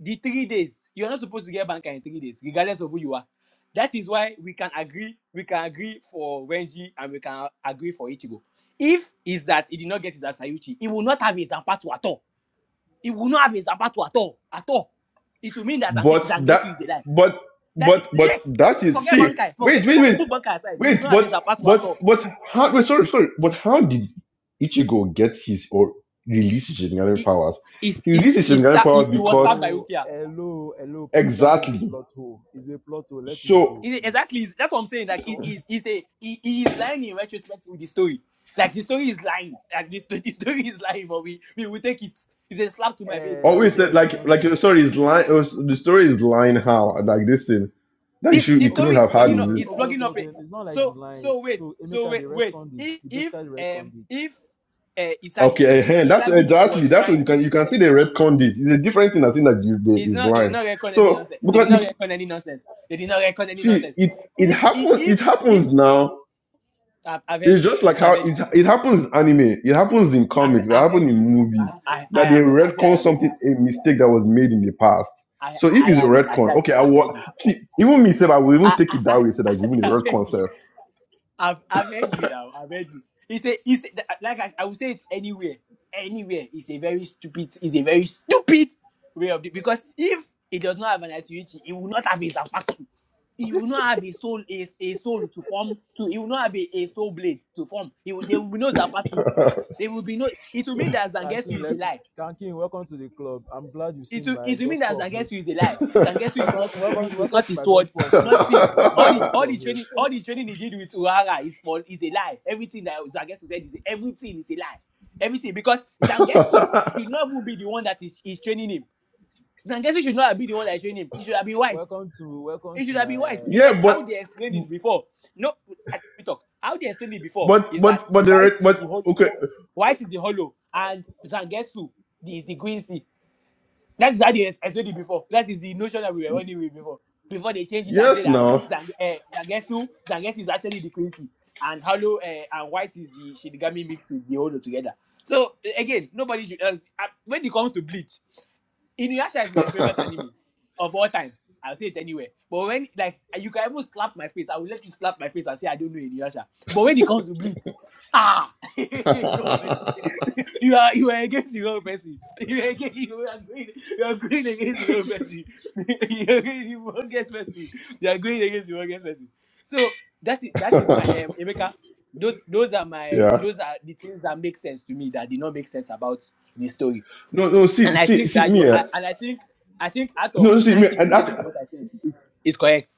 [SPEAKER 6] the three days you are not supposed to get banker in three days regardless of who you are that is why we can agree we can agree for renji and we can agree for ichigo if is that he did not get his asayuchi he will not have his zampatu at all he will not have his zampatu at all at all it will mean that Zanke-
[SPEAKER 4] But that,
[SPEAKER 6] zangetsu is a lie
[SPEAKER 4] but,
[SPEAKER 6] that is
[SPEAKER 4] but, but
[SPEAKER 6] yes
[SPEAKER 4] that is
[SPEAKER 6] forget
[SPEAKER 4] see.
[SPEAKER 6] bankai
[SPEAKER 4] Wait,
[SPEAKER 6] forget
[SPEAKER 4] wait,
[SPEAKER 6] for
[SPEAKER 4] wait,
[SPEAKER 6] put bankai aside he will
[SPEAKER 4] wait.
[SPEAKER 6] not have his
[SPEAKER 4] But,
[SPEAKER 6] zampatu at
[SPEAKER 4] but,
[SPEAKER 6] all
[SPEAKER 4] but how? Wait, sorry, sorry. But how did Ichigo get his or release his Shinigami
[SPEAKER 6] he
[SPEAKER 4] powers?
[SPEAKER 6] he
[SPEAKER 4] He
[SPEAKER 6] he
[SPEAKER 4] released his
[SPEAKER 6] he,
[SPEAKER 4] Shinigami
[SPEAKER 6] stab,
[SPEAKER 4] powers
[SPEAKER 6] he, he was
[SPEAKER 4] because
[SPEAKER 6] stabbed by
[SPEAKER 3] Hello,
[SPEAKER 6] rukia
[SPEAKER 3] hello, hello, please. That is a
[SPEAKER 4] exactly.
[SPEAKER 3] plot hole. It's a plot hole. Let it go,
[SPEAKER 4] So
[SPEAKER 6] He- exactly.
[SPEAKER 3] please.
[SPEAKER 6] That's what I'm saying. Like, he,
[SPEAKER 3] Don't,
[SPEAKER 6] he, he's a, he, he is lying in retrospect with the story. Like, the story is lying. Like, the, sto- the story is lying, but we, we will take it. It's a slap to my face, but I
[SPEAKER 3] eh,
[SPEAKER 6] will
[SPEAKER 4] always
[SPEAKER 6] take
[SPEAKER 4] said
[SPEAKER 3] George,
[SPEAKER 6] it.
[SPEAKER 3] you
[SPEAKER 4] like
[SPEAKER 3] don't
[SPEAKER 4] like
[SPEAKER 3] do.
[SPEAKER 4] uh, Sorry, story is lying. The story is lying how like this thing that you
[SPEAKER 6] This,
[SPEAKER 4] should
[SPEAKER 6] the
[SPEAKER 4] you couldn't
[SPEAKER 6] story
[SPEAKER 3] Okay,
[SPEAKER 6] is
[SPEAKER 4] have
[SPEAKER 3] no,
[SPEAKER 4] had
[SPEAKER 6] plugging
[SPEAKER 3] no,
[SPEAKER 4] is
[SPEAKER 6] up,
[SPEAKER 3] no.
[SPEAKER 4] it?
[SPEAKER 6] is
[SPEAKER 3] Okay,
[SPEAKER 6] plugging
[SPEAKER 3] okay,
[SPEAKER 6] up. A,
[SPEAKER 3] okay. It's not like it's
[SPEAKER 6] so,
[SPEAKER 3] lying.
[SPEAKER 6] so wait,
[SPEAKER 3] So
[SPEAKER 6] so
[SPEAKER 3] Emeka,
[SPEAKER 6] wait,
[SPEAKER 3] the
[SPEAKER 6] wait.
[SPEAKER 3] retconned it.
[SPEAKER 6] If,
[SPEAKER 3] He basically
[SPEAKER 6] if,
[SPEAKER 3] retconned
[SPEAKER 6] um,
[SPEAKER 3] it.
[SPEAKER 6] if, uh, Isagi,
[SPEAKER 4] Okay, uh that's
[SPEAKER 6] Isagi
[SPEAKER 4] exactly
[SPEAKER 6] was
[SPEAKER 4] that's what
[SPEAKER 6] trying,
[SPEAKER 4] you can you can see the red condit. It's a different thing as in that you the,
[SPEAKER 6] it's
[SPEAKER 4] is
[SPEAKER 6] not, they did
[SPEAKER 4] lying.
[SPEAKER 6] not record any
[SPEAKER 4] So
[SPEAKER 6] nonsense. They did
[SPEAKER 4] because
[SPEAKER 6] not record any nonsense. They did not record any
[SPEAKER 4] See,
[SPEAKER 6] nonsense.
[SPEAKER 4] it it
[SPEAKER 6] If, if,
[SPEAKER 4] happens. It
[SPEAKER 6] if, if
[SPEAKER 4] happens now.
[SPEAKER 6] I've, I've heard
[SPEAKER 4] It's
[SPEAKER 6] you.
[SPEAKER 4] just like how
[SPEAKER 6] I've heard you.
[SPEAKER 4] it it happens in anime. It happens in
[SPEAKER 6] I've,
[SPEAKER 4] comics. It
[SPEAKER 6] I've
[SPEAKER 4] happens
[SPEAKER 6] heard
[SPEAKER 4] in
[SPEAKER 6] you.
[SPEAKER 4] movies
[SPEAKER 6] I've, I, I
[SPEAKER 4] that they
[SPEAKER 6] have. I say I
[SPEAKER 4] retcon
[SPEAKER 6] have heard
[SPEAKER 4] something
[SPEAKER 6] you.
[SPEAKER 4] a mistake that was made in the past.
[SPEAKER 6] I,
[SPEAKER 4] So if
[SPEAKER 6] I
[SPEAKER 4] it's a
[SPEAKER 6] have. I
[SPEAKER 4] retcon,
[SPEAKER 6] say
[SPEAKER 4] okay, I
[SPEAKER 6] I have heard
[SPEAKER 4] will.
[SPEAKER 6] you.
[SPEAKER 4] See, even me myself, I will even
[SPEAKER 6] I,
[SPEAKER 4] take
[SPEAKER 6] I,
[SPEAKER 4] it that
[SPEAKER 6] I,
[SPEAKER 4] way. Say that it's even a
[SPEAKER 6] I have heard
[SPEAKER 4] retcon
[SPEAKER 6] you.
[SPEAKER 4] self.
[SPEAKER 6] I've, I've heard you now. I've heard you. It's a, it's a, like I, I would say it anywhere, anywhere. It's a very stupid. It's a very stupid way of it because if it does not have an ICUG, it will not have a Zapatu. It will not have a soul, a, a soul to form. To it will not have a, a soul blade to form. It will, there will be no Zapatu. There will be no. It will mean that Zangetsu
[SPEAKER 3] Kankin,
[SPEAKER 6] is a
[SPEAKER 3] let
[SPEAKER 6] lie
[SPEAKER 3] Kankin, welcome to the club. I'm glad you
[SPEAKER 6] it
[SPEAKER 3] seen
[SPEAKER 6] will
[SPEAKER 3] my
[SPEAKER 6] it will mean that
[SPEAKER 3] gospel of hate.
[SPEAKER 6] Zangetsu is a lie. Zangetsu is
[SPEAKER 3] Welcome,
[SPEAKER 6] not his view,
[SPEAKER 3] welcome,
[SPEAKER 6] is
[SPEAKER 3] welcome
[SPEAKER 6] not
[SPEAKER 3] to
[SPEAKER 6] his
[SPEAKER 3] my
[SPEAKER 6] sword,
[SPEAKER 3] gospel of hate.
[SPEAKER 6] nothing.
[SPEAKER 3] Welcome to my
[SPEAKER 6] All the all
[SPEAKER 3] gospel
[SPEAKER 6] the
[SPEAKER 3] of
[SPEAKER 6] training
[SPEAKER 3] hate.
[SPEAKER 6] all the training he did with Urara is for is a lie. Everything that Zangetsu said is everything is a lie. Everything because Zangetsu should not even be the one that is, is training him. Zangetsu should not be the one that is training him. He should have been white.
[SPEAKER 3] Welcome to welcome
[SPEAKER 6] He
[SPEAKER 3] to
[SPEAKER 6] should have been
[SPEAKER 3] my
[SPEAKER 6] white because
[SPEAKER 4] yeah,
[SPEAKER 6] how
[SPEAKER 4] but
[SPEAKER 6] they explained it before. No, let me talk. How they explained it before
[SPEAKER 4] but
[SPEAKER 6] is that
[SPEAKER 4] but but the
[SPEAKER 6] white
[SPEAKER 4] re-
[SPEAKER 6] is
[SPEAKER 4] but
[SPEAKER 6] the hollow,
[SPEAKER 4] okay.
[SPEAKER 6] white is the hollow, and Zangetsu the- is the green sea. That is how they ex- explained it before. That is the notion that we were running with before. Before they change it and say
[SPEAKER 4] Yes,
[SPEAKER 6] that
[SPEAKER 4] now.
[SPEAKER 6] Zang, uh, Zangetsu, Zangetsu is actually the Quincy, and Hollow uh, and White is the Shinigami mix with the Holo together. So a- again, nobody should. Uh, uh, when it comes to Bleach, Inuyasha is my favorite anime of all time. I'll say it anywhere. But when like eh, you can even slap my face, I will let you slap my face and say I don't know Inuyasha. But when it comes to Bleach, ah, God.
[SPEAKER 4] yeah.
[SPEAKER 6] You are you are against your own person. You are against you are going you are going against your own person. you are going you will against person. You are going against your own against person. So that is that is my um Emeka. Those those are my those are the things that make sense to me that did not make sense about the story.
[SPEAKER 4] No, no. See,
[SPEAKER 6] And I
[SPEAKER 4] see,
[SPEAKER 6] think
[SPEAKER 4] see
[SPEAKER 6] that
[SPEAKER 4] me.
[SPEAKER 6] you
[SPEAKER 4] eh,
[SPEAKER 6] I, and I think I think out of
[SPEAKER 4] No, see me.
[SPEAKER 6] ninety
[SPEAKER 4] And
[SPEAKER 6] percent of
[SPEAKER 4] act
[SPEAKER 6] what I said is is correct.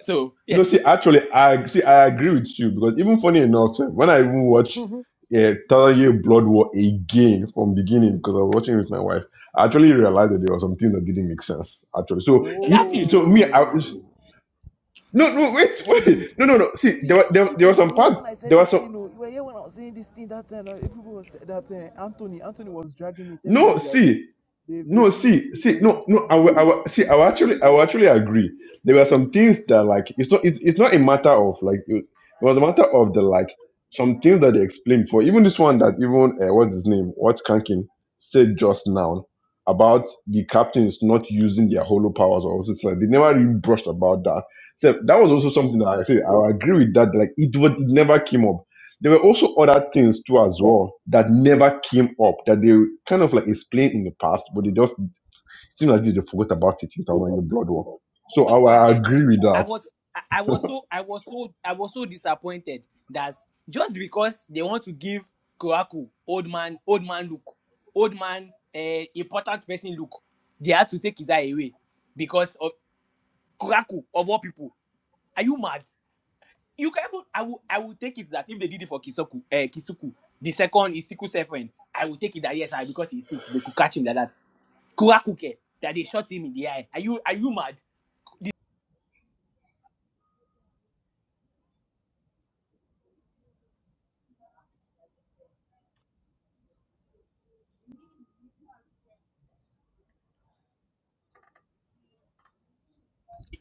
[SPEAKER 6] So
[SPEAKER 4] no,
[SPEAKER 6] yes,
[SPEAKER 4] see. Actually, I see. I agree with you because even funny enough, sef, when I even watch uh, Year Blood War again from beginning because I was watching it with my wife, I actually realized that there was something that didn't make sense. Actually, so it,
[SPEAKER 6] exactly.
[SPEAKER 4] it- so me. I,
[SPEAKER 3] oh
[SPEAKER 4] no, no. Wait,
[SPEAKER 3] Chibi.
[SPEAKER 4] wait. No, no, no. See, there
[SPEAKER 3] Chibi,
[SPEAKER 4] were there, were- there
[SPEAKER 3] Chibi,
[SPEAKER 4] was
[SPEAKER 3] you were
[SPEAKER 4] some
[SPEAKER 3] here
[SPEAKER 4] part.
[SPEAKER 3] when I
[SPEAKER 4] There
[SPEAKER 3] said this
[SPEAKER 4] was some.
[SPEAKER 3] thing. Oh, you were here when I was saying this thing that time. Uh, everybody was that uh, Anthony, Anthony was dragging me, telling
[SPEAKER 4] No,
[SPEAKER 3] me that they
[SPEAKER 4] see.
[SPEAKER 3] they they
[SPEAKER 4] No,
[SPEAKER 3] finished
[SPEAKER 4] see,
[SPEAKER 3] they,
[SPEAKER 4] see,
[SPEAKER 3] they
[SPEAKER 4] no, no.
[SPEAKER 3] improved the
[SPEAKER 4] I will, I
[SPEAKER 3] story.
[SPEAKER 4] will, see. I will actually, I
[SPEAKER 3] You
[SPEAKER 4] will
[SPEAKER 3] know.
[SPEAKER 4] actually agree. There were some things that, like, it's not, it's, it's not a matter of like, it, it was a matter of the like, some things that they explained for. Even this one that even uh, what's his name, what Kankin said just now about the captains not using their holo powers or something like. They never really brushed about that. So that was also something that I said. I will agree with that. Like, it was, it never came up there were also other things too as well that never came up that they kind of like explained in the past, but they just seem like they forgot about it in the in the blood war. So I, I
[SPEAKER 6] appointed.
[SPEAKER 4] agree with
[SPEAKER 6] I
[SPEAKER 4] that.
[SPEAKER 6] was I I was so I was so I was so disappointed that just because they want to give Kuraku old man old man look, old man uh, important person look, they had to take his eye away because of Kuraku of all people. Are you mad? You can even I will I will take it that if they did it for Kisoku uh, Kisuku, the second is Siku friend, I will take it that yes, I because he's sick, they could catch him like that. Kuraku care that they shot him in the eye. Are you are you mad?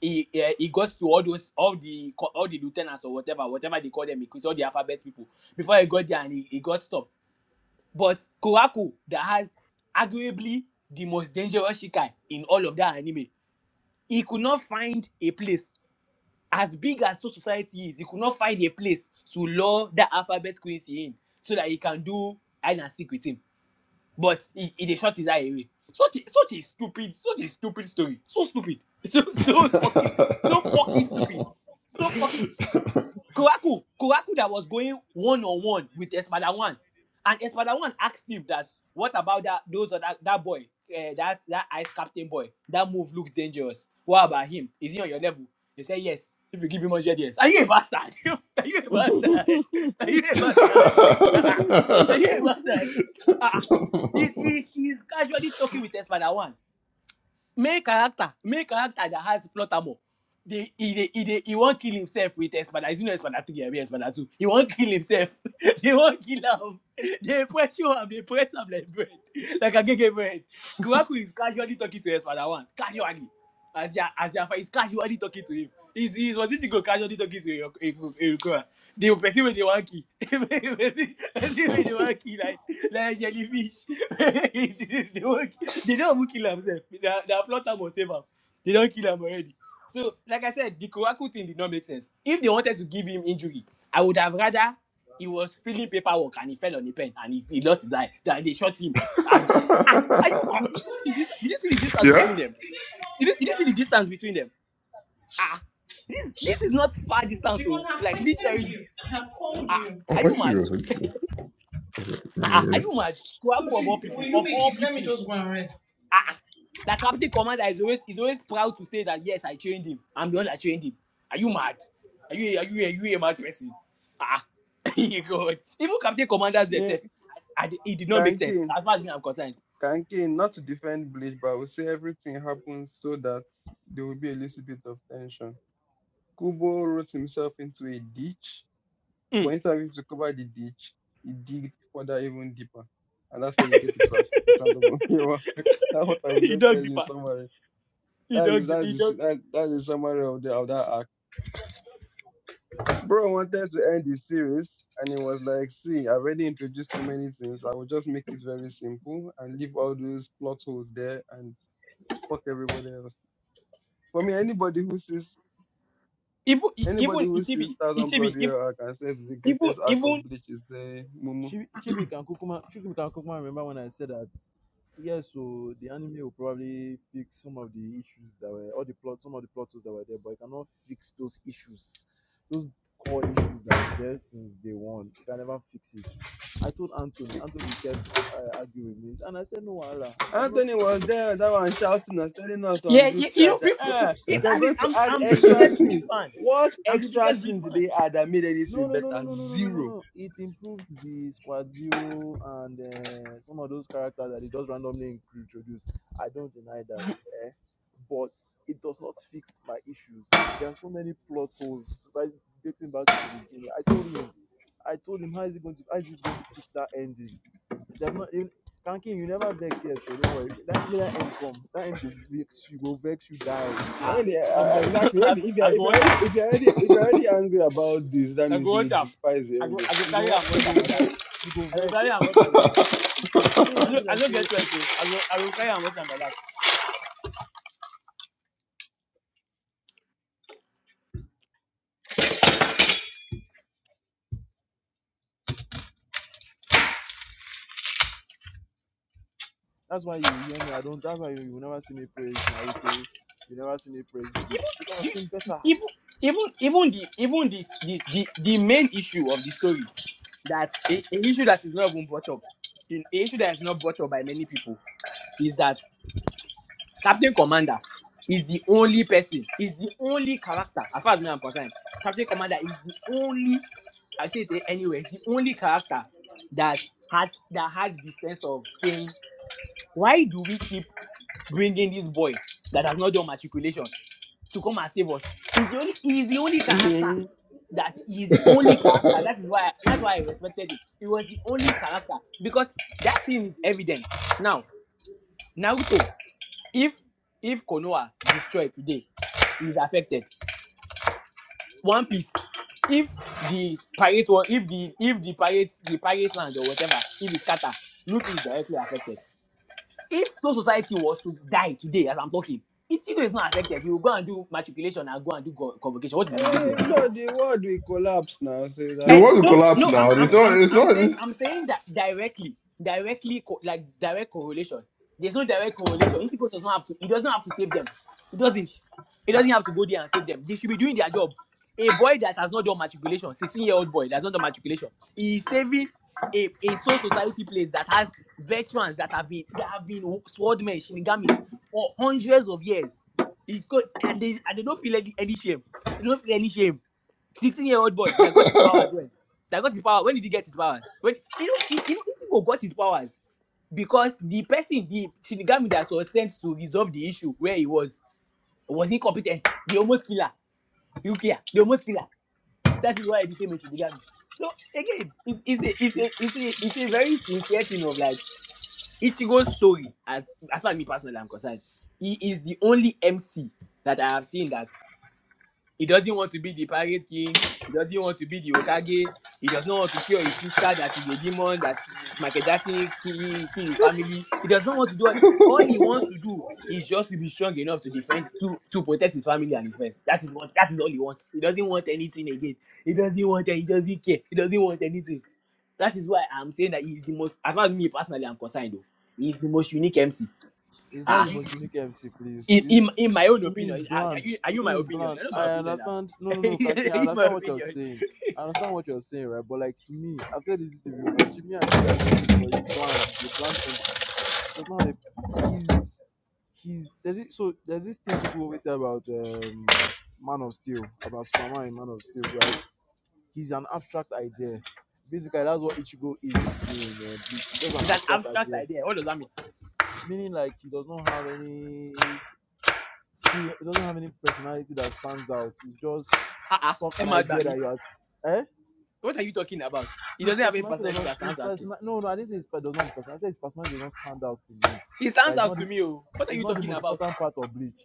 [SPEAKER 6] he eh, he goes to all those all the co- all the lieutenants or whatever whatever they call them because all the alphabet people before he got there and he, he got stopped but Koraku that has arguably the most dangerous shikai in all of that anime he could not find a place as big as so society is he could not find a place to lure that alphabet quincy in so that he can do hide and seek with him but he, he they shot his eye away. Such a, such a stupid, such a stupid story. So stupid. So so fucking so fucking stupid. So fucking. Kuraku, Kuraku that was going one on one with Espada One, and Espada One asked him that, "What about that? Those that that boy, uh, that that ice captain boy. That move looks dangerous. What about him? Is he on your level?" He said, "Yes. If you give him one hundred yes. are you a bastard? are you a bastard? Are you a bastard? are you a bastard?" Ah, ah. he, he, he's casually talking with Espada One main character main character that has plot armor They, he dey he dey he not kill himself with espada is it not espada three abi espada two he won't kill himself they not kill him. They pressure him. They press him like bread like a agege bread kwaku is casually talking to espada one casually as you are, as you are, he's casually talking to him. He's, he's was it go casually talking to a a recruiter. The person with the one key, person person with the one key like like jellyfish. the one key. They don't even kill themselves. Their their plot time was save am. They don't kill him already. So like I said, the Kuraku thing did not make sense. If they wanted to give him injury, I would have rather he was filling paperwork and he fell on the pen and he, he lost his eye. That they shot him. And, ah, are you? Did you see this? Did you see the distance
[SPEAKER 4] yeah?
[SPEAKER 6] between them? Did you, did you see the distance between them? Ah, this this is not far distance, so like literally. Ah,
[SPEAKER 4] Oh,
[SPEAKER 6] are
[SPEAKER 4] are
[SPEAKER 6] you
[SPEAKER 4] you
[SPEAKER 6] mad?
[SPEAKER 4] serious?
[SPEAKER 6] Ah, are you mad? Kwaku of all people, of all people. Ah, the captain commander is always is always proud to say that yes, I trained him. I'm the one that trained him. Are you mad? Are you are you are you a mad person? Ah, God. Even captain commanders
[SPEAKER 1] yeah,
[SPEAKER 6] themselves, I, I, it did not make sense
[SPEAKER 1] Kankin,
[SPEAKER 6] as far as me I'm concerned.
[SPEAKER 1] Kankin, not to defend Bleach, but I will say everything happens so that there will be a little bit of tension. Kubo wrote himself into a ditch, but
[SPEAKER 6] Mm.
[SPEAKER 1] instead of him to cover the ditch, he digged further even deeper. And that's where you get the trash of the strand of Omewa. That's what I would
[SPEAKER 6] he
[SPEAKER 1] just
[SPEAKER 6] dug
[SPEAKER 1] tell you in
[SPEAKER 6] deeper.
[SPEAKER 1] summary.
[SPEAKER 6] He
[SPEAKER 1] That is
[SPEAKER 6] dug deep.
[SPEAKER 1] that
[SPEAKER 6] He
[SPEAKER 1] is
[SPEAKER 6] dug.
[SPEAKER 1] that, that is summary of the of that arc. Bro wanted to end the series and it was like, see, i already introduced too many things. I will just make it very simple and leave all those plot holes there and fuck everybody else. For me, anybody who sees
[SPEAKER 6] even e,
[SPEAKER 1] Anybody
[SPEAKER 6] even
[SPEAKER 1] who sees
[SPEAKER 6] Itibi,
[SPEAKER 1] Thousand
[SPEAKER 6] Itibi,
[SPEAKER 1] Bloody
[SPEAKER 6] even
[SPEAKER 1] Hell Arc and says it's the
[SPEAKER 6] even
[SPEAKER 1] greatest arc of
[SPEAKER 6] even-
[SPEAKER 1] Bleach is uh, Mumu.
[SPEAKER 3] Chibi Chibi can Kukuma, Chibi can Kukuma, remember when I said that, yes, so the anime will probably fix some of the issues that were, all the plot, some of the plot holes that were there, but it cannot fix those issues, those core issues that have been there since day one. You can never fix it. I told Anthony, Anthony kept uh, arguing with me, and I said, no, Allah, I've not.
[SPEAKER 1] Anthony was there, that one shouting us, telling us on
[SPEAKER 6] yeah,
[SPEAKER 1] group
[SPEAKER 6] yeah, you know
[SPEAKER 1] chat
[SPEAKER 6] pe-
[SPEAKER 1] that ah,
[SPEAKER 6] people. Yeah,
[SPEAKER 1] they're
[SPEAKER 6] as in,
[SPEAKER 1] going to
[SPEAKER 6] I'm
[SPEAKER 1] add
[SPEAKER 6] I'm the
[SPEAKER 1] extra
[SPEAKER 6] biggest Bleach
[SPEAKER 1] scenes.
[SPEAKER 6] fan.
[SPEAKER 1] What
[SPEAKER 6] I'm the
[SPEAKER 1] extra
[SPEAKER 6] biggest Bleach
[SPEAKER 1] scenes did
[SPEAKER 6] fan.
[SPEAKER 1] they add that made anything
[SPEAKER 3] No, no, no, no,
[SPEAKER 1] better?
[SPEAKER 3] no, no, no, no, no,
[SPEAKER 1] Zero.
[SPEAKER 3] no. It improved the Squad Zero and uh, some of those characters that it just randomly introduced. I don't deny that, eh? But it does not fix my issues. There are so many plot holes right dating back to the beginning. I told him, I told him, how is it going to, how is it going to fix that ending? They've not even. Kankin, you never vex yet, so don't worry. Make That may that end come. That end go vex you, go vex you, die, go
[SPEAKER 6] Ah,
[SPEAKER 1] When they,
[SPEAKER 3] vex you.
[SPEAKER 6] I'm
[SPEAKER 1] uh, uh,
[SPEAKER 6] a,
[SPEAKER 1] exactly. When
[SPEAKER 6] I,
[SPEAKER 1] they,
[SPEAKER 6] go,
[SPEAKER 1] if you're
[SPEAKER 6] I
[SPEAKER 1] if
[SPEAKER 6] go
[SPEAKER 1] you're
[SPEAKER 6] watch
[SPEAKER 1] already
[SPEAKER 6] him.
[SPEAKER 1] if you're already if you're already angry about this, that
[SPEAKER 6] I
[SPEAKER 1] means
[SPEAKER 6] go
[SPEAKER 1] you
[SPEAKER 6] watch
[SPEAKER 1] will
[SPEAKER 6] him.
[SPEAKER 1] despise the
[SPEAKER 6] I go
[SPEAKER 1] ending.
[SPEAKER 6] I go
[SPEAKER 3] You
[SPEAKER 6] carry
[SPEAKER 3] go,
[SPEAKER 6] him watch
[SPEAKER 3] you
[SPEAKER 6] him
[SPEAKER 3] go
[SPEAKER 6] like that.
[SPEAKER 3] vex, you go
[SPEAKER 6] I go carry
[SPEAKER 3] vex
[SPEAKER 6] him watch him like that.
[SPEAKER 3] so may
[SPEAKER 6] I
[SPEAKER 3] no
[SPEAKER 6] no
[SPEAKER 3] be
[SPEAKER 6] I
[SPEAKER 3] like
[SPEAKER 6] no get
[SPEAKER 3] say
[SPEAKER 6] choice so I go I go carry him watch him like that.
[SPEAKER 3] That's why you hear me. I don't. That's why you, you will never see me praise Naruto. You never see me praise Bleach
[SPEAKER 6] Even
[SPEAKER 3] because I've
[SPEAKER 6] the
[SPEAKER 3] seen better.
[SPEAKER 6] even even even the even this the, the the main issue of the story that a, an issue that is not even brought up, an issue that is not brought up by many people is that Captain Commander is the only person, is the only character, as far as me I'm concerned. Captain Commander is the only, I say it anyway, is the only character that had that had the sense of saying, why do we keep bringing this boy that has not done matriculation to come and save us? He's the only, he's the only character
[SPEAKER 1] hmm
[SPEAKER 6] that he's the only character. That is why that's why I respected him. He was the only character because that thing is evidence. Now, Naruto if if Konoha destroyed today, is affected. One Piece. If the pirate or if the if the pirates the pirate land or whatever, if it's scatter, Luffy is directly affected. If Soul Society was to die today, as I'm talking, Ichigo is not affected. You go and do matriculation and go and do co- convocation. What is his business?
[SPEAKER 1] no, the world will collapse now, so it's
[SPEAKER 4] You
[SPEAKER 6] Eh,
[SPEAKER 4] want to
[SPEAKER 6] no,
[SPEAKER 1] affected.
[SPEAKER 4] collapse
[SPEAKER 6] no, I'm,
[SPEAKER 4] now.
[SPEAKER 6] I'm,
[SPEAKER 4] It's
[SPEAKER 1] Yeah.
[SPEAKER 4] not.
[SPEAKER 6] I'm,
[SPEAKER 4] It's
[SPEAKER 6] I'm
[SPEAKER 4] not.
[SPEAKER 6] saying,
[SPEAKER 4] It's
[SPEAKER 6] I'm saying that directly, directly, co- like direct correlation. There's no direct correlation. Interpol does not have to. He doesn't have to save them. He doesn't. He doesn't have to go there and save them. They should be doing their job. A boy that has not done matriculation, 16 year old boy that's not done matriculation, he is saving a, a soul society place that has veterans that have been that have been swordmen, shinigamis for hundreds of years. It's co- and they, and they don't feel any, any shame. They don't feel any shame 16 year old boy that got his powers when that got his power when did he get his powers when you know he- you know Ichigo got his powers because the person the Shinigami that was sent to resolve the issue where he was was incompetent the almost killer Rukia the almost killer that is why he became a Shinigami so again it's it's a it's a it's a, it's a very sincere thing of like Ichigo's story as as far as me personally I'm concerned he is the only MC that I have seen that he doesn't want to be the pirate king. He doesn't want to be the Okage. He does not want to cure his sister that is a demon, that Michael Jackson kill, kill his family. He does not want to do all, all he wants to do is just to be strong enough to defend to to protect his family and his friends. That is what that is all he wants. He doesn't want anything again. He doesn't want any- he doesn't care. He doesn't want anything. That is why I'm saying that he's the most as far as me personally I'm concerned though. He's the most unique MC.
[SPEAKER 3] It's not
[SPEAKER 6] Ah
[SPEAKER 3] the most unique MC, please.
[SPEAKER 6] in,
[SPEAKER 3] It's,
[SPEAKER 6] in, in my own
[SPEAKER 3] to me, it's
[SPEAKER 6] opinion, are, are
[SPEAKER 3] bland.
[SPEAKER 6] you are
[SPEAKER 3] To
[SPEAKER 6] you
[SPEAKER 3] me,
[SPEAKER 6] my
[SPEAKER 3] it's
[SPEAKER 6] opinion?
[SPEAKER 3] bland.
[SPEAKER 6] You're not my
[SPEAKER 3] I
[SPEAKER 6] opinion now.
[SPEAKER 3] understand. No, no, no, Kanki.
[SPEAKER 6] Are
[SPEAKER 3] I
[SPEAKER 6] you my
[SPEAKER 3] understand what you're
[SPEAKER 6] opinion.
[SPEAKER 3] saying. I understand what you're saying, right? But like to me, I've said this thing before. Chibi and Chibi have said this before. It's bland. It's a bland MC. Does not have. a- He's he's there's it. So there's this thing people always say about um Man of Steel about Superman in Man of Steel, right? he's an abstract idea. Basically, that's what Ichigo is to me in uh, Bleach. He's just an
[SPEAKER 6] it's an
[SPEAKER 3] abstract
[SPEAKER 6] abstract
[SPEAKER 3] idea,
[SPEAKER 6] idea. What does that mean?
[SPEAKER 3] meaning like he does not have any serious. He doesn't have any personality that stands out. He's just
[SPEAKER 6] Ah uh-uh.
[SPEAKER 3] some an
[SPEAKER 6] Emma
[SPEAKER 3] idea
[SPEAKER 6] Bami,
[SPEAKER 3] that you are. Eh?
[SPEAKER 6] what are you talking about? He
[SPEAKER 3] His
[SPEAKER 6] doesn't have any
[SPEAKER 3] personality does
[SPEAKER 6] personality
[SPEAKER 3] not.
[SPEAKER 6] that stands
[SPEAKER 3] His
[SPEAKER 6] out. to-
[SPEAKER 3] personal. No, no. I didn't say his per- does not have personality. I said his personality does not stand out to me.
[SPEAKER 6] He
[SPEAKER 3] Right?
[SPEAKER 6] stands
[SPEAKER 3] It's
[SPEAKER 6] out
[SPEAKER 3] not.
[SPEAKER 6] to
[SPEAKER 3] The,
[SPEAKER 6] me. Oh, what are
[SPEAKER 3] it's
[SPEAKER 6] you
[SPEAKER 3] not the
[SPEAKER 6] talking
[SPEAKER 3] most
[SPEAKER 6] about?
[SPEAKER 3] important part of Bleach.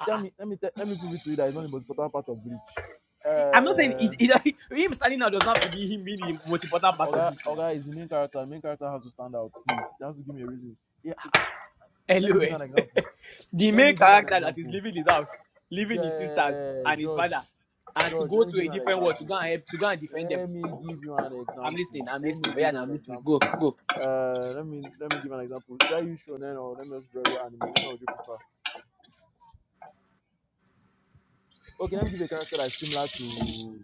[SPEAKER 6] Ah
[SPEAKER 3] Tell
[SPEAKER 6] uh-uh.
[SPEAKER 3] me. Let me. Te- let me prove it to you that it's not the most important part of Bleach.
[SPEAKER 6] I- I'm not saying
[SPEAKER 3] Uh,
[SPEAKER 6] it, it, him standing out doesn't have to be him being the most important part of
[SPEAKER 3] Oga,
[SPEAKER 6] this now.
[SPEAKER 3] Oga is the main character. The main character has to stand out, please. He has to give me a reason. Yeah, eh, let me
[SPEAKER 6] Hello,
[SPEAKER 3] give
[SPEAKER 6] eh.
[SPEAKER 3] you an example.
[SPEAKER 6] the
[SPEAKER 3] Let
[SPEAKER 6] main
[SPEAKER 3] me give you an
[SPEAKER 6] character that is
[SPEAKER 3] example.
[SPEAKER 6] leaving his house, leaving his sisters
[SPEAKER 3] Je-
[SPEAKER 6] and his
[SPEAKER 3] George,
[SPEAKER 6] father, and to
[SPEAKER 3] George,
[SPEAKER 6] go
[SPEAKER 3] let me
[SPEAKER 6] to
[SPEAKER 3] give
[SPEAKER 6] a
[SPEAKER 3] you an
[SPEAKER 6] different world to
[SPEAKER 3] example.
[SPEAKER 6] go and help, to go and defend them
[SPEAKER 3] Let me give you an
[SPEAKER 6] I'm
[SPEAKER 3] example.
[SPEAKER 6] listening. I'm
[SPEAKER 3] Let
[SPEAKER 6] listening.
[SPEAKER 3] me
[SPEAKER 6] Oh
[SPEAKER 3] give
[SPEAKER 6] yeah,
[SPEAKER 3] you
[SPEAKER 6] now
[SPEAKER 3] an
[SPEAKER 6] I'm listening.
[SPEAKER 3] example.
[SPEAKER 6] Go, go.
[SPEAKER 3] Uh, let me let me give you an example. Should I use shonen or let me just regular anime? Which one would you prefer? Okay, let me give a character that's similar to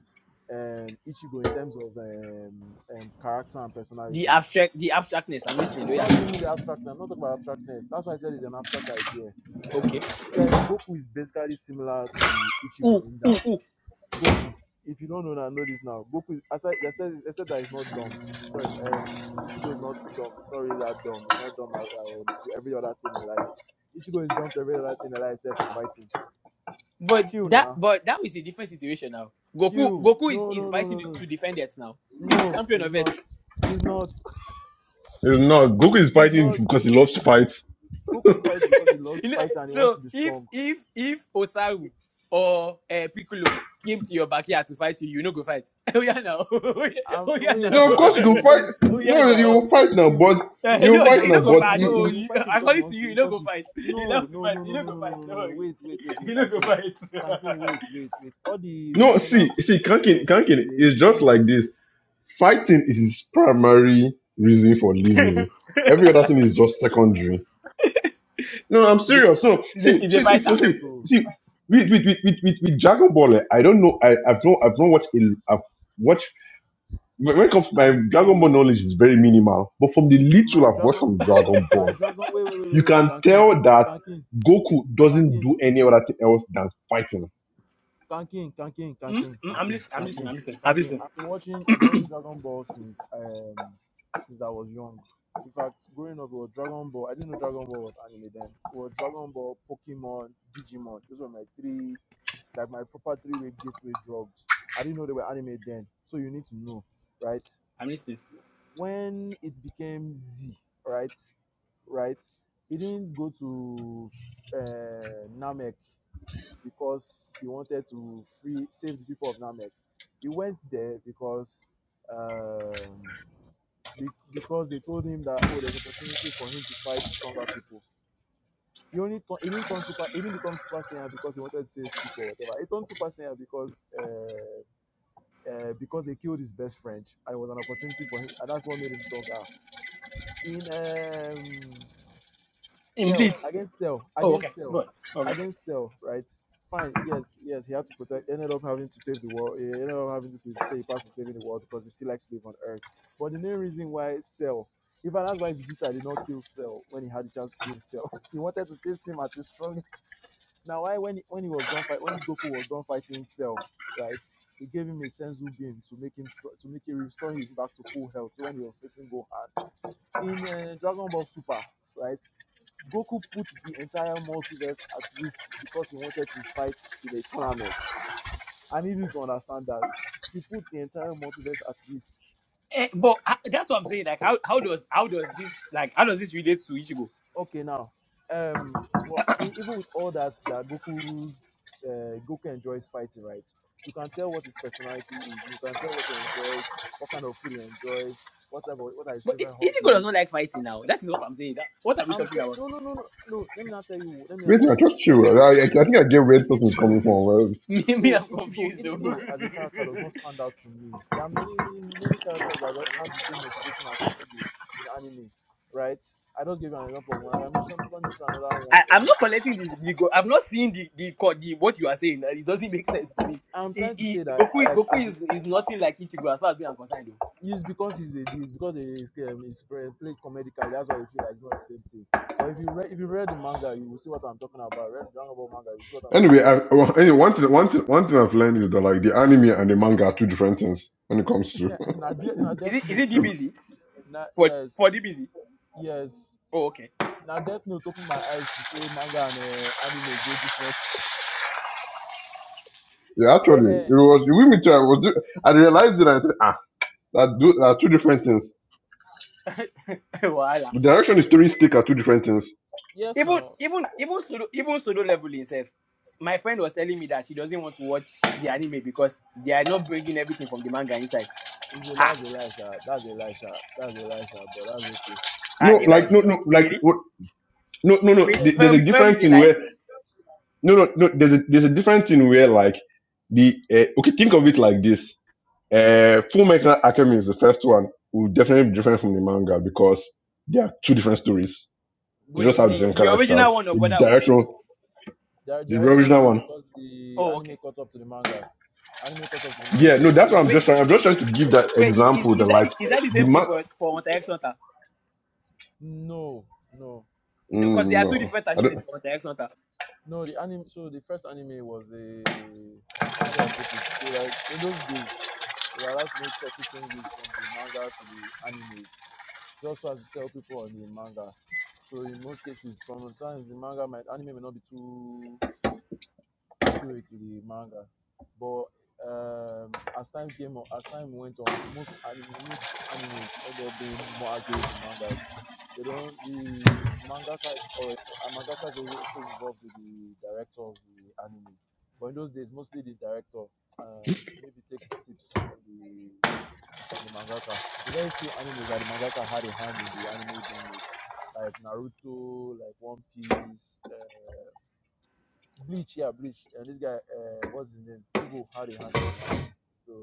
[SPEAKER 3] um, Ichigo in terms of um, um, character and
[SPEAKER 6] The
[SPEAKER 3] personality.
[SPEAKER 6] abstract, the abstractness. I'm listening. Oh yeah.
[SPEAKER 3] Not even the abstract. I'm not talking about abstractness. That's why I said it's an abstract idea
[SPEAKER 6] Okay.
[SPEAKER 3] Yeah, um, Goku is basically similar to Ichigo
[SPEAKER 6] Ooh,
[SPEAKER 3] in
[SPEAKER 6] ooh,
[SPEAKER 3] that
[SPEAKER 6] ooh.
[SPEAKER 3] Goku, if you don't know that, know this now. Goku, is- aside, I said, I said that he's not dumb. Sorry, um, Ichigo is not dumb. It's not really that dumb. It's not dumb uh, um, to every other thing in life. Ichigo is dumb to every other thing in life except
[SPEAKER 6] Ah,
[SPEAKER 3] for
[SPEAKER 6] ah.
[SPEAKER 3] fighting.
[SPEAKER 6] but
[SPEAKER 3] Chill
[SPEAKER 6] that,
[SPEAKER 3] now.
[SPEAKER 6] but that was a different situation now. Goku,
[SPEAKER 3] Chill.
[SPEAKER 6] Goku is,
[SPEAKER 3] No,
[SPEAKER 6] is
[SPEAKER 3] no, no,
[SPEAKER 6] fighting
[SPEAKER 3] no,
[SPEAKER 6] to
[SPEAKER 3] no.
[SPEAKER 6] to defend it now. Is the
[SPEAKER 3] No,
[SPEAKER 6] champion
[SPEAKER 3] he's
[SPEAKER 6] of it.
[SPEAKER 3] not. He's not.
[SPEAKER 4] it's not. Goku is
[SPEAKER 3] he's
[SPEAKER 4] fighting
[SPEAKER 3] not.
[SPEAKER 4] because he loves to fight.
[SPEAKER 3] Goku fights because he loves
[SPEAKER 6] You know,
[SPEAKER 3] fighting and he wants
[SPEAKER 6] so
[SPEAKER 3] to be
[SPEAKER 6] if
[SPEAKER 3] strong.
[SPEAKER 6] if if Osaru or uh, Piccolo came to your backyard to fight you, you no go fight. oh yeah now.
[SPEAKER 3] Um,
[SPEAKER 6] oh yeah
[SPEAKER 3] wait
[SPEAKER 6] now.
[SPEAKER 4] no, of course
[SPEAKER 3] now.
[SPEAKER 4] you can
[SPEAKER 3] Wait. Let
[SPEAKER 4] fight.
[SPEAKER 3] me
[SPEAKER 6] oh yeah
[SPEAKER 4] No,
[SPEAKER 3] he
[SPEAKER 4] you
[SPEAKER 6] now.
[SPEAKER 3] go
[SPEAKER 4] will fight
[SPEAKER 3] fight
[SPEAKER 4] now,
[SPEAKER 3] you.
[SPEAKER 4] but
[SPEAKER 3] He
[SPEAKER 6] Eh,
[SPEAKER 3] will
[SPEAKER 6] he
[SPEAKER 4] you will
[SPEAKER 3] fight
[SPEAKER 6] no,
[SPEAKER 3] you,
[SPEAKER 4] fight
[SPEAKER 3] but
[SPEAKER 6] no,
[SPEAKER 3] he
[SPEAKER 6] he
[SPEAKER 3] will
[SPEAKER 4] now,
[SPEAKER 6] no go
[SPEAKER 3] fight
[SPEAKER 4] but
[SPEAKER 3] you
[SPEAKER 6] fight.
[SPEAKER 3] because
[SPEAKER 6] No,
[SPEAKER 3] he
[SPEAKER 4] you.
[SPEAKER 3] will
[SPEAKER 6] you,
[SPEAKER 3] fight you because he
[SPEAKER 6] according to
[SPEAKER 3] wants to.
[SPEAKER 6] you, he no
[SPEAKER 3] Because
[SPEAKER 6] go
[SPEAKER 3] he,
[SPEAKER 6] fight. He
[SPEAKER 3] no,
[SPEAKER 6] loves to
[SPEAKER 3] no,
[SPEAKER 6] fight.
[SPEAKER 3] no,
[SPEAKER 6] He
[SPEAKER 3] no, no,
[SPEAKER 6] no go
[SPEAKER 3] no, no,
[SPEAKER 6] fight.
[SPEAKER 3] no,
[SPEAKER 6] No
[SPEAKER 3] no, no.
[SPEAKER 6] worry.
[SPEAKER 3] Wait, wait, wait, wait,
[SPEAKER 6] He no go
[SPEAKER 3] Kankin,
[SPEAKER 6] fight.
[SPEAKER 3] Kankin, wait, wait, wait. All the
[SPEAKER 4] No,
[SPEAKER 3] defender
[SPEAKER 4] see,
[SPEAKER 3] and
[SPEAKER 4] see,
[SPEAKER 3] protector of
[SPEAKER 4] Kankin,
[SPEAKER 3] Earth
[SPEAKER 4] Kankin
[SPEAKER 3] is a
[SPEAKER 4] is just
[SPEAKER 3] recent.
[SPEAKER 4] like this. Fighting is his primary reason for living. Every other thing is just secondary. No, I'm serious. No,
[SPEAKER 6] he's, a,
[SPEAKER 4] see,
[SPEAKER 6] he's a
[SPEAKER 4] see,
[SPEAKER 3] I'm
[SPEAKER 4] see, for-
[SPEAKER 6] fighter.
[SPEAKER 3] serious,
[SPEAKER 4] see,
[SPEAKER 3] oh.
[SPEAKER 4] see with, with, with, with, with, with Dragon Ball, eh, I don't know. I, I've not, I've not watched. A, I've watched. when when it comes to my
[SPEAKER 3] I'm
[SPEAKER 4] Dragon Ball
[SPEAKER 3] the
[SPEAKER 4] knowledge is very minimal, but from the little
[SPEAKER 3] my
[SPEAKER 4] I've watched from
[SPEAKER 3] dragon,
[SPEAKER 4] Dragon
[SPEAKER 3] my
[SPEAKER 4] Ball,
[SPEAKER 3] dragon. Wait, wait, wait,
[SPEAKER 4] you
[SPEAKER 3] wait, wait,
[SPEAKER 4] can
[SPEAKER 3] Kankin,
[SPEAKER 4] tell that
[SPEAKER 3] Kankin,
[SPEAKER 4] Goku doesn't
[SPEAKER 3] Kankin.
[SPEAKER 4] do any other thing else than fighting.
[SPEAKER 3] Kankin, Kankin,
[SPEAKER 6] Hmm?
[SPEAKER 3] Kankin,
[SPEAKER 6] Hmm, I'm
[SPEAKER 3] Kankin,
[SPEAKER 6] listening. I'm listening.
[SPEAKER 3] Kankin,
[SPEAKER 6] I'm listening. I'm
[SPEAKER 3] Kankin.
[SPEAKER 6] listening.
[SPEAKER 3] I've been watching I've been watching Dragon Ball since um since I was young. In fact, growing up it was Dragon Ball. I didn't know Dragon Ball was anime then. It was Dragon Ball, Pokemon, Digimon. Those were my three like my proper three way gateway drugs. I didn't know they were anime then. So you need to know, right?
[SPEAKER 6] I'm listening.
[SPEAKER 3] When it became Z, right? Right? It didn't go to uh, Namek because he wanted to free save the people of Namek. He went there because um, be, because they told him that oh, there's opportunity for him to fight stronger people. He only tu- he didn't turn super he didn't become super saiyan because he wanted to save people or whatever. He turned super saiyan because uh, uh, because they killed his best friend and it was an opportunity for him and that's what made him stronger. In um
[SPEAKER 6] In bleach.
[SPEAKER 3] sell against sell
[SPEAKER 6] Oh, okay.
[SPEAKER 3] against sell
[SPEAKER 6] Good. Okay.
[SPEAKER 3] against sell right fine yes yes he had to protect ended up having to save the world he ended up having to play play a part in saving the world because he still likes to live on earth but the main reason why cell in fact that's why vegeta did not kill cell when he had the chance to kill cell he wanted to face him at his strongest now why when he, when he was done fight when goku was done fighting cell right he gave him a senzu beam to make him str- to make him restore him back to full health So when he was facing gohan in uh, Dragon Ball Super, right? Goku put the entire multiverse at risk because he wanted to fight in a tournament. I need you to understand that he put the entire multiverse at risk.
[SPEAKER 6] Eh, but uh, that's what I'm saying. Like, how, how does how does this like how does this relate to Ichigo?
[SPEAKER 3] Okay, now, um, but e- even with all that, that Goku's uh, Goku enjoys fighting, right? You can tell what his personality is. You can tell what he enjoys, what kind of food he enjoys, what type of, what are his
[SPEAKER 6] But
[SPEAKER 3] favorite
[SPEAKER 6] Ich- Ichigo does not
[SPEAKER 3] hobbies.
[SPEAKER 6] like fighting now. That is what I'm saying. That, what are we
[SPEAKER 3] I'm
[SPEAKER 6] talking
[SPEAKER 3] te-
[SPEAKER 6] about?
[SPEAKER 3] no, no, no, no, no. Let me not tell you. Let me not
[SPEAKER 4] Wait,
[SPEAKER 3] tell
[SPEAKER 4] I
[SPEAKER 3] you.
[SPEAKER 4] trust
[SPEAKER 3] Can
[SPEAKER 4] you.
[SPEAKER 3] you
[SPEAKER 4] I, I
[SPEAKER 3] t-
[SPEAKER 4] think I get where this person is coming
[SPEAKER 3] Ichigo?
[SPEAKER 4] from. Well,
[SPEAKER 6] Me, me,
[SPEAKER 3] so
[SPEAKER 6] I'm
[SPEAKER 3] Ichigo,
[SPEAKER 6] confused though.
[SPEAKER 3] Ichigo as a character does not stand out to me. There are many, many characters that don't have the same motivation as Ichigo in anime, right? I just gave you an example of one. Like I mentioned, probably mention another one
[SPEAKER 6] I,
[SPEAKER 3] for
[SPEAKER 6] I'm
[SPEAKER 3] you.
[SPEAKER 6] not collecting this Bigo. I've not seen the, the co- the what you are saying. Uh, It doesn't make sense to me.
[SPEAKER 3] I'm
[SPEAKER 6] He,
[SPEAKER 3] trying to
[SPEAKER 6] he,
[SPEAKER 3] say that,
[SPEAKER 6] Goku
[SPEAKER 3] like,
[SPEAKER 6] Goku
[SPEAKER 3] as
[SPEAKER 6] is, is nothing like Ichigo as far as me I'm concerned though.
[SPEAKER 3] it's because he's a, it's because he's, um, he's pre- played comedically. That's why you feel like it's not the same thing. But if you read, if you read the manga, you will see what I'm talking about. Read the Dragon Ball manga, you see what I'm talking
[SPEAKER 4] Anyway, I,
[SPEAKER 3] about.
[SPEAKER 4] well, anyway, one thing, one thing, one thing I've learned is that like the anime and the manga are two different things when it comes to.
[SPEAKER 3] na, de- na
[SPEAKER 6] Is
[SPEAKER 3] Death
[SPEAKER 6] it is
[SPEAKER 3] Note,
[SPEAKER 6] it DBZ
[SPEAKER 3] na
[SPEAKER 6] for for
[SPEAKER 3] yes,
[SPEAKER 6] DBZ?
[SPEAKER 3] yes.
[SPEAKER 6] Oh okay.
[SPEAKER 3] Now Death Note opened my eyes to say manga and uh, anime they are different.
[SPEAKER 4] yeah, actually, it was with me too. I was, do- I realized it. And I said, ah, that do, that are two different things.
[SPEAKER 6] Voila.
[SPEAKER 4] The direction the stories take are two different things.
[SPEAKER 3] yes,
[SPEAKER 6] Even
[SPEAKER 3] now
[SPEAKER 6] even even solo even solo level himself. My friend was telling me that she doesn't want to watch the anime because they are not bringing everything from the manga inside.
[SPEAKER 3] it's the
[SPEAKER 6] Ah,
[SPEAKER 3] last Elisha. That's Elisha. That's Elisha. But that's okay.
[SPEAKER 6] ah
[SPEAKER 4] No,
[SPEAKER 3] That's
[SPEAKER 6] is that
[SPEAKER 4] like no,
[SPEAKER 3] Elisha.
[SPEAKER 4] no, like
[SPEAKER 6] really?
[SPEAKER 4] no no no
[SPEAKER 3] Solo
[SPEAKER 6] Wait,
[SPEAKER 4] th- there's
[SPEAKER 3] level.
[SPEAKER 4] a
[SPEAKER 6] Fermi, Fermi
[SPEAKER 4] different
[SPEAKER 6] is a
[SPEAKER 4] thing
[SPEAKER 6] lie.
[SPEAKER 4] where no no no there's a there's a different thing where like the uh, okay think of it like this uh full Metal academy is the first one will definitely be different from the manga because they are two different stories they
[SPEAKER 6] Wait,
[SPEAKER 4] just
[SPEAKER 3] They
[SPEAKER 4] have
[SPEAKER 3] ended
[SPEAKER 4] the
[SPEAKER 6] the,
[SPEAKER 4] same
[SPEAKER 3] up.
[SPEAKER 6] the
[SPEAKER 3] They,
[SPEAKER 4] characters
[SPEAKER 6] original one of
[SPEAKER 4] the
[SPEAKER 6] Brotherhood.
[SPEAKER 4] directional
[SPEAKER 3] their
[SPEAKER 4] the
[SPEAKER 3] direction
[SPEAKER 4] original
[SPEAKER 3] changed
[SPEAKER 4] one
[SPEAKER 3] because the
[SPEAKER 6] Oh
[SPEAKER 3] anime
[SPEAKER 6] okay.
[SPEAKER 3] caught up to the manga. Anime caught up to the manga,
[SPEAKER 4] yeah
[SPEAKER 3] so they
[SPEAKER 4] no that's what
[SPEAKER 3] changed
[SPEAKER 4] i'm
[SPEAKER 6] Wait.
[SPEAKER 4] just trying i'm just
[SPEAKER 3] the.
[SPEAKER 4] trying to give that
[SPEAKER 6] Wait, i- is,
[SPEAKER 4] example that
[SPEAKER 6] is that
[SPEAKER 4] like
[SPEAKER 6] the- is that the
[SPEAKER 4] the
[SPEAKER 6] same thing
[SPEAKER 4] man
[SPEAKER 6] for for Hunter X Hunter?
[SPEAKER 3] No, no.
[SPEAKER 6] No, because there
[SPEAKER 4] mm,
[SPEAKER 6] are two
[SPEAKER 4] no
[SPEAKER 6] different
[SPEAKER 4] i
[SPEAKER 6] animes
[SPEAKER 4] don't
[SPEAKER 6] for Hunter X Hunter.
[SPEAKER 3] No, the anime. So the first anime was a how do I put it? So like in those days, they were allowed to make sort of changes from the manga to the animes, just so as to sell people on the manga. So in most cases, sometimes the manga might anime may not be too accurate to the manga. But um, as time came on, as time went on, most anime, most animes end up being more accurate in mangas. They don't the mangaka is or a mangaka is also involved with the director of the anime. But in those days, mostly the director and maybe take tips from the from the mangaka. The very few animes that the mangaka had a hand in the anime being made, like Naruto, like One Piece. uh, Bleach, yeah, Bleach. And this guy, uh, what's his name? Hugo had a hand in the anime. So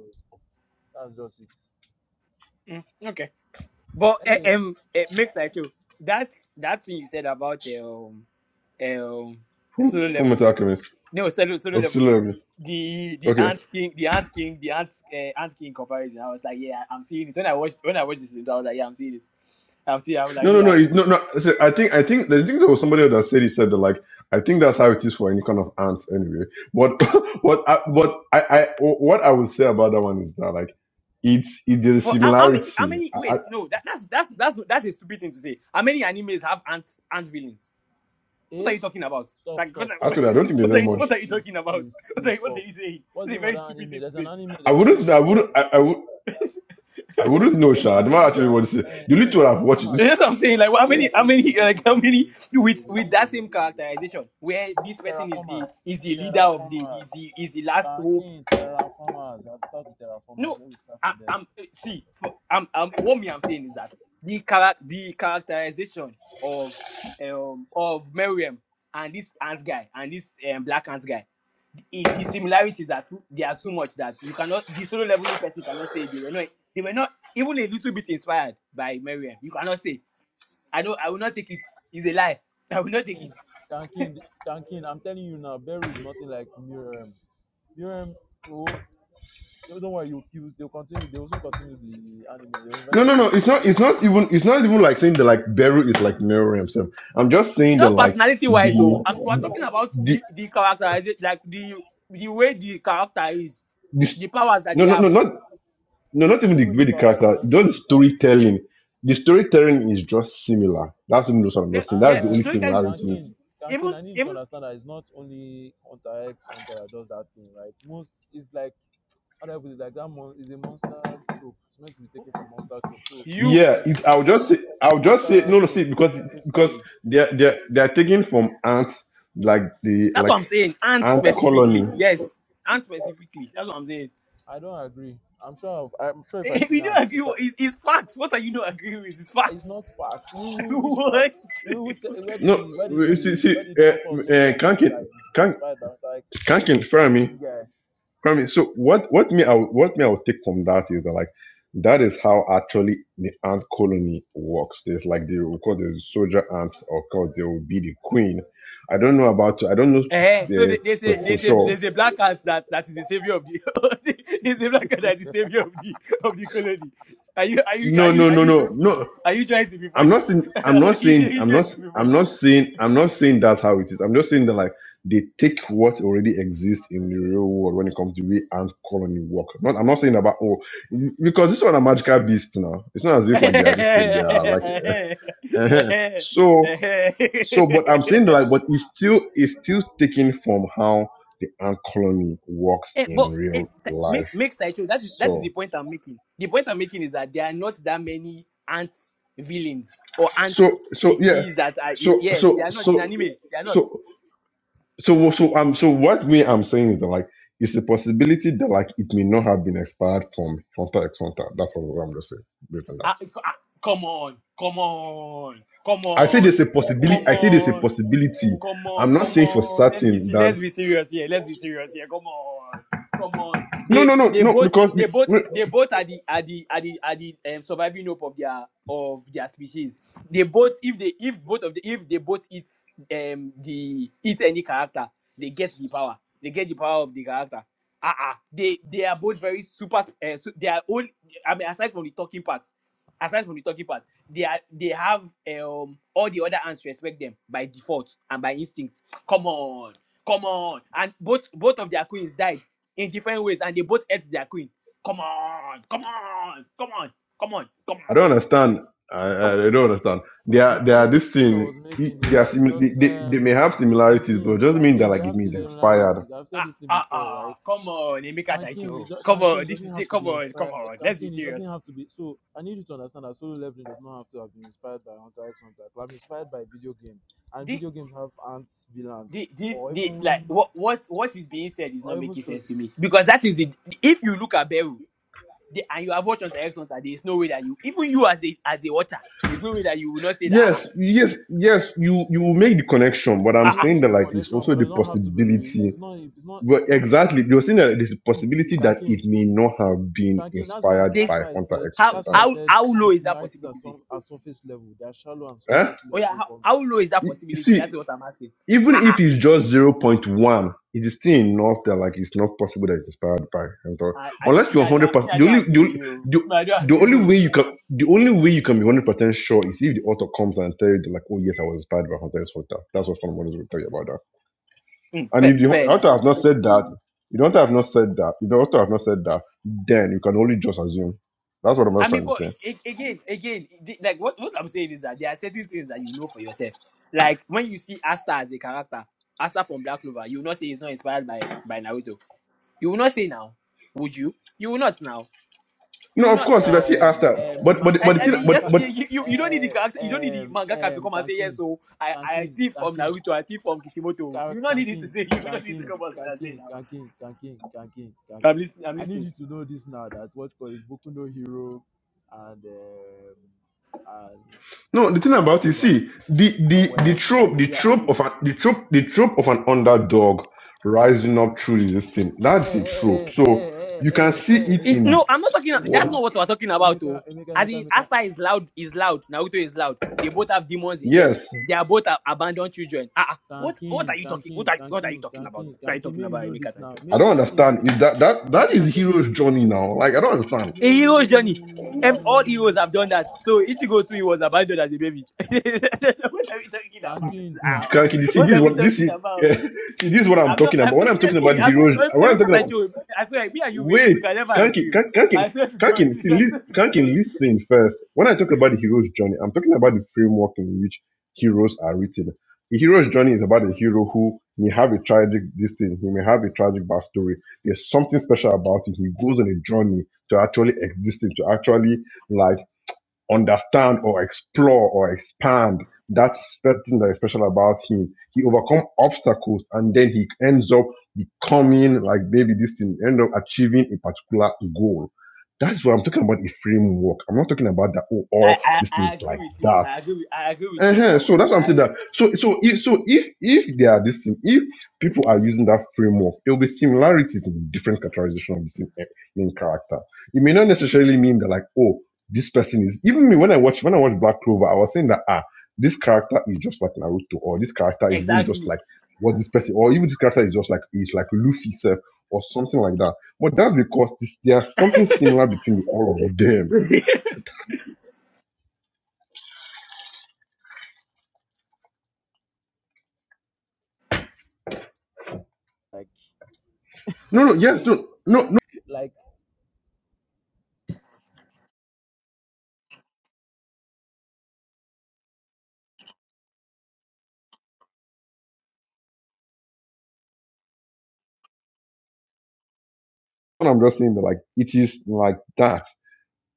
[SPEAKER 3] that's just it.
[SPEAKER 6] Mm, okay, but eh,
[SPEAKER 3] Anyway,
[SPEAKER 6] um, it makes like you that that thing you said about the um eh, um
[SPEAKER 4] full,
[SPEAKER 6] solo
[SPEAKER 4] full metal
[SPEAKER 6] leveling.
[SPEAKER 4] alchemist
[SPEAKER 6] No, solo solo leveling.
[SPEAKER 4] auxiliary,
[SPEAKER 6] The
[SPEAKER 4] okay,
[SPEAKER 6] the
[SPEAKER 4] love you.
[SPEAKER 6] ant king, the ant king, the ant uh, ant king comparison. I was like, yeah, I'm seeing it. When I watched when I watched this, I was like, yeah, I'm seeing it. I'm seeing. I was like,
[SPEAKER 4] No, no,
[SPEAKER 6] yeah,
[SPEAKER 4] no.
[SPEAKER 6] I'm
[SPEAKER 4] It's
[SPEAKER 6] seeing.
[SPEAKER 4] no, no. so I think, I think, I think there was somebody that said he said that like, I think that's how it is for any kind of ants anyway. What, what, I, what I, I, what I would say about that one is that like, it's it, there's a
[SPEAKER 6] Well, how, how many? How
[SPEAKER 4] similarity.
[SPEAKER 6] many?
[SPEAKER 4] I,
[SPEAKER 6] Wait, no, that, that's that's that's that's a stupid thing to say. How many animes have ants ant villains? What are
[SPEAKER 3] eh?
[SPEAKER 6] you talking about?
[SPEAKER 3] Stop,
[SPEAKER 6] Like, what
[SPEAKER 3] stop,
[SPEAKER 6] are,
[SPEAKER 4] I,
[SPEAKER 3] stop,
[SPEAKER 4] actually, I
[SPEAKER 3] stop.
[SPEAKER 4] don't think there's
[SPEAKER 6] what
[SPEAKER 3] Please,
[SPEAKER 6] are,
[SPEAKER 4] any
[SPEAKER 6] you,
[SPEAKER 3] stop.
[SPEAKER 4] much.
[SPEAKER 6] what are you talking
[SPEAKER 3] Please,
[SPEAKER 6] about?
[SPEAKER 3] please,
[SPEAKER 6] What are,
[SPEAKER 3] please,
[SPEAKER 6] you- what are
[SPEAKER 3] stop.
[SPEAKER 6] you saying?
[SPEAKER 3] What's
[SPEAKER 6] It's
[SPEAKER 3] the
[SPEAKER 6] a
[SPEAKER 3] name of
[SPEAKER 6] very
[SPEAKER 3] that
[SPEAKER 6] stupid
[SPEAKER 3] anime?
[SPEAKER 6] thing to
[SPEAKER 3] There's an
[SPEAKER 6] say.
[SPEAKER 3] anime.
[SPEAKER 4] I
[SPEAKER 3] There's an anime
[SPEAKER 4] wouldn't, I
[SPEAKER 3] that they are.
[SPEAKER 4] wouldn't, I, I would. I
[SPEAKER 3] What's
[SPEAKER 4] wouldn't know,
[SPEAKER 3] the um,
[SPEAKER 4] Sha. I
[SPEAKER 3] Chibi,
[SPEAKER 4] don't
[SPEAKER 3] What's the name of
[SPEAKER 4] actually
[SPEAKER 3] that?
[SPEAKER 4] want to say. You need
[SPEAKER 3] Uh,
[SPEAKER 4] to have watched it.
[SPEAKER 3] Terraformers.
[SPEAKER 6] That's what I'm saying. Like, how many,
[SPEAKER 3] Wait,
[SPEAKER 6] how
[SPEAKER 3] wait, wait,
[SPEAKER 6] many,
[SPEAKER 3] wait,
[SPEAKER 6] like,
[SPEAKER 3] wait,
[SPEAKER 6] how
[SPEAKER 3] wait, wait, wait,
[SPEAKER 6] many
[SPEAKER 3] wait, wait,
[SPEAKER 6] with
[SPEAKER 3] wait, wait,
[SPEAKER 6] with that
[SPEAKER 3] wait, wait,
[SPEAKER 6] same
[SPEAKER 3] wait, wait,
[SPEAKER 6] characterization, where
[SPEAKER 3] wait. The-
[SPEAKER 6] this person is the
[SPEAKER 3] Terraformers.
[SPEAKER 6] is the leader of the is
[SPEAKER 3] Terraformers.
[SPEAKER 6] the is the last hope.
[SPEAKER 3] Kankin, Terraformers. I'll start with Terraformers.
[SPEAKER 6] No,
[SPEAKER 3] Where we start from
[SPEAKER 6] I,
[SPEAKER 3] there.
[SPEAKER 6] I'm see. For, I'm, I'm what me I'm saying is that the charac the characterization of um of Miriam and this ants guy and this um, black ants guy it, the similarities are too they are too much that you cannot the solo leveling person cannot say they were not they were not even a little bit inspired by Miriam. You cannot say. I know I will not take it. It's a lie. I will not take it.
[SPEAKER 3] Kankin, Kankin, Kankin, I'm telling you now, Beru is nothing like Miriam. Miriam, oh, don't worry, you kill, they'll continue, they will soon continue the anime, they will
[SPEAKER 4] No,
[SPEAKER 3] eventually
[SPEAKER 4] no, no. It's
[SPEAKER 3] continue the
[SPEAKER 4] not.
[SPEAKER 3] anime,
[SPEAKER 4] It's
[SPEAKER 3] you'll
[SPEAKER 4] not
[SPEAKER 3] see
[SPEAKER 4] even. It's
[SPEAKER 3] it.
[SPEAKER 4] not even like saying that like Beru is like mirroring himself. I'm just saying that
[SPEAKER 6] Not
[SPEAKER 4] like
[SPEAKER 6] personality
[SPEAKER 4] the
[SPEAKER 6] wise though. I'm, we're talking about
[SPEAKER 4] the
[SPEAKER 6] the the characterization like the the way the character is,
[SPEAKER 4] the.
[SPEAKER 6] the powers that
[SPEAKER 4] No,
[SPEAKER 6] they
[SPEAKER 4] no, no,
[SPEAKER 6] have.
[SPEAKER 4] not No, not even the
[SPEAKER 3] Even
[SPEAKER 4] way
[SPEAKER 3] the
[SPEAKER 4] the
[SPEAKER 3] powers are
[SPEAKER 4] character,
[SPEAKER 3] not the
[SPEAKER 4] just the
[SPEAKER 3] same thing.
[SPEAKER 4] storytelling. The storytelling is just similar. That's even what I'm not
[SPEAKER 6] Yeah,
[SPEAKER 4] saying.
[SPEAKER 6] yeah.
[SPEAKER 4] That's the only
[SPEAKER 6] You
[SPEAKER 3] And
[SPEAKER 6] know, you
[SPEAKER 3] um,
[SPEAKER 6] can
[SPEAKER 4] similarities.
[SPEAKER 3] Kankin, Kankin,
[SPEAKER 6] even
[SPEAKER 3] I need you to
[SPEAKER 6] even
[SPEAKER 3] understand that it's not only Hunter X, Hunter that does that thing, right? Most, it's like, how do I put it, like that mon- is a monster trope. It's meant to be taken from monster trope. So,
[SPEAKER 6] you
[SPEAKER 4] Yeah,
[SPEAKER 3] yes,
[SPEAKER 4] it, I'll just say,
[SPEAKER 3] it's a
[SPEAKER 4] I'll just say,
[SPEAKER 3] monster
[SPEAKER 4] no, no, see,
[SPEAKER 3] trope,
[SPEAKER 4] because because
[SPEAKER 3] basically.
[SPEAKER 4] they're they're they're taken from ants like the
[SPEAKER 6] that's
[SPEAKER 4] like
[SPEAKER 6] what I'm saying. And
[SPEAKER 4] ant
[SPEAKER 6] specifically.
[SPEAKER 4] colony.
[SPEAKER 6] Yes. And specifically. That's what I'm saying.
[SPEAKER 3] I don't agree. I'm sure. Of, I'm sure if I sit
[SPEAKER 6] you
[SPEAKER 3] down,
[SPEAKER 6] don't agree.
[SPEAKER 3] if I,
[SPEAKER 6] It's, it's facts. What are you not agreeing with? It's
[SPEAKER 3] it's
[SPEAKER 6] facts.
[SPEAKER 3] not facts. We, we, which
[SPEAKER 6] what?
[SPEAKER 3] facts? We, who say, where did
[SPEAKER 4] No,
[SPEAKER 3] the where did
[SPEAKER 4] w- see,
[SPEAKER 3] the
[SPEAKER 4] see,
[SPEAKER 3] where did
[SPEAKER 4] uh,
[SPEAKER 3] the author of Solo
[SPEAKER 4] uh,
[SPEAKER 3] Level
[SPEAKER 4] can't
[SPEAKER 3] say that
[SPEAKER 4] can
[SPEAKER 3] it's
[SPEAKER 4] can't
[SPEAKER 3] inspired by mental health?
[SPEAKER 4] can't confirm
[SPEAKER 3] See
[SPEAKER 4] me.
[SPEAKER 3] this guy.
[SPEAKER 4] I mean, so what what me I would- what me I would take from that is that like that is how actually the ant colony works. There's like the of course there's soldier ants, of course there will be the queen. I don't know about I don't know
[SPEAKER 6] Eh, so
[SPEAKER 4] uh,
[SPEAKER 6] they, they
[SPEAKER 4] for
[SPEAKER 6] say
[SPEAKER 4] for
[SPEAKER 6] they say
[SPEAKER 4] sure.
[SPEAKER 6] there's a black cat that, that is the savior of the there's a black cat that is the savior of the of the colony. Are you are you are
[SPEAKER 4] No,
[SPEAKER 6] you
[SPEAKER 4] no,
[SPEAKER 6] are
[SPEAKER 4] no,
[SPEAKER 6] you
[SPEAKER 4] no,
[SPEAKER 6] joking?
[SPEAKER 4] no.
[SPEAKER 6] Are you trying to be
[SPEAKER 4] I'm
[SPEAKER 6] funny?
[SPEAKER 4] not saying I'm not
[SPEAKER 6] are you, are
[SPEAKER 4] saying
[SPEAKER 6] you
[SPEAKER 4] I'm
[SPEAKER 6] trying
[SPEAKER 4] not
[SPEAKER 6] to
[SPEAKER 4] I'm not saying I'm not saying that's how it is. I'm just saying that like they take what already exists in the real world when it comes to way ant colony work. Not I'm not saying about oh because this one a magical beast now. It's not as if like they are just they are like eh,
[SPEAKER 6] be
[SPEAKER 4] so so but I'm
[SPEAKER 6] funny?
[SPEAKER 4] saying that like but it's still it's still taken from how the ant colony works
[SPEAKER 6] Eh, but
[SPEAKER 4] in
[SPEAKER 6] it
[SPEAKER 4] real
[SPEAKER 6] th- make,
[SPEAKER 4] life.
[SPEAKER 6] makes Taicho. That is that is the
[SPEAKER 4] So
[SPEAKER 6] point I'm making. The point I'm making is that there are not that many ant villains or ant
[SPEAKER 4] so so yeah
[SPEAKER 6] species that are in.
[SPEAKER 4] so
[SPEAKER 6] Yes, they
[SPEAKER 4] so
[SPEAKER 6] are not in
[SPEAKER 4] so
[SPEAKER 6] anime. They are not.
[SPEAKER 4] so so so um so what me I'm saying is that like it's a possibility that like it may not have been expired from Fanta ex Fanta. That's what I'm just saying based on that.
[SPEAKER 6] Ah, c- ah, come on, come on, come
[SPEAKER 4] I say
[SPEAKER 6] on,
[SPEAKER 4] there's a possibility.
[SPEAKER 6] come
[SPEAKER 4] I say there's a
[SPEAKER 6] on.
[SPEAKER 4] possibility.
[SPEAKER 6] Come on,
[SPEAKER 4] I'm not
[SPEAKER 6] come
[SPEAKER 4] saying for
[SPEAKER 6] on. Let's be
[SPEAKER 4] certain
[SPEAKER 6] se-
[SPEAKER 4] that
[SPEAKER 6] let's be serious here. Let's be serious here. Come on, come on.
[SPEAKER 4] no
[SPEAKER 6] They
[SPEAKER 4] no no
[SPEAKER 6] they
[SPEAKER 4] no
[SPEAKER 6] both
[SPEAKER 4] because
[SPEAKER 6] they
[SPEAKER 4] be-
[SPEAKER 6] both
[SPEAKER 4] no,
[SPEAKER 6] they both are the are the are the are the um, surviving hope of their of their species. They both if they if both of the if they both eat um the eat any character, they get the power. They get the power of the character. Ah ah. They they are both very super. Uh, su- they are all. I mean, aside from the talking parts aside from the talking part, they are they have um all the other ants respect them by default and by instinct. Come on, come on, and both both of their queens died in different ways, and they both ate their queen. Come on, come on, come on, come on, come
[SPEAKER 4] I
[SPEAKER 6] on,
[SPEAKER 4] don't understand. I, I
[SPEAKER 6] come.
[SPEAKER 4] I don't understand. They
[SPEAKER 3] The
[SPEAKER 4] are they are
[SPEAKER 3] point
[SPEAKER 4] this
[SPEAKER 3] I
[SPEAKER 4] thing.
[SPEAKER 3] was
[SPEAKER 4] e-
[SPEAKER 3] making is
[SPEAKER 4] They are
[SPEAKER 3] that it
[SPEAKER 4] simi- they,
[SPEAKER 3] doesn't.
[SPEAKER 4] they, they may have
[SPEAKER 3] Um,
[SPEAKER 4] similarities, but it
[SPEAKER 3] Kankin,
[SPEAKER 4] doesn't mean that
[SPEAKER 3] Kankin, they
[SPEAKER 4] like it
[SPEAKER 3] have
[SPEAKER 4] means they're expired.
[SPEAKER 3] similarities. I've said
[SPEAKER 6] Ah,
[SPEAKER 3] this thing
[SPEAKER 6] ah,
[SPEAKER 3] before,
[SPEAKER 6] ah,
[SPEAKER 3] right?
[SPEAKER 6] come on, Emeka
[SPEAKER 3] Kankin, he
[SPEAKER 6] Taicho.
[SPEAKER 3] do-
[SPEAKER 6] Come
[SPEAKER 3] Kankin,
[SPEAKER 6] on,
[SPEAKER 3] he
[SPEAKER 6] this is
[SPEAKER 3] doesn't
[SPEAKER 6] the,
[SPEAKER 3] have to
[SPEAKER 6] come
[SPEAKER 3] be
[SPEAKER 6] on, come
[SPEAKER 3] inspired. uh,
[SPEAKER 6] on. Let's be
[SPEAKER 3] Kankin, it doesn't
[SPEAKER 6] serious.
[SPEAKER 3] have to be. So I need you to understand that solo leveling does not have to have been inspired by Hunter X Hunter. I'm inspired by video game, and
[SPEAKER 6] The,
[SPEAKER 3] video games have ants, villains,
[SPEAKER 6] the, this,
[SPEAKER 3] or
[SPEAKER 6] the, like,
[SPEAKER 3] even
[SPEAKER 6] what, what, what is being said is not
[SPEAKER 3] or even
[SPEAKER 6] making sense to me
[SPEAKER 3] stories.
[SPEAKER 6] because that is the. If you look at Beru, They, and you have watched on the X Hunter, there's no way that you, even you as a as a watcher, there's no way that you will not say that ah ah
[SPEAKER 4] Yes, yes, yes. You you will make the connection, but I'm
[SPEAKER 6] ah.
[SPEAKER 3] You will
[SPEAKER 6] ah,
[SPEAKER 4] saying
[SPEAKER 3] make
[SPEAKER 4] that
[SPEAKER 3] the
[SPEAKER 4] like it's
[SPEAKER 3] connection,
[SPEAKER 4] also
[SPEAKER 3] but
[SPEAKER 4] the
[SPEAKER 3] it don't have to be. Re-
[SPEAKER 4] possibility
[SPEAKER 3] it's not. It's not.
[SPEAKER 4] Well,
[SPEAKER 3] It's not.
[SPEAKER 4] exactly. There
[SPEAKER 3] See,
[SPEAKER 4] was still the the
[SPEAKER 3] see, see.
[SPEAKER 4] possibility that
[SPEAKER 3] Kankin,
[SPEAKER 4] it may not have been
[SPEAKER 3] Kankin. That's why.
[SPEAKER 4] inspired
[SPEAKER 3] That's
[SPEAKER 4] by
[SPEAKER 3] why I
[SPEAKER 4] Hunter
[SPEAKER 3] said.
[SPEAKER 4] X
[SPEAKER 6] how
[SPEAKER 3] That's why
[SPEAKER 4] Hunter.
[SPEAKER 3] I
[SPEAKER 6] how
[SPEAKER 3] said
[SPEAKER 6] how
[SPEAKER 3] the
[SPEAKER 6] low is that
[SPEAKER 3] similarities are
[SPEAKER 6] possibility?
[SPEAKER 3] some are surface level. They are shallow and
[SPEAKER 4] Huh?
[SPEAKER 3] surface
[SPEAKER 6] Oh yeah,
[SPEAKER 3] level
[SPEAKER 6] how,
[SPEAKER 3] compared.
[SPEAKER 6] how low is that
[SPEAKER 4] You-
[SPEAKER 6] possibility?
[SPEAKER 4] See,
[SPEAKER 6] That's what I'm asking.
[SPEAKER 4] even
[SPEAKER 6] Ah
[SPEAKER 4] if
[SPEAKER 6] ah.
[SPEAKER 4] it's just zero point 0.1, it is still enough that like it's not possible that it's inspired by Hunter.
[SPEAKER 6] I, I don't
[SPEAKER 4] Unless
[SPEAKER 6] me
[SPEAKER 4] you're
[SPEAKER 6] I
[SPEAKER 4] 100
[SPEAKER 6] don't me
[SPEAKER 4] percent
[SPEAKER 6] I
[SPEAKER 4] the
[SPEAKER 6] don't
[SPEAKER 4] only
[SPEAKER 6] agree
[SPEAKER 4] the,
[SPEAKER 6] with
[SPEAKER 4] only-
[SPEAKER 6] you.
[SPEAKER 4] the,
[SPEAKER 6] Me, I don't
[SPEAKER 4] the
[SPEAKER 6] agree.
[SPEAKER 4] only
[SPEAKER 6] oh.
[SPEAKER 4] way you can the only way you can be 100 percent sure is if the author comes and tell you that, like, oh yes, I was inspired by Hunter X Hunter. That's what someone is going to tell you about
[SPEAKER 6] Mm,
[SPEAKER 4] And
[SPEAKER 6] fair,
[SPEAKER 4] if the
[SPEAKER 6] fair enough.
[SPEAKER 4] author has not said that, if the author has not said that, if the author has not said that, then you can only just assume. That's what I'm
[SPEAKER 6] I
[SPEAKER 4] just
[SPEAKER 6] mean,
[SPEAKER 4] trying to
[SPEAKER 6] but
[SPEAKER 4] say.
[SPEAKER 6] a- again, again, the- like what, what I'm saying is that there are certain things that you know for yourself. Like when you see Asta as a character, Asta from Black Clover, you will not say he's not inspired by by Naruto You will not say now, would you? You will not now. You
[SPEAKER 4] No,
[SPEAKER 6] will
[SPEAKER 4] of
[SPEAKER 6] not
[SPEAKER 4] course, if I
[SPEAKER 6] now.
[SPEAKER 4] see
[SPEAKER 3] um,
[SPEAKER 4] after,
[SPEAKER 3] um, the
[SPEAKER 4] but but
[SPEAKER 3] manga,
[SPEAKER 6] I,
[SPEAKER 4] but the
[SPEAKER 6] I,
[SPEAKER 3] the
[SPEAKER 4] thing,
[SPEAKER 6] you,
[SPEAKER 4] but
[SPEAKER 6] just,
[SPEAKER 3] mangaka,
[SPEAKER 6] you,
[SPEAKER 4] but
[SPEAKER 6] you, you don't need the
[SPEAKER 3] um,
[SPEAKER 6] character, you don't need the
[SPEAKER 3] um,
[SPEAKER 6] mangaka to
[SPEAKER 3] um,
[SPEAKER 6] come and say yes.
[SPEAKER 3] Kankin,
[SPEAKER 6] So I, I
[SPEAKER 3] Kankin,
[SPEAKER 6] thief from
[SPEAKER 3] Kankin,
[SPEAKER 6] Naruto, I thief from Kishimoto.
[SPEAKER 3] Ka-
[SPEAKER 6] You don't need it to
[SPEAKER 3] Kankin,
[SPEAKER 6] say. You don't need to
[SPEAKER 3] Kankin,
[SPEAKER 6] come out and say
[SPEAKER 3] Kankin,
[SPEAKER 6] now.
[SPEAKER 3] Kankin, Kankin, Kankin,
[SPEAKER 6] I'm
[SPEAKER 3] Kankin.
[SPEAKER 6] listening. I'm
[SPEAKER 3] I need
[SPEAKER 6] listening.
[SPEAKER 3] you to know this now. That what called is Boku no Hero and um, and
[SPEAKER 4] no, the thing
[SPEAKER 3] Black
[SPEAKER 4] about it,
[SPEAKER 3] Clover
[SPEAKER 4] see, the the the
[SPEAKER 3] were like
[SPEAKER 4] trope, the
[SPEAKER 3] they are
[SPEAKER 4] trope
[SPEAKER 3] with
[SPEAKER 4] of an the trope, the trope of an underdog rising up through this thing.
[SPEAKER 3] eh eh
[SPEAKER 4] That's a
[SPEAKER 3] eh
[SPEAKER 4] trope.
[SPEAKER 3] eh eh
[SPEAKER 4] So
[SPEAKER 3] eh
[SPEAKER 4] you can
[SPEAKER 3] eh
[SPEAKER 4] see
[SPEAKER 3] eh
[SPEAKER 4] it
[SPEAKER 3] eh
[SPEAKER 6] It's
[SPEAKER 3] eh,
[SPEAKER 4] in
[SPEAKER 3] Emeka,
[SPEAKER 6] no. I'm not talking. That's
[SPEAKER 4] what.
[SPEAKER 3] Emeka,
[SPEAKER 6] not what we're talking about.
[SPEAKER 3] Emeka,
[SPEAKER 6] Oh,
[SPEAKER 3] Emeka,
[SPEAKER 6] as
[SPEAKER 3] Emeka,
[SPEAKER 6] in,
[SPEAKER 3] Emeka.
[SPEAKER 6] Asta is loud. Is loud. Naruto is loud. They both have demons in them.
[SPEAKER 4] Yes,
[SPEAKER 6] They are both a- abandoned children. Ah, ah. what what are
[SPEAKER 3] Kankin,
[SPEAKER 6] you talking? What
[SPEAKER 3] Kankin,
[SPEAKER 6] are what are you
[SPEAKER 3] Kankin,
[SPEAKER 6] talking about?
[SPEAKER 3] Kankin,
[SPEAKER 6] What are you
[SPEAKER 3] Kankin.
[SPEAKER 6] talking
[SPEAKER 3] May you
[SPEAKER 6] about,
[SPEAKER 3] know
[SPEAKER 6] Emeka
[SPEAKER 3] this
[SPEAKER 6] Tacho?
[SPEAKER 3] now.
[SPEAKER 4] I
[SPEAKER 3] Make
[SPEAKER 4] don't
[SPEAKER 3] Kankin. I
[SPEAKER 4] understand.
[SPEAKER 3] think
[SPEAKER 4] Is that that that
[SPEAKER 3] Kankin. I've
[SPEAKER 4] is
[SPEAKER 3] told you this
[SPEAKER 4] hero's
[SPEAKER 3] thing
[SPEAKER 4] journey
[SPEAKER 3] before.
[SPEAKER 4] now? Like I don't understand.
[SPEAKER 6] A
[SPEAKER 3] No, no, no,
[SPEAKER 6] hero's
[SPEAKER 3] no, no, no, no,
[SPEAKER 6] journey.
[SPEAKER 3] no, no,
[SPEAKER 6] Ev-
[SPEAKER 3] no, no,
[SPEAKER 6] all
[SPEAKER 3] no,
[SPEAKER 6] heroes
[SPEAKER 3] no. no.
[SPEAKER 6] have done that. So Ichigo too, he was abandoned as a baby. what are we talking about
[SPEAKER 3] Kankin,
[SPEAKER 6] now?
[SPEAKER 4] Kanki, you
[SPEAKER 3] Kankin,
[SPEAKER 4] see,
[SPEAKER 6] What
[SPEAKER 4] this is
[SPEAKER 6] are we
[SPEAKER 4] what
[SPEAKER 3] Kankin.
[SPEAKER 4] this
[SPEAKER 6] talking
[SPEAKER 4] is
[SPEAKER 6] about?
[SPEAKER 4] see, this is what I'm
[SPEAKER 6] I'm not.
[SPEAKER 4] talking
[SPEAKER 6] I
[SPEAKER 4] about. When
[SPEAKER 6] mean,
[SPEAKER 4] I'm
[SPEAKER 6] I
[SPEAKER 4] talking
[SPEAKER 3] Ooh.
[SPEAKER 4] about
[SPEAKER 6] mean,
[SPEAKER 4] the
[SPEAKER 6] I mean,
[SPEAKER 4] heroes,
[SPEAKER 6] I I
[SPEAKER 4] when I'm
[SPEAKER 6] look at
[SPEAKER 4] talking
[SPEAKER 6] that
[SPEAKER 4] about
[SPEAKER 6] you. I swear, me and you, we,
[SPEAKER 4] wait,
[SPEAKER 6] we can never
[SPEAKER 4] Kanki,
[SPEAKER 6] agree. oh.
[SPEAKER 4] Kan- Kanki,
[SPEAKER 6] I swear to God.
[SPEAKER 4] Kanki,
[SPEAKER 6] I
[SPEAKER 4] see,
[SPEAKER 6] swear
[SPEAKER 4] lis-
[SPEAKER 6] to
[SPEAKER 4] Kanki,
[SPEAKER 6] God.
[SPEAKER 4] listen first. When I talk about the hero's journey, I'm talking about the framework in which heroes are written. The hero's journey is about a hero who may have a tragic this thing, he may have a tragic backstory. There's something special about it. He goes on a journey to actually existing, to actually like understand or explore or expand. That's the thing that is special about him. He overcome obstacles and then he ends up becoming like maybe this thing, end up achieving a particular goal. That is what I'm talking about a framework. I'm not talking about that, oh,
[SPEAKER 6] I,
[SPEAKER 4] all
[SPEAKER 6] I,
[SPEAKER 4] these
[SPEAKER 6] I
[SPEAKER 4] things
[SPEAKER 6] agree
[SPEAKER 4] like
[SPEAKER 6] with you.
[SPEAKER 4] that
[SPEAKER 6] I agree. With, I agree with
[SPEAKER 4] uh
[SPEAKER 6] you in
[SPEAKER 4] huh.
[SPEAKER 6] that one.
[SPEAKER 4] So that's what I'm
[SPEAKER 6] I
[SPEAKER 4] saying. That
[SPEAKER 6] agree.
[SPEAKER 4] so so if so if if they are this thing, if people are using that framework, there will be similarities in the different characterization of the same eh, main character. It may not necessarily mean that like oh this person is even me when I watch when I watch Black Clover, I was saying that ah this character is just like Naruto or this character is even just
[SPEAKER 6] Exactly.
[SPEAKER 4] like what this person or even this character is just like is like Luffy self or something like that. But that's because this, there's something similar between all of them. No, no, yes, no, no, no.
[SPEAKER 3] Like
[SPEAKER 4] what I'm just saying that like it is like that.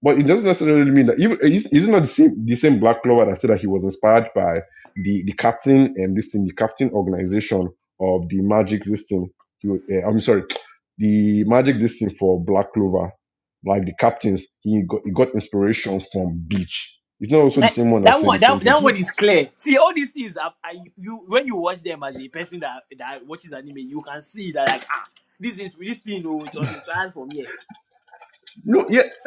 [SPEAKER 4] But it doesn't necessarily mean that even is is it not the same the same Black Clover that said that he was inspired by the the captain and this thing, the captain organization of the magic this thing. He was, uh, I'm sorry, the magic this thing for Black Clover, like the captains, he got he got inspiration from Beach. It's not also the
[SPEAKER 6] Eh,
[SPEAKER 4] same one that
[SPEAKER 6] That
[SPEAKER 4] said
[SPEAKER 6] one,
[SPEAKER 4] the same
[SPEAKER 6] that,
[SPEAKER 4] thing
[SPEAKER 6] that
[SPEAKER 4] to him.
[SPEAKER 6] one is clear. See, all these things are, are you, you when you watch them as a person that that watches anime, you can see that like ah, this is this thing oh, it was inspired from here,
[SPEAKER 4] No, yeah,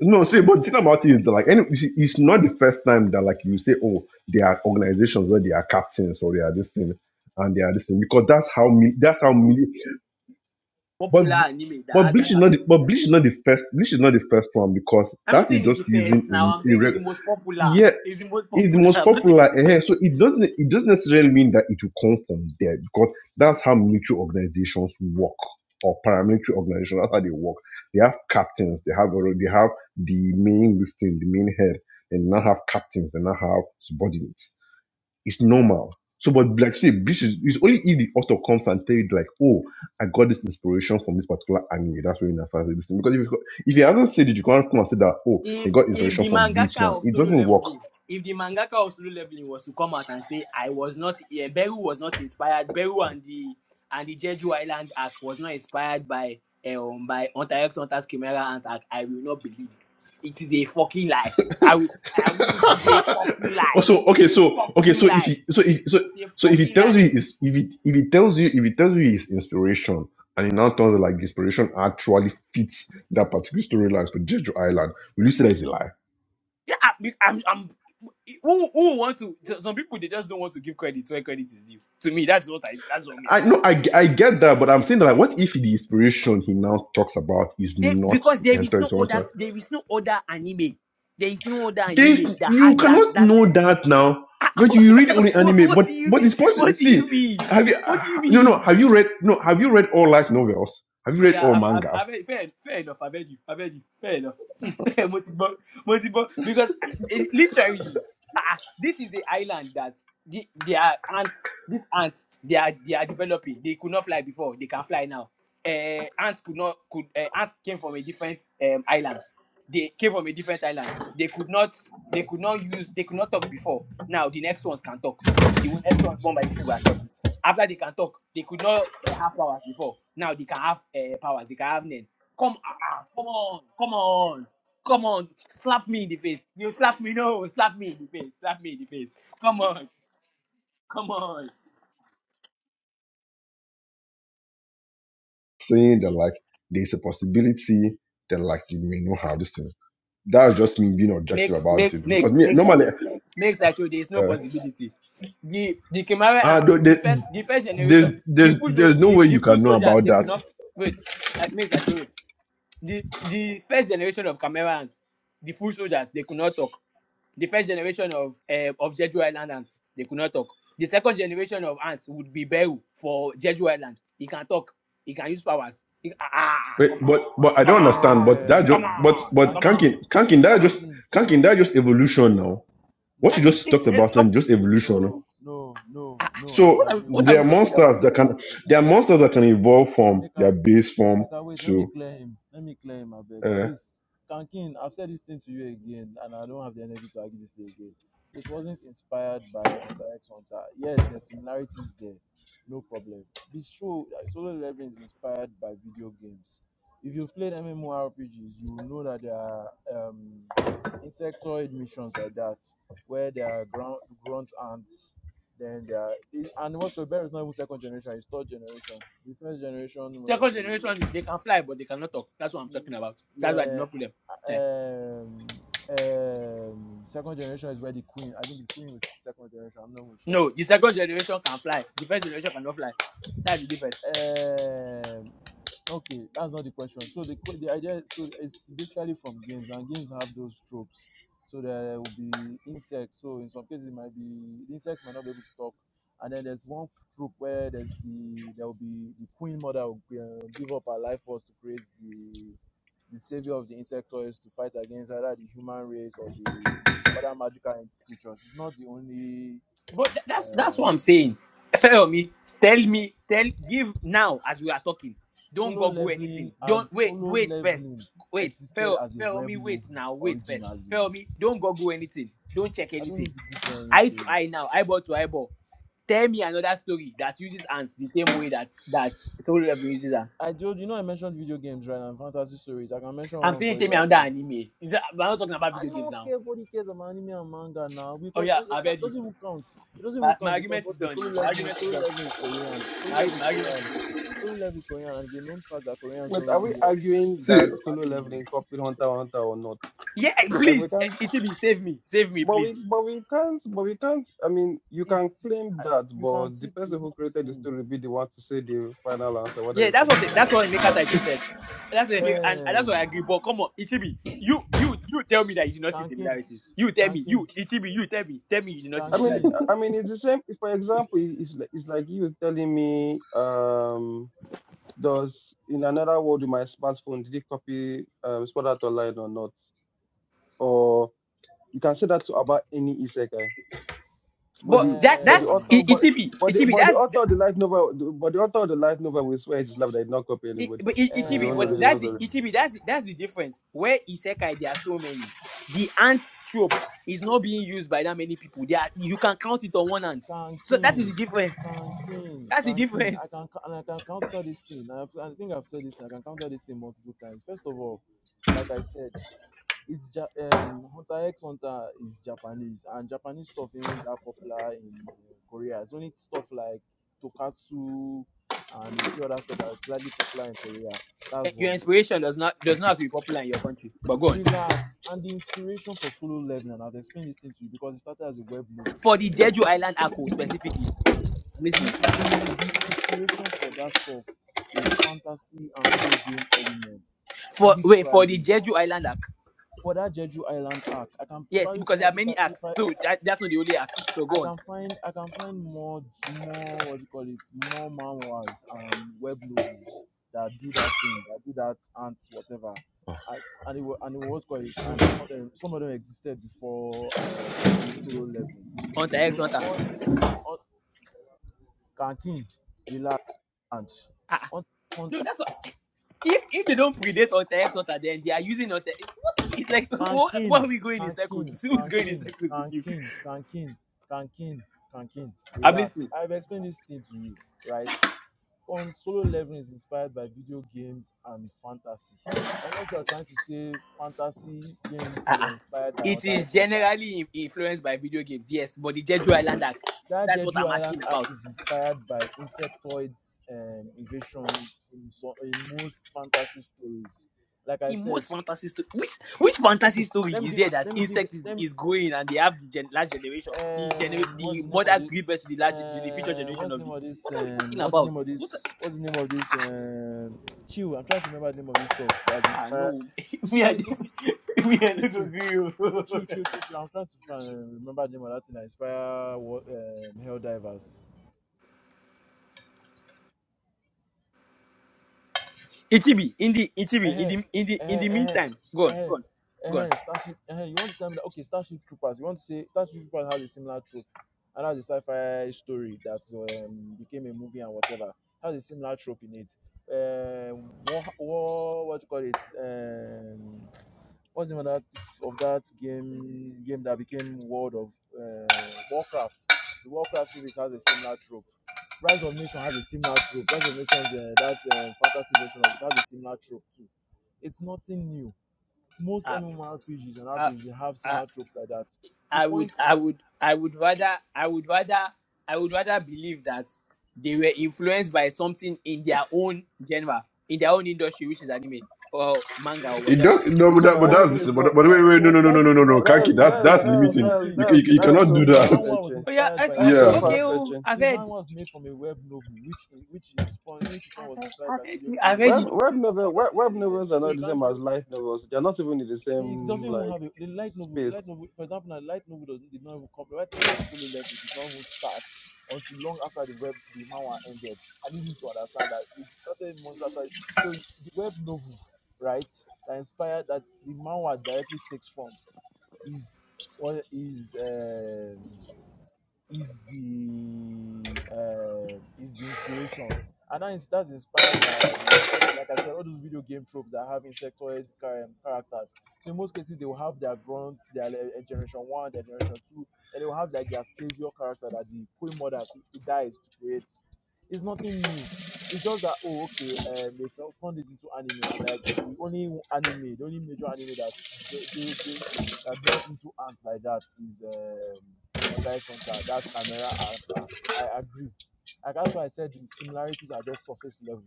[SPEAKER 4] No, see, but the thing about it is that like, any, you see, it's not the first time that like you say, oh, there are organizations where they are captains or they are this thing and they are this thing because that's how mil- that's how mil- but
[SPEAKER 6] popular anime that
[SPEAKER 4] but
[SPEAKER 6] has
[SPEAKER 4] bleach
[SPEAKER 6] that
[SPEAKER 4] is not the,
[SPEAKER 6] captain
[SPEAKER 4] but
[SPEAKER 6] system.
[SPEAKER 4] bleach is not the first bleach is not the first one because
[SPEAKER 6] I'm not
[SPEAKER 4] that is
[SPEAKER 6] saying it's
[SPEAKER 4] just
[SPEAKER 6] the first now.
[SPEAKER 4] using
[SPEAKER 6] I'm
[SPEAKER 4] a, a
[SPEAKER 6] saying it's
[SPEAKER 4] reg-
[SPEAKER 6] the most popular.
[SPEAKER 4] yeah
[SPEAKER 6] It's the most
[SPEAKER 4] it's the
[SPEAKER 6] popular.
[SPEAKER 4] most
[SPEAKER 6] I'm not saying
[SPEAKER 4] popular.
[SPEAKER 6] it's the
[SPEAKER 4] eh, eh.
[SPEAKER 6] best.
[SPEAKER 4] So it doesn't it doesn't necessarily mean that it will come from there because that's how military organizations work or paramilitary organizations. That's how they work. They have captains. They have alre- they have the main listing, the main head. They now have captains. They now have subordinates. It's normal. So, but like I say, this is it's only if the author comes and tell you like, oh, I got this inspiration from this particular anime. That's when I started this thing. Because if you, if he hasn't said it, you can't come and say that, oh, they
[SPEAKER 6] if
[SPEAKER 4] got
[SPEAKER 6] if
[SPEAKER 4] inspiration
[SPEAKER 6] the
[SPEAKER 4] from Bleach
[SPEAKER 6] mangaka
[SPEAKER 4] now.
[SPEAKER 6] of
[SPEAKER 4] It
[SPEAKER 6] solo
[SPEAKER 4] doesn't work
[SPEAKER 6] leveling if the mangaka of solo leveling was to come out and say i was not yeah, beru was not inspired beru and the and the jeju island arc was not inspired by eh, um by hunter x hunter's chimera and arc i will not believe it is a fucking lie i will i will it is a fucking lie
[SPEAKER 4] Also,
[SPEAKER 6] it's
[SPEAKER 4] okay,
[SPEAKER 6] a
[SPEAKER 4] so okay, so
[SPEAKER 6] fucking
[SPEAKER 4] if
[SPEAKER 6] lie
[SPEAKER 4] he so if so
[SPEAKER 6] it's a
[SPEAKER 4] so if he
[SPEAKER 6] fucking
[SPEAKER 4] tells
[SPEAKER 6] lie
[SPEAKER 4] you is if it if he tells you if he tells you his inspiration and he now tells you like the inspiration actually fits that particular storyline to Jeju Island, will you say that is a lie?
[SPEAKER 6] yeah I, i'm i'm who who want to some people they just don't want to give credit where credit is due to me that's what i that's what me i
[SPEAKER 4] I
[SPEAKER 6] think
[SPEAKER 4] know I, ge- I get that, but I'm saying that like, what if the inspiration he now talks about is
[SPEAKER 6] They,
[SPEAKER 4] not
[SPEAKER 6] because there is
[SPEAKER 4] Enter
[SPEAKER 6] no
[SPEAKER 4] Hunter?
[SPEAKER 6] other there is no other anime. There is no other
[SPEAKER 4] they
[SPEAKER 6] anime that
[SPEAKER 4] you
[SPEAKER 6] has that
[SPEAKER 4] cannot
[SPEAKER 6] that
[SPEAKER 4] know that now but you read only
[SPEAKER 6] what,
[SPEAKER 4] anime
[SPEAKER 6] what
[SPEAKER 4] but
[SPEAKER 6] do you
[SPEAKER 4] what
[SPEAKER 6] mean?
[SPEAKER 4] is possible
[SPEAKER 6] What do you
[SPEAKER 4] see
[SPEAKER 6] mean?
[SPEAKER 4] have you
[SPEAKER 6] What
[SPEAKER 4] ah,
[SPEAKER 6] do you
[SPEAKER 4] no no
[SPEAKER 6] mean?
[SPEAKER 4] have you read no have you read all light novels have you
[SPEAKER 6] Oh
[SPEAKER 4] read
[SPEAKER 6] yeah,
[SPEAKER 4] all
[SPEAKER 6] I've, I've,
[SPEAKER 4] mangas
[SPEAKER 6] I've heard- fair, fair enough. I've heard you. I've heard you. Fair enough. multiple, multiple, because it, literally, ah, ah, this is the island that the, they are ants. These ants, they are they are developing. They could not fly before. They can fly now. Uh, ants could not could uh, ants came from a different um, island. they came from a different island. They could not they could not use they could not talk before. Now the next ones can talk. The next ones born by the people talk. After they can talk, they could not uh, have powers before. Now they can have uh, powers. They can have name. Come ah, come on, come on, come on, slap me in the face. You slap me, no, slap me in the face, slap me in the face. Come on, come on.
[SPEAKER 4] saying that like there's a possibility that like you may know how this thing that's just me being objective
[SPEAKER 6] make
[SPEAKER 4] about
[SPEAKER 6] make
[SPEAKER 4] it because
[SPEAKER 6] next
[SPEAKER 4] me
[SPEAKER 6] next
[SPEAKER 4] normally
[SPEAKER 6] acho next acho there is no
[SPEAKER 4] uh,
[SPEAKER 6] possibility the the kimare
[SPEAKER 4] uh
[SPEAKER 6] ants the
[SPEAKER 4] there,
[SPEAKER 6] first the first
[SPEAKER 4] there's
[SPEAKER 6] generation the
[SPEAKER 4] there's
[SPEAKER 6] full soldier
[SPEAKER 4] there's no
[SPEAKER 6] the
[SPEAKER 4] way
[SPEAKER 6] the
[SPEAKER 4] you
[SPEAKER 6] full
[SPEAKER 4] can know
[SPEAKER 6] soldiers
[SPEAKER 4] about
[SPEAKER 6] they could
[SPEAKER 4] that
[SPEAKER 6] not wait uh, next acho wait the the first generation of camera ants the full soldiers they could not talk the first generation of uh, of jeju island ants they could not talk the second generation of ants would be beru for jeju island he can talk he can use powers he, ah ah,
[SPEAKER 4] but
[SPEAKER 6] come
[SPEAKER 4] but,
[SPEAKER 6] on
[SPEAKER 4] but i
[SPEAKER 6] come
[SPEAKER 4] don't understand
[SPEAKER 6] on
[SPEAKER 4] but that just
[SPEAKER 6] come
[SPEAKER 3] Um,
[SPEAKER 4] but
[SPEAKER 6] on
[SPEAKER 4] but
[SPEAKER 6] come
[SPEAKER 3] Rankin.
[SPEAKER 4] kankin
[SPEAKER 6] on
[SPEAKER 4] kankin that
[SPEAKER 6] come on
[SPEAKER 4] just
[SPEAKER 3] Kankin.
[SPEAKER 4] kankin
[SPEAKER 3] No,
[SPEAKER 4] that just
[SPEAKER 3] no,
[SPEAKER 4] evolution now
[SPEAKER 3] no,
[SPEAKER 4] What
[SPEAKER 6] I,
[SPEAKER 4] you
[SPEAKER 3] no,
[SPEAKER 4] just
[SPEAKER 6] it,
[SPEAKER 3] no,
[SPEAKER 4] talked
[SPEAKER 6] it,
[SPEAKER 4] about
[SPEAKER 6] of-
[SPEAKER 4] and just evolution.
[SPEAKER 3] no,
[SPEAKER 4] no?
[SPEAKER 3] no, no, no. I
[SPEAKER 4] So
[SPEAKER 6] what are
[SPEAKER 3] disagree.
[SPEAKER 6] what
[SPEAKER 3] Wait,
[SPEAKER 6] are
[SPEAKER 4] there are
[SPEAKER 6] we
[SPEAKER 3] wait, wait,
[SPEAKER 6] talking
[SPEAKER 3] wait, wait, wait,
[SPEAKER 4] monsters
[SPEAKER 6] about
[SPEAKER 3] wait,
[SPEAKER 4] that
[SPEAKER 3] wait, wait,
[SPEAKER 6] here?
[SPEAKER 3] wait, wait,
[SPEAKER 4] can
[SPEAKER 3] wait.
[SPEAKER 4] there are
[SPEAKER 3] wait, wait,
[SPEAKER 4] monsters
[SPEAKER 3] wait,
[SPEAKER 4] that
[SPEAKER 3] wait.
[SPEAKER 4] can evolve from their
[SPEAKER 3] Emeka,
[SPEAKER 4] base form
[SPEAKER 3] Emeka, wait, let me
[SPEAKER 4] to
[SPEAKER 3] clear him. Let me clear him, I beg.
[SPEAKER 4] uh,
[SPEAKER 3] Please. Kankin, I've said this thing to you again, and I don't have the energy to argue this thing again. It wasn't inspired by Hunter X Hunter. Yes, there's similarities there. No problem. This show, uh, Solo Leveling, is inspired by video games. If you've played MMORPGs, you will know that there are um, insectoid missions like that, where there are ground, grunt ants then there are, is- and what's good, Bear is not even second generation, it's third generation. The first generation were
[SPEAKER 6] Second
[SPEAKER 3] the,
[SPEAKER 6] generation, they can fly, but they cannot talk. That's what I'm talking
[SPEAKER 3] mm,
[SPEAKER 6] about. That's why I did
[SPEAKER 3] yeah,
[SPEAKER 6] not put them. Eh.
[SPEAKER 3] um, um, second generation is where the queen, I think the queen was second generation, I'm not even sure
[SPEAKER 6] No, the second generation can fly. The first generation cannot fly. That's the difference.
[SPEAKER 3] Um, okay, that's not the question. So the que- the idea so it's basically from games, and games have those tropes. So there will be insects. So in some cases, it might be the insects might not be able to talk. And then there's one trope where there's the there will be the queen mother will g- uh, give up her life force to create the the savior of the insectoids to fight against either the human race or the other magical creatures. It's not the only.
[SPEAKER 6] But tha- that's that's what I'm
[SPEAKER 3] Um,
[SPEAKER 6] saying. Tell me, tell me, tell, give now as we are talking. Don't
[SPEAKER 3] Solo
[SPEAKER 6] google anything.
[SPEAKER 3] Leveling
[SPEAKER 6] Don't
[SPEAKER 3] as
[SPEAKER 6] wait,
[SPEAKER 3] Solo
[SPEAKER 6] wait first.
[SPEAKER 3] Leveling
[SPEAKER 6] Wait,
[SPEAKER 3] existed
[SPEAKER 6] fail,
[SPEAKER 3] as a
[SPEAKER 6] fail
[SPEAKER 3] web
[SPEAKER 6] me. Wait
[SPEAKER 3] novel
[SPEAKER 6] now, wait first.
[SPEAKER 3] originally.
[SPEAKER 6] Fail me. Don't google anything. Don't check
[SPEAKER 3] I don't
[SPEAKER 6] anything.
[SPEAKER 3] need to Google
[SPEAKER 6] Eye to
[SPEAKER 3] anything.
[SPEAKER 6] eye now. Eyeball to eyeball. Tell me another story that uses ants the same way that that Solo Level uses ants.
[SPEAKER 3] I told you know I mentioned video games right now and fantasy stories. I can mention
[SPEAKER 6] I'm
[SPEAKER 3] one
[SPEAKER 6] saying
[SPEAKER 3] for
[SPEAKER 6] tell
[SPEAKER 3] you
[SPEAKER 6] me
[SPEAKER 3] right
[SPEAKER 6] another
[SPEAKER 3] now.
[SPEAKER 6] anime. Is that, we're not talking about
[SPEAKER 3] I
[SPEAKER 6] video games
[SPEAKER 3] don't
[SPEAKER 6] now.
[SPEAKER 3] care what he cares about anime and manga now
[SPEAKER 6] Oh
[SPEAKER 3] because
[SPEAKER 6] yeah,
[SPEAKER 3] uh, it
[SPEAKER 6] I've
[SPEAKER 3] ca-
[SPEAKER 6] heard you.
[SPEAKER 3] doesn't even count. It doesn't
[SPEAKER 6] My,
[SPEAKER 3] even
[SPEAKER 6] my
[SPEAKER 3] count because
[SPEAKER 6] argument is
[SPEAKER 3] what's the
[SPEAKER 6] done
[SPEAKER 3] solo
[SPEAKER 6] then. My
[SPEAKER 3] leveling?
[SPEAKER 6] argument is
[SPEAKER 3] Solo
[SPEAKER 6] done.
[SPEAKER 3] leveling is Korean. Solo
[SPEAKER 6] My,
[SPEAKER 3] leveling
[SPEAKER 6] my
[SPEAKER 3] is
[SPEAKER 6] argument is
[SPEAKER 3] Korean.
[SPEAKER 6] done.
[SPEAKER 3] Solo leveling is Korean, and it's a known fact that Koreans
[SPEAKER 1] Wait,
[SPEAKER 3] don't
[SPEAKER 1] are
[SPEAKER 3] really
[SPEAKER 1] we
[SPEAKER 3] watch
[SPEAKER 1] arguing
[SPEAKER 4] see
[SPEAKER 1] that solo
[SPEAKER 3] anime.
[SPEAKER 1] leveling copied Hunter x Hunter or not?
[SPEAKER 6] Yeah, eh,
[SPEAKER 1] Like
[SPEAKER 6] please,
[SPEAKER 1] we
[SPEAKER 6] eh,
[SPEAKER 1] can't,
[SPEAKER 6] Ichibi, save me, save me,
[SPEAKER 1] but
[SPEAKER 6] please.
[SPEAKER 1] we, but we can't, but we can't. I mean, you can
[SPEAKER 3] It's
[SPEAKER 1] claim
[SPEAKER 3] I-
[SPEAKER 1] that,
[SPEAKER 3] you can
[SPEAKER 1] but the
[SPEAKER 3] see
[SPEAKER 1] person
[SPEAKER 3] it's
[SPEAKER 1] who
[SPEAKER 3] not the
[SPEAKER 1] created the
[SPEAKER 3] same.
[SPEAKER 1] story will be the one to say the final answer whether
[SPEAKER 6] Yeah,
[SPEAKER 1] it
[SPEAKER 6] that's what
[SPEAKER 1] copied or
[SPEAKER 6] that's
[SPEAKER 1] not.
[SPEAKER 6] what Emeka Taicho said. That's what Emeka, and, and that's what I
[SPEAKER 3] Um,
[SPEAKER 6] agree. But come on, Ichibi, you you you tell me that you did not see
[SPEAKER 3] Kankin.
[SPEAKER 6] similarities. You tell me,
[SPEAKER 3] Kankin,
[SPEAKER 6] you Ichibi, you tell me, tell me you did not see
[SPEAKER 1] I mean,
[SPEAKER 6] similarities.
[SPEAKER 3] Kankin,
[SPEAKER 1] I mean, it's the same. For example, it's like, it's like you telling me, um, does in another world with my smartphone did it copy um, Sword Art Online or not? Or you can say that to about any isekai But
[SPEAKER 6] But
[SPEAKER 1] the
[SPEAKER 6] that
[SPEAKER 1] but the
[SPEAKER 6] that's
[SPEAKER 3] um,
[SPEAKER 1] author
[SPEAKER 6] I-
[SPEAKER 1] but
[SPEAKER 6] Ichibi,
[SPEAKER 1] but the,
[SPEAKER 6] Ichibi,
[SPEAKER 1] but the
[SPEAKER 6] that's
[SPEAKER 1] author of the light novel the- but the author of the light novel will swear his life that he did not copy
[SPEAKER 6] I,
[SPEAKER 1] anybody.
[SPEAKER 6] but I,
[SPEAKER 1] That's his
[SPEAKER 6] Ichibi,
[SPEAKER 1] own
[SPEAKER 6] but
[SPEAKER 1] original
[SPEAKER 6] that's the
[SPEAKER 1] story.
[SPEAKER 3] um,
[SPEAKER 6] Ichibi. That's the, that's the difference. Where Isekai, there are so many. The ant trope is not being used by that many people. There, are, you can count it on one hand. So that is the
[SPEAKER 3] Kankin,
[SPEAKER 6] difference.
[SPEAKER 3] Kankin,
[SPEAKER 6] That's the
[SPEAKER 3] Kankin. I
[SPEAKER 6] difference.
[SPEAKER 3] can and I can counter this thing. And I've, I think I've said this. Thing. I can counter this thing multiple times. First of all, like I said, it's ja- um Hunter X Hunter is Japanese, and Japanese stuff ain't that popular in uh, Korea. It's only stuff like Tokatsu and a few other stuff that's slightly popular in Korea.
[SPEAKER 6] Eh,
[SPEAKER 3] That's
[SPEAKER 6] Your
[SPEAKER 3] one.
[SPEAKER 6] inspiration does not does not have to be popular in your country. But go on.
[SPEAKER 3] relax and the inspiration for solo leveling and i've explained this thing to you because it started as a web novel
[SPEAKER 6] For the Jeju
[SPEAKER 3] F-
[SPEAKER 6] Island Ako specifically, I'm
[SPEAKER 3] the
[SPEAKER 6] listening.
[SPEAKER 3] the, the inspiration for that stuff is fantasy and video game elements
[SPEAKER 6] For wait for the
[SPEAKER 3] literally
[SPEAKER 6] Jeju Island Arc.
[SPEAKER 3] for that jeju island arc i can
[SPEAKER 6] Yes,
[SPEAKER 3] probably
[SPEAKER 6] because
[SPEAKER 3] if i
[SPEAKER 6] there are
[SPEAKER 3] if i
[SPEAKER 6] many
[SPEAKER 3] if
[SPEAKER 6] arcs.
[SPEAKER 3] i,
[SPEAKER 6] So that, that's not the only arc. So
[SPEAKER 3] I
[SPEAKER 6] go on.
[SPEAKER 3] can find I can find more more what do you call it more manhwas and web novels that do that thing that do that ants whatever, I, and it wa- and it was call it and some of them some of them existed before um, solo leveling.
[SPEAKER 6] Hunter
[SPEAKER 3] They
[SPEAKER 6] X
[SPEAKER 3] were
[SPEAKER 6] Hunter.
[SPEAKER 3] all all Kankin, relax and
[SPEAKER 6] Ah,
[SPEAKER 3] Hunt-
[SPEAKER 6] No,
[SPEAKER 3] hunter
[SPEAKER 6] that's what, if if they don't predate or text water, then they are using Otter. What are we? It's like what, what
[SPEAKER 3] Kankin
[SPEAKER 6] are we going in
[SPEAKER 3] Kankin
[SPEAKER 6] circles? Who is going in
[SPEAKER 3] Kankin
[SPEAKER 6] circles with you?
[SPEAKER 3] Kankin Kankin Kankin Kankin
[SPEAKER 6] I'm
[SPEAKER 3] relax.
[SPEAKER 6] listening.
[SPEAKER 3] I've explained this thing to you, right? Fun solo leveling is inspired by video games and fantasy. Unless you are trying to say fantasy games were
[SPEAKER 6] Uh-uh.
[SPEAKER 3] inspired by
[SPEAKER 6] It
[SPEAKER 3] Hunter
[SPEAKER 6] is
[SPEAKER 3] x Hunter.
[SPEAKER 6] generally in- influenced by video games, yes, but the Jeju Island Act.
[SPEAKER 3] That
[SPEAKER 6] That's what
[SPEAKER 3] Jeju
[SPEAKER 6] I'm
[SPEAKER 3] Island
[SPEAKER 6] asking
[SPEAKER 3] arc
[SPEAKER 6] about.
[SPEAKER 3] is inspired by insectoids um, invasions in, so, in most fantasy stories. Like I
[SPEAKER 6] In
[SPEAKER 3] said,
[SPEAKER 6] most fantasy stories, which which fantasy
[SPEAKER 3] okay,
[SPEAKER 6] story
[SPEAKER 3] let me
[SPEAKER 6] is
[SPEAKER 3] give
[SPEAKER 6] there
[SPEAKER 3] a-
[SPEAKER 6] that
[SPEAKER 3] let me give
[SPEAKER 6] insect is,
[SPEAKER 3] let me
[SPEAKER 6] is growing and they have the gen- last generation, the gener-
[SPEAKER 3] um what's
[SPEAKER 6] the
[SPEAKER 3] the name of
[SPEAKER 6] mother
[SPEAKER 3] this?
[SPEAKER 6] gives birth to the last to the future
[SPEAKER 3] Um,
[SPEAKER 6] generation
[SPEAKER 3] what's the
[SPEAKER 6] of
[SPEAKER 3] name
[SPEAKER 6] the.
[SPEAKER 3] of this?
[SPEAKER 6] What are we
[SPEAKER 3] Um,
[SPEAKER 6] talking
[SPEAKER 3] what's the
[SPEAKER 6] about?
[SPEAKER 3] name of
[SPEAKER 6] What?
[SPEAKER 3] this? What's the name of this? Um, chill. I'm trying to remember the name of this stuff that's
[SPEAKER 6] Ah
[SPEAKER 3] inspired.
[SPEAKER 6] no, me, I
[SPEAKER 3] What's
[SPEAKER 6] don't
[SPEAKER 3] it?
[SPEAKER 6] me, I
[SPEAKER 3] with
[SPEAKER 6] don't
[SPEAKER 3] you,
[SPEAKER 6] agree. oh.
[SPEAKER 3] with you, you, you, you. I'm trying to find, remember the name of that thing. that Inspire what um, Hell Divers.
[SPEAKER 6] Ichibi, in the Ichibi, in
[SPEAKER 3] eh,
[SPEAKER 6] the in the in
[SPEAKER 3] eh,
[SPEAKER 6] the
[SPEAKER 3] eh,
[SPEAKER 6] meantime, go on,
[SPEAKER 3] eh,
[SPEAKER 6] go on, go on.
[SPEAKER 3] eh, Starship. Eh, you want to tell me that okay, Starship Troopers. You want to say Starship Troopers has a similar trope, and has a sci-fi story that um, became a movie and whatever. Has a similar trope in it. Um, what, what, what do you call it? Um, what's the name of that of that game game that became World of uh, Warcraft? The Warcraft series has a similar trope. Rise of Nation has a similar trope. Rise of Nations, uh, that uh, fantasy version of it has a similar trope too it's nothing new. Most
[SPEAKER 6] Um,
[SPEAKER 3] MMORPGs on
[SPEAKER 6] I,
[SPEAKER 3] average they have
[SPEAKER 6] I,
[SPEAKER 3] similar tropes like that. The
[SPEAKER 6] I would,
[SPEAKER 3] point,
[SPEAKER 6] I would, I would rather, I would rather, I would rather believe that they were influenced by something in their own genre, in their own industry, which is anime or manga or
[SPEAKER 4] it does
[SPEAKER 6] whatever.
[SPEAKER 4] no but, that,
[SPEAKER 1] No,
[SPEAKER 4] but that's
[SPEAKER 3] but
[SPEAKER 1] anime
[SPEAKER 4] this
[SPEAKER 1] is
[SPEAKER 4] but,
[SPEAKER 1] not.
[SPEAKER 4] but
[SPEAKER 1] Uh,
[SPEAKER 4] wait wait no
[SPEAKER 3] but
[SPEAKER 4] no no no
[SPEAKER 3] that's
[SPEAKER 4] no no no
[SPEAKER 1] but
[SPEAKER 3] but
[SPEAKER 4] Kanki
[SPEAKER 3] but
[SPEAKER 1] that,
[SPEAKER 3] but
[SPEAKER 4] that's
[SPEAKER 1] that
[SPEAKER 4] that's
[SPEAKER 3] but
[SPEAKER 1] that's
[SPEAKER 3] but
[SPEAKER 4] limiting
[SPEAKER 1] that's
[SPEAKER 3] Ankin,
[SPEAKER 4] you, can, you,
[SPEAKER 1] that's
[SPEAKER 4] can- you
[SPEAKER 3] but
[SPEAKER 1] that's
[SPEAKER 4] cannot
[SPEAKER 1] so
[SPEAKER 4] do
[SPEAKER 3] Ankin, the
[SPEAKER 1] far
[SPEAKER 4] that
[SPEAKER 3] manhwa was
[SPEAKER 1] fetching.
[SPEAKER 6] Oh yeah,
[SPEAKER 3] inspired
[SPEAKER 6] I,
[SPEAKER 3] by a
[SPEAKER 6] I,
[SPEAKER 1] That's
[SPEAKER 3] web
[SPEAKER 1] so
[SPEAKER 4] yeah
[SPEAKER 6] okay.
[SPEAKER 1] far
[SPEAKER 3] novel.
[SPEAKER 6] Oh,
[SPEAKER 1] fetching.
[SPEAKER 6] I've
[SPEAKER 3] The
[SPEAKER 6] heard.
[SPEAKER 3] manhwa was made from a web novel, which which is which in turn
[SPEAKER 6] I've
[SPEAKER 3] was
[SPEAKER 6] heard.
[SPEAKER 3] inspired
[SPEAKER 6] I've
[SPEAKER 3] by
[SPEAKER 6] heard.
[SPEAKER 3] video
[SPEAKER 6] I've
[SPEAKER 3] game
[SPEAKER 6] heard.
[SPEAKER 1] Web
[SPEAKER 6] it.
[SPEAKER 1] web
[SPEAKER 3] elements and
[SPEAKER 1] novel web,
[SPEAKER 3] fantasy
[SPEAKER 1] web novels are
[SPEAKER 3] elements. So
[SPEAKER 1] not
[SPEAKER 3] you
[SPEAKER 1] the
[SPEAKER 3] can
[SPEAKER 1] same as
[SPEAKER 3] you
[SPEAKER 1] light novels. They're not even in the
[SPEAKER 3] It doesn't
[SPEAKER 1] same
[SPEAKER 3] even
[SPEAKER 1] like
[SPEAKER 3] have a the light novel. The
[SPEAKER 1] space.
[SPEAKER 3] light novel, for example, the light novel does, did not even come. The light novel of Solo Leveling did not even start until long after the web the manhwa ended. I need you to understand that it started months after. So the web novel, right, that inspired that the manhwa directly takes from is what is um is the uh, is the inspiration, and that is, that's inspired by all the- like I said, all those video game tropes that have insectoid char- um, characters. So in most cases, they will have their grunts, their uh, generation one, their generation two, and they will have like their savior character that the queen mother who who dies to create. It's nothing new. It's just that oh okay, um, they tur- turned it into anime, and like the only anime, the only major anime that de- de- de- that delves into ants like that is um Ota X Hunter, that's camera art, art. I agree. Like that's why I said the similarities are just surface level.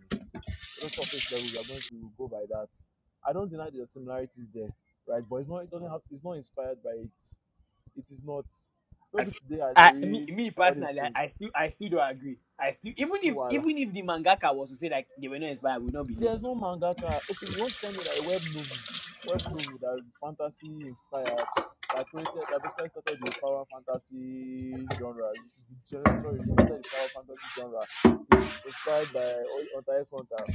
[SPEAKER 3] They're just surface level. We are going to go by that. I don't deny the similarities there, right? But it's not. It doesn't have. It's not inspired by it. It is not.
[SPEAKER 6] I,
[SPEAKER 3] Maybe today I dey
[SPEAKER 6] I me,
[SPEAKER 3] read
[SPEAKER 6] me
[SPEAKER 3] all these
[SPEAKER 6] personally, I, I
[SPEAKER 3] things.
[SPEAKER 6] still I still don't agree. I still even
[SPEAKER 3] No
[SPEAKER 6] if
[SPEAKER 3] wahala.
[SPEAKER 6] even if the mangaka was to say like they were not inspired, I would not believe.
[SPEAKER 3] There's no mangaka. Okay, you want to tell me that a web novel, web novel that is fantasy inspired, that created, that basically started the power fantasy genre. which is- the gener- Sorry, we started the power fantasy genre. Is inspired by Hu- Hunter X Hunter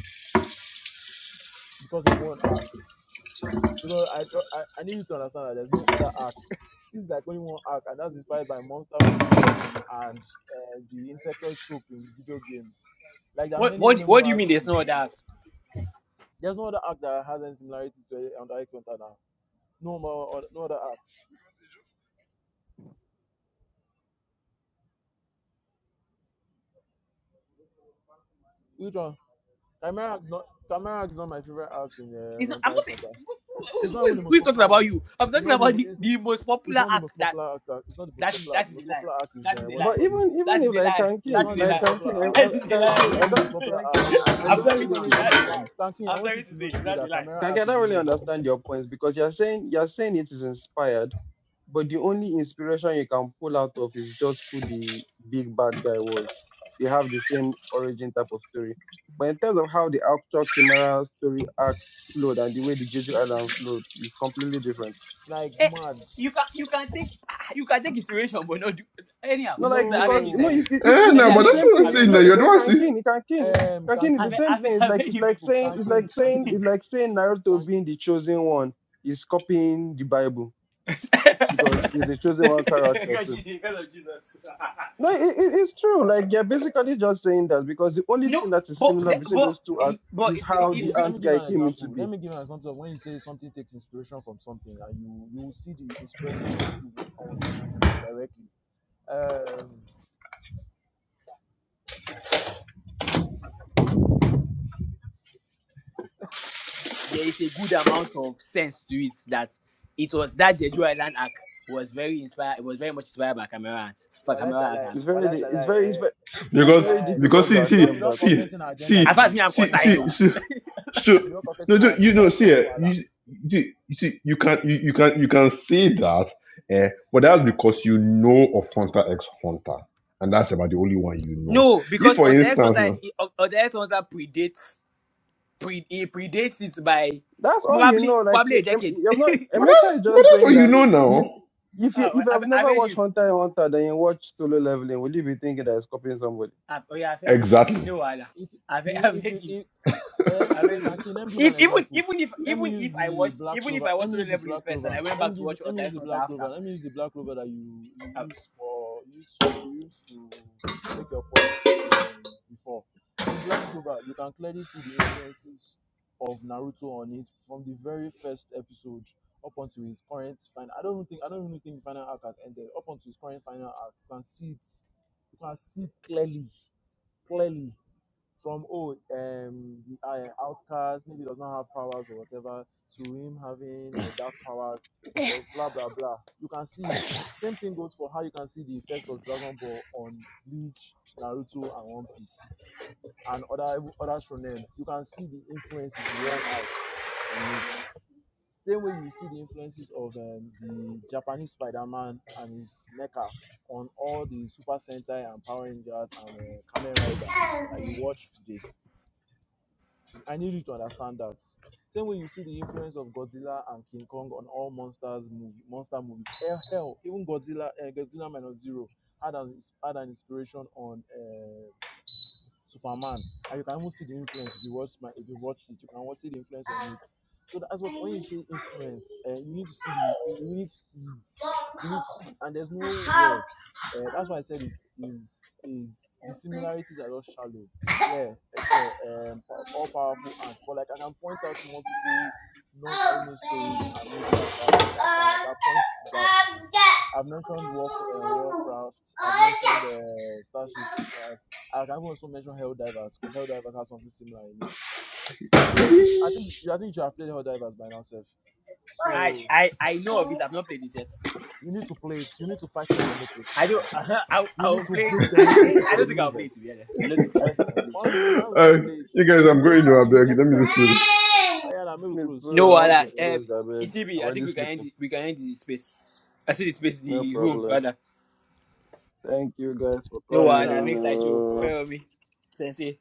[SPEAKER 3] because of one arc. Because I, tr- I I need you to understand that there's no other arc. this is like only one arc, and that's inspired by monster movies and uh, the insectoid trope in video games. Like there are
[SPEAKER 6] What
[SPEAKER 3] many
[SPEAKER 6] what what do you mean there's
[SPEAKER 3] MMORPGs
[SPEAKER 6] no
[SPEAKER 3] with
[SPEAKER 6] dark.
[SPEAKER 3] it. There's no other app that has any similarities to Under X Hunter now. No more, oth- no other app. Which one? Chimera is not. Chimera is not my favorite app in
[SPEAKER 6] It's
[SPEAKER 3] uh,
[SPEAKER 6] not. I'm
[SPEAKER 3] Under
[SPEAKER 6] not
[SPEAKER 3] X
[SPEAKER 6] saying
[SPEAKER 3] Hunter.
[SPEAKER 6] who, who,
[SPEAKER 3] It's not
[SPEAKER 6] who,
[SPEAKER 3] even the
[SPEAKER 6] is, who
[SPEAKER 3] most
[SPEAKER 6] is talking
[SPEAKER 3] popular one.
[SPEAKER 6] about you. I'm
[SPEAKER 3] It's
[SPEAKER 6] talking
[SPEAKER 3] not
[SPEAKER 6] about
[SPEAKER 3] the.
[SPEAKER 6] the,
[SPEAKER 3] It's,
[SPEAKER 6] the most
[SPEAKER 3] it's
[SPEAKER 6] popular
[SPEAKER 3] not the
[SPEAKER 6] arc
[SPEAKER 3] most
[SPEAKER 6] that
[SPEAKER 3] popular act. uh, It's not the most
[SPEAKER 6] that is
[SPEAKER 3] popular act.
[SPEAKER 6] that
[SPEAKER 3] The
[SPEAKER 6] is
[SPEAKER 3] most
[SPEAKER 6] a lie.
[SPEAKER 3] popular act is
[SPEAKER 6] That is
[SPEAKER 3] uh,
[SPEAKER 6] a
[SPEAKER 3] what you
[SPEAKER 6] lie.
[SPEAKER 1] But
[SPEAKER 3] call
[SPEAKER 1] even
[SPEAKER 3] this.
[SPEAKER 1] even
[SPEAKER 6] That is
[SPEAKER 1] if
[SPEAKER 6] a
[SPEAKER 1] like
[SPEAKER 6] lie.
[SPEAKER 3] It's
[SPEAKER 1] Kankin
[SPEAKER 6] That is
[SPEAKER 3] not the
[SPEAKER 6] a
[SPEAKER 1] like
[SPEAKER 3] most
[SPEAKER 6] lie.
[SPEAKER 3] popular
[SPEAKER 1] Kankin I,
[SPEAKER 3] act.
[SPEAKER 1] I,
[SPEAKER 6] that is a lie.
[SPEAKER 1] Kankin
[SPEAKER 3] It's
[SPEAKER 1] I
[SPEAKER 3] not
[SPEAKER 1] don't
[SPEAKER 3] the most popular act.
[SPEAKER 1] Kankin I, I
[SPEAKER 6] I'm
[SPEAKER 3] If
[SPEAKER 1] don't
[SPEAKER 6] sorry
[SPEAKER 3] if
[SPEAKER 6] to
[SPEAKER 1] really
[SPEAKER 6] say
[SPEAKER 3] anything,
[SPEAKER 6] that's a
[SPEAKER 1] understand.
[SPEAKER 6] lie.
[SPEAKER 3] Tanking, I
[SPEAKER 6] I'm
[SPEAKER 3] want you
[SPEAKER 6] sorry to
[SPEAKER 3] to know
[SPEAKER 6] say
[SPEAKER 3] today
[SPEAKER 6] that's a
[SPEAKER 3] that
[SPEAKER 6] lie.
[SPEAKER 3] Camera
[SPEAKER 1] Kanki, I
[SPEAKER 3] Act is
[SPEAKER 1] don't
[SPEAKER 3] the
[SPEAKER 1] really
[SPEAKER 3] most
[SPEAKER 1] understand
[SPEAKER 3] divisive.
[SPEAKER 1] your points because you're saying you're saying it is inspired, but the only inspiration you can pull out of is just who the big bad guy was. They have the same origin type of story. But in terms of how the actual Chimera story arc flowed and the way the Jeju Island flowed is completely different.
[SPEAKER 3] Like
[SPEAKER 6] Eh,
[SPEAKER 3] mad.
[SPEAKER 6] you can you can take ah, you can take inspiration, but not do anyhow.
[SPEAKER 1] No, like
[SPEAKER 6] So I beg
[SPEAKER 1] because
[SPEAKER 6] you,
[SPEAKER 1] no, it,
[SPEAKER 6] Sensei.
[SPEAKER 3] No.
[SPEAKER 1] it, it,
[SPEAKER 4] eh
[SPEAKER 1] it's
[SPEAKER 6] Sensei,
[SPEAKER 4] no
[SPEAKER 1] it's
[SPEAKER 6] I
[SPEAKER 4] but
[SPEAKER 1] the
[SPEAKER 6] beg
[SPEAKER 4] that's
[SPEAKER 6] you.
[SPEAKER 1] same
[SPEAKER 4] what I'm
[SPEAKER 6] I
[SPEAKER 1] thing. It,
[SPEAKER 6] beg
[SPEAKER 4] saying
[SPEAKER 1] no,
[SPEAKER 4] now
[SPEAKER 6] you.
[SPEAKER 1] it,
[SPEAKER 4] you're the
[SPEAKER 1] it
[SPEAKER 4] one
[SPEAKER 1] can
[SPEAKER 4] see
[SPEAKER 1] king, it can king,
[SPEAKER 3] Um,
[SPEAKER 1] can king is
[SPEAKER 6] I
[SPEAKER 1] the
[SPEAKER 3] Kankin,
[SPEAKER 6] beg,
[SPEAKER 1] same
[SPEAKER 6] I beg,
[SPEAKER 1] thing. It's
[SPEAKER 6] I
[SPEAKER 1] like
[SPEAKER 6] beg
[SPEAKER 1] it's
[SPEAKER 6] you
[SPEAKER 1] like
[SPEAKER 6] people.
[SPEAKER 1] saying it's
[SPEAKER 3] Kankin,
[SPEAKER 1] like saying
[SPEAKER 3] Kankin,
[SPEAKER 1] it's like saying
[SPEAKER 3] Tank.
[SPEAKER 1] Naruto being the chosen one is copying the Bible because he's a chosen one character
[SPEAKER 6] God,
[SPEAKER 1] too.
[SPEAKER 6] Jesus, because of Jesus.
[SPEAKER 1] No, it, it, it's true. Like you're basically just saying that because the only
[SPEAKER 6] no,
[SPEAKER 1] thing that is
[SPEAKER 6] but
[SPEAKER 1] similar
[SPEAKER 6] the-
[SPEAKER 1] between
[SPEAKER 6] but
[SPEAKER 1] those two acts
[SPEAKER 6] but
[SPEAKER 1] is
[SPEAKER 6] it, it,
[SPEAKER 1] how
[SPEAKER 6] it's
[SPEAKER 1] the
[SPEAKER 3] Kankin, let me
[SPEAKER 1] ant
[SPEAKER 3] give
[SPEAKER 1] guy
[SPEAKER 3] an
[SPEAKER 1] came into
[SPEAKER 3] example. Let
[SPEAKER 1] be.
[SPEAKER 3] me give an example of when you say something takes inspiration from something, and you you will see the inspirations w- on the sleeves directly. Um,
[SPEAKER 6] there is a good amount of sense to it that it was that Jeju Island act was very inspired. It was very much inspired by camera arts for camera
[SPEAKER 3] walatala,
[SPEAKER 6] actors.
[SPEAKER 1] It's very, di- it's
[SPEAKER 3] walatala,
[SPEAKER 1] very, it's
[SPEAKER 3] eh,
[SPEAKER 1] very, it's
[SPEAKER 4] Because
[SPEAKER 3] walatala.
[SPEAKER 1] very
[SPEAKER 3] This
[SPEAKER 4] because
[SPEAKER 1] difficult to
[SPEAKER 3] this
[SPEAKER 4] see
[SPEAKER 3] you don't
[SPEAKER 4] see
[SPEAKER 3] you
[SPEAKER 1] accept
[SPEAKER 3] don't
[SPEAKER 1] that.
[SPEAKER 4] see
[SPEAKER 3] confess in agenda
[SPEAKER 4] see
[SPEAKER 3] be
[SPEAKER 6] Apart me, I'm
[SPEAKER 3] this. No
[SPEAKER 4] see see
[SPEAKER 3] wala.
[SPEAKER 6] Kosaido.
[SPEAKER 4] see so
[SPEAKER 3] You don't confess
[SPEAKER 4] no
[SPEAKER 3] in
[SPEAKER 4] do you
[SPEAKER 3] agenda,
[SPEAKER 4] know
[SPEAKER 3] so
[SPEAKER 4] see
[SPEAKER 3] no
[SPEAKER 4] eh,
[SPEAKER 3] wala.
[SPEAKER 4] you see you see you can you, you can you can say that eh, but that's because you know of Hunter X Hunter and that's about the only one you know.
[SPEAKER 6] No,
[SPEAKER 4] If
[SPEAKER 6] because
[SPEAKER 4] for
[SPEAKER 6] on the X
[SPEAKER 4] instance
[SPEAKER 6] Hunter,
[SPEAKER 4] eh,
[SPEAKER 6] on the X Hunter predates pre it predates it by
[SPEAKER 1] That's all you
[SPEAKER 6] probably
[SPEAKER 1] know. Like
[SPEAKER 6] probably
[SPEAKER 1] you-
[SPEAKER 6] a
[SPEAKER 1] em-
[SPEAKER 6] decade.
[SPEAKER 1] you're not.
[SPEAKER 6] oh,
[SPEAKER 4] but that's
[SPEAKER 1] Emeka is
[SPEAKER 4] but
[SPEAKER 1] just
[SPEAKER 4] that's
[SPEAKER 1] saying
[SPEAKER 4] what you
[SPEAKER 1] that
[SPEAKER 4] know
[SPEAKER 1] you.
[SPEAKER 4] now.
[SPEAKER 1] If you if
[SPEAKER 6] well,
[SPEAKER 1] you
[SPEAKER 6] I've,
[SPEAKER 1] have
[SPEAKER 6] I've
[SPEAKER 1] never
[SPEAKER 6] heard
[SPEAKER 1] watched
[SPEAKER 6] you.
[SPEAKER 1] Hunter and Hunter, then you watch solo leveling, will you be thinking that it's copying somebody?
[SPEAKER 6] I've, oh yeah, I've heard you.
[SPEAKER 4] Exactly.
[SPEAKER 6] No, Allah.
[SPEAKER 3] If
[SPEAKER 6] I've,
[SPEAKER 3] if
[SPEAKER 6] I've
[SPEAKER 3] if you
[SPEAKER 6] heard you.
[SPEAKER 3] if,
[SPEAKER 4] uh,
[SPEAKER 3] Yeah,
[SPEAKER 6] I've
[SPEAKER 3] wait,
[SPEAKER 6] heard you.
[SPEAKER 3] Kanki, let me give an
[SPEAKER 6] If even
[SPEAKER 3] example.
[SPEAKER 6] even if
[SPEAKER 3] Let me
[SPEAKER 6] even
[SPEAKER 3] use
[SPEAKER 6] if I
[SPEAKER 3] the
[SPEAKER 6] watched
[SPEAKER 3] black
[SPEAKER 6] even if
[SPEAKER 3] clover.
[SPEAKER 6] I
[SPEAKER 3] Let
[SPEAKER 6] watched
[SPEAKER 3] me
[SPEAKER 6] Solo
[SPEAKER 3] use the
[SPEAKER 6] Leveling
[SPEAKER 3] black
[SPEAKER 6] first and
[SPEAKER 3] clover.
[SPEAKER 6] I went
[SPEAKER 3] Let
[SPEAKER 6] back
[SPEAKER 3] me
[SPEAKER 6] to
[SPEAKER 3] give. you-
[SPEAKER 6] watch
[SPEAKER 3] Let
[SPEAKER 6] Otter
[SPEAKER 3] me use
[SPEAKER 6] X
[SPEAKER 3] the
[SPEAKER 6] Hunter
[SPEAKER 3] black
[SPEAKER 6] after,
[SPEAKER 3] clover. Let me use the black clover that you
[SPEAKER 6] uh,
[SPEAKER 3] you use for use for- you use to make your points. um, before. In black clover, you can clearly see the influences of Naruto on it from the very first episode up until his current final. I don't even think I don't even think the final arc has ended. Up until his current final arc, you can see it. You can see it clearly, clearly from oh um the uh, outcast maybe does not have powers or whatever to him having uh, dark powers or blah blah blah you can see it same thing goes for how you can see the effects of dragon ball on bleach naruto and one piece and other other shonen you can see the influences worn out on it same way you see the influences of um, the japanese spider-man and his mecha on all the super sentai and power rangers and uh, kamen rider that you watch today I need you to understand that. Same way you see the influence of Godzilla and King Kong on all monsters movie, monster movies. Hell, hell even Godzilla, uh, Godzilla minus zero had an had an inspiration on uh, Superman, and you can even see the influence if you watch my, if you watched it, you can also see the influence on it. So that's what when you say influence, uh, you need to see the you need to see it, you need to see, and there's no way. Uh, that's why I said is is is the similarities are just shallow. Yeah, eh, sure, um, pow- all powerful ants, but like I can point out multiple non-anime stories and media that that can that point that to. I've mentioned War, uh, Warcraft. I've mentioned uh, Starship Troopers. I can also mention Helldivers because Helldivers has something similar in it. You, you, I think you, I think you have played Helldivers by now, Seth.
[SPEAKER 6] I
[SPEAKER 3] So
[SPEAKER 6] I I know of it. I've not played it yet.
[SPEAKER 3] you need to play it. You need to fight for democracy,
[SPEAKER 6] I don't.
[SPEAKER 3] man.
[SPEAKER 6] I
[SPEAKER 3] You
[SPEAKER 6] I
[SPEAKER 3] need
[SPEAKER 6] will
[SPEAKER 3] to
[SPEAKER 6] play. It.
[SPEAKER 3] bring
[SPEAKER 6] I eh,
[SPEAKER 3] democracy to
[SPEAKER 6] I
[SPEAKER 3] the
[SPEAKER 6] don't think I'll play it to be
[SPEAKER 3] universe.
[SPEAKER 6] honest. I don't think I don't think I'll play it.
[SPEAKER 3] Why will you now not play it?
[SPEAKER 4] you guys
[SPEAKER 3] If you
[SPEAKER 4] I'm
[SPEAKER 3] get
[SPEAKER 4] going to
[SPEAKER 3] it,
[SPEAKER 4] a
[SPEAKER 3] if you
[SPEAKER 4] beg
[SPEAKER 3] get
[SPEAKER 4] let
[SPEAKER 3] it,
[SPEAKER 4] me
[SPEAKER 3] I'll
[SPEAKER 4] just
[SPEAKER 3] get.
[SPEAKER 4] see.
[SPEAKER 3] Oh, yeah, nah, maybe
[SPEAKER 1] Me
[SPEAKER 3] close.
[SPEAKER 1] too. I
[SPEAKER 6] No,
[SPEAKER 3] Maybe
[SPEAKER 1] want
[SPEAKER 3] close.
[SPEAKER 6] Allah.
[SPEAKER 3] I
[SPEAKER 1] to
[SPEAKER 6] Um,
[SPEAKER 3] bet.
[SPEAKER 1] close. I beg. I'm
[SPEAKER 6] Ichibi, I think
[SPEAKER 1] already
[SPEAKER 6] we can end.
[SPEAKER 1] sleeping.
[SPEAKER 6] it- We can end the space. I see the space.
[SPEAKER 1] No
[SPEAKER 6] The room,
[SPEAKER 1] problem.
[SPEAKER 6] rather.
[SPEAKER 1] Thank you guys for
[SPEAKER 6] No,
[SPEAKER 3] Yeah,
[SPEAKER 6] one. I
[SPEAKER 3] nah.
[SPEAKER 1] coming.
[SPEAKER 6] make side show.
[SPEAKER 1] Uh...
[SPEAKER 3] All right.
[SPEAKER 6] Fair me. Sensei.